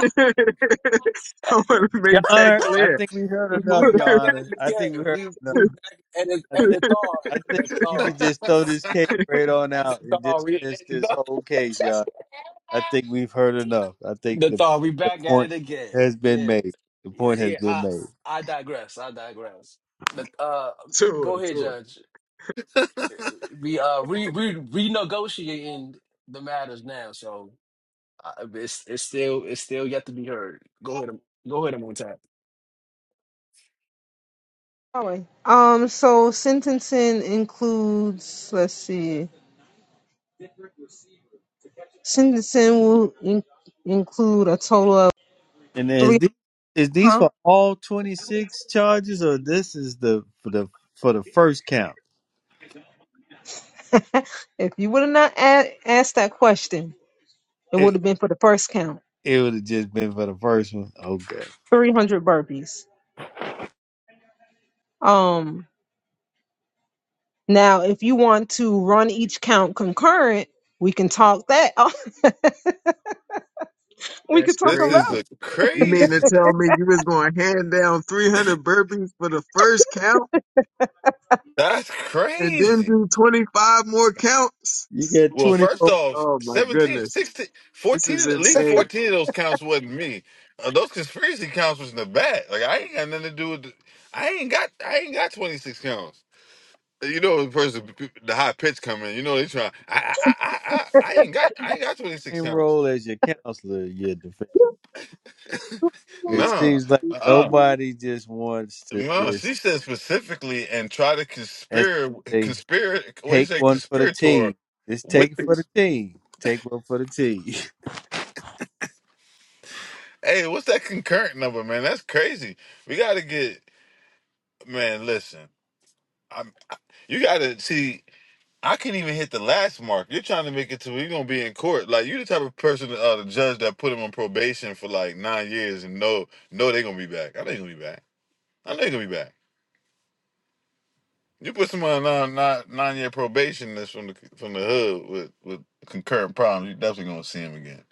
(laughs) I want to Your make that Honor, (laughs) I clear think we heard we enough, Your back at Honor. it I think we again. heard We enough. we back at it I at think the thaw. I think The you thaw. could just throw this case right on The out and thaw. We (laughs) at dismiss the this thaw. whole case, (laughs) Your Honor. I think we've heard enough. I think The the thaw. We the back at it point again. has been Yeah. made. The Yeah, point has yeah. been I made. I digress. I digress. But uh go to ahead, her. Judge. We uh re re renegotiating the matters now, so Uh, it's it's still it's still yet to be heard. Go ahead, Am- go ahead, on tap. Sorry. Um. So sentencing includes. Let's see. Sentencing will in, include a total of And is three. these is these Huh? for all twenty six charges, or this is the for the for the first count? (laughs) if you would have not a- asked that question, It would It have been for the first count, it would have just been for the first one. Okay, 300 burpees. Um, now if you want to run each count concurrent, we can talk that. (laughs) we could That's talk this is about. crazy. a You mean to crazy. tell me you was going to hand down 300 burpees for the first count That's and then crazy. do 25 more counts? you get Well, twenty first four off, Oh my seventeen, goodness. sixteen, This fourteen, is at least insane. 14 of those counts wasn't me. Uh, those conspiracy counts was in the back. Like, I ain't got nothing to do with the, I ain't got, I ain't got 26 counts. Uh, You know, the person, the high pitch coming, you know, they trying, I, I, I, I, I ain't got, I ain't got 26 name counts. role as your counselor. Your defense. It (laughs) Nah, seems like uh-uh. nobody just wants to No, just she said specifically and try to as conspire, they say, conspire, what do you take say, one for the conspirator team. Just with take it the, for the team. Take one for the team. (laughs) hey, what's that concurrent number, man? That's crazy. We got to get, Man, listen. I'm you gotta see I can't even hit the last mark. You're trying to make it to you're gonna be in court. Like you the type of person uh the judge that put him on probation for like nine years and no no they gonna be back. I know they gonna be back. I know they gonna be back. You put someone on nine, nine, nine year probation that's from the from the hood with, with concurrent problems, you definitely gonna see him again.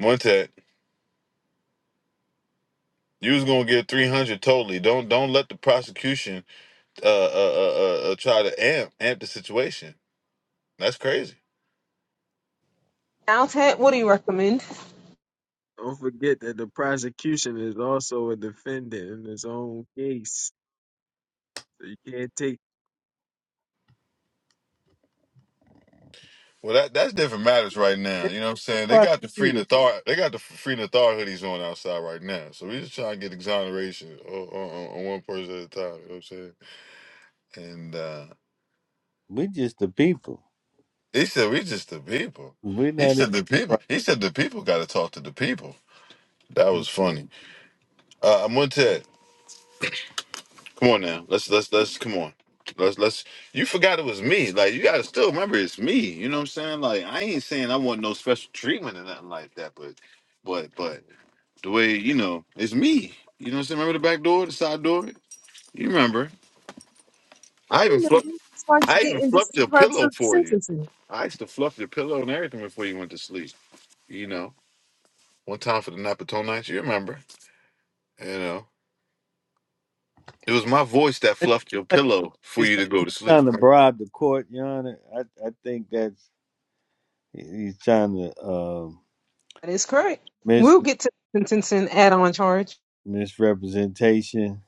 Montet, you was gonna get three hundred totally. Don't don't let the prosecution uh uh uh, uh uh, try to amp amp the situation. That's crazy. Now, Ted, what do you recommend? Don't forget that the prosecution is also a defendant in his own case. So you can't take Well, that that's different matters right now. There's You know what I'm no saying? They got the free prosecutor. Nathar, they got the free Nathar hoodies on outside right now. So we just trying to get exoneration on, on, on one person at a time. You know what I'm saying? And uh, We just the people. he said, "We just the people." We're He not even. said, "The people." He said, "The people got to talk to the people." That the was funny. Uh, I'm on Ted. Come on now. Let's let's let's come on. Let's let's. You forgot it was me. Like you got to still remember it's me. You know what I'm saying? Like I ain't saying I want no special treatment or nothing like that, but. But but The way, you know, it's me. You know what I'm saying? Remember the back door, the side door? You remember. I I even fluffed remember. It's like I even getting this fluffed the your purpose pillow of for you. sentencing. I used to fluff your pillow and everything before you went to sleep. You know. One time for the Napatone nights, you remember. You know. It was my voice that fluffed your prosecutor. pillow for It's you not to go he's to sleep. trying to bribe the court, Your Honor. I, I think that's he- he's trying to um That is correct. mis We'll get to sentencing add-on charge, misrepresentation.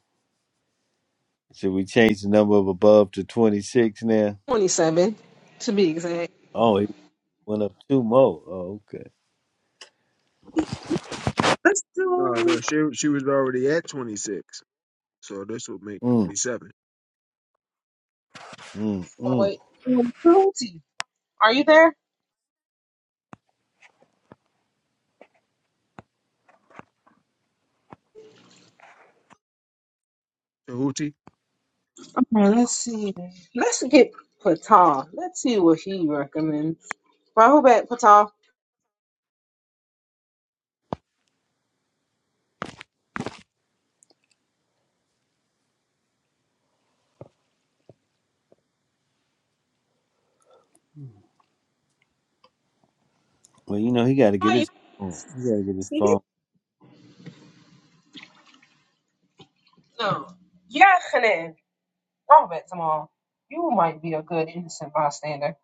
Should we change the number of above to twenty six now? twenty-seven to be exact. Oh, he went up two more. Oh, okay. Let's no, no. do. She she was already at 26, so this will make Mm, 27. mm, mm. Wait, um, cruelty. Are you there? Tahuti, Well, let's see. Let's get Patal. Let's see what he recommends. Rahubat Patal. Well, you know he got to get Are you his mm, he got to get his seated? phone. No. Yachanan. Rahubat Tamal. You might be a good innocent bystander.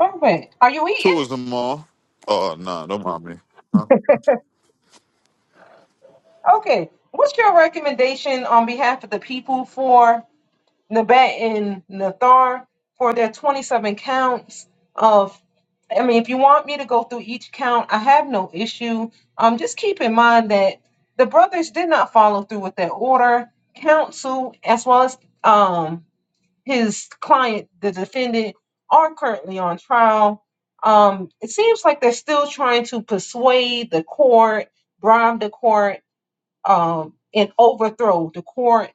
Rahubat, are you eating? Two of them all. Oh no, nah, don't mind me. Huh? Okay. What's your recommendation on behalf of the people for? Nabat and Nathar for their 27 counts of I mean, if you want me to go through each count, I have no issue. Um, just keep in mind that the brothers did not follow through with their order. Counsel, as well as um his client, the defendant, are currently on trial. Um, it seems like they're still trying to persuade the court, bribe the court um, and overthrow the court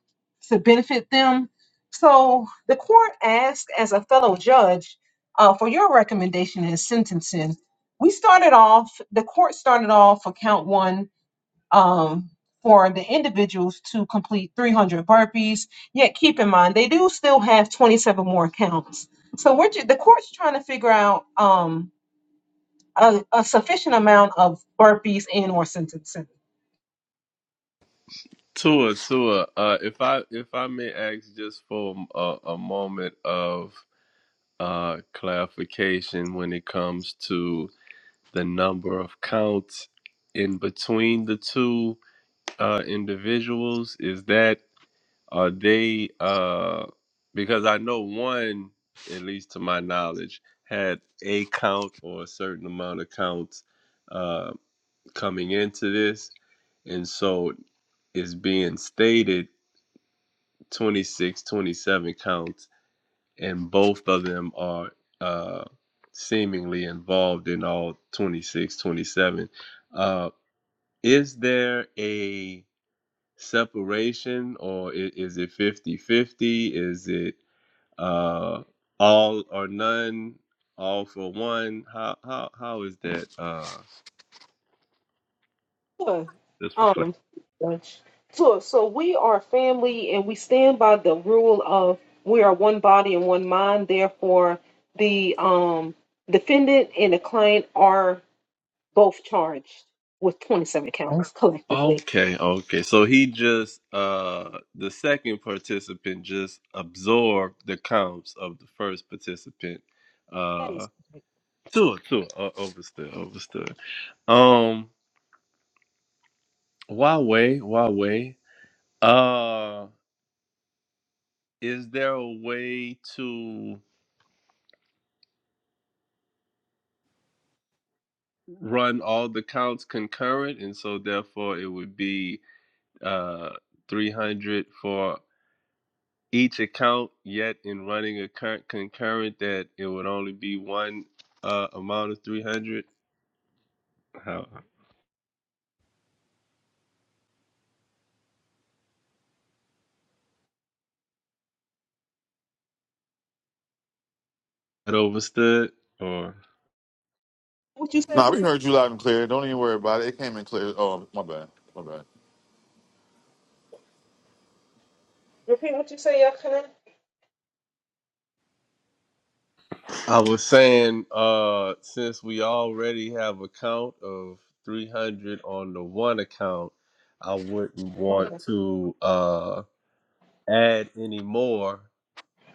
to benefit them. So the court asked, as a fellow judge, uh, for your recommendation in sentencing. We started off, the court started off for count one um, for the individuals to complete 300 burpees. Yet keep in mind, they do still have 27 more counts. So we're ju- the court's trying to figure out um, a, a sufficient amount of burpees and or sentencing. Tua, Tua. Uh, if I if I may ask just for a, a moment of uh, clarification when it comes to the number of counts in between the two uh, individuals, is that Are they uh because I know one, at least to my knowledge, had a count or a certain amount of counts uh coming into this. And so it's being stated 26, 27 counts, and both of them are uh seemingly involved in all 26, 27. Uh is there a separation or i- is it 50 50? Is it Uh, all or none, all for one. How how how is that? Uh, Sure. just for clarity. Um, Dutch. so, so we are family and we stand by the rule of we are one body and one mind. Therefore, the um, defendant and the client are both charged with 27 counts collectively. Okay, okay. So he just uh the second participant just absorbed the counts of the first participant. That is Uh, correct. two, two. Uh, overstood, overstood. Um, why way, why way? Uh, is there a way to run all the counts concurrent, and so therefore it would be uh, 300 for each account, yet in running a cur- concurrent that it would only be one uh, amount of 300. How that overstood? Or What you said, Nah, please? we heard you loud and clear. Don't even worry about it. It came in clear. Oh, my bad. My bad. Repeat what you said, Yakana. I was saying, uh, since we already have a count of 300 on the one account, I wouldn't want to uh, add any more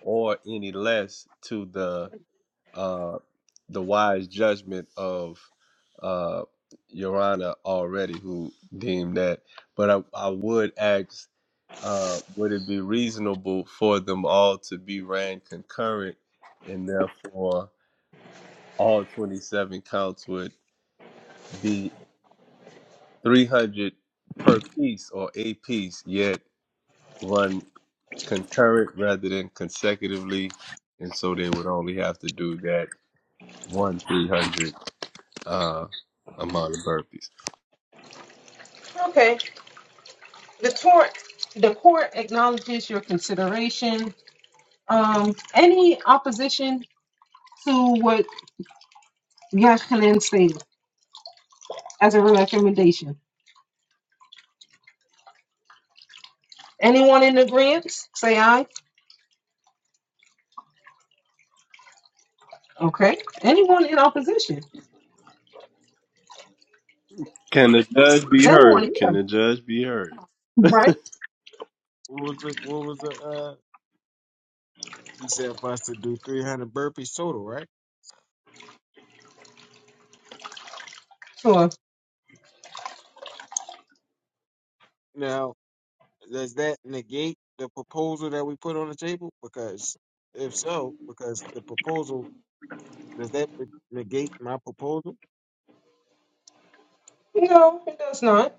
or any less to the uh, the wise judgment of uh, Your Honor already, who deemed that. But I, I would ask, uh, would it be reasonable for them all to be ran concurrent, and therefore all 27 counts would be 300 per piece or a piece, yet run concurrent rather than consecutively, and so they would only have to do that one 300 uh, amount of burpees. Okay. The court, the court acknowledges your consideration. Um, any opposition to what Yashkanan said as a recommendation? Anyone in agreement? Say aye. Okay. Anyone in opposition? Can the judge Is be anyone heard? Can here? the judge be heard? Right? what was the what was the uh? He said for us to do 300 burpees total, right? Sure. now. Does that negate the proposal that we put on the table? Because if so, because the proposal, does that negate my proposal? No, it does not.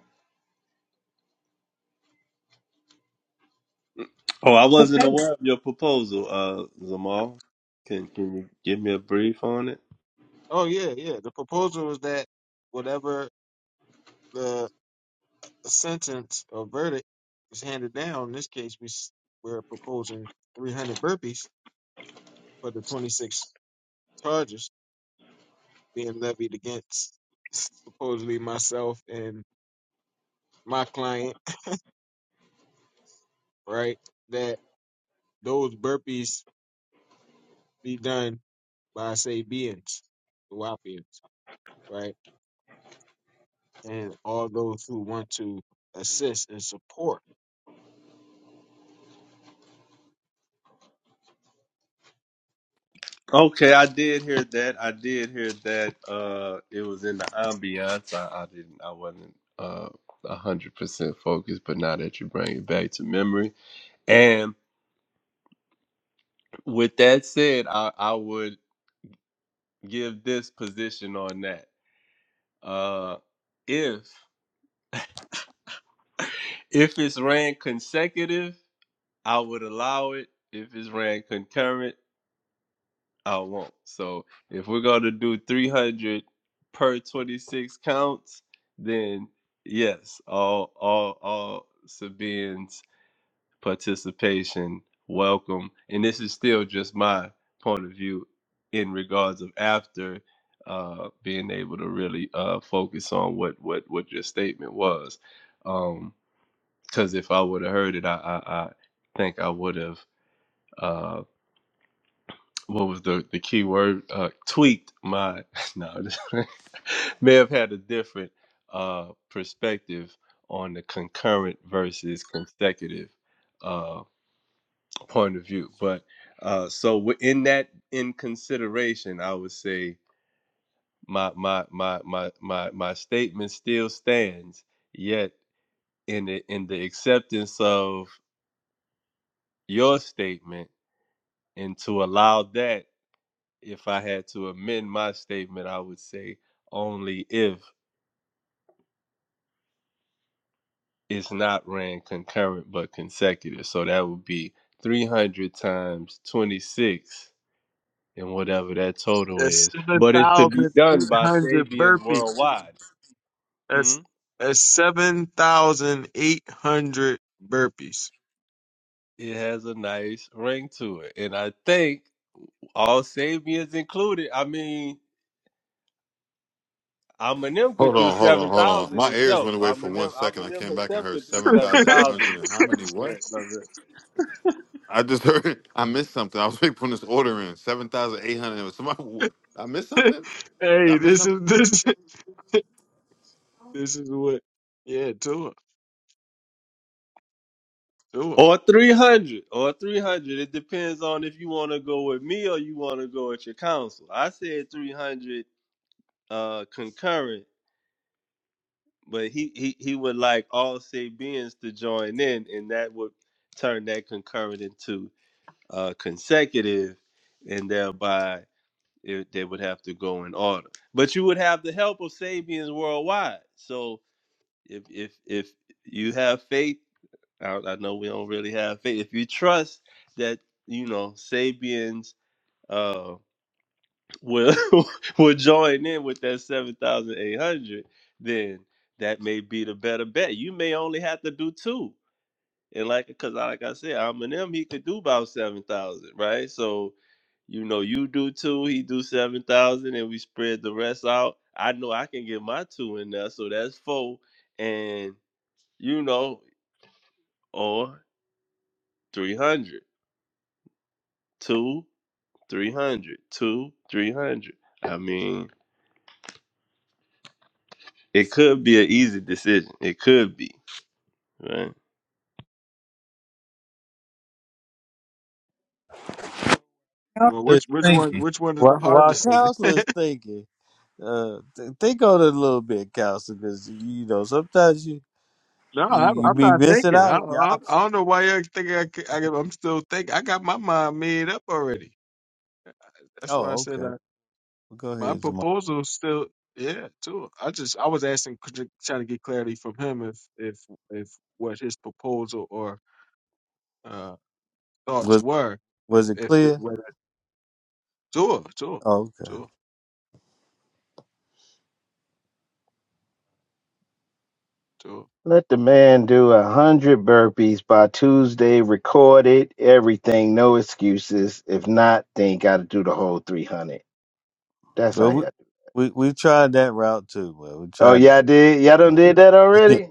Oh, I Okay. wasn't aware of your proposal, uh, Zamal. Can Can you give me a brief on it? Oh, yeah, yeah. The proposal is that whatever the sentence or verdict is handed down, in this case, we, s- we're proposing 300 burpees for the 26 charges being levied against supposedly myself and my client, right? That those burpees be done by Sabians, the Wapians, right? And all those who want to assist and support. Okay, I did hear that. I did hear that. Uh, it was in the ambiance. I, I didn't. I wasn't uh a hundred percent focused. But now that you bring it back to memory, and with that said, I I would give this position on that. Uh, if If it's ran consecutive, I would allow it. If it's ran concurrent, I won't. So if we're gonna do 300 per 26 counts, then yes, all all all Sabine's participation welcome. And this is still just my point of view in regards of after uh being able to really uh focus on what what what your statement was. Um because if I would have heard it, I, I, I think I would have. Uh, what was the the key word? Uh, tweaked my (laughs) no, (laughs) may have had a different uh, perspective on the concurrent versus consecutive uh, point of view. But uh, so within that in consideration, I would say my my my my my my statement still stands. Yet in the in the acceptance of your statement And to allow that, if I had to amend my statement, I would say only if it's not ran concurrent but consecutive. So that would be 300 times 26 and whatever that total That's is. But it's to be done by 7,800 Sabians burpees. worldwide. Hmm? That's, that's 7,800 burpees. It has a nice ring to it. And I think all Sabians included, I mean, Eminem could Hold do on, hold on, seven hold on. thousand My ears himself. went away for one Eminem, second. I Eminem came back and himself heard could do seven (laughs) seven thousand hey, eight hundred thousand. and how many? What? I just (laughs) heard. I missed something. I was putting this order in seven thousand eight hundred. Was Somebody, I missed something. Did I missed this something. is (laughs) this this is what yeah, do it. Do it. Or three hundred, or three hundred. It depends on if you want to go with me or you want to go with your counsel. I said three hundred uh, concurrent, but he, he he would like all Sabians to join in, and that would turn that concurrent into uh, consecutive, and thereby It, they would have to go in order, but you would have the help of Sabians worldwide. So if if if you have faith, I, I know we don't really have faith. If you trust that you know Sabians uh, will (laughs) will join in with that seven thousand eight hundred, then that may be the better bet. You may only have to do two and like, cause I- like I said, Eminem he could do about seven thousand, right? So, you know, you do two, he do seven thousand, and we spread the rest out. I know I can get my two in there, so that's four, and you know, or three hundred, two, three hundred, two, three hundred. I mean, it could be an easy decision. It could be, right? Well, Counselor's which which one thinking. which one is While, the while hardest? thing? counselor's thinking, uh, th- think on it a little bit, counselor, because you know sometimes you No, you, I'm, you I'm be not missing thinking. out I, on your I I options. don't know why you think I, c- I am still thinking. I got my mind made up already. That's why I Oh, said okay. Well, Go My ahead, Zamari. proposal still, yeah, too. I just I was asking, could- trying to get clarity from him if if if what his proposal or uh thoughts Was were, if was it if it, clear? whether too, too, Oh, okay. too, too. let the man do a hundred burpees by tuesday record it everything no excuses if not then gotta do the whole 300 that's how Well, we you we, we tried that route too. Well, we Oh, tried. y'all did y'all done That. did that (laughs) already?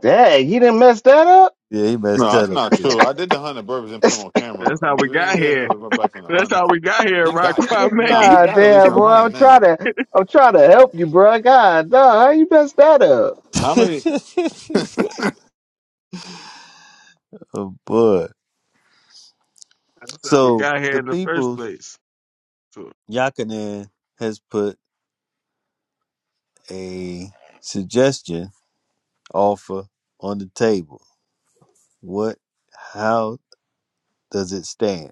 Dang, he didn't mess that up. yeah, he No, messed that that's up not too. true. I did the hundred burpees and put them on camera. That's how We we didn't got get here. another one back on the That's hundred. how we got here, He right, got he, (laughs) nah. Kwame? He (laughs) God got at least damn, a boy, hundred I'm now. trying to I'm trying to help you, bro. God, no, how you messed that up? How many? (laughs) oh boy. That's how we So got here the in the first people's place. So, Yakanan has put a suggestion offer on the table. What? How does it stand?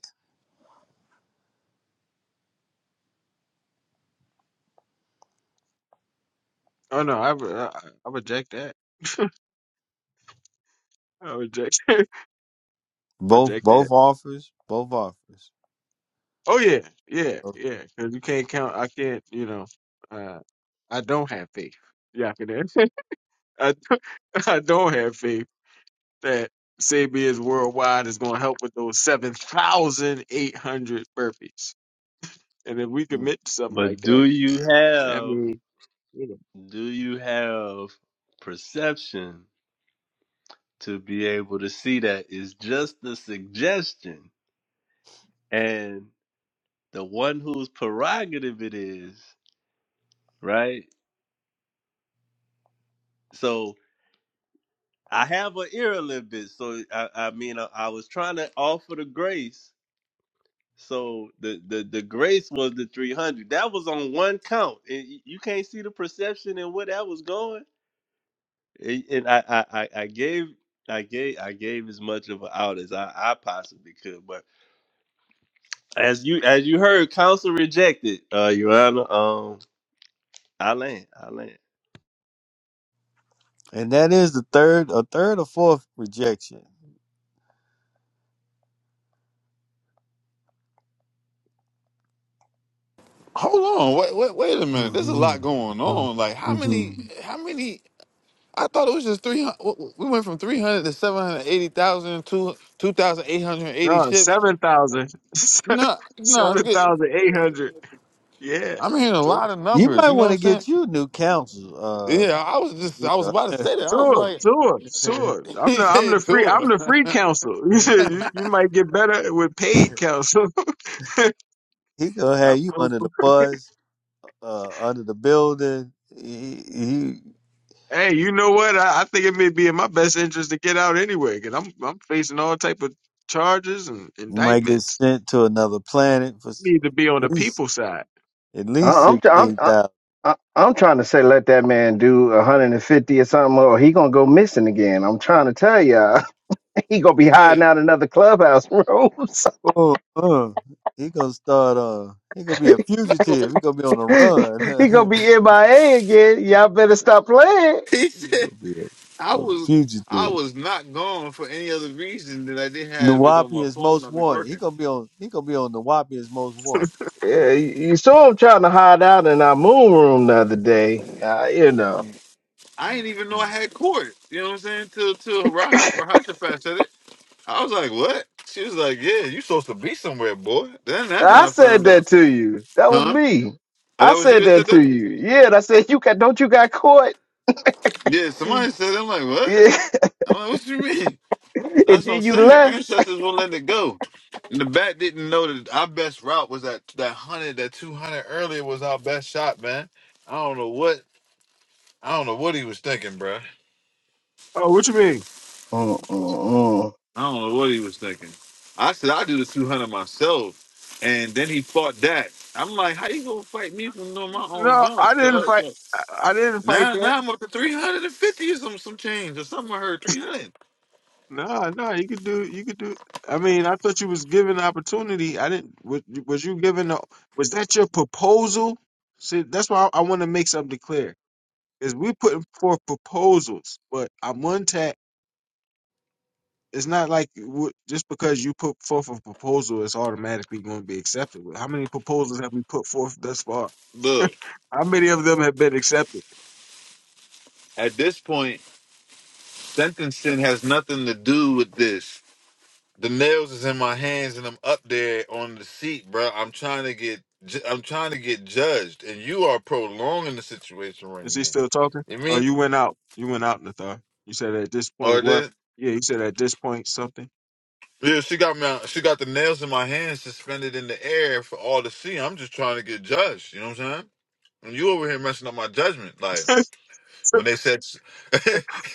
oh no, I, re- I I reject that. I reject. (laughs) I Both reject that. both offers. Both offers. Oh yeah, yeah, Oh, yeah. Because you can't count. I can't. You know. Uh, I don't have faith. Yeah, I can. (laughs) I I don't have faith that Sabia's worldwide is going to help with those seven thousand eight hundred burpees. And if we mm. commit to something like But do that, you I have mean, you know, do you have perception to be able to see that is just a suggestion. And the one whose prerogative it is, right? So I have an ear a little bit. So I, I mean, I, I was trying to offer the grace. So the, the, the grace was the 300. That was on one count. And y- you can't see the perception and where that was going. And and I, I, I I gave I gave I gave as much of an out as I, I possibly could. But As you as you heard, counsel rejected. Uh, Your Honor, um, I land, I land. And that is the third, a third or fourth rejection. Hold on. Wait, wait, wait a minute. There's a lot Mhm. going Mhm. on. Like how many? Mhm. How many? I thought it was just 300. We went from 300 to 780,000 to 2,880 no, ships. seven thousand, (laughs) No, no, it's seven good. thousand eight hundred. Yeah. I'm hearing a So lot of You numbers. might You know what want I'm to saying? get you new counsel. Uh, Yeah, I was just, you I was know, about to say that. I was Sure, like, sure, (laughs) sure. (laughs) I'm he the I'm said the free tour. I'm the (laughs) free counsel. (laughs) You said you, you might get better with paid counsel. (laughs) he gonna I'm have you under hopeful. the bus. uh, under the building. He, he hey, you know what? I, I think it may be in my best interest to get out anyway, because I'm I'm facing all type of charges and might get indictments. sent to another planet for s- need to be on the at least people side. at least I- I'm try- I'm sixteen I- thousand. I- I'm trying to say let that man do 150 or something, or he gonna go missing again. I'm trying to tell y'all, (laughs) he gonna be hiding Wait. out in other clubhouse (laughs) rooms. Oh, uh, he gonna start. Uh, he gonna be a fugitive. He gonna be on the (laughs) run. he gonna (laughs) be MIA again. Y'all better stop playing. He he said, gonna be I a, a was, I fugitive. was not gone for any other reason that I didn't have it on Nawapi my is phone. most I'll be wanted. He working. gonna be on. He gonna be on Nawapi is most wanted. Yeah, you you saw him trying to hide out in our moon room the other day. Uh, you know, Mm, I mm, didn't even know I mm. had court. You know what I'm saying? Till, till Rah- Rahashaphat said it. I was like, what? She was like, yeah, you supposed to be somewhere, boy. Then that's when I I said found that out. to you. That was Huh? me. Oh, I that was you said that said that to that? you. Yeah, and I said you got. Don't you got caught? Yeah, somebody said that. I'm like, what? Yeah, I'm like, what you mean? (laughs) and That's what I'm then you saying. Her left. ancestors won't let it go. And the bat didn't know that our best route was that that hundred, that two hundred earlier was our best shot, man. I don't know what I don't know what he was thinking, bruh. Oh, what you mean? Mm-mm-mm. I don't know what he was thinking. I said I do the two hundred myself, and then he fought that. I'm like, how you gonna fight me from doing my own No, junk? I didn't fight. cuz? I I didn't fight Now, now I'm up to 350 or some, some change or something. I heard 300. No, no, you could do. You could do. I mean, I thought you was given the opportunity. I didn't. Was, was you given? A, was that your proposal? See, that's why I, want to make something clear. Is we putting forth proposals, but I'm one tap. It's not like w- just because you put forth a proposal, it's automatically going to be accepted. How many proposals have we put forth thus far? Look, How many of them have been accepted? at this point, sentencing has nothing to do with this. The nails is in my hands and I'm up there on the seat, bro. I'm trying to get, ju- I'm trying to get judged, and you are prolonging the situation right Is he now. still talking? You Oh, mean? you went out. You went out, Nathar. You said at this Or point what? this? Yeah, you said at this point something. Yeah, she got me. She got the nails in my hands, suspended in the air for all to see. I'm just trying to get judged. You know what I'm saying? And you over here messing up my judgment, like. (laughs) when they said (laughs)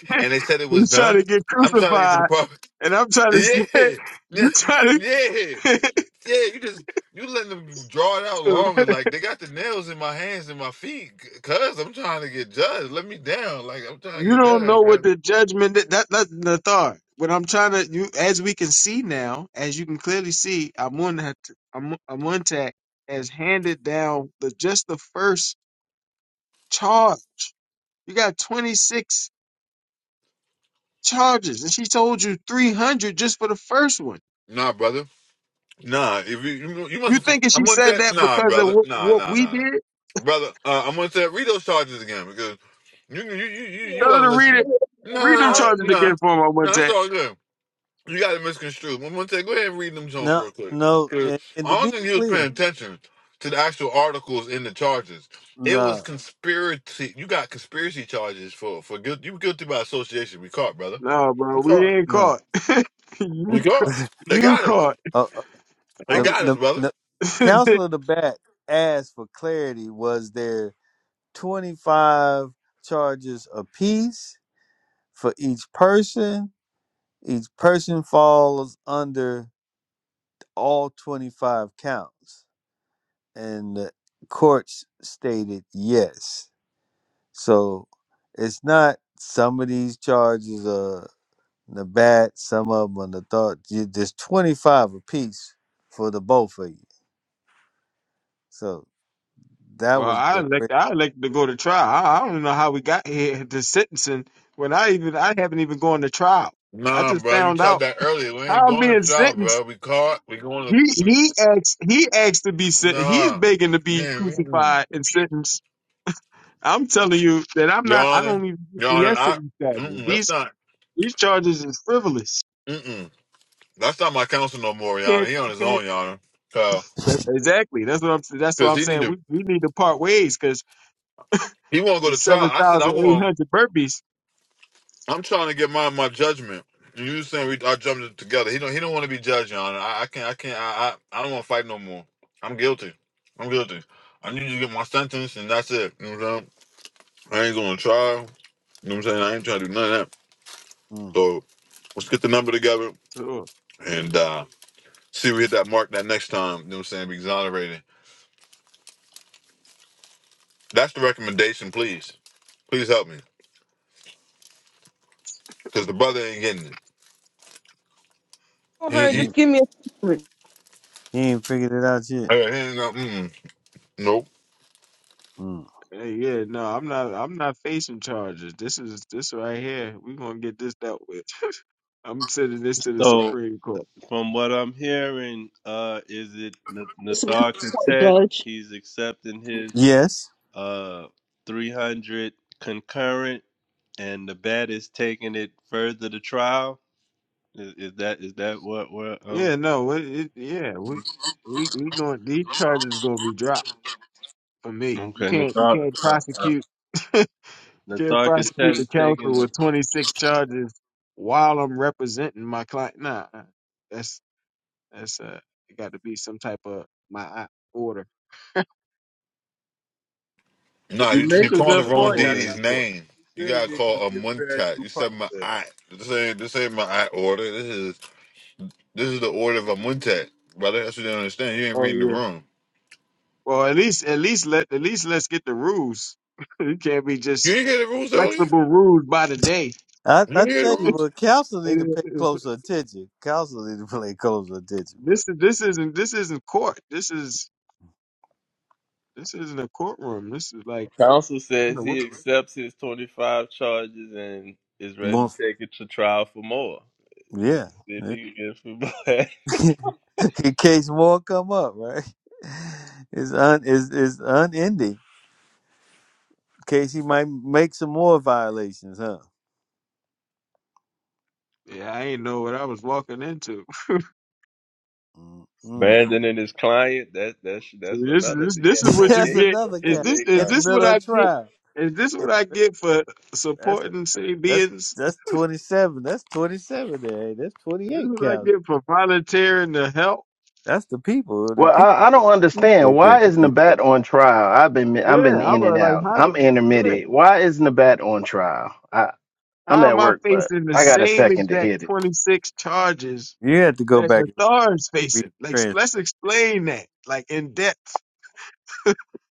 (laughs) and they said it was He's trying done. to get I'm trying to get to the crucified, part. (laughs) and I'm trying to (laughs) say, Yeah, yeah, you trying yeah, to, yeah. You just you letting them draw it out (laughs) longer. Like they got the nails in my hands and my feet, c- cause I'm trying to get judged. Let me down. Like I'm trying to you get don't down. know what Man. the judgment that that that's the thought. What I'm trying to, you as we can see now, as you can clearly see, Amun Amuntak has handed down the just the first charge. You got 26 charges, and she told you 300 just for the first one. Nah, brother. Nah, if you you, you must You have. forg- thinking I'm she gonna said tell. that Nah, because of brother. what, Nah, what nah, we nah, did? nah. Brother, uh, I'm gonna tell. Read those charges again because you you you you you Tell her wasn't to read it. listening. Nah, Read them I'll nah, read charges them. nah. again. again for him. I went Nah, It's to. all good. You got it misconstrued. I'm gonna say, go ahead and read them Jones No, real quick. no, 'Cause and, and to I don't be think he was clear, paying attention to the actual articles in the charges. It was no, conspiracy. You got conspiracy charges for for guilt. You were guilty by association. We caught, brother. No, bro, We we caught. ain't no. caught. (laughs) We you, caught. They you got us. caught. (laughs) They The, I'm, got us, the, the brother. (laughs) counsel of the bat asked for clarity. Was there 25 charges apiece for each person? Each person falls under all 25 counts. And the courts stated yes. So it's not some of these charges are the bat, some of them are the thought. You- There's 25 apiece for the both of you. So that well, was I the. elect. I elected to go to trial. I, I don't even know how we got here to sentencing when I even I haven't even gone to trial. I Nah, just bro. You found tried out that earlier. We ain't how I'm going being to trial, sentenced. bro. We caught. We going to. He We he asked he asked to be sent. He's nah. begging to be Man, mm-mm. crucified and sentenced. I'm telling you that I'm Your not. I don't Honor, even. get Your the Honor, yes to I. these charges. Mm-mm, that's These not. these charges is frivolous. Mm-mm. That's not my counsel no more, Your You Honor. He on his can't own, Your Honor. Because Exactly. That's what I'm. That's what I'm he need saying. to, We we need to part ways because he won't go to seven trial. I said, I thousand eight want, hundred burpees. I'm trying to get my, my judgment. You saying we I jumped it together. He don't he don't want to be judged, Your Honor. I, I can't I can't I, I I don't want to fight no more. I'm guilty. I'm guilty. I need to get my sentence and that's it. You know what I'm saying? I ain't going to trial. You know what I'm saying? I ain't trying to do none of that. So let's get the number together So, and uh see if we hit that mark that next time. You know what I'm saying? Be exonerated. That's the recommendation, please. Please help me. because the brother ain't getting it. For He, her, he, just You give me a secret. you ain't figured it out yet. uh, he ain't, uh, mm, nope. Mm. hey, yeah, no, I'm not. I'm not facing charges. This is this right here. We gonna get this dealt with. (laughs) I'm sending this to the So Supreme Court. from what I'm hearing, uh, is it N- Nathar Katet? He's accepting his Yes. uh 300 concurrent, and the bat is taking it further to trial. Is, is that is that what we're um? Yeah, no, it, it, yeah, we we we going these charges gonna be dropped for me. You Okay, can't you Nathar can't uh, uh, prosecute (laughs) you can't Nathar Katet prosecute the is taking. council The, with 26 charges while I'm representing my client. Nah, that's That's uh, it got to be some type of my I- order, Nah, you you you make a calling the good type of wrong point. I, I order in deity's the court. name. You still gotta get call a your fair muntat. due You said my process. aunt. This ain't this ain't my aunt order. This is this is the order of a muntat, brother. That's what you don't understand. You ain't Oh reading the yeah. room. Well, at least at least let at least let's get the rules. (laughs) it can't be just You didn't hear the rules earlier. flexible rules by the day. I, You I didn't hear the tell you, rules. but council need to And it- pay it- closer attention. Council need to (laughs) pay closer attention, but this is this isn't this isn't court. This is this isn't a courtroom. This is like Counsel you know says what? he accepts his 25 charges and is ready to more, take it to trial for more. If, yeah. if yeah. he if he- (laughs) In case more come up, right? It's un it's, it's unending. In case he might make some more violations, huh? Yeah, I ain't know what I was walking into. (laughs) (laughs) Mm-mm. abandoning his client, that that's So that's this is another. this Yeah, this (laughs) is what you that's 28. get. That's another Is count this 28 is in the count. this what middle I of get? trial. Is this In what the, I mi- get for that's a, supporting city that's beings? that's twenty seven. That's twenty seven. There, hey, that's twenty This is eight what I counts. get for volunteering to help. That's the people. The Well, people I, I don't understand. said that. Why is Nabat on trial? I've been Yeah, I've been I'm in uh, and like, out. how did, I'm yeah, intermittent. Why is Nabat on trial? I I'm how at am I work, but facing the I got a same second to exact hear this. 26 charges You have to go that back and Nathar's read facing? the Like, let's transcript. explain that, like, in depth.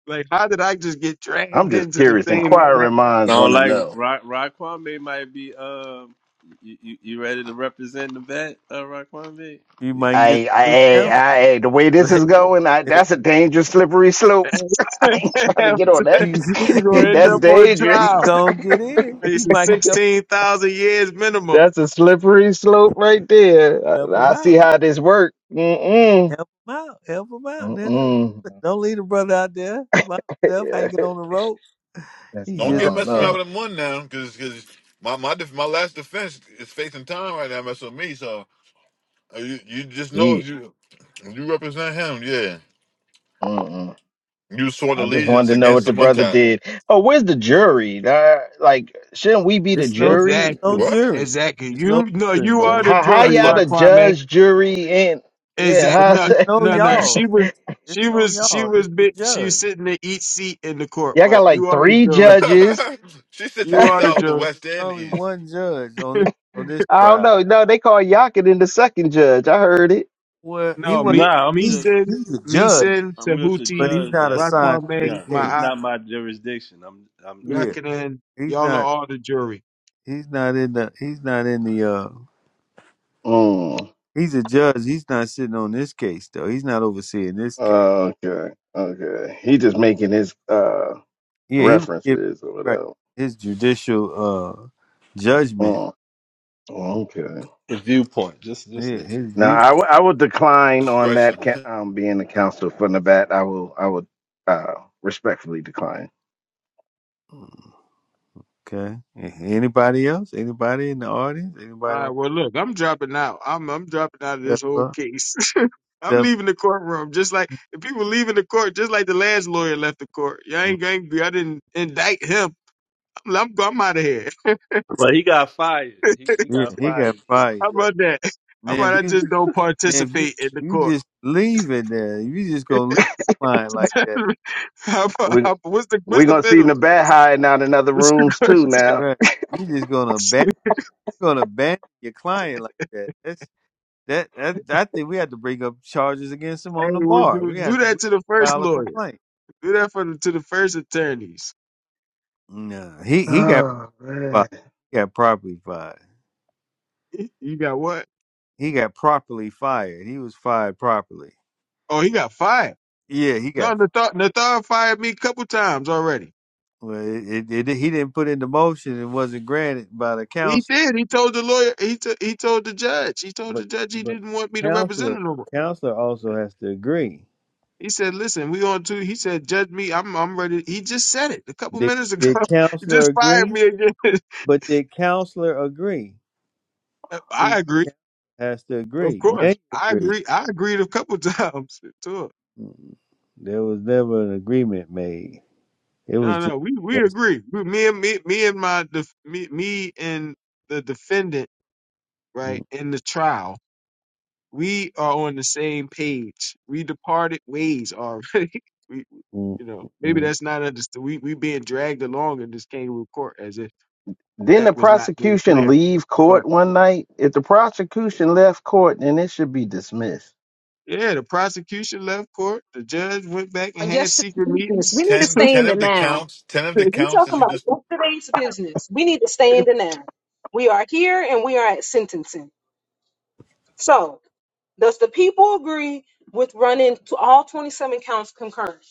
Like, how did I just get I'm dragged just into the curious. same exact? Inquiring minds Sound want to like know. Rock Raquame might be. Um, you, you you ready to represent the vet, uh, Raquame? You might get I, some new I, I, I, the way this counsel. is (laughs) going, I, that's a dangerous slippery slope. (laughs) I ain't trying to (laughs) get on you, You're going that. (laughs) to end that's you, up on you dangerous. trial (laughs) gonna get in. You facing might help 16,000 years minimum. That's a slippery slope right there. help him I, I see out. how this works. Mm-mm. Help him out. Help him out. Now. Mm-mm. Don't leave the brother out there by (laughs) himself Yeah, hanging on the rope. that's, He I Don't just get out don't messing there. around know. with a mun now, because my my def- my last defense is faith and time right now messing with me. So uh, you you just know if Jeez. you if you represent him, yeah. Mm-mm. You sworn I just wanted allegiance to know against what the the brother muntat. did. Oh, where's the jury? Uh, like, shouldn't we be the It's no jury? no Exactly. What? jury. Exactly. It's no You know, jury, you are buddy. the How how jury, That's y'all the. the Raquame. judge, jury, and yeah, Exact. It's, how No, it's say no no, (laughs) no. y'all y'all. She was, It's, it's she no was, she y'all. It's was the big. She was judge. sitting in each seat in the court. got But like you are the three jury. judges. (laughs) she sits (laughs) in You the I It's are the only, south, the jury. west, it's and the only east. one judge on this on this trial. don't know. No, they call Yakin in the second judge. I heard it. Well, he No, was me, Nah, I'm Meeson, he's just sin, he's a me, judge, sin, I'm just a but Tahuti, he's judge. not That that assigned to this Raquame, yeah, it's my case. not my jurisdiction. I'm I'm Yeah, Yakanan. he's Y'all are not all the jury. he's not in the he's not in the uh Mm. he's a judge. He's not sitting on this case though. He's not overseeing this case. Okay. Okay. He just making his uh Yeah, he was given references or right whatever. his judicial uh judgment. Mm. Okay. the viewpoint. Just just Yeah, a his Now I view. w- I will decline on that Discretion. ca- (laughs) um being the counselor for Nabat. I will I will uh respectfully decline. Okay. Anybody else? Anybody in the audience? All Anybody right. want Well, look, I'm dropping out. I'm, I'm dropping out of to step this whole up? case. (laughs) I'm Step. leaving the courtroom. Just like the people leaving the court, just like the last lawyer left the court. Y'all mm, ain't, ain't I didn't indict him. I'm, I'm, I'm out of here. But he got fired. He he Yeah, got he got fired too. fired. How Yeah. about that? Now, How about if I you just don't Now, if you participate in the you court? just leave it there, if you just gonna (laughs) leave your client like that, how about, We how, what's the what's we're the gonna see penalty? Nabat hiding out in other (laughs) What's the rooms too consequence? now. right? You just gonna (laughs) abandon, gonna abandon your client like that. That's that, that. I think we have to bring up charges against him hey, on the we'll bar. do We do have to we that have to to the first file a lawyer. complaint. Do that for the, to the first attorneys. (laughs) No, he he got Oh fired. man. He got properly fired. You got what? He got properly fired. He was fired properly. Oh, he got fired. Yeah, he got. No, Fired. Nathar, Nathar fired me a couple times already. Well, it, it, it, he didn't put in the motion. It wasn't granted by the council. He did. He told the lawyer. He t- he told the judge. He told the But judge he but didn't want me to represent counselor him no more. counselor also has to agree. He said, "Listen, we on two." He said, "Judge me. I'm I'm ready." He just said it a couple Did minutes ago. did (laughs) He counselor just fired agree? me again. But did counselor agree? (laughs) See, I agree, has to of agree. Now course. you I agree. agree. I agreed a couple (laughs) times to it. Mm. There was never an agreement made. It was No, just no, we we just- agree. We, me and me me and my def, me me and the defendant, mm, right in the trial, we are on the same page. We departed ways already. (laughs) We, mm, you know, mm. maybe mm. that's not understood. We we being dragged along in this kangaroo court as if Didn't that the was not made prosecution clear. leave court one night? If the prosecution left court, then it should be dismissed. Yeah, the prosecution left court. The judge went back and had yesterday. secret We meetings. need to Ten, stay in ten the of the now. counts, ten of (laughs) the We're counts that talking you just, about yesterday's business. We need to stay in the now. We are here and we are at sentencing. So, does the people agree with running to all 27 counts concurrent?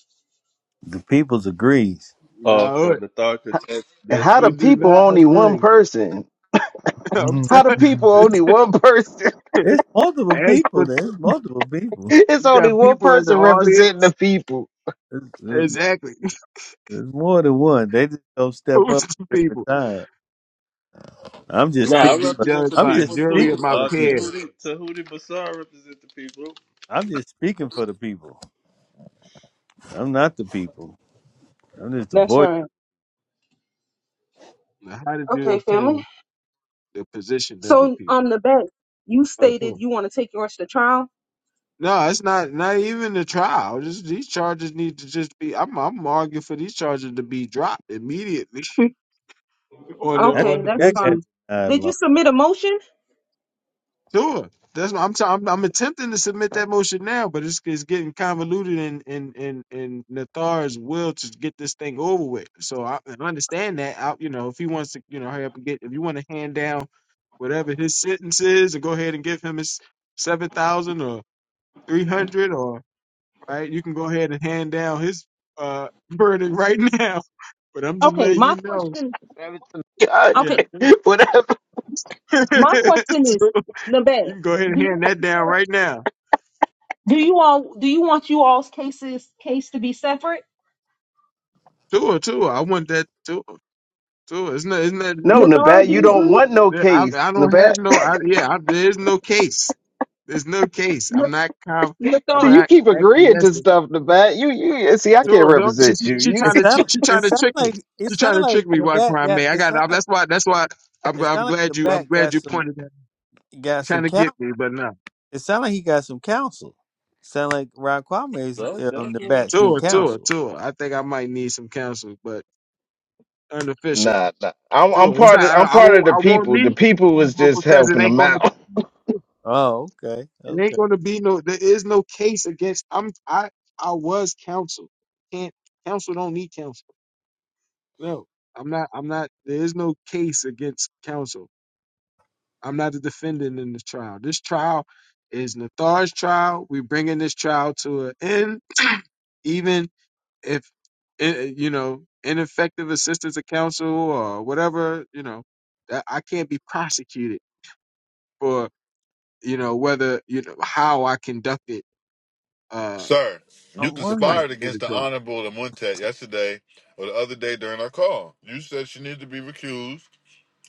the people's agrees. Uh, for no, the thought H- contest, And that how we do tweet do too. people not only one agree. person? (laughs) I'm Mhm. How do Mhm. people only t- one person? (laughs) (laughs) It's multiple As for people. There's multiple people. It's you only got one people in the person representing the audience. people. There's, there's Exactly. there's more than one. They just don't (laughs) step Who's up the at different people? times. I'm I just No, got to speaking. I be For, represent the judged I'm by a just people jury of speaking too. my for the Uh, people. peers. Tahuti Tahuti Bassar represent the people. I'm just speaking for the people. I'm not the people. I'm just the That's voice. right. Now, how did you Okay, family. obtain the position of the So, people? on the back, you Oh, stated cool. you want to take yours to trial. No, it's not. Not even the trial. Just these charges need to just be. I'm. I'm arguing for these charges to be dropped immediately (laughs) on the I think Okay, on the that's that got fine. basis denied Did you long. submit a motion? Sure. That's what I'm, t- I'm I'm attempting to submit that motion now, but it's, it's getting convoluted in in in in Nathar's will to get this thing over with. So I, I understand that. I, you know, if he wants to, you know, hurry up and get. If you want to hand down whatever his sentence is, and go ahead and give him his seven thousand or three hundred, or right, you can go ahead and hand down his uh (laughs) verdict right now. (laughs) But I'm just Okay, letting you my know. question. Seven to the Yeah. Okay, (laughs) judge. (laughs) Whatever. my question is, So Nabet, you can go ahead and do you hand that down right now. do you all do you want you all's cases case to be separate? Tua, Tua. I want that Tua, Tua. It's not, it's not. No, Nathar, Nabat, do you you It's, don't want agree? no yeah, I, case, I don't Nabat. have no. I, (laughs) yeah, I, there's no case. There's no case. I'm not. Com, looked I'm so on you not keep acting agreeing yes. to stuff, Nabat. You, you see, I It, can't Tua, don't. She, represent she, she you. it trying to. She, sound she it trying to sound trick me. like it She trying sound to like trick me. the Why bat crime got may? I it got. sound I, like that's why. That's why. I'm. it I'm sound like the glad you. I'm bat glad got you some pointed that. got She's some trying to get counsel. me, but no. It sound like he got some counsel. Sound like Ron Kwame is Well, that's um, what the it bat's new seems Tua, like. Tua, counsel. Tua. I think I might need some counsel, but unofficial. Nah, nah. I'm I'm Tua. It's not. part of I, I'm I part won't. of the I won't people. need The it people was just because it helping ain't them going to. out. (laughs) Oh, okay, It ain't okay. gonna be no. There is no case against. I'm. I. I was counsel. Can't counsel don't need counsel. No, I'm not. I'm not. There is no case against counsel. I'm not a defendant in this trial. This trial is Nathar's trial. We're bringing this trial to an end, even if eh, eh, you know ineffective assistance of counsel or whatever. You know, that I can't be prosecuted for. You know whether you know how I conducted uh sir, you I'm the fight wondering, conspired in against the the trial. honorable the Montet yesterday or the other day during our call. You said she needed to be recused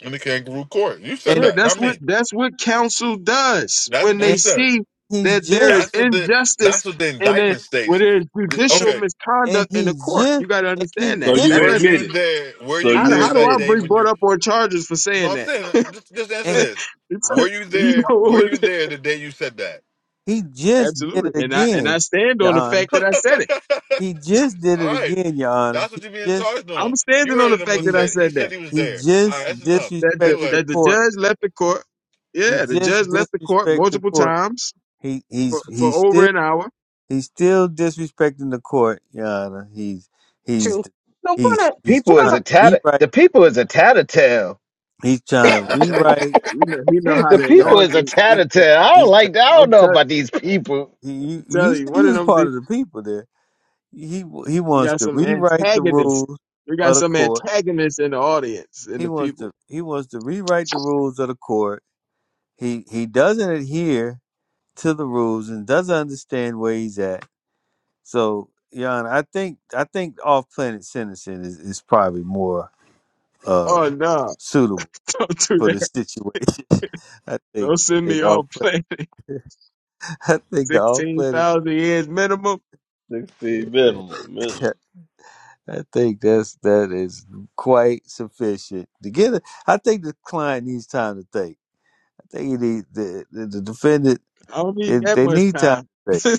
in the kangaroo court. You said Yeah, and that, that's not what me. that's what counsel does That's when what you they and said. see he's that there just is That's what the that's injustice what the and then indictment when states. there's The- and judicial Okay, and misconduct in he the court. just You got to and he understand So that. just you That were doesn't. you admit it. there? Were So you How, you there how do that I admit it. day be when brought you? up on charges for No, saying I'm that? saying just, just answer (laughs) and this. It's- Were you you there? know, what Were you was it? there the day you said that? he is. just did it absolutely. And I and again, I stand Your on the Honor. fact that I said it. (laughs) He just did it All right, again, Your Honor. that's what He you're being just charged on. I'm You standing on heard the it in fact one that he I text. He said said that. he was he there. All right, just that's enough. That the disrespected the Anyway, that the court. judge left the court. He Yeah, the just judge left the court disrespected the multiple court. times He he's for, for he's over still an hour he's still disrespecting the court, Your Honor. He's he's to. So we're he's gonna he's we're People trying is gonna to a tatter. rewrite. The people is a tattletale. (laughs) He's trying to (laughs) I tell you, rewrite. you know, he know how The He's to trying. people is a elongate. He's trying, tattletale. I don't he's like trying that. I don't I'm know tell about these people. he, you, you tell you, say he one of was them, part they, of the people there. He he you wants got to some rewrite the antagonists. rules You of got the some court. antagonists in the audience, in He the wants people. to he wants to rewrite the rules of the court he he doesn't adhere to the rules and doesn't understand where he's at. So, Jan, I think I think off planet sentencing is, is probably more uh Oh no, (laughs) suitable don't do for the that. situation. (laughs) I think Don't send think me off off (laughs) planet. planet. (laughs) I think the off planet. 16,000 years minimum. Sixteen minimum, Yeah. minimum. (laughs) I think that's that is quite sufficient to get. A, I think the client needs time to think. I think he need, the, the the defendant I don't they, need that they much need time time. (laughs) to I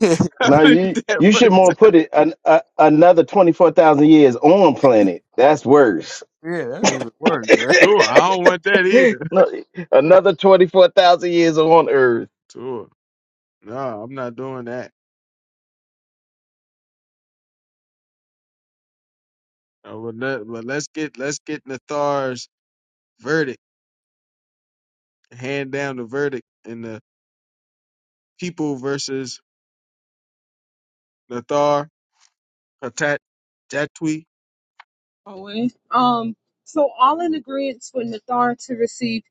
think. (laughs) No, don't need you that you much should more time. put it an, a, another twenty four thousand years on planet. That's worse. yeah, that's even worse, (laughs) right? Sure, I don't want that either. no, another twenty four thousand years on Earth. Sure. No, I'm not doing that. Uh, but, let, but let's get let's get Nathar's verdict. Hand down the verdict in the. people versus Nathar Hatat Datwi. Owen. Um so all in agreement with Nathar to receive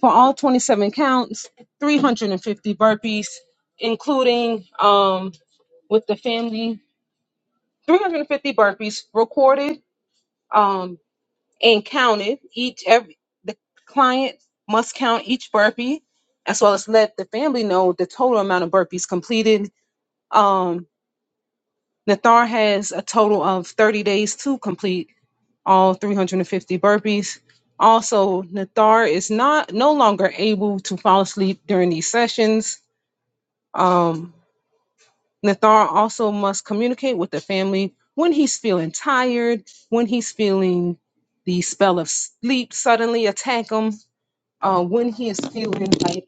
for all twenty seven counts, three hundred and fifty burpees, including um with the family, three hundred and fifty burpees recorded um and counted. Each every the client must count each burpee as well as let the family know the total amount of burpees completed. Um Nathar has a total of 30 days to complete all 350 burpees. Also, Nathar is not no longer able to fall asleep during these sessions. Um, Nathar also must communicate with the family when he's feeling tired, when he's feeling the spell of sleep suddenly attack him, uh, when he is feeling like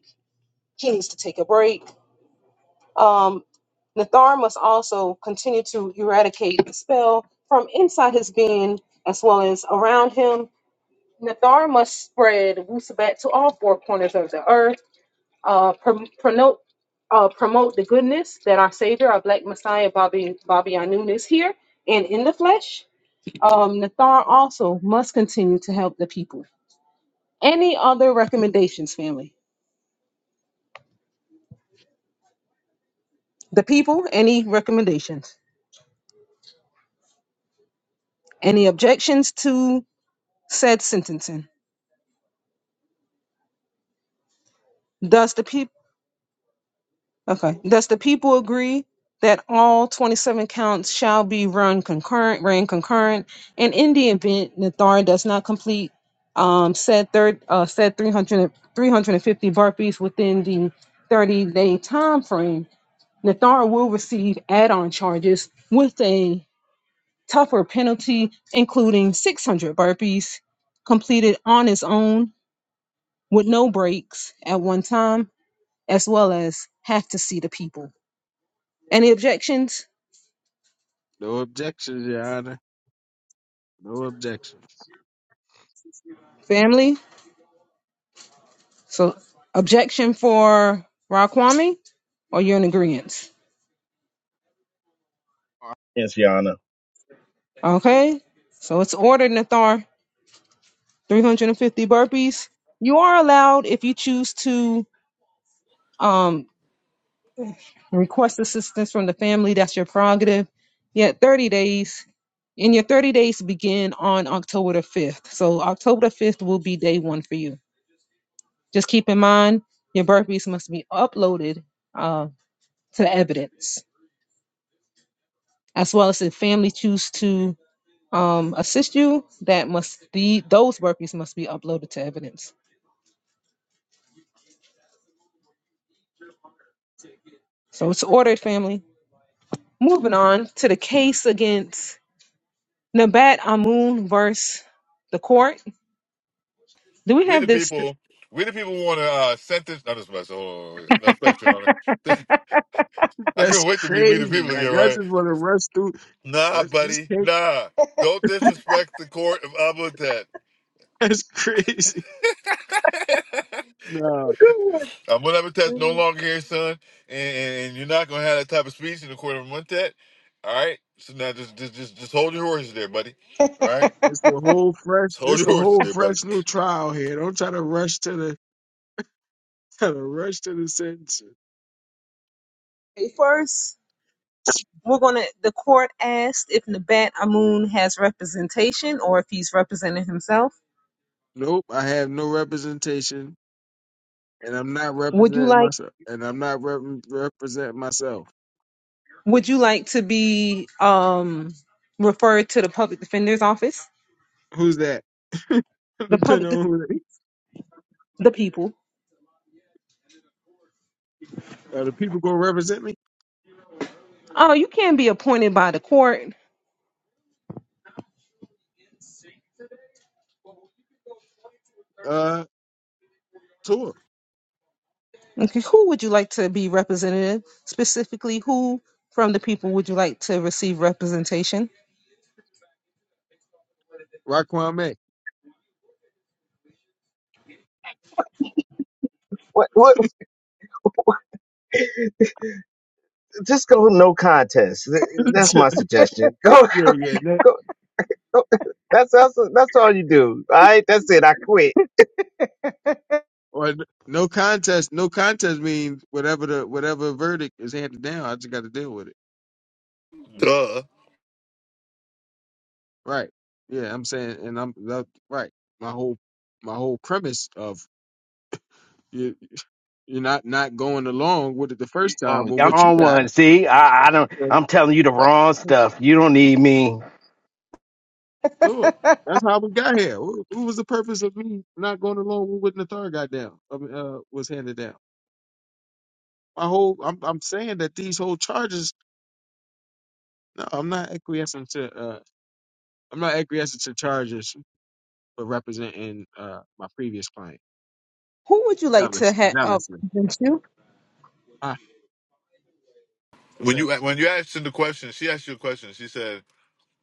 he needs to take a break. Um, Nathar must also continue to eradicate the spell from inside his being as well as around him And the Dharma spread Wusabat to all four corners of the earth, uh, prom- promote, uh, promote the goodness that our Savior, our Black Messiah, Bobby, Bobby Anun, is here and in the flesh. Um, Nathar also must continue to help the people. Any other recommendations, family? The people, any recommendations? Any objections to said sentencing? Does the people? Okay. Does the people agree that all 27 counts shall be run concurrent, ran concurrent, and in the event Nathar does not complete um, said third uh, said 300, 350 burpees within the 30 day time frame, Nathar will receive add-on charges with a tougher penalty, including 600 burpees completed on his own with no breaks at one time, as well as have to see the people. Any objections, No objections, Your Honor. No objections. family? So objection for Raquami, or you're in agreement? Yes, Yana. Okay. So it's ordered, Nathar. 350 burpees. You are allowed if you choose to um, request assistance from the family. That's your prerogative. Yet 30 days. And your 30 days begin on October the 5th. So October the 5th will be day one for you. Just keep in mind your burpees must be uploaded uh, to the evidence. as well as if family choose to um, assist you, that must be those workers must be uploaded to evidence. So it's ordered, family. Moving on to the case against Nabat Amun versus the court. Do we we have the this? people. We the people want to uh, sentence. Not just mess. Hold on, no flex, Your Honor. (laughs) (laughs) I That's can't wait to be we the crazy. people again, Like I just right? want to rush through. Nah, That's this buddy. can't, Nah, don't disrespect the court of Abutet. (laughs) That's crazy. Nah, A Montept no (laughs) longer here, son, and, and, and you're not gonna have that type of speech in the court of a Montet. All right. So now just just just just hold your horses there, buddy. All right. it's a whole fresh. Just hold It's your a horses whole there, buddy. fresh new trial here. Don't try to rush to the (laughs) try to rush to the sentence. Okay, First, we're gonna. The court asked if Nabat Amun has representation or if he's representing himself. Nope, I have no representation, and I'm not Would you representing like? myself. And I'm not rep- representing myself. Would you like to be um referred to the public defender's office? Who's that? (laughs) The public, Depending the, on who they, the people. are the people gonna represent me. Oh, you can be appointed by the court. uh tour, Okay, who would you like to be representative? Specifically, who from the people would you like to receive representation? Raquan May. What what? Just go no contest. Th- (laughs) That's my suggestion. (laughs) yeah, yeah. That, Go (laughs) that's that's that's all you do. All right, that's it. I quit. or no contest. No contest means whatever the whatever verdict is handed down. I just got to deal with it. (laughs) Duh. Right. Yeah, I'm saying, and I'm that, right. My whole my whole premise of you you're not not going along with it the You, first time oh, with I'm what you on got. one. See, I, I don't. then I'm telling you the wrong that's stuff. You don't need me. (laughs) Tour. That's how we got here. What, what was the purpose of me not going along with what Nathar got down? I mean, uh, was handed down. My whole, I'm, I'm saying that these whole charges No, I'm not acquiescing to. Uh, I'm not acquiescing to charges for representing uh my previous client. Who would you like to Zealous, have uh, zealously. represent you? Ah, what's When that? you when you asked him the question, she asked you a question. She said,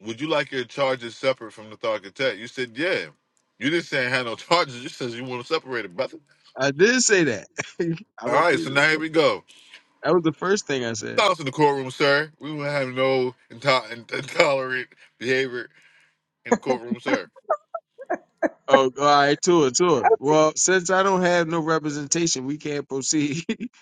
"Would you like your charges separate from the Tharkatet?" You said, "Yeah." You didn't say I had no (laughs) charges. You said you want them separated, brother. I did say that. (laughs) I All right. So repeated now here it. we go. That was the first thing I said. Silence in the courtroom, sir. We will have no into- in- intolerant behavior in the courtroom, sir. Oh, all right, to it, to it. Well, since I don't have no representation, we can't proceed (laughs)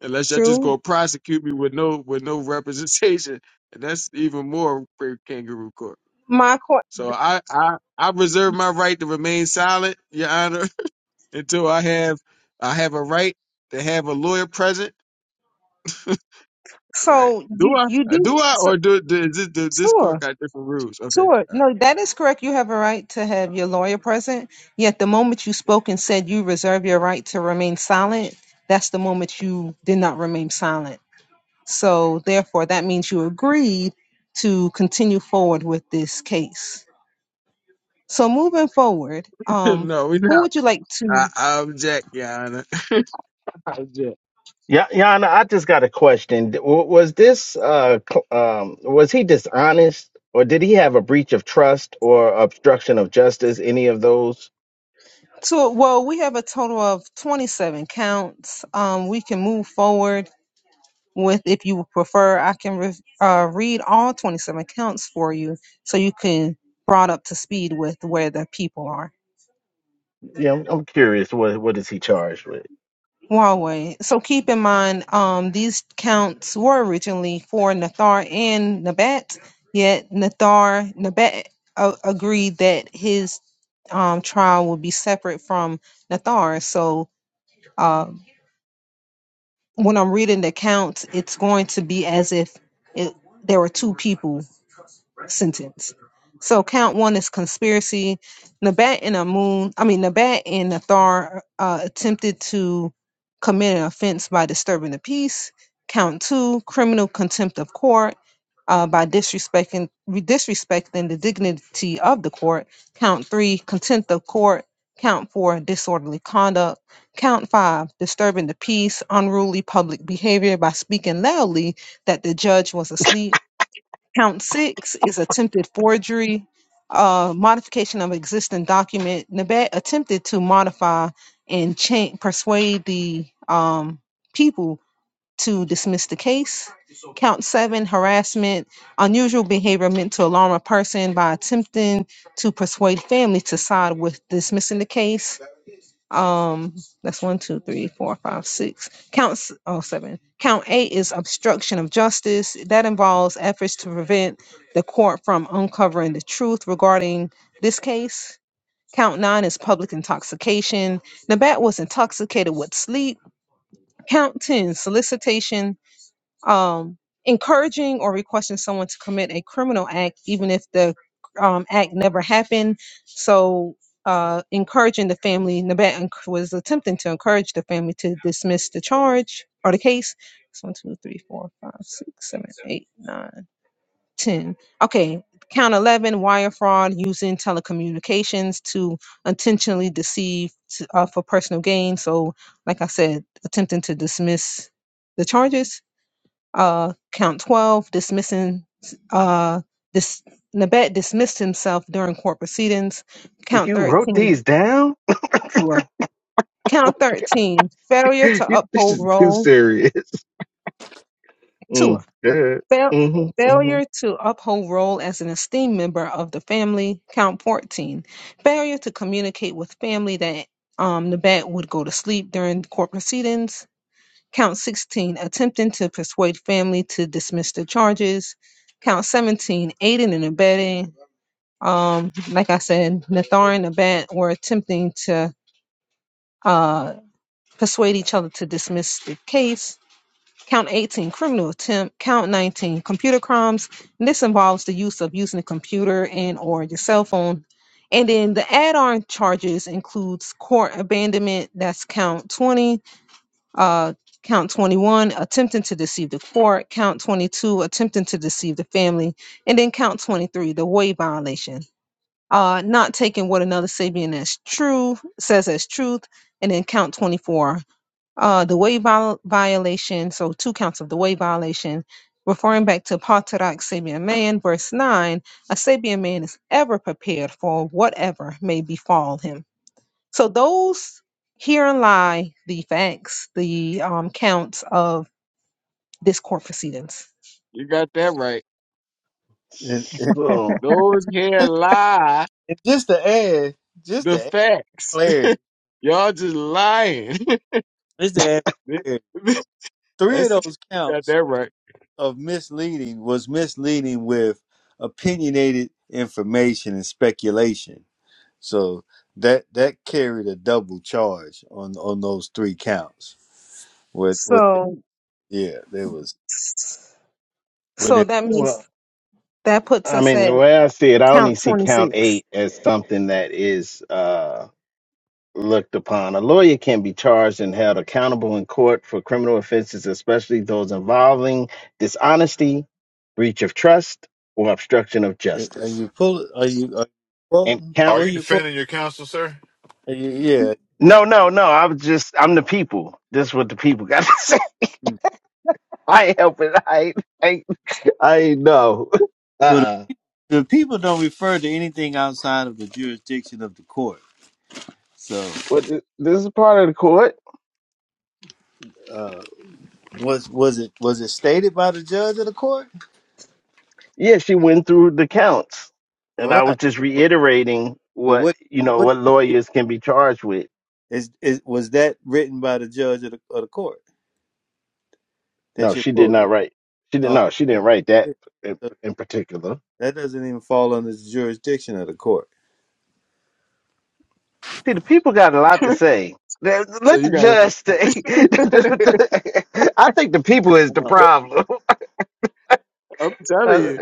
unless y'all just True, go prosecute me with no with no representation, (laughs) and that's even more for kangaroo court. my court. So I I I reserve my right to remain silent, Your Honor. until I have I have a right to have a lawyer present, right? So Do you I? you Uh, do Do I? so, Or do, do is this, do, this court sure got different rules? Okay, sure all right. no that is correct. You have a right to have your lawyer present. Yet the moment you spoke and said you reserve your right to remain silent, that's the moment you did not remain silent. So therefore, that means you agreed to continue forward with this case. So moving forward, (laughs) um, no, we who not. would you like I, to? I object, Your Honor. (laughs) I object. Yeah, Yana, I just got a question. D- w- Was this uh cl- um was he dishonest, or did he have a breach of trust or obstruction of justice? Any of those? So well, we have a total of 27 counts. Um, we can move forward with if you prefer. I can re- uh, read all 27 counts for you, so you can brought up to speed with where the people are. Yeah, I'm, I'm curious. What what is he charged with? Huawei. So keep in mind, um, these counts were originally for Nathar and Nabat, yet Nathar Nabat uh, agreed that his um, trial would be separate from Nathar. So uh, when I'm reading the counts, it's going to be as if it, there were two people sentence. So count one is conspiracy. Nabat and Amun, I mean Nabat and Nathar uh, attempted to commit an offense by disturbing the peace. Count two, criminal contempt of court uh, by disrespecting disrespecting the dignity of the court. Count three, contempt of court. Count four, disorderly conduct. Count five, disturbing the peace, unruly public behavior by speaking loudly that the judge was asleep Count six is attempted forgery, uh, modification of existing document. Nabat attempted to modify and cha- persuade the um, people to dismiss the case. Count seven, harassment, unusual behavior meant to alarm a person by attempting to persuade family to side with dismissing the case. Um, that's one, two, three, four, five, six. Count s- oh seven. Count eight is obstruction of justice. That involves efforts to prevent the court from uncovering the truth regarding this case. Count nine is public intoxication. Nabat was intoxicated with sleep. Count ten, solicitation um, encouraging or requesting someone to commit a criminal act, even if the um, act never happened. So, uh, encouraging the family, Nabat enc- was attempting to encourage the family to dismiss the charge or the case. It's one, two, three, four, five, six, seven, eight, nine, ten. Okay, count 11 wire fraud using telecommunications to intentionally deceive t- uh, for personal gain. So, like I said, attempting to dismiss the charges uh, count 12, dismissing, uh, dis- Nabet dismissed himself during court proceedings. Count You wrote 13, these down? (laughs) Tua. Count 13, failure to You, this uphold is too role, serious. (laughs) Tua. Mm, good. Fail- Mm-hmm. Mm-hmm. failure to uphold role as an esteemed member of the family, count 14. Failure to communicate with family that um, Nabat would go to sleep during court proceedings, Count 16, attempting to persuade family to dismiss the charges. Count 17, aiding and abetting. Um, like I said, Nathar and Abat were attempting to uh, persuade each other to dismiss the case. Count 18, criminal attempt. Count 19, computer crimes. And this involves the use of using a computer and or your cell phone. And then the add-on charges includes court abandonment. That's count 20 uh, count 21, attempting to deceive the court. Count 22, attempting to deceive the family. And then count 23, the way violation. Uh, not taking what another Sabian as true says as truth. And then count 24, uh, the way viol- violation. So two counts of the way violation. Referring back to Patarak Sabian man, verse 9, a Sabian man is ever prepared for whatever may befall him. So those herein lie the facts, the um, counts of this court proceedings. You got that right. So, Those here Just, lie just to add, just the to add facts. (laughs) clarity, Y'all just lying. (laughs) just to add clarity, three of That's you those got counts that right. of misleading was misleading with opinionated information and speculation. So that that carried a double charge on on those three counts. With with So, yeah, there was. so With it, that well, means that puts I us mean, the at way I see it, I only count see twenty count six. eight as something that is uh, looked upon. A lawyer can be charged and held accountable in court for criminal offenses, especially those involving dishonesty, breach of trust, or obstruction of are justice. you pull? Are you are you And quoting? count. Are What are you you quoting? defending your counsel, sir? Are you, yeah. No, no, no. I was just, I'm the people. This is what the people got to (laughs) say. Hmm. I ain't helping. I ain't, I ain't, I ain't know. Uh Well, uh the, the people don't refer to anything outside of the jurisdiction of the court. So. What, this is part of the court. uh, was was it was it stated by the judge of the court? Yeah, she went through the counts, and I Right. was just reiterating But what what you know what what lawyers can be charged with. is is was that written by the judge of the, of the court that No, you're she did quoting? not write. She didn't. Oh, No, she didn't write that yeah. in, so in particular. that doesn't even fall under the jurisdiction of the court. See, the people got a lot to (laughs) say. Let so let the you got to judge say. (laughs) (laughs) I think the people is the Oh, problem. (laughs) I'm telling Uh, you,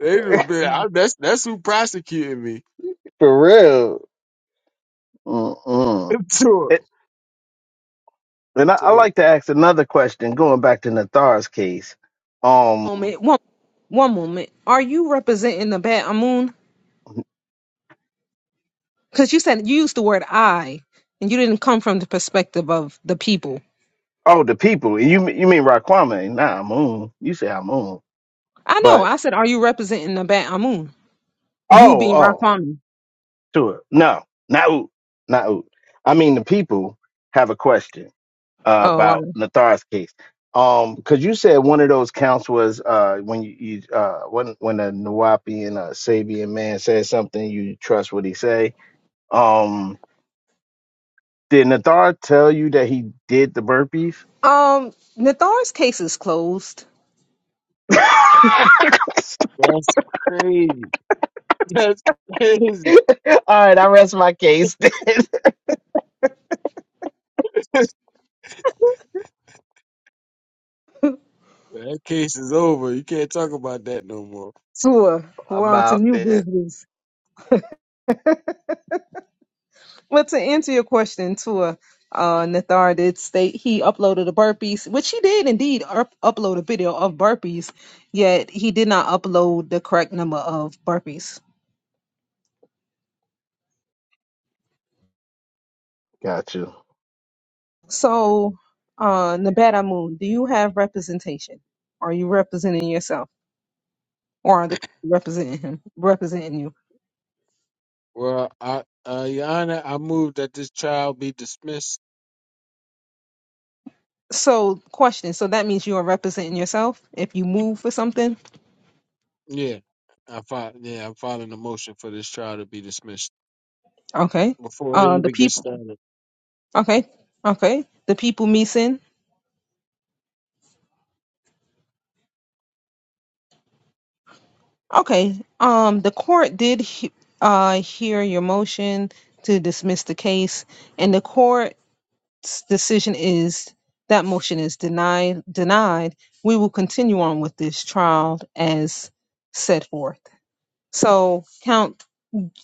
they just been. I, that's that's who prosecuted me. For real. Mm-mm. (laughs) It, and I, I Sure, like to ask another question, going back to Nathar's case. Um, Moment, one, one moment. Are you representing the Bat Amun? Because you said you used the word I, and you didn't come from the perspective of the people. Oh, the people. You you mean Raquame? Nah, Moon. You say Moon. I know. But I said, are you representing the Bat Amun? You oh, being oh, Rafami. sure. No, not Oot. Not Oot. I mean the people have a question uh, Oh, about Nathar's case. Um, because you said one of those counts was uh when you, you uh when when a Nawapi and a Sabian man says something, you trust what he say. Um, did Nathar tell you that he did the burpees? wow. um, Nathar's case is closed. (laughs) All That's crazy. That's crazy. right, I rest my case. (laughs) (laughs) that case is over. You can't talk about that no more. Tua, we're on to About new it. business. But to answer your question, Tua, uh, Nathar did state he uploaded a burpees, which he did indeed up- upload a video of burpees, yet he did not upload the correct number of burpees. Got you. So, uh, Nabata Moon, do you have representation? Are you representing yourself, or are the people representing him, representing you? Well, I, uh, Your Honor, I move that this trial be dismissed. So, question. So that means you are representing yourself if you move for something. Yeah, I fi- Yeah, I'm filing a motion for this trial to be dismissed Okay. before it Uh, the even gets people. started. Okay. Okay. The people missing. Okay. Um, the court did he- uh hear your motion to dismiss the case, and the court's decision is that motion is denied. Denied. We will continue on with this trial as set forth. So, count.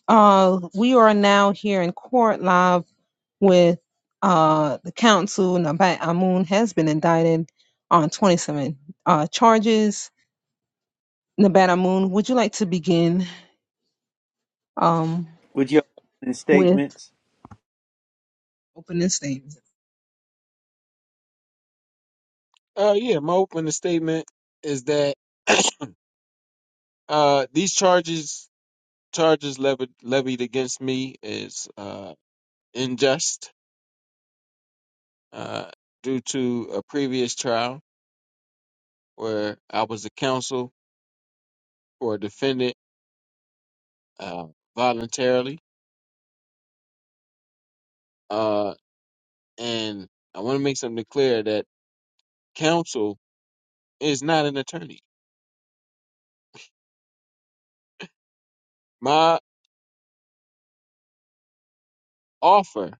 Uh, we are now here in court live with uh the counsel Nabat Amun has been indicted on 27 uh charges Nabana Moon, would you like to begin um, With your opening with statements, opening statements? Uh, yeah, my opening statement is that (coughs) (clears throat) uh these charges charges levied levied against me is uh unjust uh due to a previous trial where I was the counsel for a defendant uh, voluntarily. Uh, and I want to make something clear that counsel is not an attorney. My offer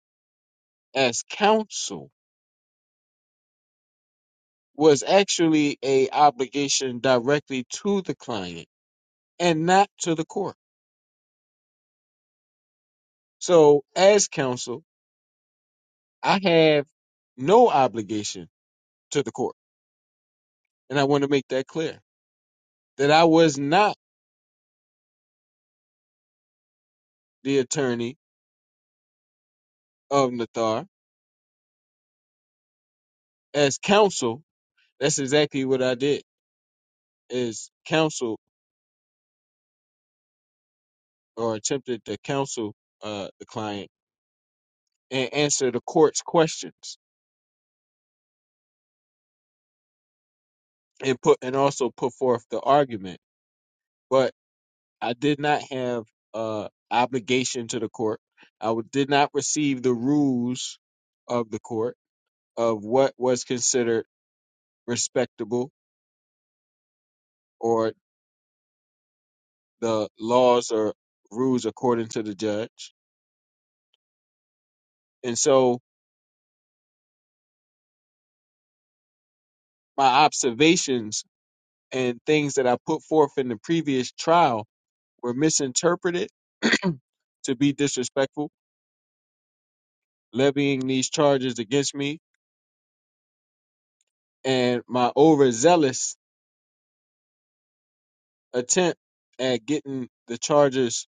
as counsel was actually a obligation directly to the client and not to the court. So as counsel, I have no obligation to the court. And I want to make that clear that I was not the attorney of Nathar as counsel That's exactly what I did. Is counsel or attempted to counsel uh, the client and answer the court's questions and put and also put forth the argument. But I did not have uh, obligation to the court. I w- did not receive the rules of the court of what was considered respectable or the laws or rules according to the judge. And so my observations and things that I put forth in the previous trial were misinterpreted (clears throat) to be disrespectful, levying these charges against me, and my overzealous attempt at getting the charges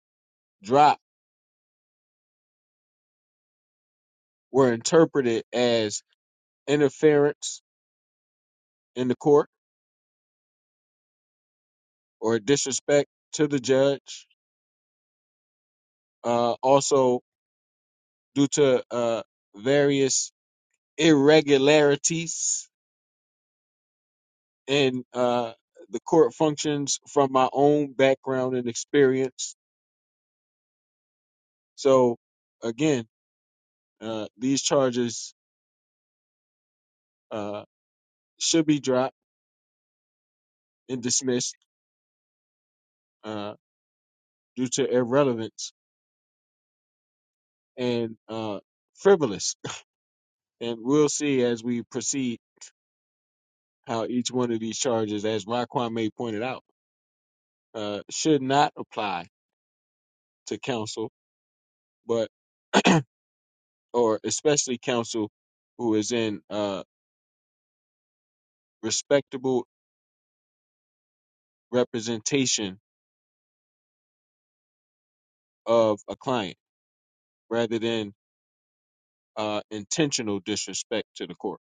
dropped were interpreted as interference in the court or disrespect to the judge. Uh, also, due to uh, various irregularities and uh, the court functions from my own background and experience. So, again, uh, these charges uh, should be dropped and dismissed uh, due to irrelevance and uh, frivolous. (laughs) And we'll see as we proceed how each one of these charges, as Raquan May pointed out, uh, should not apply to counsel, but or especially counsel who is in uh, respectable representation of a client rather than uh, intentional disrespect to the court.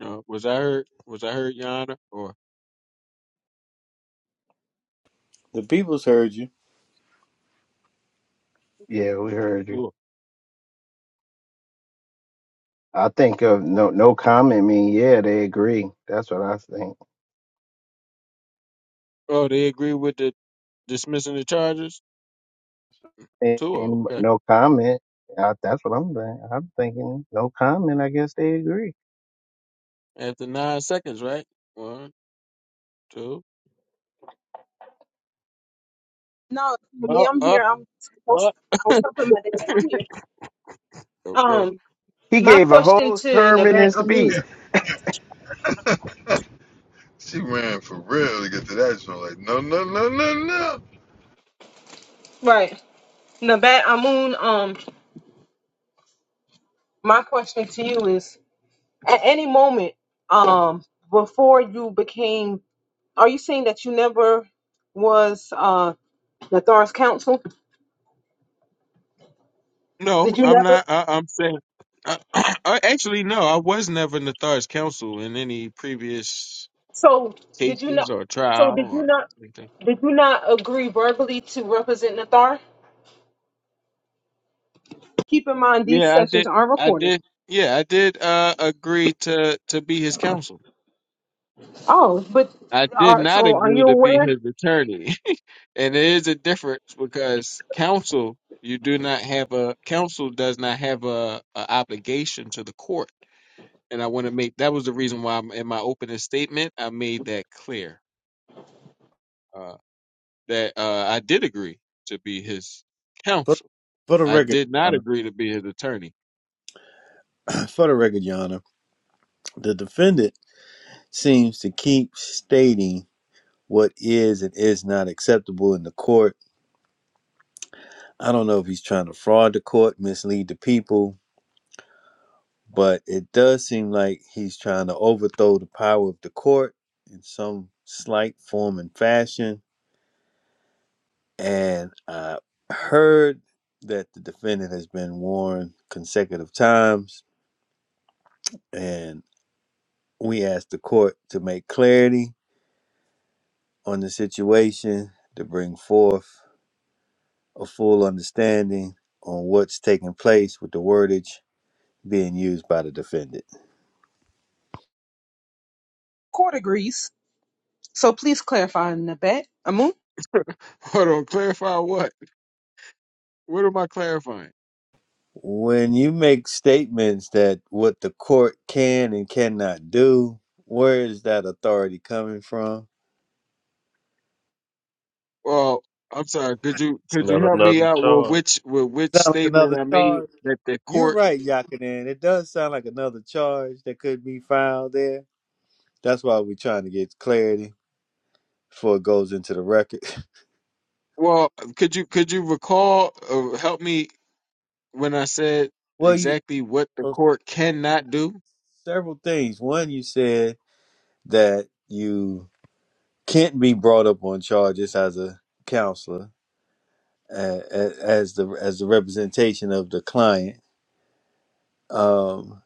Uh, was I heard? Was I heard, Your Honor? Or the people's heard you. Yeah, we heard you. oh, I think of no no comment mean yeah they agree. That's what I think. oh, they agree with the dismissing the charges. And Two, and okay. no comment. I, that's what I'm thinking. I'm thinking no comment. I guess they agree. After nine seconds, right? One, two. No, Kimberly, Up, I'm here. up, I'm I was up. I was (laughs) helping my dad. I'm here. okay. Um, He my gave a question whole to sermon Nabat and Amun, speech. She ran for real to get to that joint. Like, no, no, no, no, no. right? Nabat Amun, um, my question to you is: At any moment, um, before you became, are you saying that you never was uh Nathar's counsel? No, Did you I'm never? not. I, I'm saying. Uh, (clears throat) uh, actually, no, I was never Nathar's counsel in any previous So did you cases not? or So trial did you or not? anything. Did you not agree verbally to represent Nathar? Keep in mind these Yeah, I sessions did. are I recorded. did. Yeah, I did uh, agree to to be his counsel. Oh, but I did are not so are agree you to be aware? his attorney, (laughs) and there is a difference because counsel you do not have a counsel does not have a, a obligation to the court, and I want to make that was the reason why I'm, in my opening statement I made that clear uh, that uh, I did agree to be his For, counsel. for the I record, did Your not agree to be his attorney. Honor, (clears throat) for the record, Your Honor, the defendant seems to keep stating what is and is not acceptable in the court. I don't know if he's trying to fraud the court, mislead the people, but it does seem like he's trying to overthrow the power of the court in some slight form and fashion. And I heard that the defendant has been warned consecutive times, and we asked the court to make clarity on the situation, to bring forth a full understanding on what's taking place with the wordage being used by the defendant. Court agrees. So please clarify in the back. Amu, (laughs) Hold on, clarify what? What am I clarifying? When you make statements that what the court can and cannot do, where is that authority coming from? Well, I'm sorry. Could you could you Not help me another out with charge. which with which Sound like another statement I made charge. that the You're court? right, Yakinen. It does sound like another charge that could be filed there. That's why we're trying to get clarity before it goes into the record. (laughs) Well, could you could you recall or help me when I said Well, you exactly what the well, court cannot do? several things. One, you said that you can't be brought up on charges as a counselor, uh, as the as the representation of the client. Um.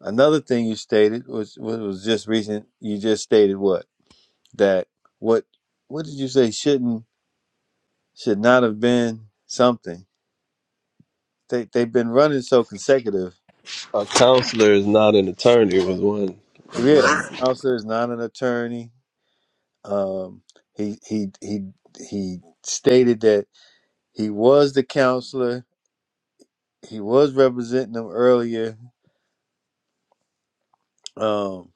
Another thing you stated was was was just recent. You just stated what that what what did you say shouldn't should not have been something. They they've been running so consecutive. A counselor is not an attorney. Was one. Was Yeah, one. counselor is not an attorney. Um, he he he he stated that he was the counselor. He was representing them earlier. Um,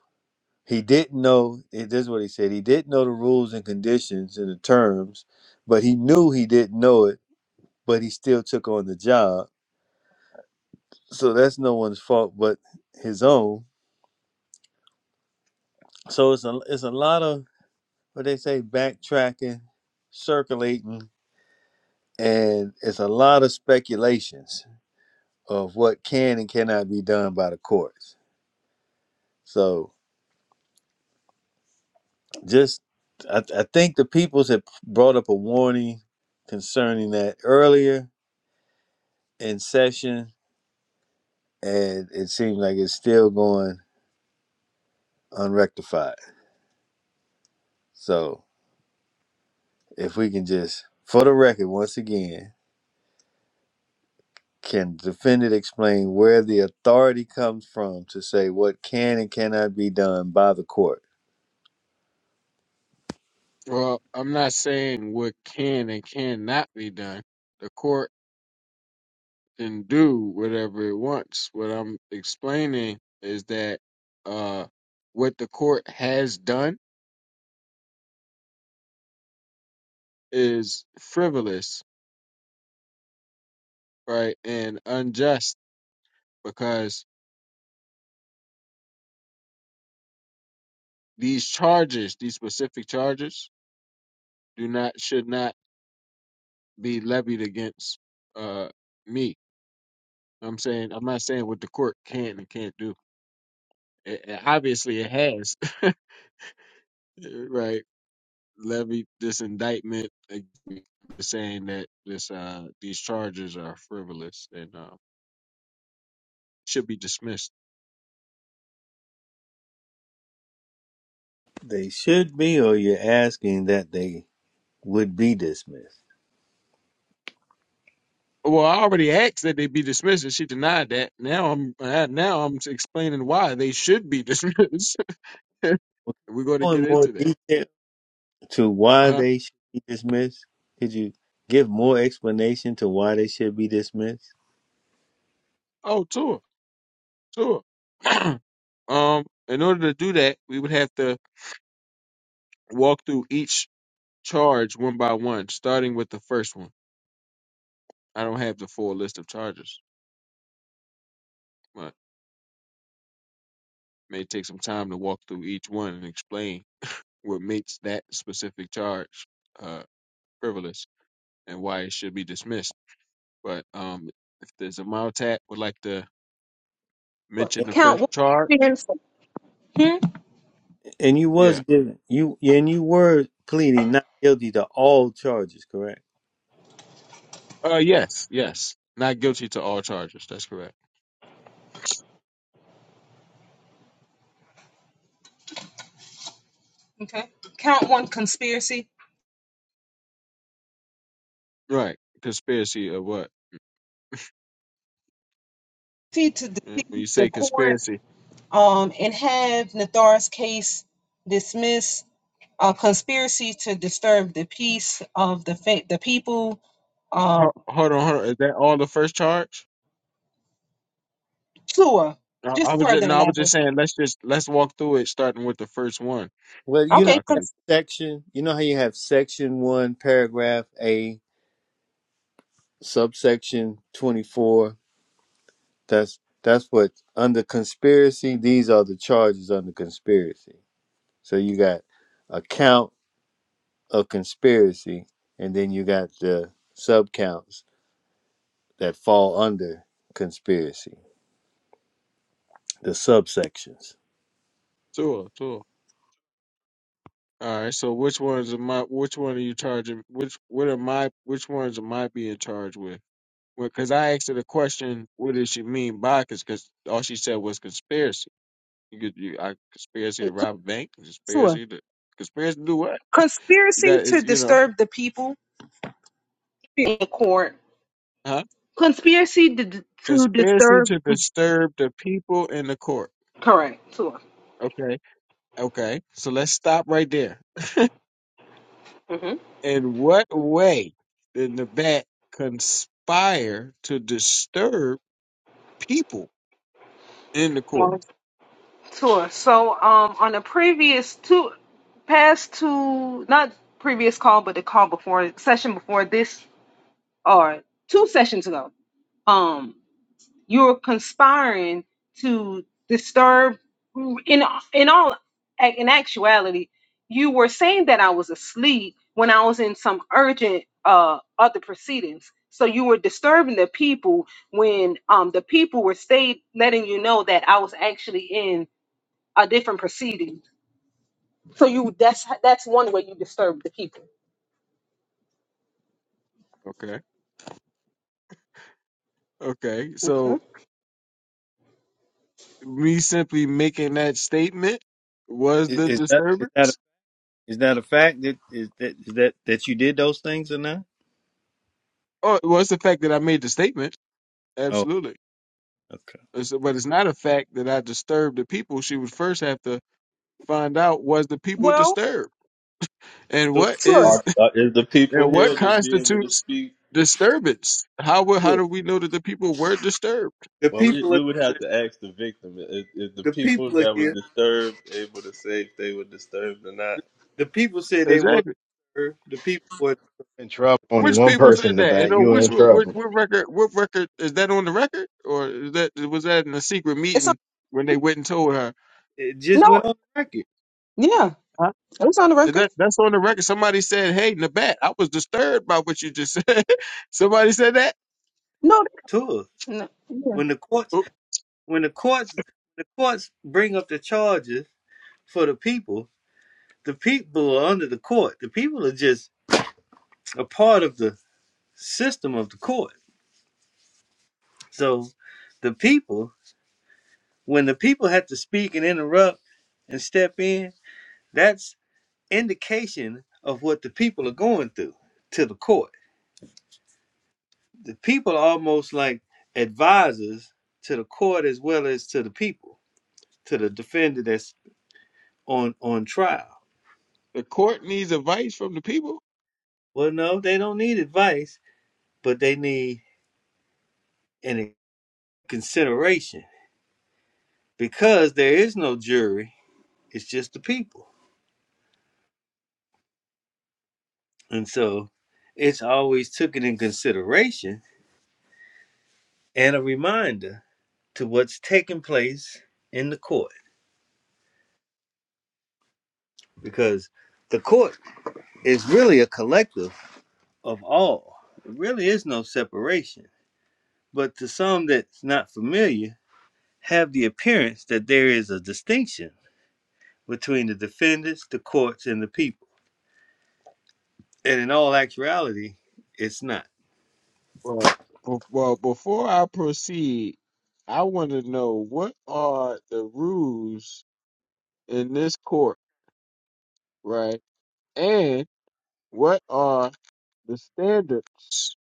he didn't know. This is what he said. He didn't know the rules and conditions and the terms, but he knew he didn't know it but he still took on the job. So that's no one's fault but his own. So it's a it's a lot of what they say backtracking, circulating, and it's a lot of speculations of what can and cannot be done by the courts. So just I, I think the peoples had brought up a warning concerning that earlier in session, and it seems like it's still going unrectified. So If we can just, for the record, once again, can defendant explain where the authority comes from to say what can and cannot be done by the court? Well, I'm not saying what can and cannot be done. The court can do whatever it wants. What I'm explaining is that uh, what the court has done is frivolous, right, and unjust because These charges, these specific charges, do not should not be levied against uh me. I'm saying I'm not saying what the court can and can't do. It, it- obviously, it has (laughs) right levied this indictment against me, saying that this uh these charges are frivolous and uh, should be dismissed. They should be, or you're asking that they would be dismissed. Well, I already asked that they be dismissed, and she denied that. Now I'm uh, now I'm explaining why they should be (laughs) dismissed. (laughs) We're going to Go get in more into that. detail to why Uh-huh. they should be dismissed. Could you give more explanation to why they should be dismissed? Oh, Tua. Sure. (clears throat) um, in order to do that, we would have to walk through each charge one by one, starting with the first one. I don't have the full list of charges, but it may take some time to walk through each one and explain what makes that specific charge uh, frivolous and why it should be dismissed. But um, if there's a Maltat would like to mention And, the count first one. charge, Hmm? and you was yeah, given you and you were pleading not guilty to all charges, correct? uh, yes, yes, not guilty to all charges. That's correct. Okay. Count one conspiracy Right, conspiracy of what? See to Mm, When deceive you the say court. conspiracy, Um, and have Nathar's case dismissed. A conspiracy to disturb the peace of the fa- the people. Um, ho- hold on, hold on. Is that all the first charge? Sua, I, I just was just further no, I was elaborate. just saying let's just let's walk through it starting with the first one, Well, you so know Okay, I that could section. You know how you have section one, paragraph A, subsection twenty-four. That's that's what under conspiracy. These are the charges under conspiracy. So you got a count of conspiracy, and then you got the subcounts that fall under conspiracy. The subsections. tour tour. All right, so which ones am I? Which one are you charging? Which what am I? Which ones am I being charged with? Because I asked her the question, what does she mean by? Because all she said was conspiracy. You could you I, conspiracy to cons- rob a bank, Sua. conspiracy to conspiracy to do what? You Conspiracy got to is you know, disturb the people in the court huh? Conspiracy d- to Conspiracy disturb. to disturb the people in the court. Correct. Tour. Okay. Okay. So let's stop right there. hmm In what way did the bat conspire to disturb people in the court? Well, Tour. So, um, on the previous two, past two, not previous call, but the call before session before this, or two sessions ago. Um, You're conspiring to disturb. In in all in actuality, you were saying that I was asleep when I was in some urgent uh other proceedings. So you were disturbing the people when um the people were stayed letting you know that I was actually in a different proceeding. So you that's that's one way you disturb the people. Okay. Okay. Okay. So me simply making that statement was Is, the is that is that a, disturbance? is that a fact that is that is that that you did those things or not? Oh, it was the fact that I made the statement. Oh, Absolutely. okay. It's- But it's not a fact that I disturbed the people. She would first have to find out was the people Well, disturbed? And So what sure. is Are, are, is the people And what here to be able to constitutes speak? disturbance? How would how do we know that the people were disturbed? the Well, we, people. we would have to ask the victim is, is the The people people are that were here. disturbed able to say if they were disturbed or not The people see what Exactly. her- the people In trouble. Only Which one people person in said the that? And back. on You which in what, trouble. what record? What record is that on the record, or is that was that in a secret It's on, meeting when they went and told her? it just No, yeah, Huh? it was on the Is record. that that's on the record? Somebody said, "Hey, Nabat, I was disturbed by what you just said." (laughs) Somebody said that. No, to us. no When the courts, Oh, when the courts, the courts bring up the charges for the people. The people are under the court. The people are just a part of the system of the court. So the people, when the people have to speak and interrupt and step in, that's indication of what the people are going through to the court. The people are almost like advisors to the court as well as to the people to the defender that's on on trial. The court needs advice from the people. Well, no, they don't need advice, but they need an consideration because there is no jury; it's just the people, and so it's always taken in consideration and a reminder to what's taking place in the court because the court is really a collective of all. There really is no separation, but to some that's not familiar, have the appearance that there is a distinction between the defendants, the courts, and the people. And in all actuality, it's not. Well, be- well, before I proceed, I want to know what are the rules in this court, right? And what are the standards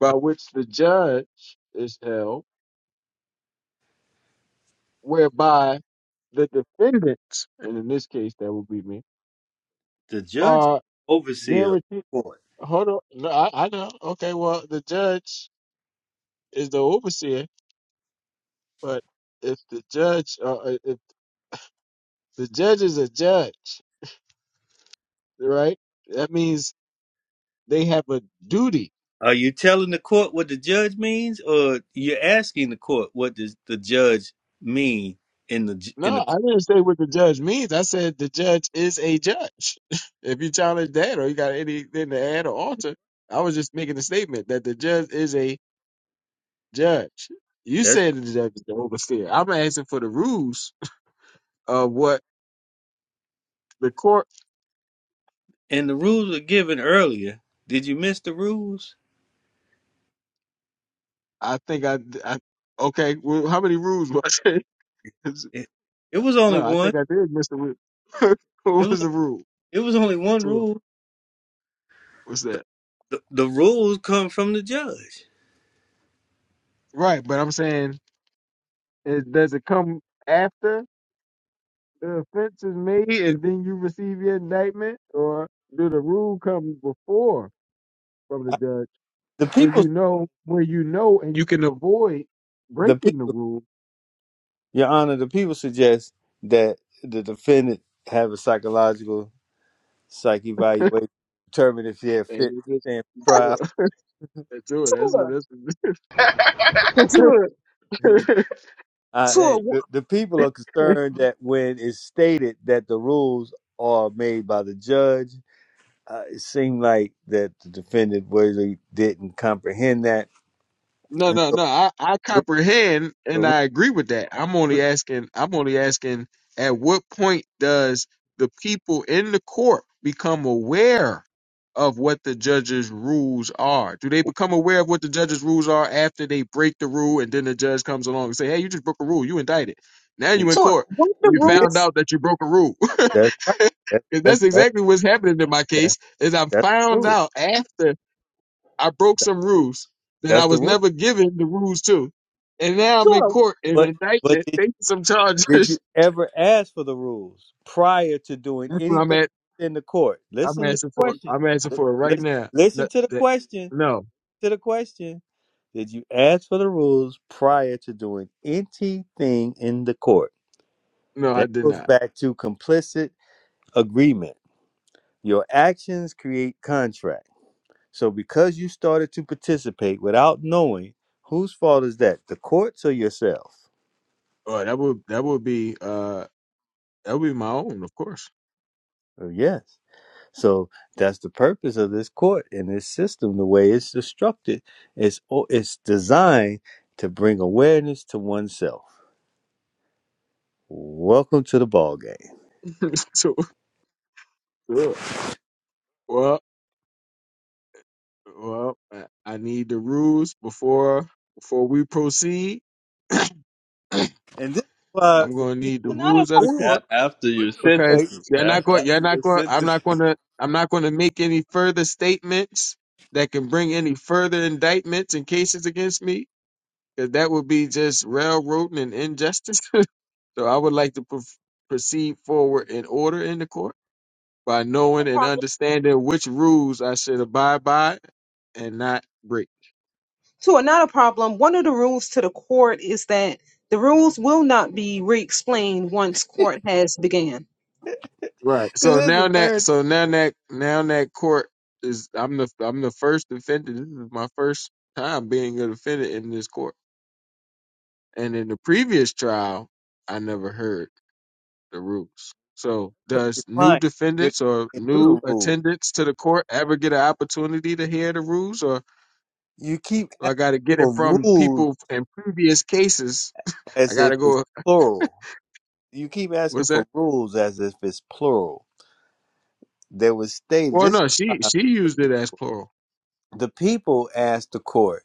by which the judge is held, whereby the defendants, and in this case that would be me, The judge is are the overseer of guaranteed. the court. Hold on, no, I, I know. Okay, well the judge is the overseer, but if the judge, uh, uh, if the judge is a judge, right? That means they have a duty Are you telling the court what the judge means, or you're asking the court what does the judge mean in the j- in the No, I court? didn't say what the judge means. I said the judge is a judge. (laughs) if you challenge that or you got anything to add or alter, I was just making a statement that the judge is a judge. You That's said the judge is the overseer. I'm asking for the rules of what the court. and the rules were given earlier. Did you miss the rules? I think I, I okay. Well, how many rules was it? (laughs) It, it was only No, I one. think I did miss the rule. (laughs) It what was was the rule? it was only one Two. rule. What's that? The, the rules come from the judge. Right, but I'm saying, it, does it come after? the offense is made and then you receive your indictment, or do the rule come before from the judge The where people. you know where you know and you can avoid The people. breaking the rule Your Honor, the people suggest that the defendant have a psychological psych evaluation determine if they're and fit you to just stand for do trial. it. (laughs) Do it. That's what sure, that's sure, what, (laughs) (laughs) I, hey. sure. the, the people are concerned that when it's stated that the rules are made by the judge, uh, it seemed like that the defendant really didn't comprehend that. No, And no, so, no. I, I we, comprehend and so I agree with that. I'm we, only asking I'm only asking at what point does the people in the court become aware of what the judge's rules are? Do they become aware of what the judge's rules are after they break the rule and then the judge comes along and say, Hey, you just broke a rule, you indicted. Now we, you in Tua, court. one of the You yeah, found rules, out that you broke a rule. (laughs) that's right. That, 'Cause that's that's that's exactly what's happening in my that's case, is I that's the found rule. out after I broke That, some rules that that's I the was rule. never given the rules to. And now I'm in Tua, court in But but indictment, did facing some charges. (laughs) Did you That's ever ask for the rules prior to doing what I'm anything at. in the court? I'm Listen to the asking for. question. I'm asking for it right Listen, now. listen No, to the that, question. no, To the question. Did you ask for the rules prior to doing anything in the court? no, I That did goes not. back to complicit agreement. Your actions create contract. So because you started to participate without knowing, whose fault is that? The courts or yourself? Oh, that would that would be uh that would be my own, of course. Oh, yes. So that's the purpose of this court and this system, the way it's constructed. It's, o- it's designed to bring awareness to oneself. Welcome to the ball game. (laughs) so, sure. well, well, I I need the rules before before we proceed. And this is why I'm the gonna need the people, another rules of this the court. is, a- after your because because sentencing. you're A- not going you're after not your going I'm sentence, not going to I'm not going to make any further statements that can bring any further indictments and cases against me because that would be just railroading and injustice. (laughs) so I would like to pro- proceed forward in order in the court by a, knowing and problem, understanding which rules I should abide by and not break. Tua, not a problem. One of the rules to the court is that the rules will not be re-explained once court has began. Right. So this is now the that third so now that now that court is I'm the I'm the first defendant. This is my first time being a defendant in this court. And in the previous trial, I never heard the rules. So, your does new you're defendants or client knew new the rule. attendants to the court ever get an opportunity to hear the rules, or You keep do I asking got to get it for from rules people in previous cases? I as got if to it's go. plural. You keep asking What's for that? rules as if it's plural. There was states. Well, This is no, she why she used it as plural. the people asked the court.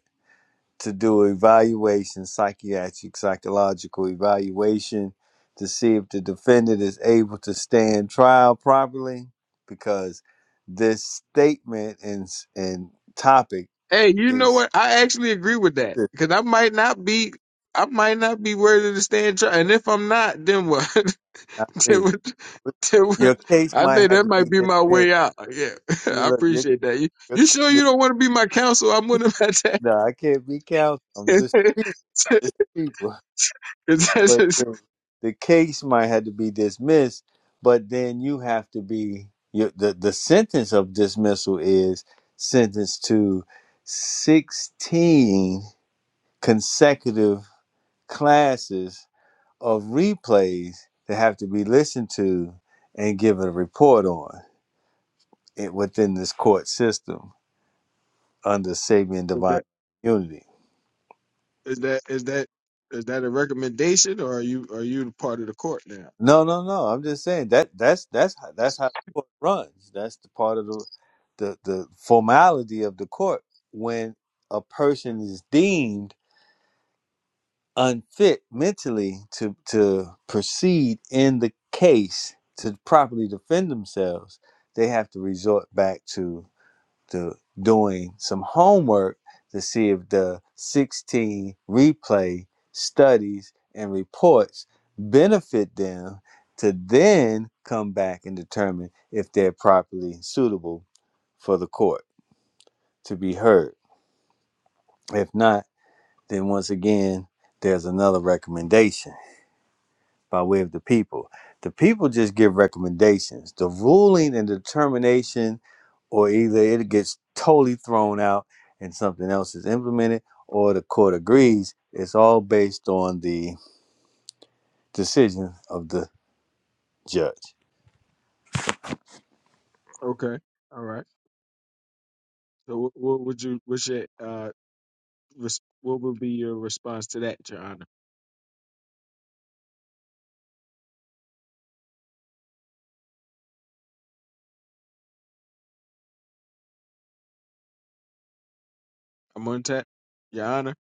to do evaluation, psychiatric, psychological evaluation to see if the defendant is able to stand trial properly because this statement and and topic Hey, you know is what? I actually agree with that should because I might not be. I might not be worthy to stand trial, and if I'm not, then what? (laughs) not Then be. what? I Your case might think have that to be might be my dismissed. way out. Yeah, (laughs) You I look, you, appreciate that. You, you, you sure you- you don't want to be my counsel? I'm willing to attack. no, I can't be counsel. (laughs) I'm is, just that, people. I'm just people. is but then the case might have to be dismissed but then you have to be you, the the sentence of dismissal is sentenced to 16 consecutive classes of replays that have to be listened to and given a report on it within this court system under Sabian divine that immunity is that is that is that a recommendation, or are you are you part of the court now? No, no, no. I'm just saying that that's that's how, that's how the court runs. That's the part of the the the formality of the court when a person is deemed unfit mentally to to proceed in the case to properly defend themselves. They have to resort back to to doing some homework to see if the 16 replay studies and reports benefit them to then come back and determine if they're properly suitable for the court to be heard. If not, then once again, there's another recommendation. by way of the people. The people just give recommendations. The ruling and determination, or either it gets totally thrown out and something else is implemented, or the court agrees. It's all based on the decision of the judge. Okay, all right. So what, what would you what's your uh res, what would be your response to that, Your Honor? I'm on tap, Your Honor.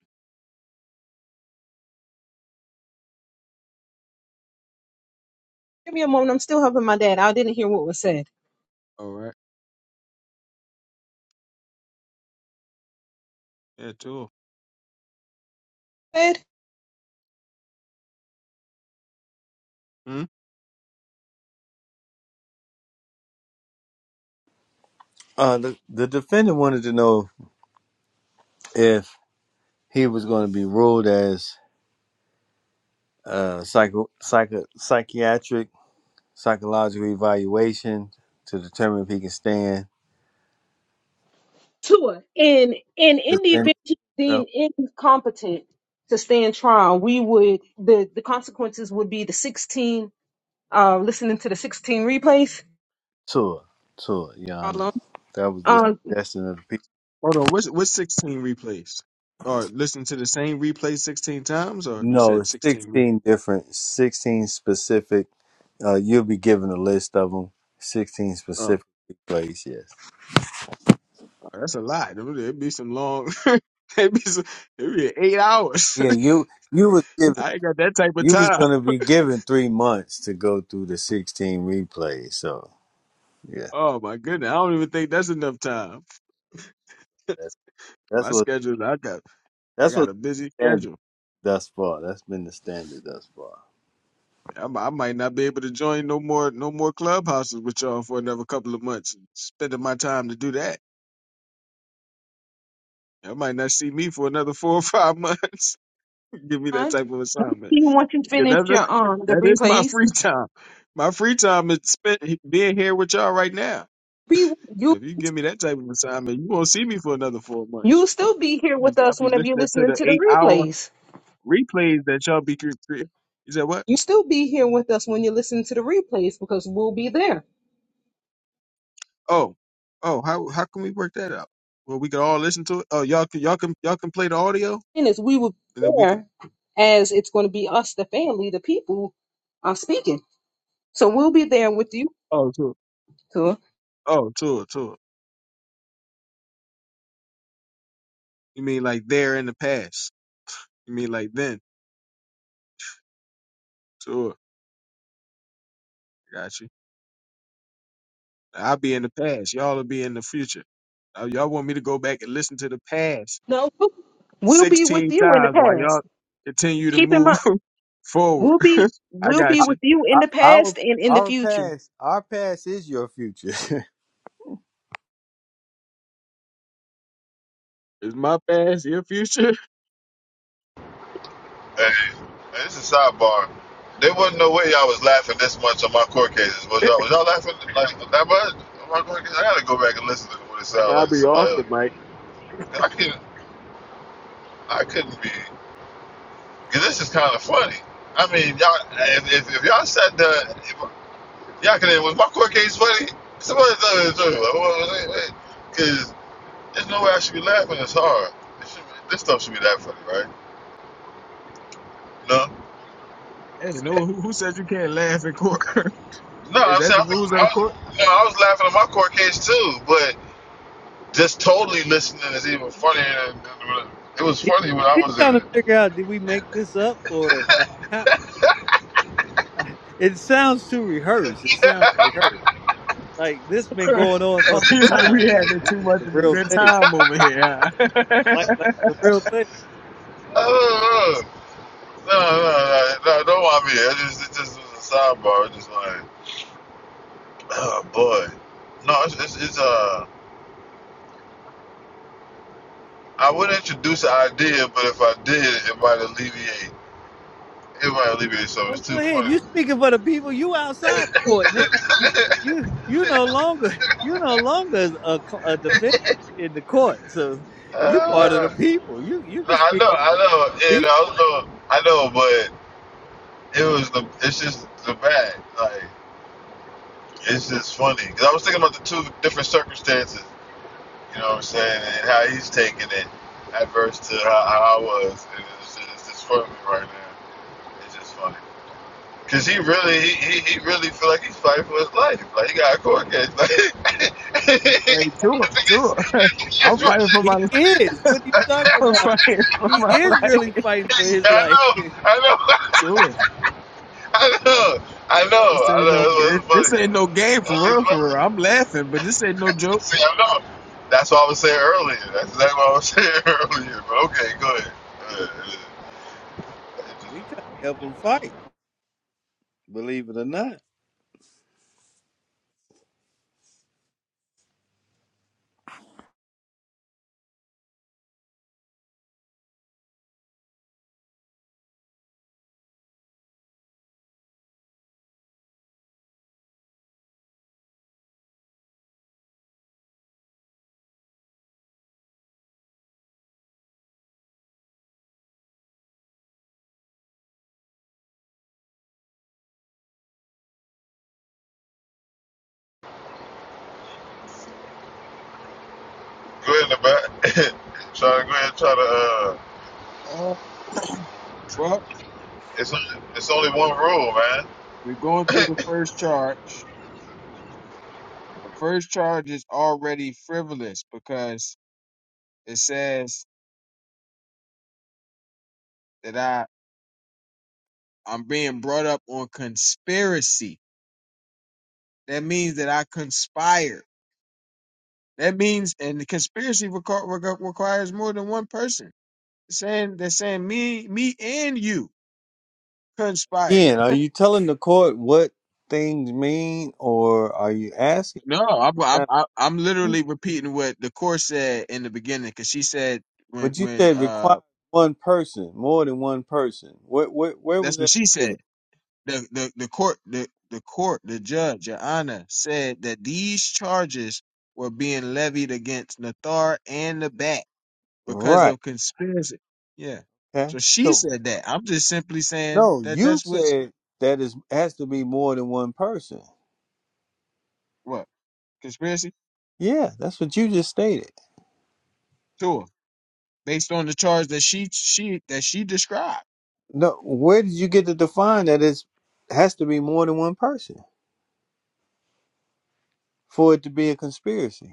Give me a moment. I'm still helping my dad. I didn't hear what was said. All right, yeah, too. Said Uh, the, the defendant wanted to know if he was going to be ruled as uh, psycho, psycho, psychiatric, psychological evaluation to determine if he can stand, Tua, and and in the defend event he's himself. deem incompetent to stand trial, we would the the consequences would be the sixteen. Uh, listening to the sixteen replays. Tour, tour, Yana. problem. That was the Um, suggestion of the people. Hold on. What's what's sixteen replays? Or listen to the same replay sixteen times? Or you No, said sixteen? re- sixteen different, sixteen specific. Uh, you'll be given a list of them. Sixteen Oh, specific plays. Yes. oh, that's a lot. It'd be it'd be some long. (laughs) it'd be some, it'd be eight hours. Yeah, you you was (laughs) given I ain't got that type of you was time. gonna be given three months to go through the sixteen replays. So yeah, Oh my goodness, I don't even think that's enough time. (laughs) that, that's My what schedule, I got I that's got what a busy standard schedule. thus far. That's been the standard thus far. I, mi- I might not be able to join no more no more clubhouses with y'all for another couple of months. Spending my time to do that, I might not see me for another four or five months. (laughs) Give me that Huh? type of assignment. even once you Yeah, finish that, that your um the that is my replays, free time. My free time is spent he- being here with y'all right now. we you If you give me that type of assignment, you won't see me for another four you months. will still be here I'll be with I'll us be whenever you're listening to listening the to the eight hour replays. replays that y'all be creating. You said what? You still be here with us when you listen to the replays because we'll be there. Oh, oh, how how can we work that out? Well, we can all listen to it. Oh, y'all can y'all can y'all can play the audio, And as we will and be then we can. there, as it's going to be us, the family, the people are speaking. So we'll be there with you. Oh, tour. Tua. Oh, tour, tour. You mean like there in the past? You mean like then? Tour. Got you. I'll be in the past. Y'all will be in the future. Uh, y'all want me to go back and listen to the past No, we'll be with 16 you in the times while y'all past. continue to Keep in move mind, (laughs) forward. we'll be I we'll be got you. with you in Our the our past and in the our future. past, our past is your future. (laughs) Is my past your future? Hey, hey, this is sidebar. There wasn't no way y'all was laughing this much on my court cases. Was y'all, was y'all laughing like that much on my court cases? I gotta go back and listen to what it (laughs) sounded like to Probably somebody off else. the mic. I couldn't, I couldn't be. Cause this is kind of funny. I mean, y'all, if, if, if y'all said that, if, y'all could, was my court case funny? Somebody tell me the truth. Cause. There's no way I should be laughing this hard. This, should be, this stuff should be that funny, right? No, Hey, no, who, who said you can't laugh in court? (laughs) no. Is I'm that saying the I think rules of I the was, court? no, I was laughing at my court case too, but just totally listening is even funnier. Than, than- it was He, funny when I he's was in trying to it. figure out did we make this up or like how, it sounds too rehearsed. It sounds rehearsed. Like this (laughs) been going on for oh, he some like, we time. Like having this too is much the of a real good thing. time over here. huh? (laughs) Like hey, like the real thing. Uh, uh, uh, no, no, no, no, don't want me. there. It just, it just was a sidebar. It just like, oh boy. No, it's, it's, it's uh, I would introduce an idea, but if I did, it might alleviate. It might alleviate something. Oh, It's go too ahead. You funny. speaking for the people. You outside the court now. (laughs) You you, you no longer you no longer a, cl- a defendant in the court. So (laughs) you part of the uh, people. You you No, can I speak know, on I behalf of know, the and people. also I know, but it was the it's just the bag. Like it's just funny because I was thinking about the two different circumstances. You know what I'm saying, and how he's taking it adverse to how, how I was. And it's just, it's just funny right now. It's just funny because he really he, he, he really feel like he's fighting for his life. Like he got a court case. Like (laughs) I tour, think it's, tour. (laughs) it's, I'm He, fighting it's, for my he life. is. What are you talking (laughs) I'm about? fighting for He my (laughs) is life. really fighting for I his life. know, I know, Tour. (laughs) I know. I know, I This ain't no know. this That's what's funny. this ain't no game See, for real for real. I'm laughing, but this ain't no i know. joke. That's what I was saying earlier. That's exactly what I was (laughs) saying earlier. But okay, go ahead. Uh, uh, We try to help them fight, believe it or not. Go ahead, about (laughs) try to go ahead and try to. Uh, Uh, well, it's only- it's only one rule, we're going through man. the first charge. The first charge is already frivolous because it says that I I'm being brought up on conspiracy. That means that I conspired. That means and the conspiracy requ- requ- requires more than one person. Saying they're saying me me and you conspired. Again, are you telling the court what things mean, or are you asking? No, I'm, I'm I'm I'm literally repeating what the course said in the beginning because she said when But you when said require uh one person, more than one person. Where where, where was that's what that she said. stated? The the the court the the court the judge your honor said that these charges were being levied against Nathar and the bat because Right. of conspiracy. Yeah, Okay. so she So said that. I'm just simply saying no, that you that's what said that is has to be more than one person. what conspiracy Yeah, that's what you just stated. to her based on the charge that she she that she described. No, where did you get to define that it's has to be more than one person for it to be a conspiracy?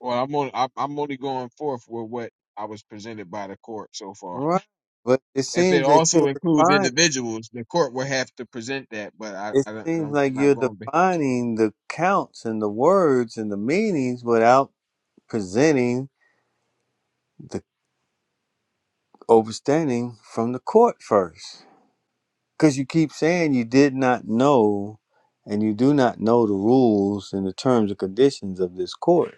Well, I'm on. I'm I'm only going forth with what I was presented by the court so far. Right. But it If it seems that also you're includes defining, individuals, the court will have to present that. But I, it I don't seems know. I'm like not you're going. Be, defining the counts and the words and the meanings without presenting the overstanding from the court first. Because you keep saying you did not know and you do not know the rules and the terms and conditions of this court.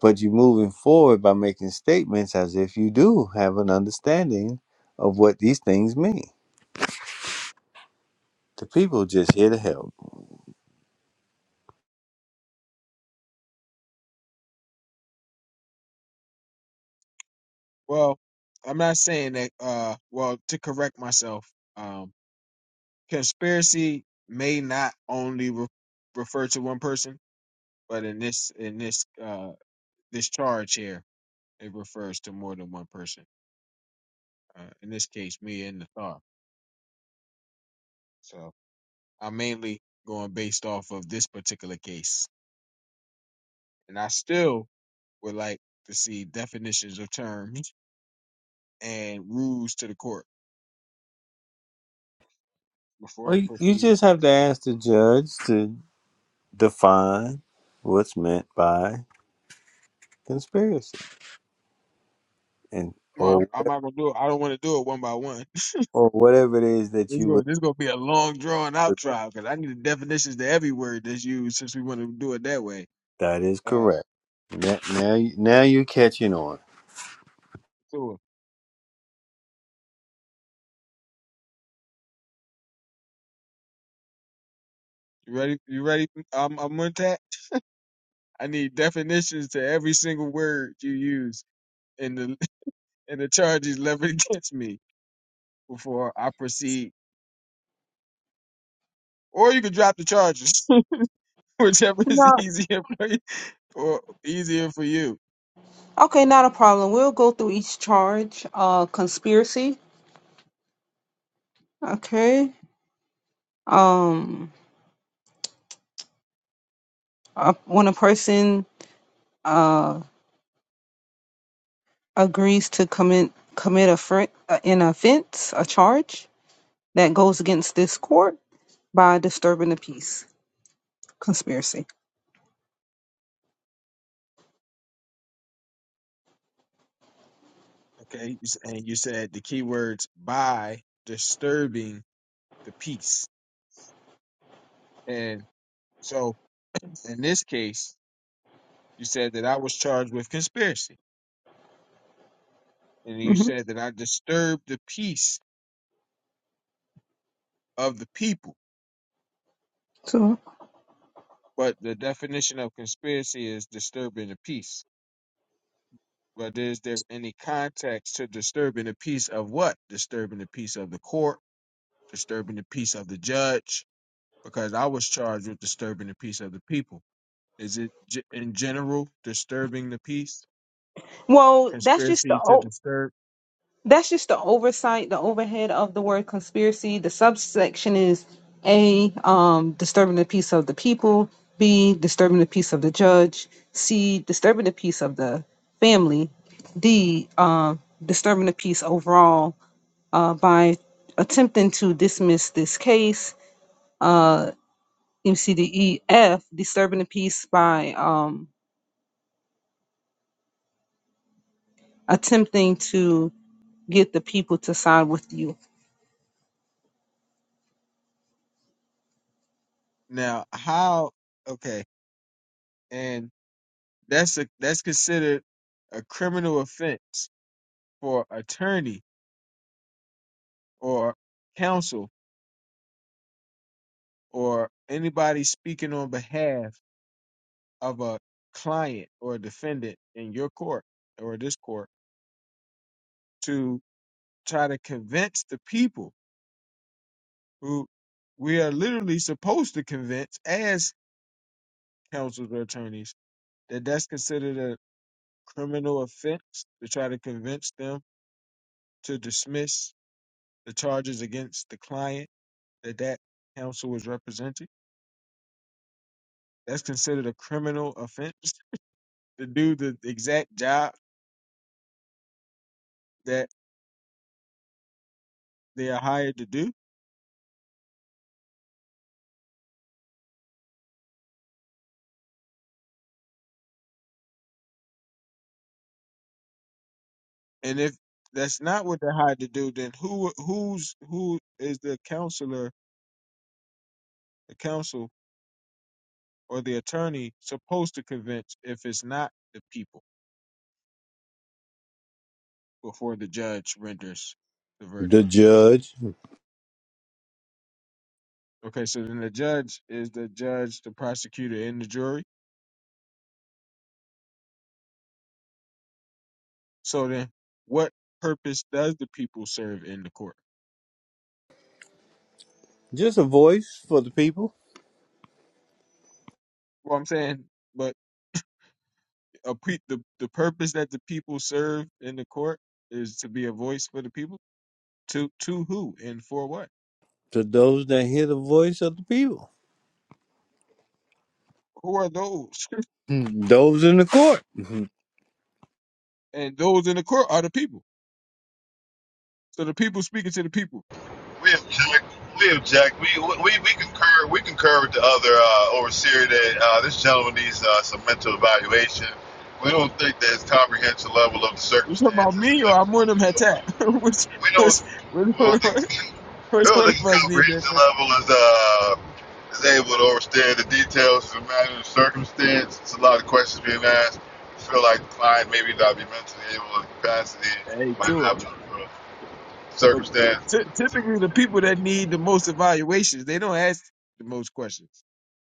But you're moving forward by making statements as if you do have an understanding of what these things mean. The people just here to help. well, I'm not saying that. Uh, well, to correct myself, um, conspiracy may not only re- refer to one person, but in this in this uh this charge here, it refers to more than one person. Uh, in this case, me and the Nathar. So. I'm mainly going based off of this particular case. And I still would like to see definitions of terms and rules to the court before Well, I you you proceed. just have to ask the judge to define what's meant by conspiracy, and Well, or I'm, I'm not gonna do it. I don't want to do it one by one. (laughs) or whatever it is that This is you gonna, would. be a long drawn out trial because I need the definitions to every word that's used since we want to do it that way. That is Uh, correct. Now, now, you- now you're catching on. so you ready? You ready? I'm I'm Muntat. I need definitions to every single word you use in the (laughs) in the charges levied (laughs) against me before I proceed or you could drop the charges, (laughs) whichever is No. easier for you or easier for you. Okay, not a problem. We'll go through each charge. Uh, conspiracy. Okay. Um, uh, when a person uh. agrees to commit commit a fr- uh, an offense, a charge that goes against this court by disturbing the peace conspiracy. Okay, and you said the key words by disturbing the peace, and so in this case, you said that I was charged with conspiracy, and you hmm said that I disturbed the peace of the people. So, But the definition of conspiracy is disturbing the peace. But is there any context to disturbing the peace of what? Disturbing the peace of the court, disturbing the peace of the judge, because I was charged with disturbing the peace of the people. Is it ge- in general disturbing the peace? well, that's just the Conspiracy to o- disturb. that's just the oversight, the overhead of the word conspiracy. The subsection is a um, disturbing the peace of the people. B disturbing the peace of the judge. C disturbing the peace of the family. D um, disturbing the peace overall uh, by attempting to dismiss this case, uh, MCDEF, disturbing the peace by um, attempting to get the people to side with you. Now, how? Okay, and that's a that's considered a criminal offense for attorney or counsel or anybody speaking on behalf of a client or defendant in your court or this court to try to convince the people who we are literally supposed to convince as counsels or attorneys that that's considered a criminal offense to try to convince them to dismiss the charges against the client that that counsel was representing. That's considered a criminal offense to do the exact job that they are hired to do. And if that's not what they're hired to do, then who who's who is the counselor, the counsel, or the attorney supposed to convince if it's not the people before the judge renders the verdict? The judge, Okay, so then the judge is the judge, the prosecutor, and the jury. So then, what purpose does the people serve in the court? just a voice for the people, Well, I'm saying, but a pre- the the purpose that the people serve in the court is to be a voice for the people. To to who and for what? to those that hear the voice of the people, Who are those? (laughs) Hmm, those in the court. Mhm. And those in the court are the people. So the people speaking to the people. (laughs) we object. We object. We we we concur. We concur with the other uh, overseer that uh, this gentleman needs uh, some mental evaluation. We don't think there's comprehensive level of the You talking about circumstances. me or Amunum is. Hatat? (laughs) which We don't which which Well, one I of us think which Well, one the of us need comprehension that? level is uh is able to understand the details of the matter of circumstance. It's a lot of questions being asked. I feel like the client maybe not be mentally able to capacity, Hey, might Tua. not be able to Well, circumstance. ty- typically, the people that need the most evaluations, they don't ask the most questions.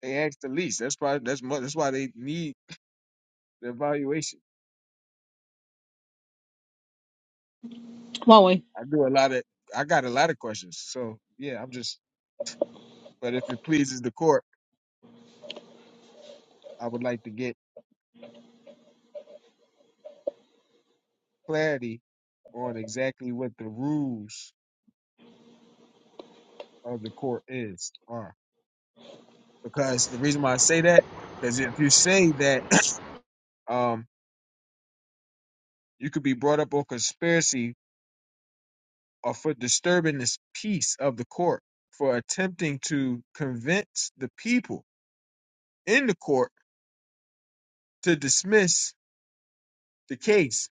They ask the least. That's why. That's mo- that's why they need the evaluation. Chloe, I do a lot of. I got a lot of questions. So yeah, I'm just. But if it pleases the court, I would like to get clarity on exactly what the rules of the court is are. Because the reason why I say that, because if you say that (clears throat) um, you could be brought up on conspiracy or for disturbing this peace of the court, for attempting to convince the people in the court to dismiss the case,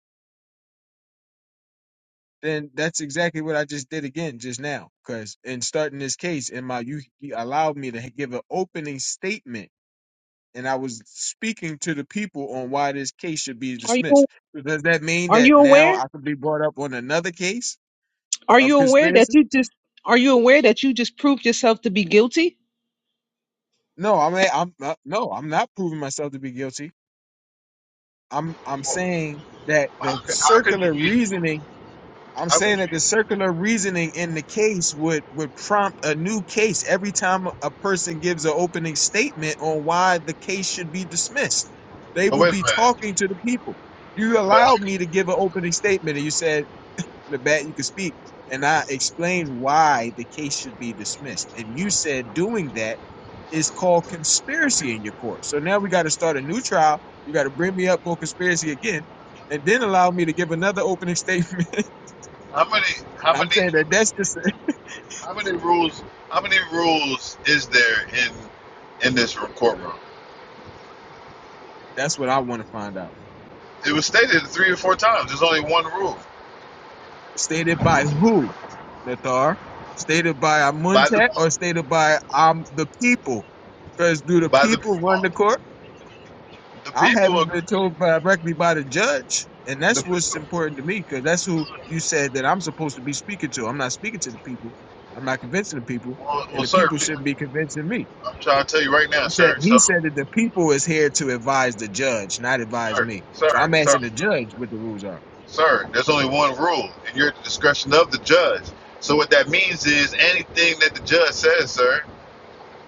then that's exactly what I just did again just now. Because in starting this case, in my you, you allowed me to give an opening statement, and I was speaking to the people on why this case should be are dismissed. you So does that mean are that you now aware? I could be brought up on another case Are you of aware that conspiracy? you just are you aware that you just proved yourself to be guilty? No, I mean, I'm uh, no, I'm not proving myself to be guilty. I'm I'm Well, saying that the how could, how could you circular be reasoning I'm how saying could you that be the circular reasoning in the case would would prompt a new case every time a person gives an opening statement on why the case should be dismissed. They but will wait a be minute. talking to the people. You But how, allowed could- me to give an opening statement and you said the bat you could speak. And I explained why the case should be dismissed. And you said doing that is called conspiracy in your court. So now we got to start a new trial. You got to bring me up for conspiracy again, and then allow me to give another opening statement. (laughs) how many how I'm saying many that that's just how many rules how many rules is there in in this courtroom? (laughs) that's what I It want to find out. was stated three or four times. There's only one rule. Stated by who, Nathar? Stated by By the Amuntet or stated by um the people? Because do the By the people run people. the court? The I people haven't been agree. told by, directly by the judge, and the that's what's people important to me because that's who you said that I'm supposed to be speaking to. I'm not speaking to the people. I'm not convincing the people, well, and well the sir, people shouldn't I'm be convincing me. trying to tell you right He now, said sir, he so said that the people is here to advise the judge, not advise sir, me. So sir, I'm sir, asking the judge what the rules are. sir, there's only one rule and you're at the discretion of the judge. So what that means is anything that the judge says, sir,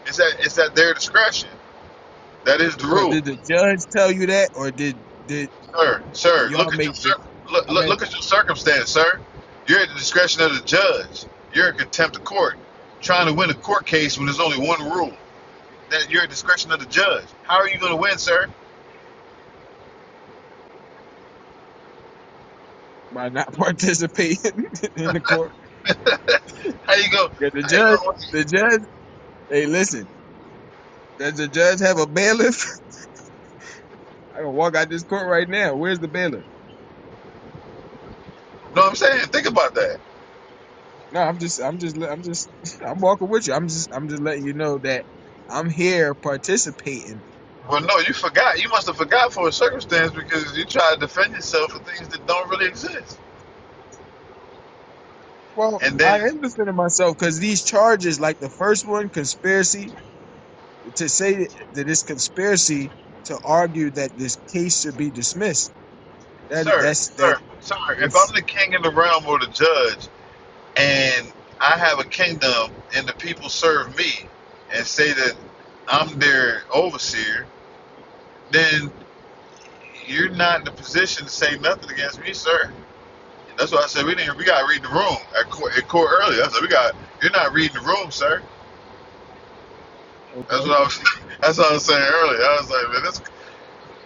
it's at it's at their discretion. That is the But rule. did the judge tell you that, or did did Sir, sir, y'all look at your make? The, look, I'm look, look asking at your circumstance, sir. You're at the discretion of the judge. You're in contempt of court, trying to win a court case when there's only one rule. that you're at discretion of the judge. How are you going to win, sir? by not (laughs) participating in the court. (laughs) how you go? Did the How you judge? The judge? Hey, listen. Does the judge have a bailiff? I can walk out this court right now. Where's the bailiff? Know what I'm saying? Think about that. No, I'm just, I'm just, I'm just, (laughs) I'm walking with you. I'm just, I'm just letting you know that I'm here participating. Well, no, you forgot. You must have forgot for a circumstance because you tried to defend yourself for things that don't really exist. Well, And I then, am defending myself because these charges, like the first one, conspiracy to say that it's conspiracy to argue that this case should be dismissed. That sir, that's that sir, sir, if is I'm the king in the realm or the judge, and I have a kingdom, and the people serve me, and say that I'm their overseer, then you're not in a position to say nothing against me, sir. That's why I said we didn't. We got to read the room at court, at court earlier. I said we got. You're not reading the room, sir. That's okay. what I was. (laughs) That's what I was saying earlier. I was like, man, this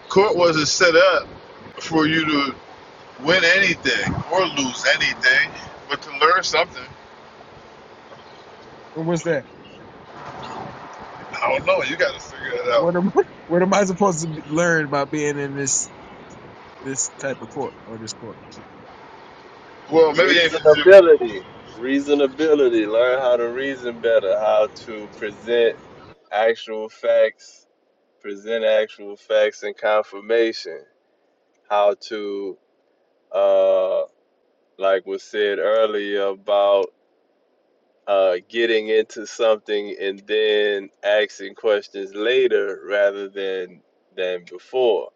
court wasn't set up for you to win anything or lose anything, but to learn something. And what's that? I don't know. You got to figure that out. What am (laughs) what am I supposed to be- learn by being in this this type of court or this court? Well, maybe they. reasonability, reasonability. Learn how to reason better, how to present actual facts, present actual facts and confirmation. How to, uh, like was said earlier about uh, getting into something and then asking questions later rather than than before.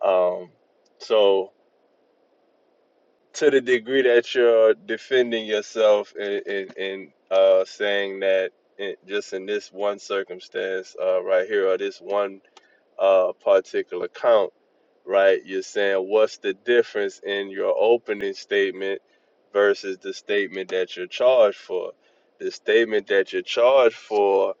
Um, so to the degree that you're defending yourself and and, and uh, saying that in, just in this one circumstance uh, right here or this one uh, particular count, right? You're saying what's the difference in your opening statement versus the statement that you're charged for? The statement that you're charged for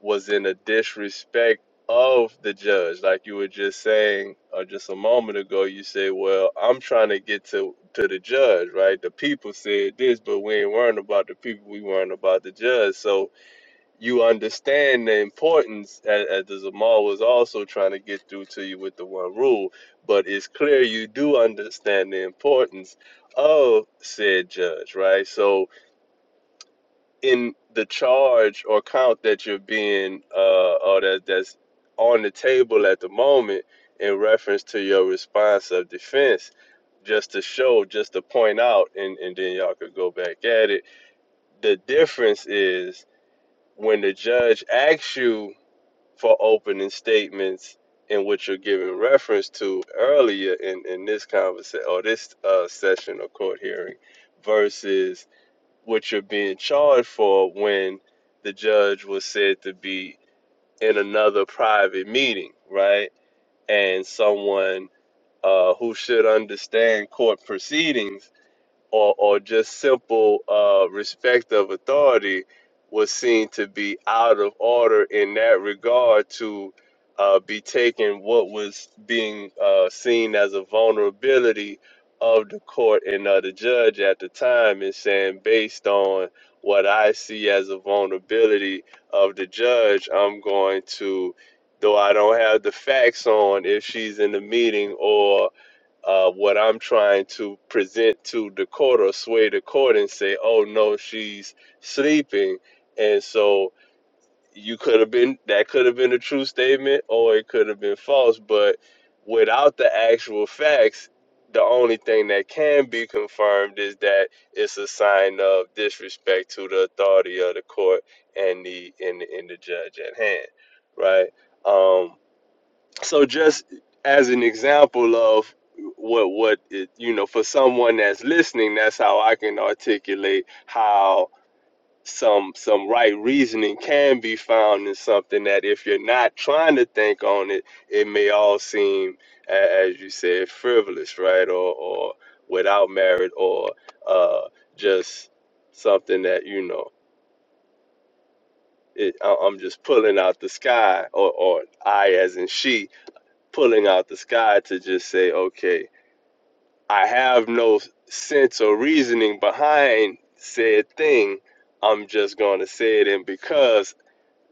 was in a disrespect of the judge, like you were just saying or just a moment ago. You say, "Well, I'm trying to get to to the judge, right? The people said this, but we ain't worrying about the people. We worrying about the judge." So you understand the importance as, as the Zamal was also trying to get through to you with the one rule, but it's clear you do understand the importance of said judge, right? So in the charge or count that you're being uh or that that's on the table at the moment in reference to your response of defense, just to show, just to point out and, and then y'all could go back at it. The difference is when the judge asks you for opening statements in which you're giving reference to earlier in, in this conversation or this uh, session or court hearing versus what you're being charged for when the judge was said to be in another private meeting, right? And someone uh, who should understand court proceedings or, or just simple uh, respect of authority was seen to be out of order in that regard to uh, be taking what was being uh, seen as a vulnerability of the court and of the judge at the time and saying based on what i see as a vulnerability of the judge i'm going to though i don't have the facts on if she's in the meeting or uh, what I'm trying to present to the court or sway the court and say, oh no, she's sleeping. And so you could have been, that could have been a true statement or it could have been false. But without the actual facts, the only thing that can be confirmed is that it's a sign of disrespect to the authority of the court and the and the, and the judge at hand, right? Um so just as an example of what what it, you know for someone that's listening that's how i can articulate how some some right reasoning can be found in something that if you're not trying to think on it it may all seem a- as you said frivolous right or or without merit or uh just something that you know it, I- i'm just pulling out the sky or or i as in she pulling out the sky to just say, okay, I have no sense or reasoning behind said thing. I'm just going to say it. And because,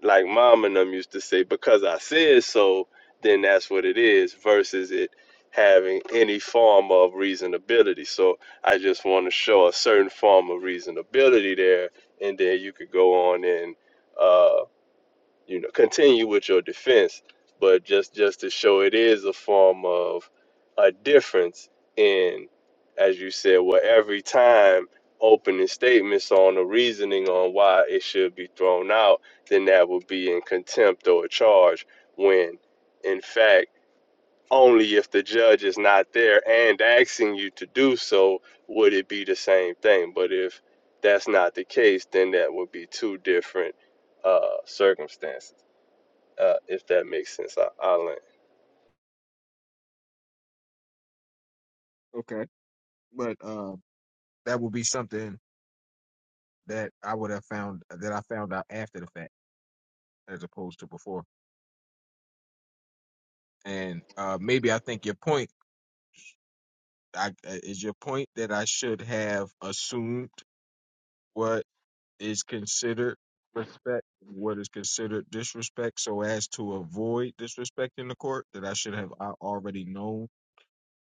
like mom and them used to say, because I said so, then that's what it is versus it having any form of reasonability. So I just want to show a certain form of reasonability there. And then you could go on and, uh, you know continue with your defense but just just to show it is a form of a difference in as you said well every time opening statements on the reasoning on why it should be thrown out then that would be in contempt or a charge when in fact only if the judge is not there and asking you to do so would it be the same thing but if that's not the case then that would be two different uh circumstances uh, if that makes sense, I, I'll land. Okay, but um, that will be something that I would have found that I found out after the fact as opposed to before. And uh, maybe I think your point I, uh, is your point that I should have assumed what is considered respect, what is considered disrespect, so as to avoid disrespect in the court. That I should have I already known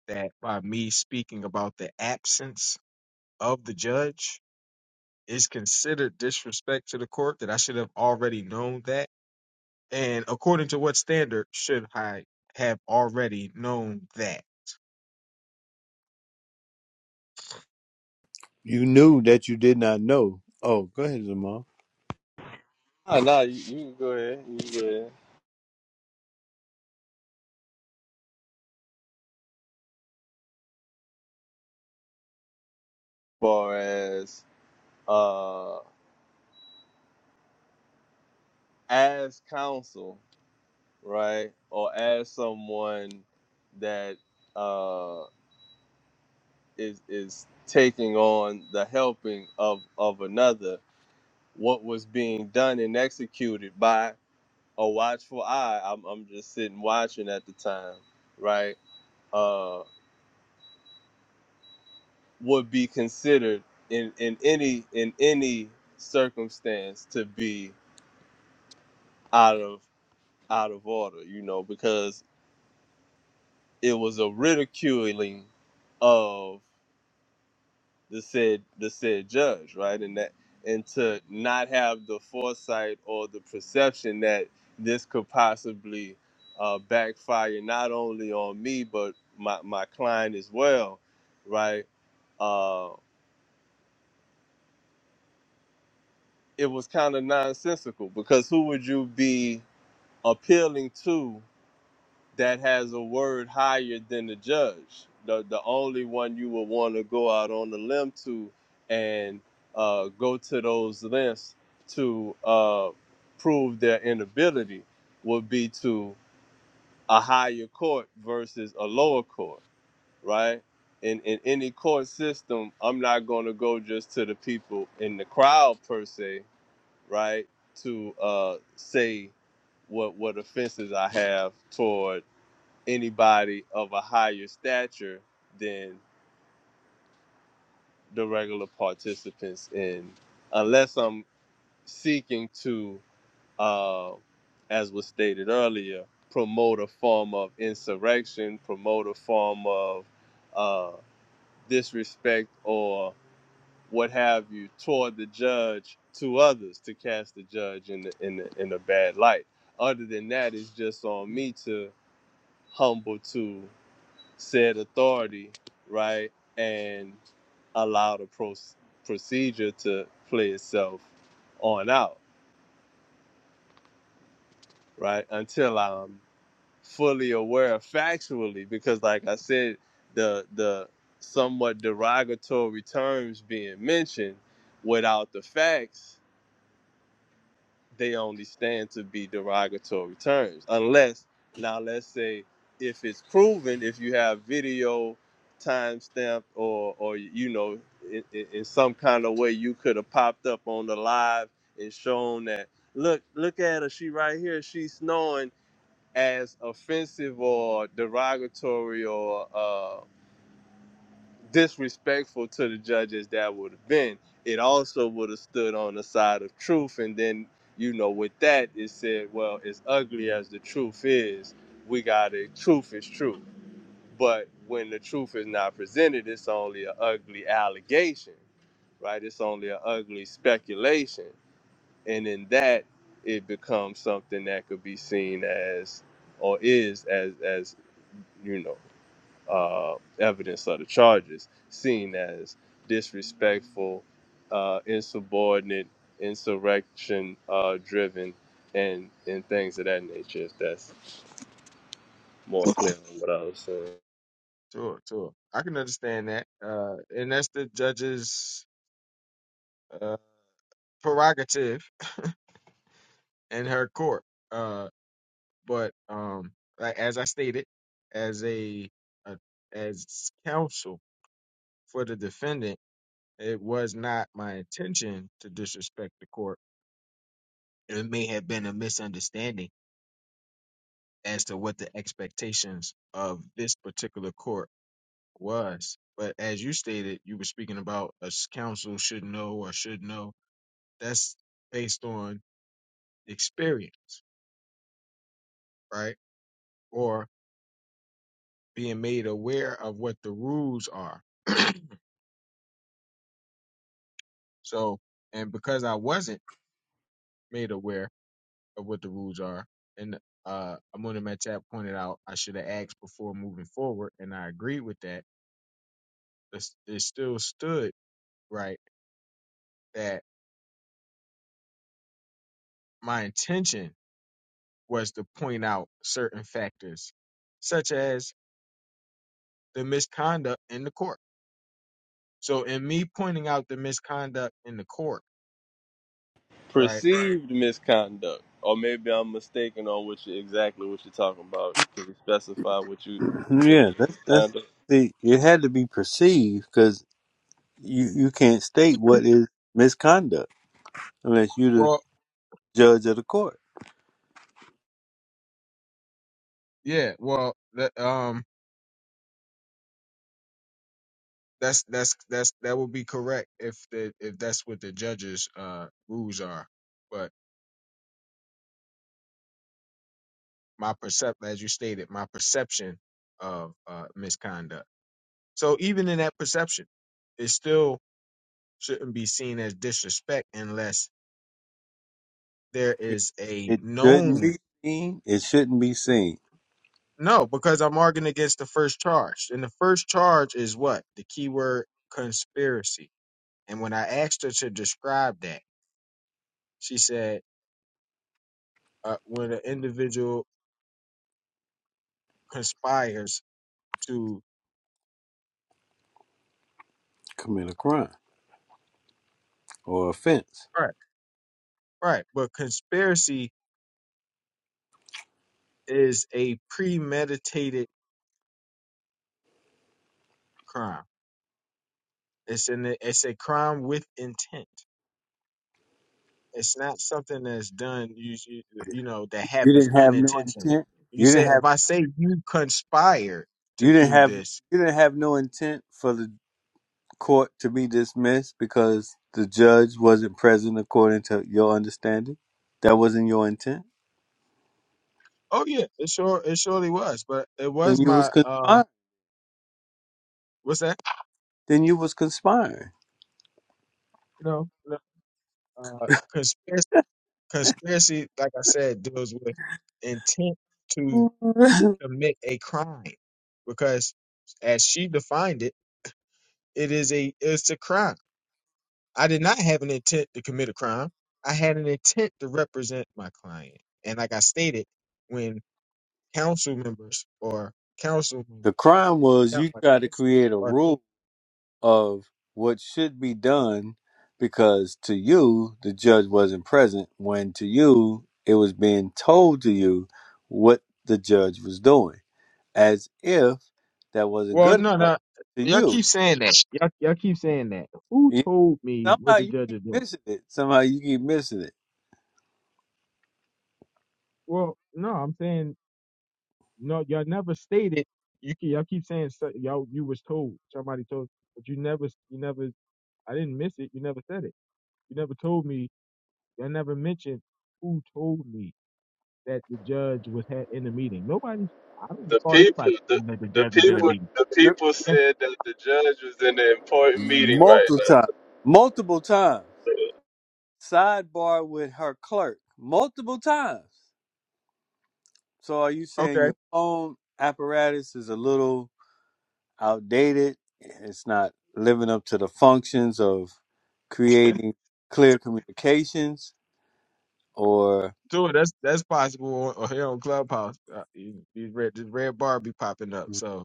that by me speaking about the absence of the judge is considered disrespect to the court. That I should have already known that And according to what standard should I have already known that? You knew that you did not know. Oh, go ahead, Jamal. Nah, nah, you, you can go ahead. You can go ahead. Far as uh, as counsel, right, or as someone that uh is is taking on the helping of of another, what was being done and executed by a watchful eye. I'm I'm just sitting watching at the time, right? Uh, would be considered in, in any in any circumstance to be out of out of order, you know, because it was a ridiculing of the said the said judge, right? And that and to not have the foresight or the perception that this could possibly uh, backfire not only on me but my, my client as well, right? Uh, it was kind of nonsensical because who would you be appealing to that has a word higher than the judge. The the only one you would want to go out on the limb to and uh, go to those lengths to uh, prove their inability would be to a higher court versus a lower court, right? In, in any court system, I'm not going to go just to the people in the crowd per se, right? To uh, say what what offenses I have toward anybody of a higher stature than the regular participants in unless I'm seeking to uh, as was stated earlier promote a form of insurrection promote a form of uh, disrespect or what have you toward the judge to others to cast the judge in the, in the, in a bad light other than that it's just on me to humble to said authority right and allow the pro- procedure to play itself on out, right? Until I'm fully aware factually, because like I said, the the somewhat derogatory terms being mentioned without the facts they only stand to be derogatory terms. Unless, now let's say, if it's proven, if you have video timestamped or, or you know, in, in, in some kind of way, you could have popped up on the live and shown that, look, look at her, she right here, she's snoring as offensive or derogatory or uh, disrespectful to the judges that would have been. It also would have stood on the side of truth. And then, you know, with that, it said, well, as ugly as the truth is, we got to, truth is true. But when the truth is not presented, it's only an ugly allegation, right? It's only an ugly speculation. And in that, it becomes something that could be seen as or is as as you know uh, evidence of the charges, seen as disrespectful, uh, insubordinate, insurrection uh, driven, and and things of that nature. If that's more clear on what I was saying, Sure, sure. I can understand that. Uh, and that's the judge's uh, prerogative in her court. Uh, but um, like as I stated, as a, a as counsel for the defendant, it was not my intention to disrespect the court. It may have been a misunderstanding as to what the expectations of this particular court was. But as you stated, you were speaking about a s- council should know or should know. That's based on experience, right? Or being made aware of what the rules are. So, and because I wasn't made aware of what the rules are, and uh, Amuna Matap pointed out I should have asked before moving forward, and I agree with that. It's- It still stood right that my intention was to point out certain factors, such as the misconduct in the court. So in me pointing out the misconduct in the court, right? perceived misconduct, or maybe I'm mistaken on what you exactly what you're talking about. Can you specify what you (clears throat) consider yeah, that's that's. misconduct? See, it had to be perceived because you you can't state what is misconduct unless you're the Well, judge of the court. yeah, well, that, um, that's that's that's that would be correct if the if that's what the judge's uh rules are. But my percept, as you stated, my perception of uh misconduct. So even in that perception, it still shouldn't be seen as disrespect unless there is a It shouldn't known be seen. It shouldn't be seen. No, because I'm arguing against the first charge. And the first charge is what? The keyword conspiracy. And when I asked her to describe that, she said uh, when an individual conspires to. Commit a crime or offense. Right. Right. But conspiracy is a premeditated crime. It's an it's a crime with intent. It's not something that's done you you, you know that You happens didn't have no unintentionally. intent. You You say didn't have. if I say you conspired to You didn't do have. this, You didn't have no intent for the court to be dismissed because the judge wasn't present according to your understanding. That wasn't your intent. Oh yeah, it sure it surely was, but it Then was you was my um conspiring. what's that? Then you was conspiring. No, no uh conspiracy conspiracy like I said deals with intent (laughs) to the commit a crime because as she defined it, it is a it's a crime. I did not have an intent to commit a crime. I had an intent to represent my client. And like I stated, when council members or councilmen crime or was count you my tried to council create a or rule of what should be done because to you the judge wasn't present when to you it was being told to you what the judge was doing as if that wasn't Well, good no, enough no. to Y'all you keep saying that. Y'all, y'all keep saying that. Who You- told me somehow what the you judge keep is doing? missing it somehow you keep missing it Well, no, I'm saying no. Y'all never stated. You keep, y'all keep saying so, y'all you was told somebody told, but you never you never. I didn't miss it. You never said it. You never told me. Y'all never mentioned who told me that the judge was had in the meeting. Nobody. I don't The recall anybody people, the, saying that the the judge was in the Yep, people, meeting. the yep. people And- said that the judge was in an important meeting right multiple now. times multiple times sidebar with her clerk multiple times so are you saying Okay. your phone apparatus is a little outdated. It's not living up to the functions of (laughs) creating clear communications or Sure, that's that's possible on, or here on Clubhouse. Uh, you, you read the red bar be popping up. mm, So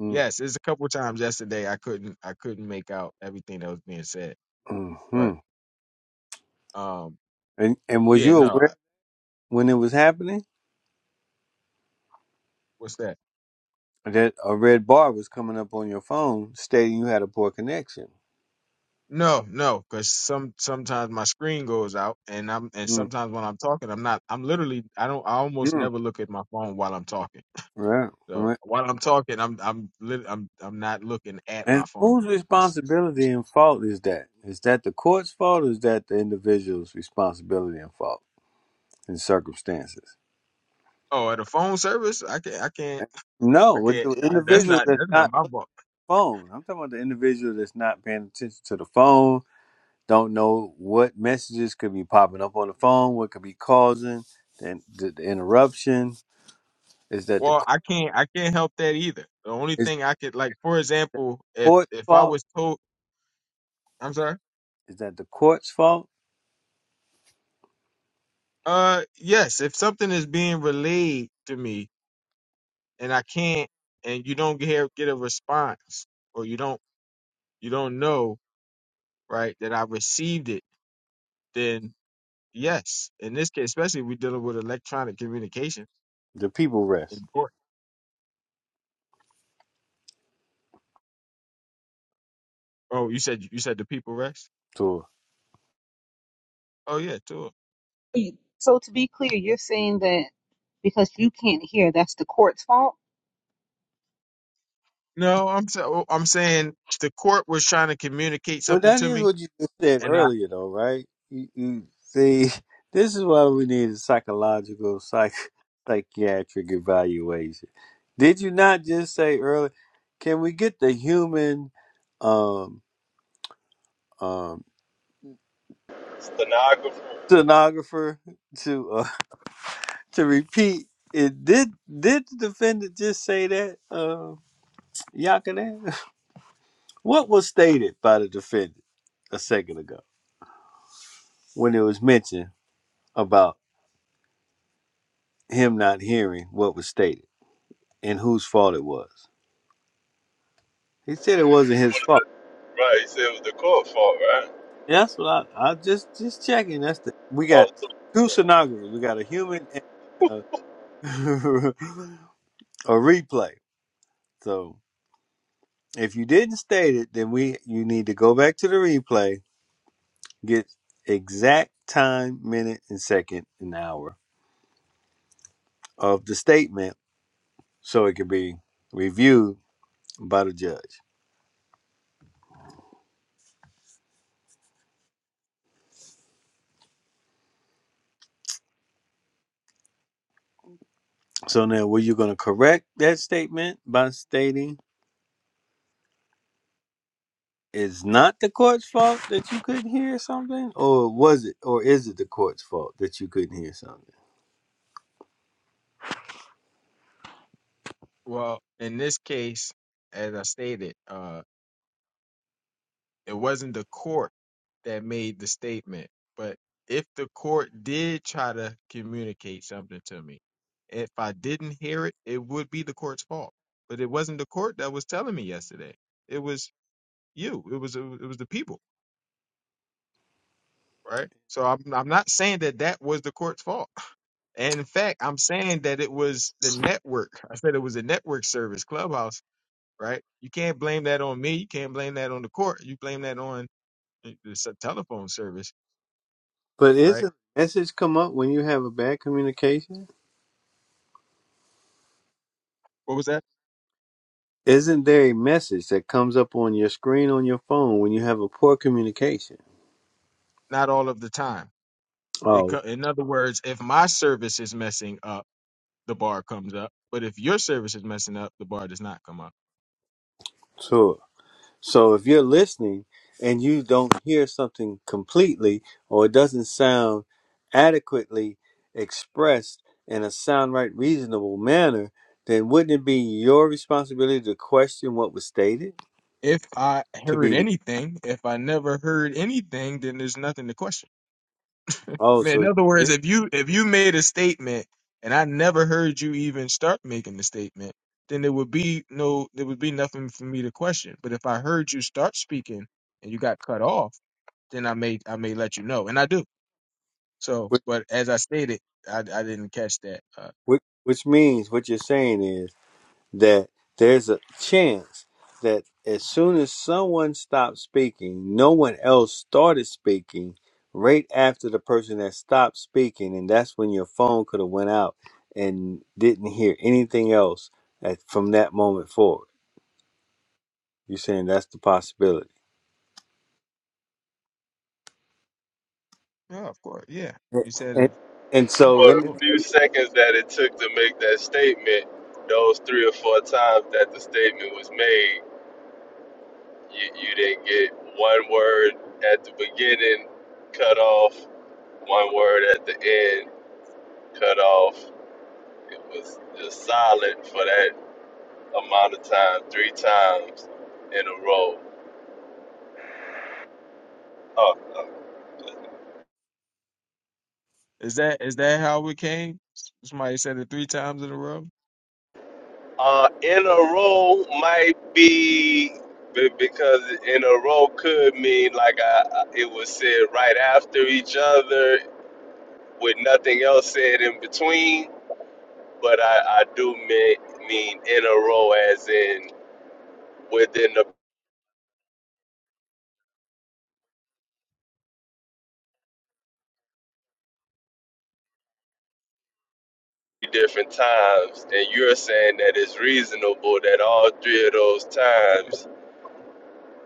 mm, yes, it's a couple times yesterday I couldn't I couldn't make out everything that was being said. But mm. um, and and was yeah, you no, I, aware when it was happening what's that? that a red bar was coming up on your phone stating you had a poor connection? No, no, because some sometimes my screen goes out, and I'm and Mm, sometimes when I'm talking, I'm not. I'm literally I don't I almost mm. never look at my phone while I'm talking. Right, So right. while I'm talking, I'm I'm lit, I'm I'm not looking at And my whose phone. Just, responsibility just and fault is that? Is that the court's fault or is that the individual's responsibility and fault in circumstances? oh, at a phone service, I can not I can't. No, I with can't. the I, that's individual not. that's That's not not my fault. phone. I'm talking about the individual that's not paying attention to the phone, don't know what messages could be popping up on the phone, what could be causing the, the, the interruption. Is that the Well, cour- I can't. I can't help that either. The only is thing the I could like, for example, if court's if I fault? was told, I'm sorry. Is that the court's fault? Uh, yes. If something is being relayed to me and I can't, and you don't get get a response, or you don't you don't know right that I received it, then yes. In this case, especially if we're dealing with electronic communication, The people rest. in court. Oh, you said you said the people rest. So, Oh yeah, too. So to be clear, you're saying that because you can't hear, that's the court's fault? No, I'm sa- oh, I'm saying the court was trying to communicate well, something that to is me, what you just said and I earlier, though, right? You, you see, (laughs) this is why we need a psychological, psych, psychiatric evaluation. Did you not just say earlier? Can we get the human? um, Stenographer. stenographer to uh, (laughs) to repeat. It did did the defendant just say that, uh, Yakanan? (laughs) What was stated by the defendant a second ago when it was mentioned about him not hearing what was stated and whose fault it was? He said it wasn't his fault. Right, he said it was the court fault, right? That's what I I just just checking. That's the we got Oh, two stenographers. We got a human and a, (laughs) a replay. So. If you didn't state it, then we you need to go back to the replay, get exact time, minute, and second and hour of the statement so it can be reviewed by the judge. So now were you gonna correct that statement by stating it's not the court's fault that you couldn't hear something? Or was it or is it the court's fault that you couldn't hear something? well, in this case, as I stated, uh, it wasn't the court that made the statement, but if the court did try to communicate something to me, if I didn't hear it, it would be the court's fault. But it wasn't the court that was telling me yesterday. It was you. it was it was the people, right? So I'm I'm not saying that that was the court's fault. And in fact, I'm saying that it was the network. I said it was a network service, Clubhouse, right? You can't blame that on me. You can't blame that on the court. You blame that on the the s- telephone service, But right? isn't message come up when you have a bad communication? What was that? Isn't there a message that comes up on your screen on your phone when you have a poor communication? Not all of the time. It, Oh, co- in other words, if my service is messing up, the bar comes up. But if your service is messing up, the bar does not come up. sure. So if you're listening and you don't hear something completely or it doesn't sound adequately expressed in a sound right, reasonable manner, then wouldn't it be your responsibility to question what was stated? If I To heard be, re- anything, if I never heard anything, then there's nothing to question. oh, Man, in so other words, this, if you if you made a statement and I never heard you even start making the statement, then there would be no there would be nothing for me to question. But if I heard you start speaking and you got cut off, then I may I may let you know, and I do. So, which, but as I stated, I I didn't catch that. Uh, which which means what you're saying is. that there's a chance that as soon as someone stopped speaking, no one else started speaking right after the person that stopped speaking, and that's when your phone could have went out and didn't hear anything else at, from that moment forward. You're saying that's the possibility, yeah, of course, yeah. You said and, it. and Yeah, so for let the me cool. few seconds that it took to make that statement, those three or four times that the statement was made, you, you didn't get one word at the beginning cut off, one word at the end cut off. It was just silent for that amount of time, three times in a row. Oh, oh. Is that is that how it came? Somebody said it three times in a row. Uh, in a row might be be- because in a row could mean like I, I- it was said right after each other with nothing else said in between. But I, I do mean, mean in a row as in within the different times. And you're saying that it's reasonable that all three of those times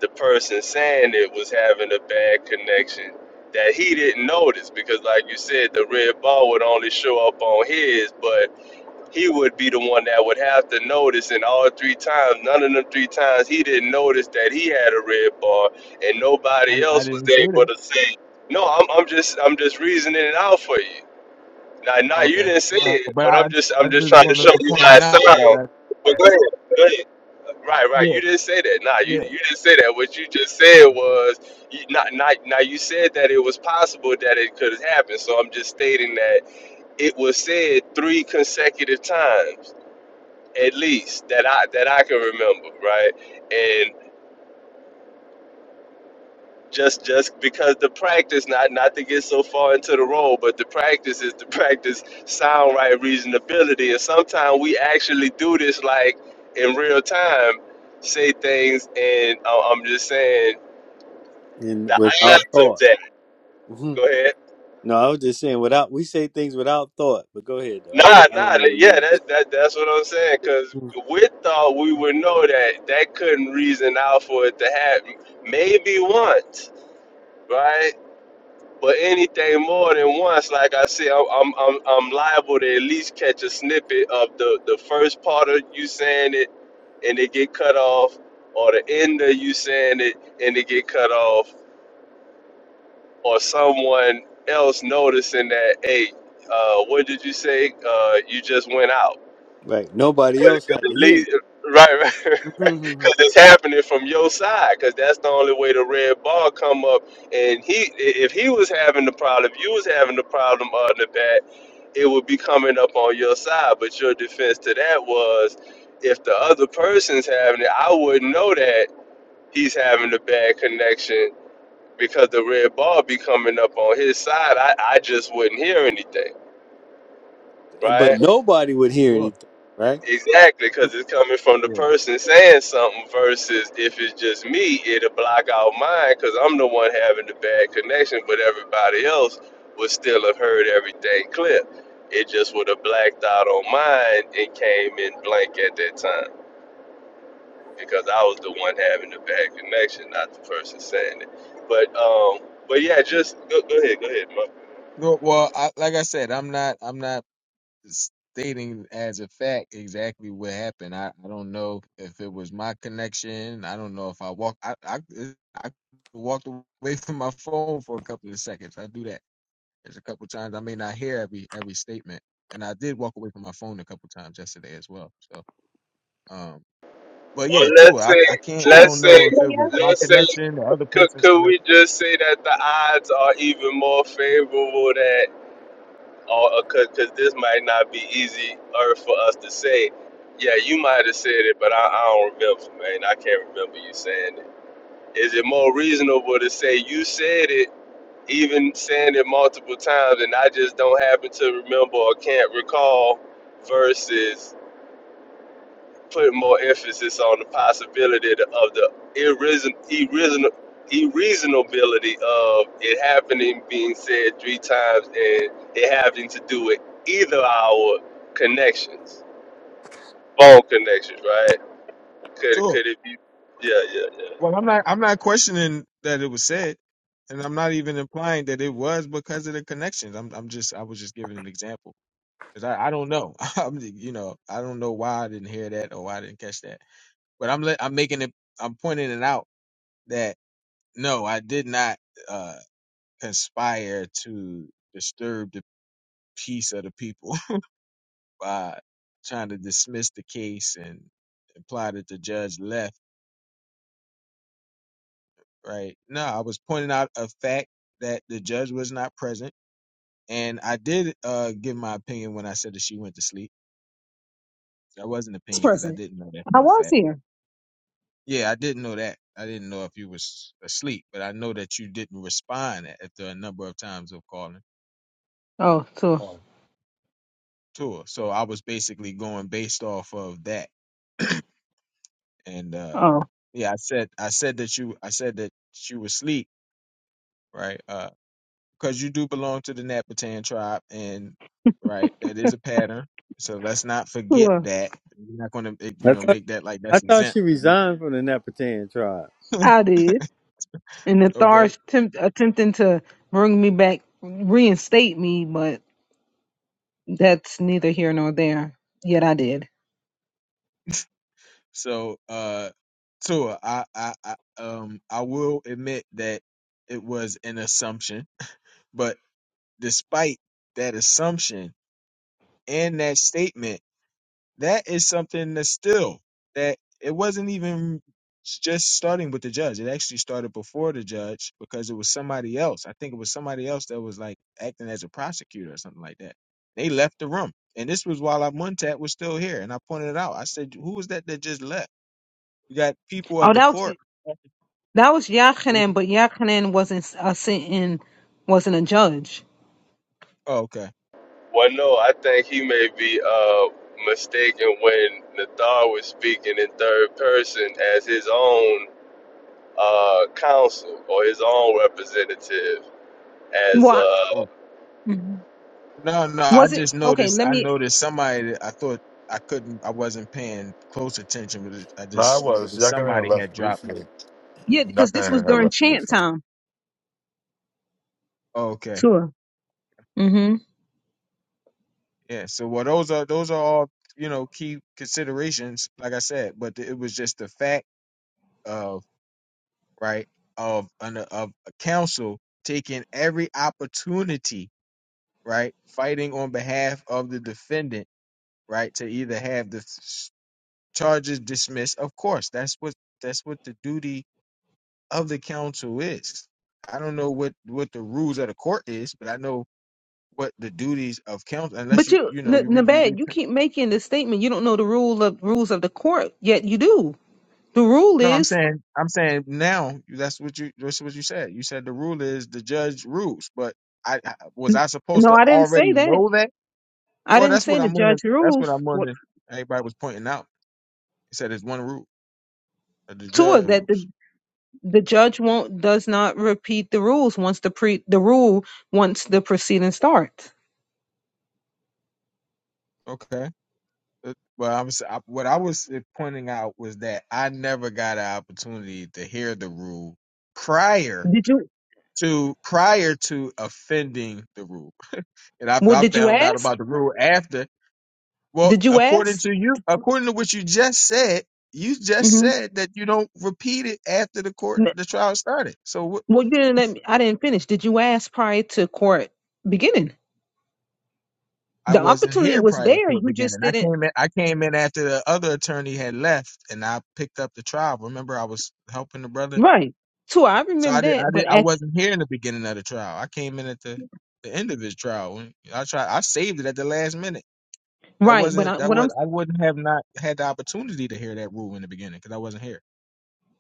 the person saying it was having a bad connection that he didn't notice because like you said the red ball would only show up on his but he would be the one that would have to notice and all three times none of them three times he didn't notice that he had a red ball and I, nobody di- I else was didn't say able that. to say no i'm, I'm just i'm just reasoning it out for you now now you Okay. didn't say No, it but but I i'm just I i'm just just trying to show want to you how point it out sounds that I but go ahead go ahead. Right, right. Yeah, You didn't say that. Nah, you yeah, you didn't say that. What you just said was you not not now you said that it was possible that it could have happened. So I'm just stating that it was said three consecutive times at least that I that I can remember, right? And just just because the practice, not not to get so far into the role, but the practice is to (laughs) practice sound right reasonability. And sometimes we actually do this like in real time, say things and uh, I'm just saying and the without islands of thought. that. (laughs) Mhm. Go ahead. No, I was just saying without we say things without thought, but go ahead though. I don't, Nah, I nah, don't know th- where you yeah, was going. that's that, that's what I'm saying. Cause Mhm. we thought we would know that that couldn't reason out for it to happen. Maybe once, right? But anything more than once, like I said, I'm I'm I'm, I'm liable to at least catch a snippet of the the first part of you saying it, and it get cut off, or the end of you saying it and it get cut off, or someone else noticing that, hey, uh, what did you say? Uh, you just went out. Right, nobody Cause, else 'cause had at to hear least, right, right. (laughs) you. (laughs) Because it's happening from your side. Because that's the only way the red ball come up. And he, if he was having the problem, if you was having the problem on the bat, it would be coming up on your side. But your defense to that was, if the other person's having it, I wouldn't know that he's having a bad connection because the red ball be coming up on his side, I, I just wouldn't hear anything, And but right? nobody would hear sure, anything, right? Exactly, because it's coming from the yeah. person saying something versus if it's just me, it'll block out mine because I'm the one having the bad connection, but everybody else would still have heard everything clear. It just would have blacked out on mine and came in blank at that time because I was the one having the bad connection, not the person saying it. But um, but yeah, yeah. just go, go ahead, go ahead, Mo. No, well, I, like I said, I'm not, I'm not stating as a fact exactly what happened. I, I don't know if it was my connection. I don't know if I walk, I, I, I walked away (laughs) from my phone for a couple of seconds. I do that. There's a couple times I may not hear every every statement, and I did walk away from my phone a couple times yesterday as well. So, um, but Or yeah, too, let's I, say, I can't, trying I to let's don't say, know if play it was out my let's say, connection or other could, person's could we connection. just say that the odds are even more favorable that, or because this might not be easy or for us to say, yeah, you might have said it, but I, I don't remember, man. I can't remember you saying it. Is it more reasonable to say you said it, even saying it multiple times, and I just don't happen to remember or can't recall, versus put more emphasis on the possibility of the irreason, irreason, irreasonability of it happening being said three times and it having to do with either our connections, phone connections, right? Could too. could it be? Yeah, yeah, yeah. Well, I'm not. I'm not questioning that it was said, and I'm not even implying that it was because of the connections. I'm. I'm just. I was just giving an example because I, I. don't know. (laughs) I'm. You know. I don't know why I didn't hear that or why I didn't catch that. But I'm. let- I'm making it. I'm pointing it out that no, I did not uh conspire to disturb the peace of the people (laughs) by trying to dismiss the case and imply that the judge left. Right? No, I was pointing out a fact that the judge was not present And I did uh give my opinion when I said that she went to sleep. That was an this opinion because I person. didn't know that I for a was fact. here. Yeah, I didn't know that. I didn't know if you was asleep, but I know that you didn't respond after a number of times of calling, Oh, so calling to her. So I was basically going based off of that. And uh oh, yeah, I said I said that you I said that you was asleep, right? Uh, because you do belong to the Napatan tribe, and right, that is a pattern. So let's not forget sure, that. We're not going to, you I know, thought make that like I that's thought exempt. she from you. resigned from the Napatan tribe. (laughs) I did. And the okay. Thar's temp- attempting to bring me back, reinstate me, but that's neither here nor there. Yet I did. So, uh, Tua, I, I, I, um, I will admit that it was an assumption, but despite that assumption and that statement. that is something that's still that it wasn't even just starting with the judge. It actually started before the judge because it was somebody else. I think it was somebody else that was like acting as a prosecutor or something like that. They left the room. And this was while Montat was still here. And I pointed it out. I said, Who was that that just left? You got people Oh, of the that was court. that was Oh, Yachanan, but Yachanan wasn't a sitting, wasn't a judge. okay. Well, no, I think he may be uh, mistaken when Nathar was speaking in third person as his own uh, counsel or his own representative as What? uh, Oh. No, no, I Was it just okay? noticed Let I me noticed somebody that I thought I couldn't I wasn't paying close attention, but it- I No, I just was. noticed Y'all can have somebody had left dropped. briefly. yeah, Y'all because this was can have during dropped left out. chant briefly. time. Okay. Sure. hmm Yeah. So well, those are those are all you know key considerations. Like I said, but it was just the fact of right of an of a counsel taking every opportunity, right, fighting on behalf of the defendant, right, to either have the s- charges dismissed. Of course, that's what that's what the duty of the counsel is. I don't know what what the rules of the court is, but I know what the duties of counsel. Unless But you you, you know N- you read you read. Nabad, you keep making this statement. You don't know the rule of rules of the court, yet you do. The rule No, I'm is saying, I'm saying now. That's what you. That's what you said. You said the rule is the judge rules. But I I- was I supposed no. to I didn't say already that. know that? I Well, didn't that's say what the I'm gonna. judge That's what rules. I'm What gonna. Everybody was pointing out. He said there's one rule. uh, The Tua judge that the rules. the judge won't does not repeat the rules once the pre the rule once the proceeding starts. Okay. Uh, Well, I was. I, what I was uh, pointing out was that I never got an opportunity to hear the rule prior Did you? to prior to offending the rule, and I, Well, I did you found out ask? about the rule after Well, Did you according ask? to you, according to what you just said, you just hmm said that you don't repeat it after the court, the trial started. So wh- Well, you didn't let me. I didn't finish. Did you ask prior to court beginning? I the wasn't opportunity here was prior to there. court You just beginning. I didn't. came in. I came in after the other attorney had left, and I picked up the trial. Remember, I was helping the brother, Right. Too. I so remember I did. I that. did. But I at wasn't here in the beginning of the trial. I came in at the the end of his trial. When I tried, I saved it at the last minute. That right. But wasn't. I, That what was. I'm I wouldn't have not had the opportunity to hear that rule in the beginning because I wasn't here.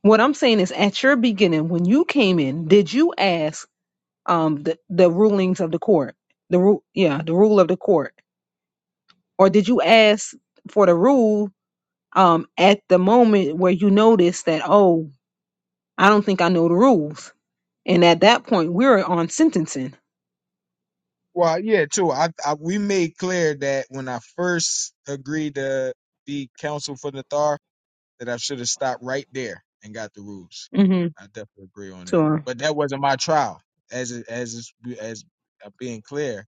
what I'm saying is, at your beginning, when you came in, did you ask um the the rulings of the court, the rule, yeah, the rule of the court, or did you ask for the rule um at the moment where you noticed that oh, I don't think I know the rules, and at that point we're on sentencing. Well, yeah, too. I, I we made clear that when I first agreed to be counsel for the Thar, that I should have stopped right there and got the rules. Mm-hmm. I definitely agree on that. Sure. But that wasn't my trial, as it- as it's- as uh, being clear,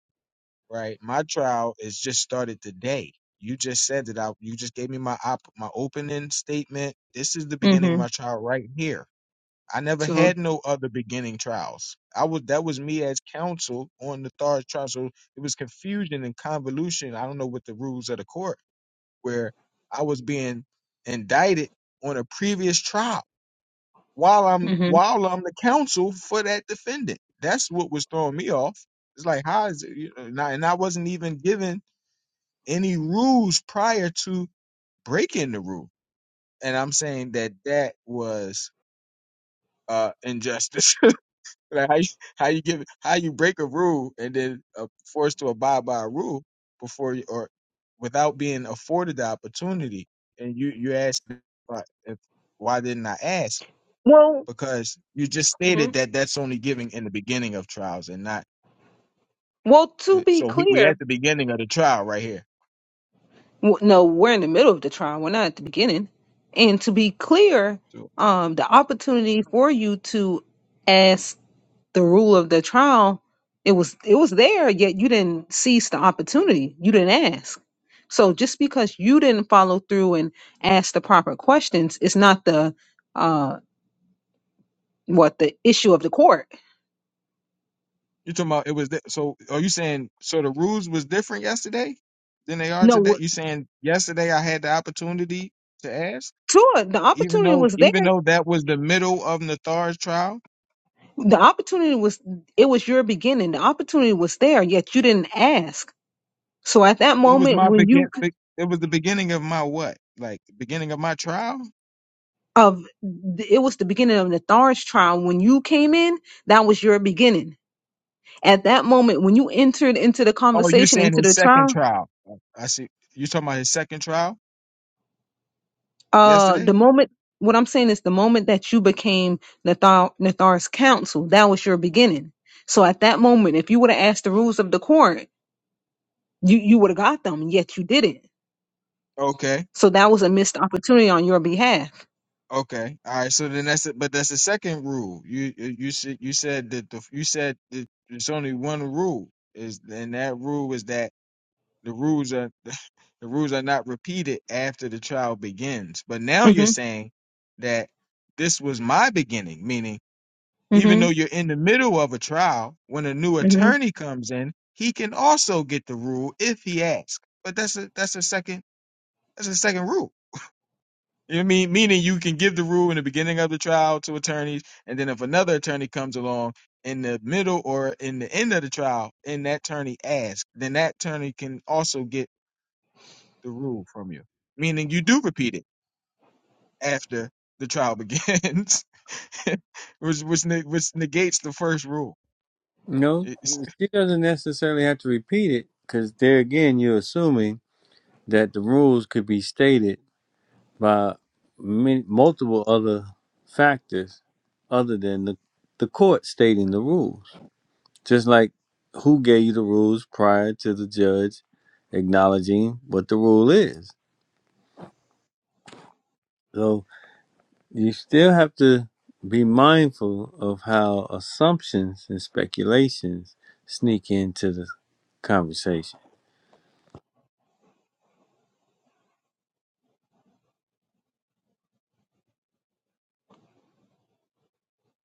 right? My trial is just started today. You just said that I. You just gave me my op, my opening statement. This is the beginning of Mm-hmm. my trial right here I never Sure. had no other beginning trials. I was that was me as counsel on the third trial. So it was confusion and convolution. I don't know what the rules of the court where I was being indicted on a previous trial while I'm Mm-hmm. while I'm the counsel for that defendant. That's what was throwing me off. It's like how is it? You know, and, I, and I wasn't even given any rules prior to breaking the rule. And I'm saying that that was uh injustice. (laughs) Like how you, how you give how you break a rule and then uh, forced to abide by a rule before you or without being afforded the opportunity, and you you ask why, if, why didn't I ask? Well. Because you just hmm stated that that's only giving in the beginning of trials and not. Well, to uh, be So we we clear, at the beginning of the trial right here. W- No, we're in the middle of the trial. We're not at the beginning. And to be clear, So um, the opportunity for you to ask the rule of the trial, it was it was there, yet you didn't seize the opportunity. You didn't ask. So just because you didn't follow through and ask the proper questions, it's not the uh, what the issue of the court. you're talking about it was di- so. Are you saying so the rules was different yesterday than they are today? No, You saying yesterday I had the opportunity to ask? Tua, the even opportunity though was there. even though that was the middle of Nathar's trial, The opportunity was it was your beginning. The opportunity was there, yet you didn't ask. So at that it was moment, my when you begin. c- be- It was the beginning of my what? Like beginning of my trial? of it was the beginning of the Nathari's trial. When you came in, that was your beginning. At that moment, when you entered into the Oh, you conversation, saying into his the second trial, trial? I see. You talking about his second trial uh, yesterday? the moment. What I'm saying is the moment that you became Nathar, Nathar's counsel, that was your beginning. So at that moment, if you would have asked the rules of the court, you, you would have got them, yet you didn't. Okay. So that was a missed opportunity on your behalf. Okay. All right. So then that's it. But that's the second rule. You you you said you said that the you said that there's only one rule is and that rule is that the rules are The rules are not repeated after the child begins. But now you're Mm-hmm. saying that this was my beginning, meaning even though Mm-hmm. you're in the middle of a trial, when a new Mm-hmm. attorney comes in, he can also get the rule if he asks. But that's a that's a second that's a second rule. You know what I mean? Meaning you can give the rule in the beginning of the trial to attorneys, and then if another attorney comes along in the middle or in the end of the trial, and that attorney asks, then that attorney can also get the rule from you. Meaning you do repeat it after the trial begins, (laughs) which which, ne- which negates the first rule. No, It's, she doesn't necessarily have to repeat it because there again, you're assuming that the rules could be stated by many, multiple other factors other than the the court stating the rules. Just like who gave you the rules prior to the judge acknowledging what the rule is. So, you still have to be mindful of how assumptions and speculations sneak into the conversation.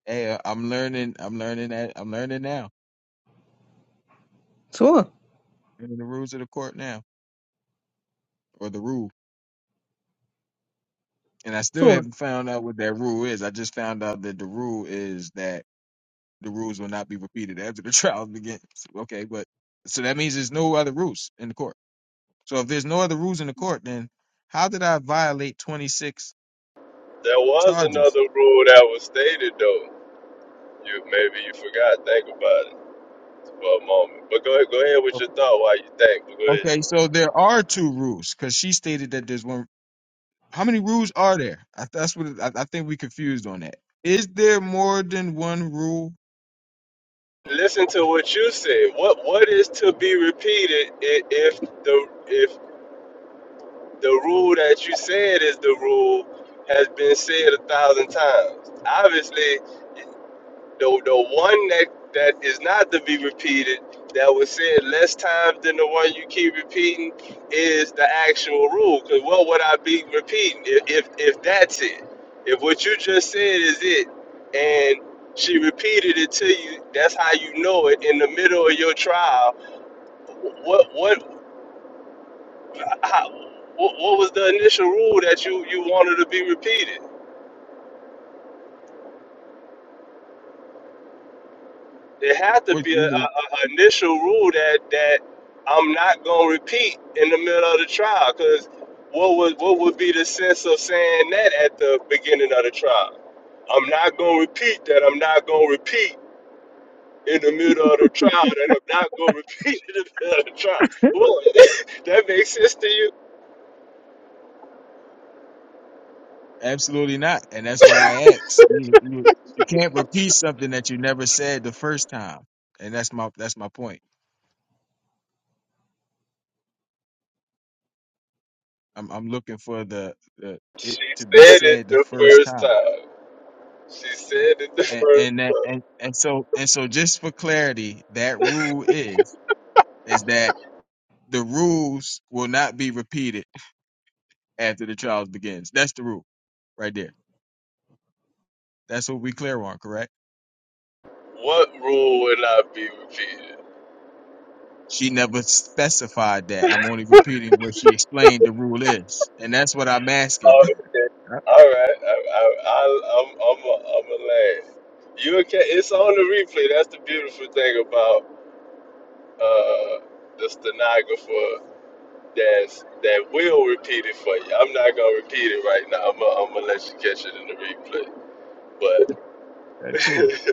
hey, I'm learning. I'm learning that. I'm learning now. Sure. Learning the rules of the court now, or the rule. And I still Sure. haven't found out what that rule is. I just found out that the rule is that the rules will not be repeated after the (laughs) trial begins. Okay, but so that means there's no other rules in the court. So if there's no other rules in the court, then how did I violate 26 There was charges? another rule that was stated though. You maybe you forgot. Think about it for a moment. But go ahead, go ahead with your Okay, thought while you think. But go ahead. okay, so there are two rules because she stated that there's one How many rules are there? I, that's what I, I think we confused on that. Is there more than one rule? Listen to what you said. What what is to be repeated i- if the if the rule that you said is the rule has been said a thousand times? Obviously, the the one that that is not to be repeated that was said less times than the one you keep repeating is the actual rule. Because what would I be repeating if, if if that's it? If what you just said is it, and she repeated it to you, that's how you know it. In the middle of your trial, what what how, what, what was the initial rule that you you wanted to be repeated? there had to Which be a, a, you know, a initial rule that that I'm not gonna repeat in the middle of the trial. Cause what would what would be the sense of saying that at the beginning of the trial? I'm not gonna repeat that. I'm not gonna repeat in the middle of the trial. That I'm not gonna (laughs) repeat in the middle of the trial. Well, (laughs) that makes sense to you? absolutely not, and that's why I asked. You, you, you can't repeat something that you never said the first time, and that's my that's my point. I'm I'm looking for the, the it She to be said it said the the first first time, time. She said it the and first. and that, and and so and so just for clarity, that rule is is that the rules will not be repeated after the trials begins. That's the rule right there. That's what we clear on, correct? What rule would not be repeated? She never specified that. I'm only repeating what she explained the rule is, and that's what I'm asking. Oh, (laughs) okay. Yep, All right. I, I, I, I'm, I'm, a, I'm a lad. You okay? It's on the replay. That's the beautiful thing about uh, the stenographer. That's that will repeat it for you. I'm not gonna repeat it right now. I'm, I'm gonna let you catch it in the replay. But that too. (laughs)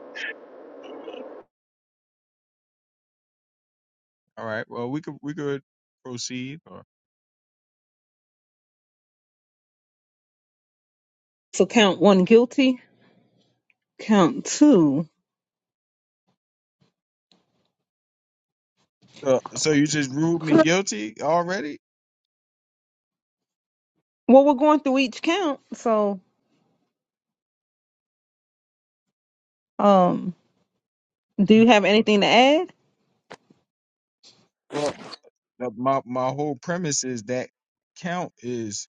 All right. Well, we could we could proceed. Or, So count one guilty, Count two. so, so you just ruled me guilty already? Well, we're going through each count. So, um, do you have anything to add? Well, the, my my whole premise is that count is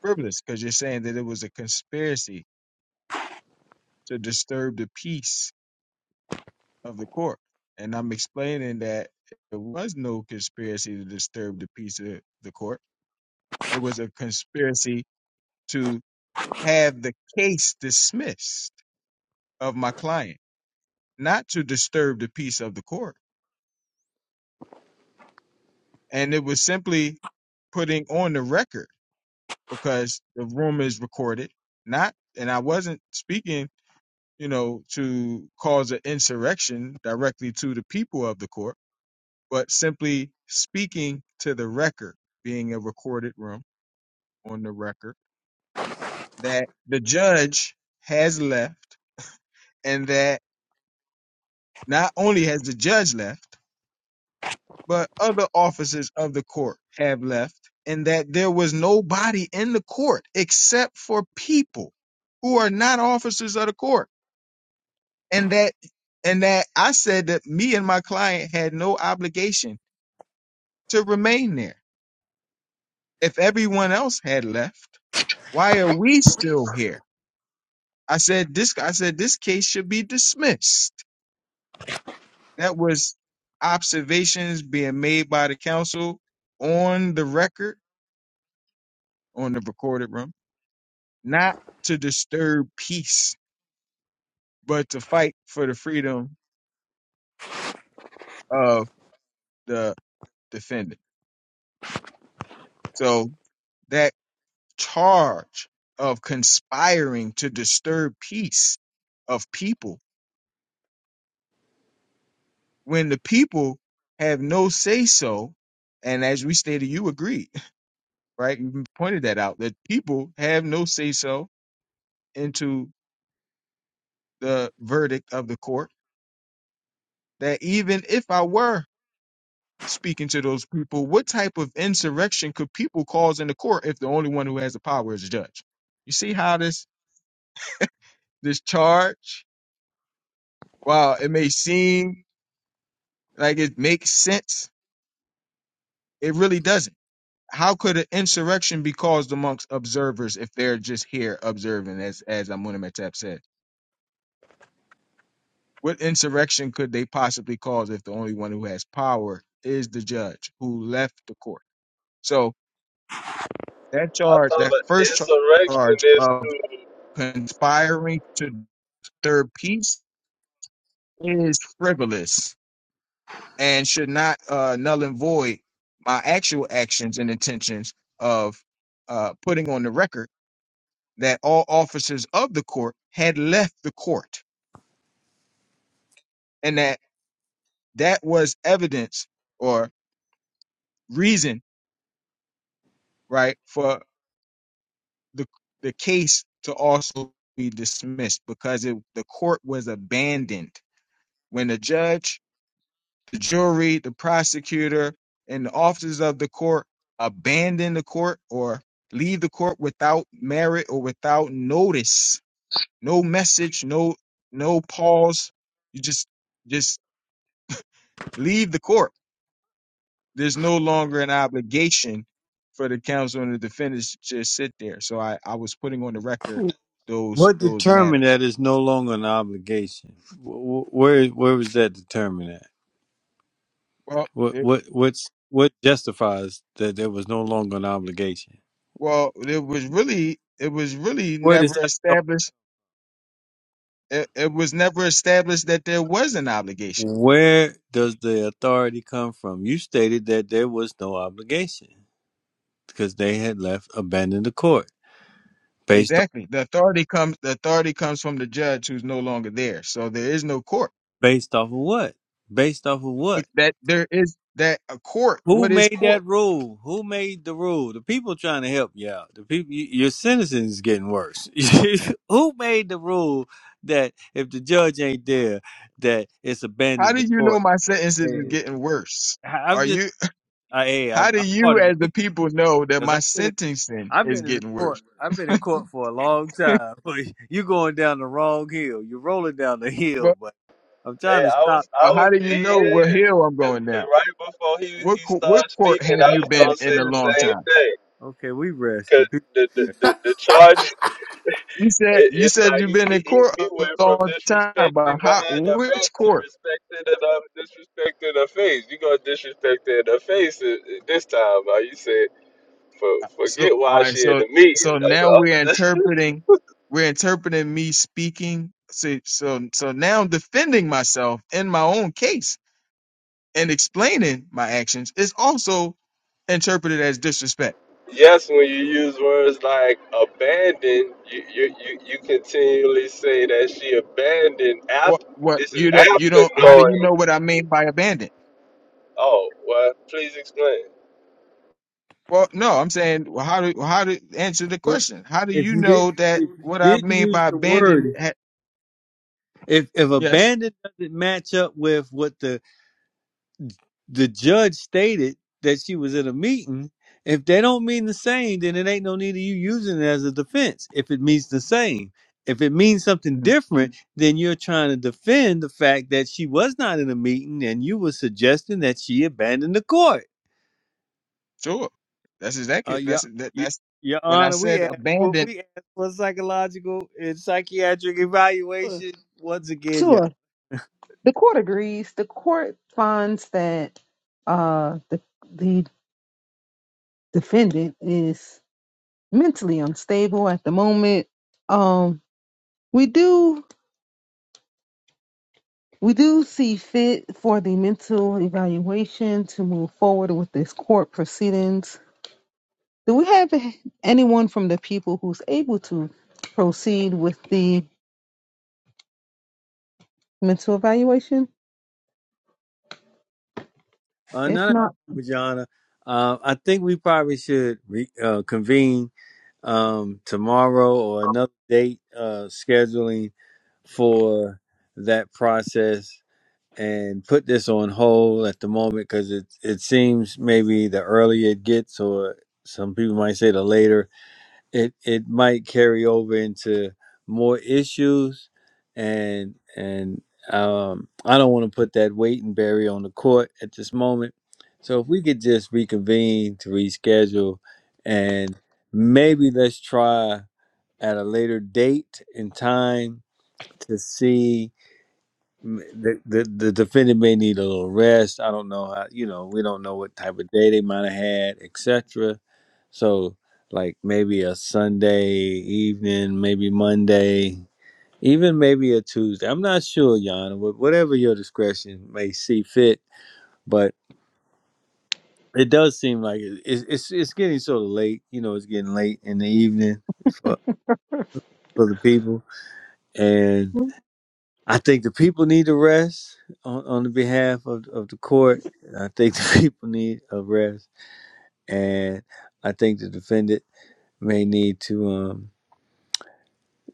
frivolous because you're saying that it was a conspiracy to disturb the peace of the court, and I'm explaining that there was no conspiracy to disturb the peace of the court It was a conspiracy to have the case dismissed of my client, not to disturb the peace of the court. And it was simply putting on the record because the room is recorded. Not, and I wasn't speaking, you know, to cause an insurrection directly to the people of the court, but simply speaking to the record, being a recorded room on the record, that the judge has left and that Not only has the judge left, but other officers of the court have left, and that there was nobody in the court except for people who are not officers of the court. And that and that I said that me and my client had no obligation to remain there. If everyone else had left, why are we still here? I said this I said this case should be dismissed. That was observations being made by the counsel on the record on the recorded room, not to disturb peace, but to fight for the freedom of the defendant. So that charge of conspiring to disturb peace of people when the people have no say so, and as we stated, you agreed, (laughs) right? You pointed that out that people have no say so into the verdict of the court. That even if I were speaking to those people, what type of insurrection could people cause in the court if the only one who has the power is the judge? You see how this this charge, while it may seem like it makes sense, it really doesn't. How could an insurrection be caused amongst observers if they're just here observing, as as Amunimetap said? What insurrection could they possibly cause if the only one who has power is the judge who left the court? So that I charge, thought that an first insurrection charge, is of to. conspiring to disturb peace is frivolous and should not uh, null and void my actual actions and intentions of uh, putting on the record that all officers of the court had left the court and that that was evidence or reason right for the the case to also be dismissed because it, the court was abandoned when the judge The jury, the prosecutor, and the officers of the court abandon the court or leave the court without merit or without notice. No message, no no pause. You just just leave the court. There's no longer an obligation for the counsel and the defendants to just sit there. So I, I was putting on the record those What those determined matters. that is no longer an obligation? Wh- wh- Where where was that determined at? Well, What it, what what's what justifies that there was no longer an obligation? well, it was really it was really Where does never that authority? established it, it was never established that there was an obligation. Where does the authority come from? You stated that there was no obligation because they had left abandoned the court based on. Exactly. The authority comes the authority comes from the judge who's no longer there. So there is no court. Based off of what? Based off of Look, what? That there is that a court. Who What is made court? that rule? Who made the rule? The people trying to help you out. The people, y- your sentence is getting worse. (laughs) Who made the rule that if the judge ain't there, that it's How abandoned do the you know court? my sentences is Hey, getting worse? I- I'm Are just, you I, hey, how I'm, do I'm part you of the as the people people know that because my I've been, in, sentencing I've is been in the getting court. worse? I've been in court for a long (laughs) time. (laughs) You're going down the wrong hill. You're rolling down the hill, But but I'm trying And to I stop. was, I but was, how do you he know is. what hill I'm Cause going 'cause down? right before he What he co- what started court speaking, have I you was been gonna say in a oh, the long same time? thing. Okay, we rest. The Cause people. the the the, the charge You said It, you it's said like you've he, been he, in he court a went from long time, but disrespecting how? behind her back Which to court? respecting and um, disrespecting her face. You gonna disrespect her in her face i- i- this time? Uh, you said for So forget all why right, she in so the meeting. so now we're (laughs) That's the other- interpreting, we're interpreting me speaking. So so so now I'm defending myself in my own case and explaining my actions is also interpreted as disrespect. (laughs) yes, when you use words like abandon, you you you, you continually say that she abandoned What after. what This is you don't you after don't? How do you knowing. know what I mean by abandon? Oh well, please explain. Well, no, I'm saying well, how do how to answer the rest. question? How do if you you didn't know that if you what I didn't mean use by the abandon? word Ha- if if yes. abandon doesn't match up with what the the judge stated that she was at a meeting if they don't mean the same then it ain't no need of you using it as a defense if it means the same if it means something Mm-hmm. different then you're trying to defend the fact that she was not in a meeting and you were suggesting that she abandoned the court Sure. That's uh exactly yeah that's that, Y- that's your when I honor we said asked for abandoned. we asked for psychological and psychiatric Sure. evaluation once again Sure. The court agrees. The court finds that uh, the the defendant is mentally unstable at the moment. Um, we do we do see fit for the mental evaluation to move forward with this court proceedings. Do we have anyone from the people who's able to proceed with the mental evaluation? Uh, If not not, Vajana. Uh, I think we probably should re- uh, convene um, tomorrow or another date uh, scheduling for that process and put this on hold at the moment because it it seems maybe the earlier it gets or some people might say the later it it might carry over into more issues and and um I don't want to put that weight and barrier on the court at this moment. So if we could just reconvene to reschedule and maybe let's try at a later date and time to see the, the the defendant may need a little rest. I don't know how you know we don't know what type of day they might have had, etc. So like maybe a Sunday evening, maybe Monday, even maybe a Tuesday. I'm not sure, Yana. wh- Whatever your discretion may see fit, but it does seem like it, it's it's it's getting sort of late. You know, it's getting late in the evening for for the people, and. I think the people need a rest on, on the behalf of, of the court. I think the (laughs) people need a rest. And I think the defendant may need to um,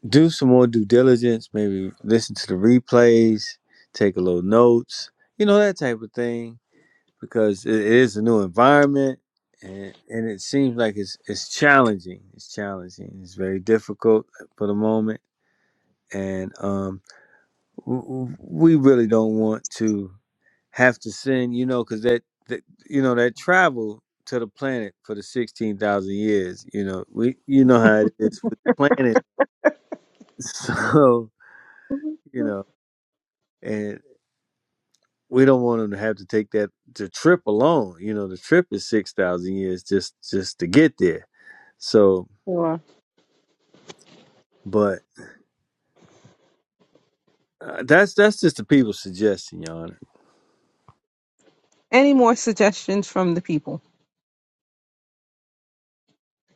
do some more due diligence, maybe listen to the replays, take a little notes, you know, that type of thing, because it, it is a new environment. And, and it seems like it's it's challenging. It's challenging. It's very difficult for the moment, and um, w- w- we really don't want to have to send, you know, because that, that you know that travel to the planet for the sixteen thousand years, you know, we you know how it is with the planet, (laughs) so you know, and we don't want them to have to take that the trip alone. You know, the trip is six thousand years just just to get there. So, or but Uh, that's that's just the people suggesting, Your Honor. Any more suggestions from the people?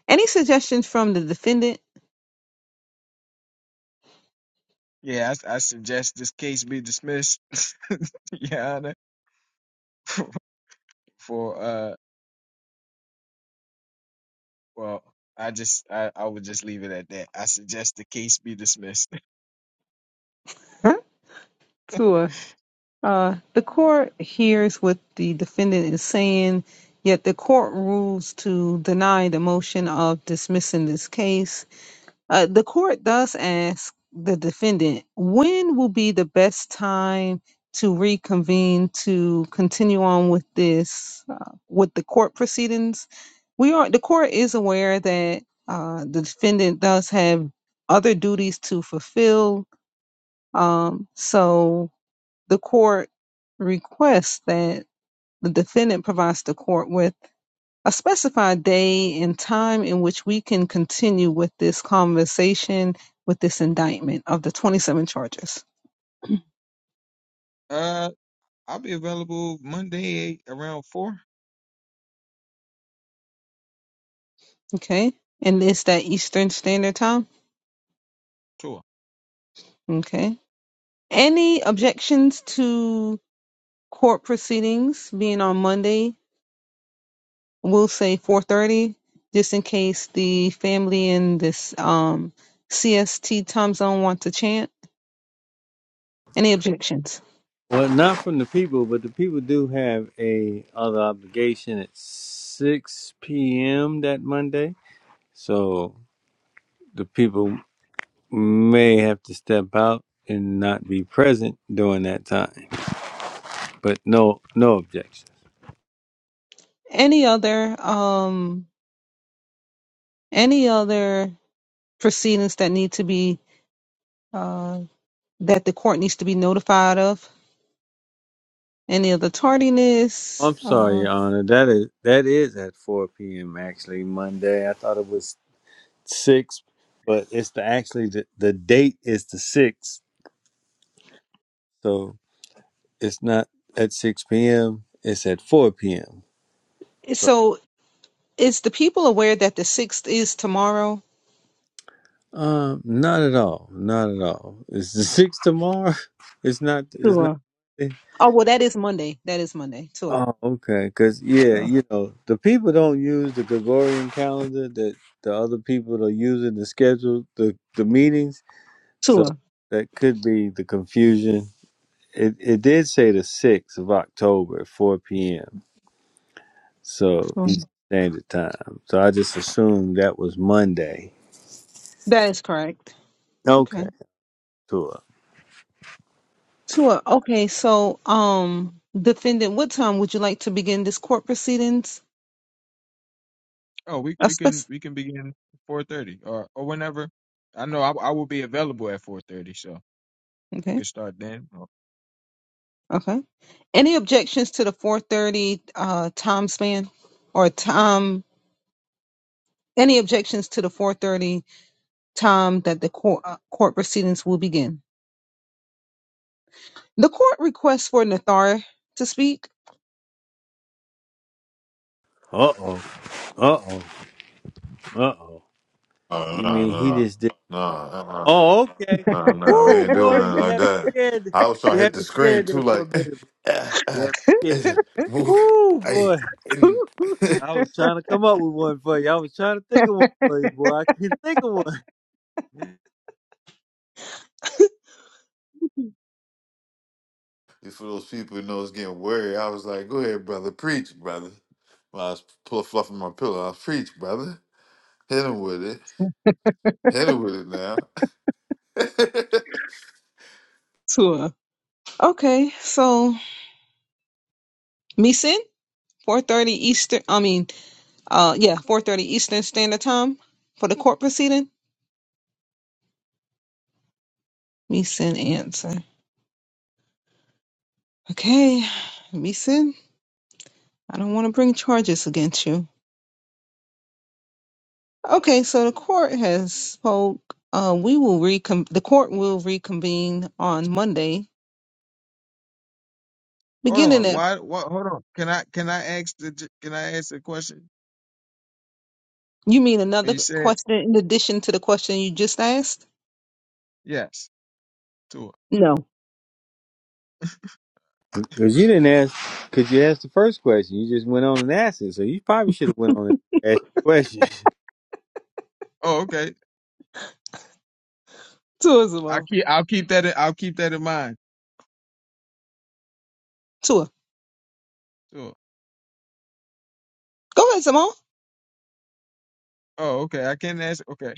Any suggestions from the defendant? Yeah, I, I suggest this case be dismissed, (laughs) Your Honor. For uh, well, I just I, I would just leave it at that. I suggest the case be dismissed. (laughs) Huh? Sure. Uh, the court hears what the defendant is saying, yet the court rules to deny the motion of dismissing this case. Uh, the court thus asks the defendant, when will be the best time to reconvene to continue on with this, uh, with the court proceedings? We are, the court is aware that uh, the defendant does have other duties to fulfill. Um, so the court requests that the defendant provides the court with a specified day and time in which we can continue with this conversation, with this indictment of the 27 charges. (clears throat) Uh, I'll be available Monday around four. Okay. And it's that Eastern Standard Time. Sure. Okay. Any objections to court proceedings being on Monday we'll say 4:30 just in case the family in this um CST time zone want to chant any objections Well, not from the people, but the people do have a other obligation at six p.m. that Monday, so the people may have to step out and not be present during that time. but no no objections. any other um any other proceedings that need to be uh that the court needs to be notified of any other tardiness I'm sorry, uh Your Honor. That is that is at 4 p.m. actually Monday. I thought it was six, but it's the actually the, the date is the sixth, so it's not at 6 p.m. It's at 4 p.m. so is the people aware that the 6th is tomorrow Um, not at all. Not at all. It's the sixth tomorrow. (laughs) It's not. It's not. sure oh well that is monday that is monday sure Oh, okay. Because yeah, sure you know, the people don't use the Gregorian calendar that the other people are using to schedule the the meetings. So sure that could be the confusion. It it did say the sixth of October, at four p.m. So Sure. Eastern Standard Time. So I just assumed that was Monday. that is correct okay Okay, cool. Tua, okay, so um defendant, what time would you like to begin this court proceedings? Oh, we A we spec- can we can begin four thirty or or whenever. I know I, I will be available at four thirty, so we okay, can start then. okay. Any objections to the four thirty uh time span or time any objections to the four thirty time that the court uh, court proceedings will begin? The court requests for Nathar to speak. (laughs) Uh oh. Uh oh. Uh oh. No, You no, mean no, he no. just did? No, uh-uh. Oh, (laughs) okay. No, no, we Woo, ain't boy, doing nothing you like have me that. scared. I was You trying to have hit the me screen scared there too, for a like, minute. (laughs) eh, You eh, have me scared. eh, move. Woo, Hey, boy. and I was trying to come up with one for you. I was trying to think of one for you, boy. I couldn't think of one. (laughs) for those people who know it's getting worried, I was like, go ahead, brother, preach, brother. When I was pull, fluffing my pillow, I was preach, brother. Hit him with it. Hit him with it now. Tua. Okay, so Meeson, four thirty Eastern I mean Uh, yeah, four thirty Eastern Standard Time for the court proceeding. Meeson answer. Okay, Meeson, I don't want to bring charges against you. Okay, so the court has spoke. Uh, we will recon. The court will reconvene on Monday, Hold beginning on. at. Why? What? Hold on. Can I can I ask the ju- can I ask a question? You mean When another you said question in addition to the question you just asked? yes, Tua. No. Because you didn't ask, because you asked the first question. You just went on and asked it. So you probably should have went on and asked the Oh, okay. Tua I Zamal. keep I'll keep that in, I'll keep that in mind. Tua. Tua. Go ahead, Zamal. Oh, okay. I can ask. Okay.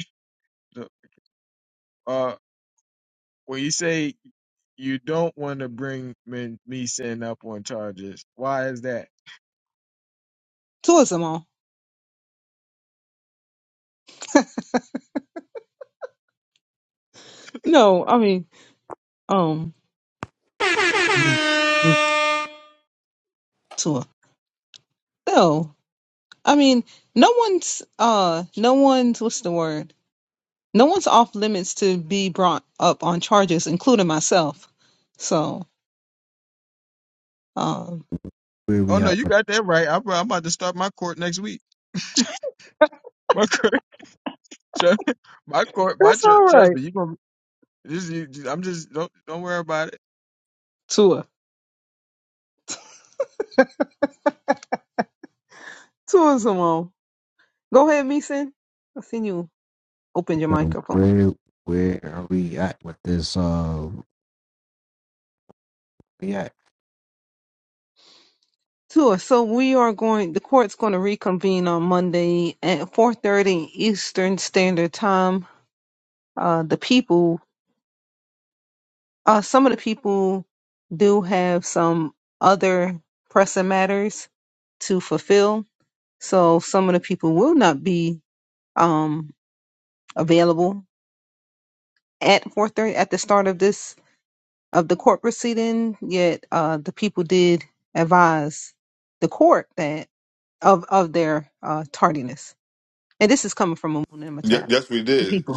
Look, Uh, when you say you don't want to bring me me setting up on charges, why is that? Tua Zamal. No, I mean, um, question. Tua. No. I mean, no one's uh no one's what's the word? No one's off limits to be brought up on charges, including myself. So um Oh no, you got that right. I'm, I'm about to start my court next week. My court, (laughs) trust, my court, my That's tr- all trust right. me. You gonna this? You, I'm just don't don't worry about it. Tua. Tua Simone. Go ahead, Meeson. I seen you open your microphone. Tua, so we are going the court's gonna reconvene on Monday at four thirty Eastern Standard Time. Uh the people Uh, some of the people do have some other pressing matters to fulfill, so some of the people will not be um, available at 4:30 at the start of this of the court proceeding. Yet uh, the people did advise the court that of of their uh, tardiness, and this is coming from Amun and Matap, the people,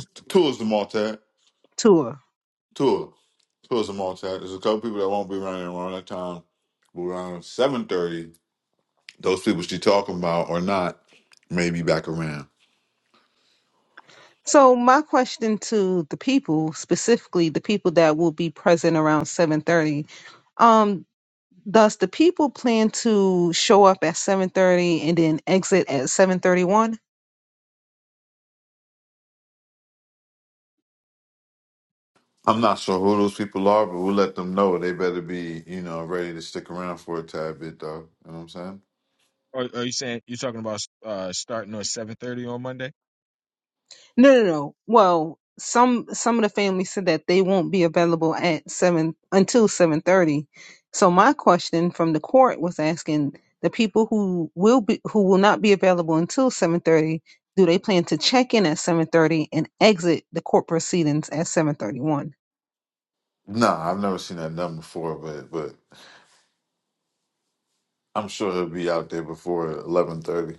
two Come on, chat. There's a couple people that won't be running around that time. But around 7.30, those people she talking about or not may be back around. So my question to the people, specifically the people that will be present around 7:30, um does the people plan to show up at 7:30 and then exit at 7:31? I'm not sure who those people are, but we'll let them know. They better be, you know, ready to stick around for a tad bit, though. You know what I'm saying? Or are you saying you're talking about uh starting on 7:30 on Monday? No, no, no. Well, some some of the families said that they won't be available at seven until seven thirty. So my question from the court was asking the people who will be who will not be available until seven thirty. Do they plan to check in at seven thirty and exit the court proceedings at seven thirty one? Nah, I've never seen that done before, but but I'm sure he'll be out there before 11:30.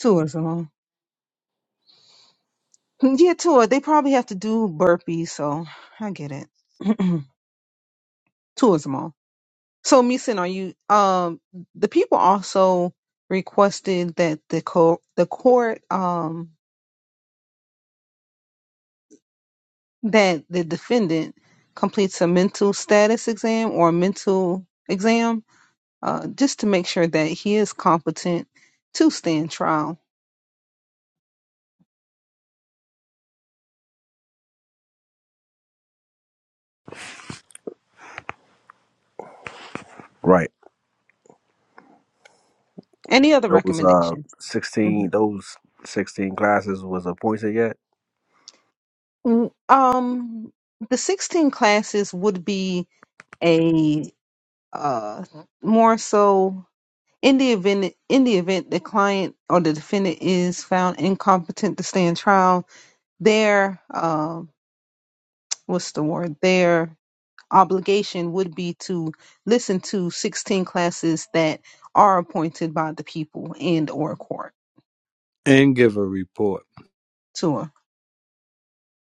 Two is so. (laughs) Yeah, tour. They probably have to do burpees, so I get it. (clears throat) Tourism all. So Meeson, are you um the people also requested that the co- the court um that the defendant completes a mental status exam or a mental exam uh just to make sure that he is competent to stand trial. Any other recommendations? Mhm. Mm, Um, the 16 classes would be a uh more so in the event in the event the client or the defendant is found incompetent to stand trial, their um what's the word? Their obligation would be to listen to 16 classes that are appointed by the people and or court (laughs) and give a report. to her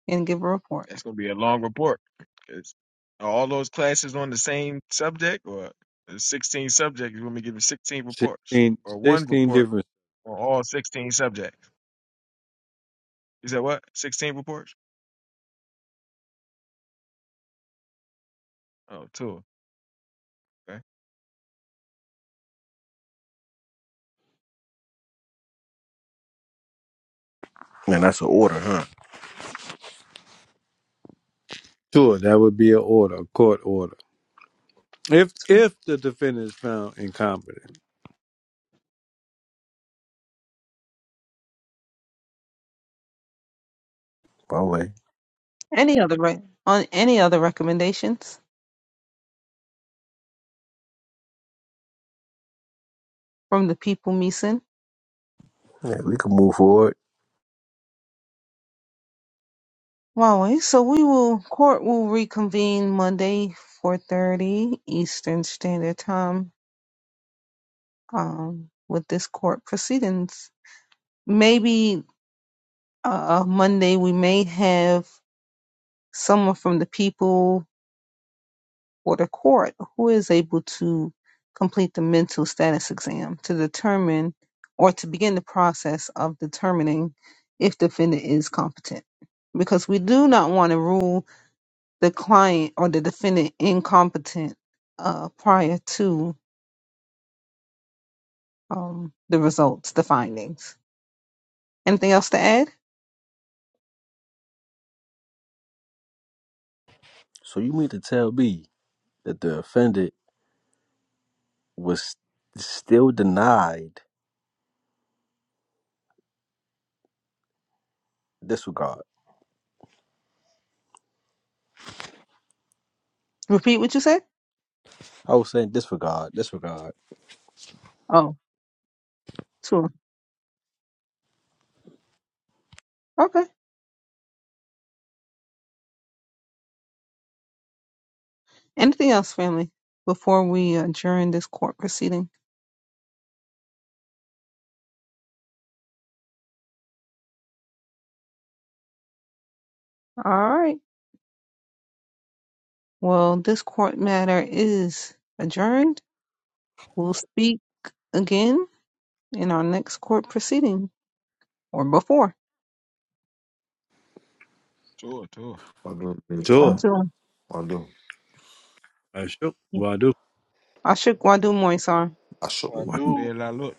and give a report. That's gonna be a long report. It's, are all those classes on the same subject, or the 16 subjects? You're gonna be giving 16 reports, Sixteen, or one sixteen report different on all 16 subjects. You said what? 16 reports? Oh, two. Okay, to order, huh? tour. That would be an order, a court order. If So if the defendant is found incompetent. By the way, any other re- on any other recommendations? from the people, Meeson. yeah, we can move forward. Huawei. So we will court will reconvene Monday, four thirty Eastern Standard Time, um, with this court proceedings. Maybe uh uh, Monday we may have someone from the people or the court who is able to complete the mental status exam to determine or to begin the process of determining if the defendant is competent. Because we do not want to rule the client or the defendant incompetent uh, prior to um, the results, the findings. Anything else to add? So you mean to tell me that the offended was still denied disregard? Repeat what you said? I was saying disregard, disregard. Oh, sure. Okay. Anything else, family, before we adjourn this court proceeding? All right. Well, this court matter is adjourned. We'll speak again in our next court proceeding or before. two, two. I do. I Tour, do. So. I do. Sure. I shook one do more, Moisar should. Well, dude, Pe la lut.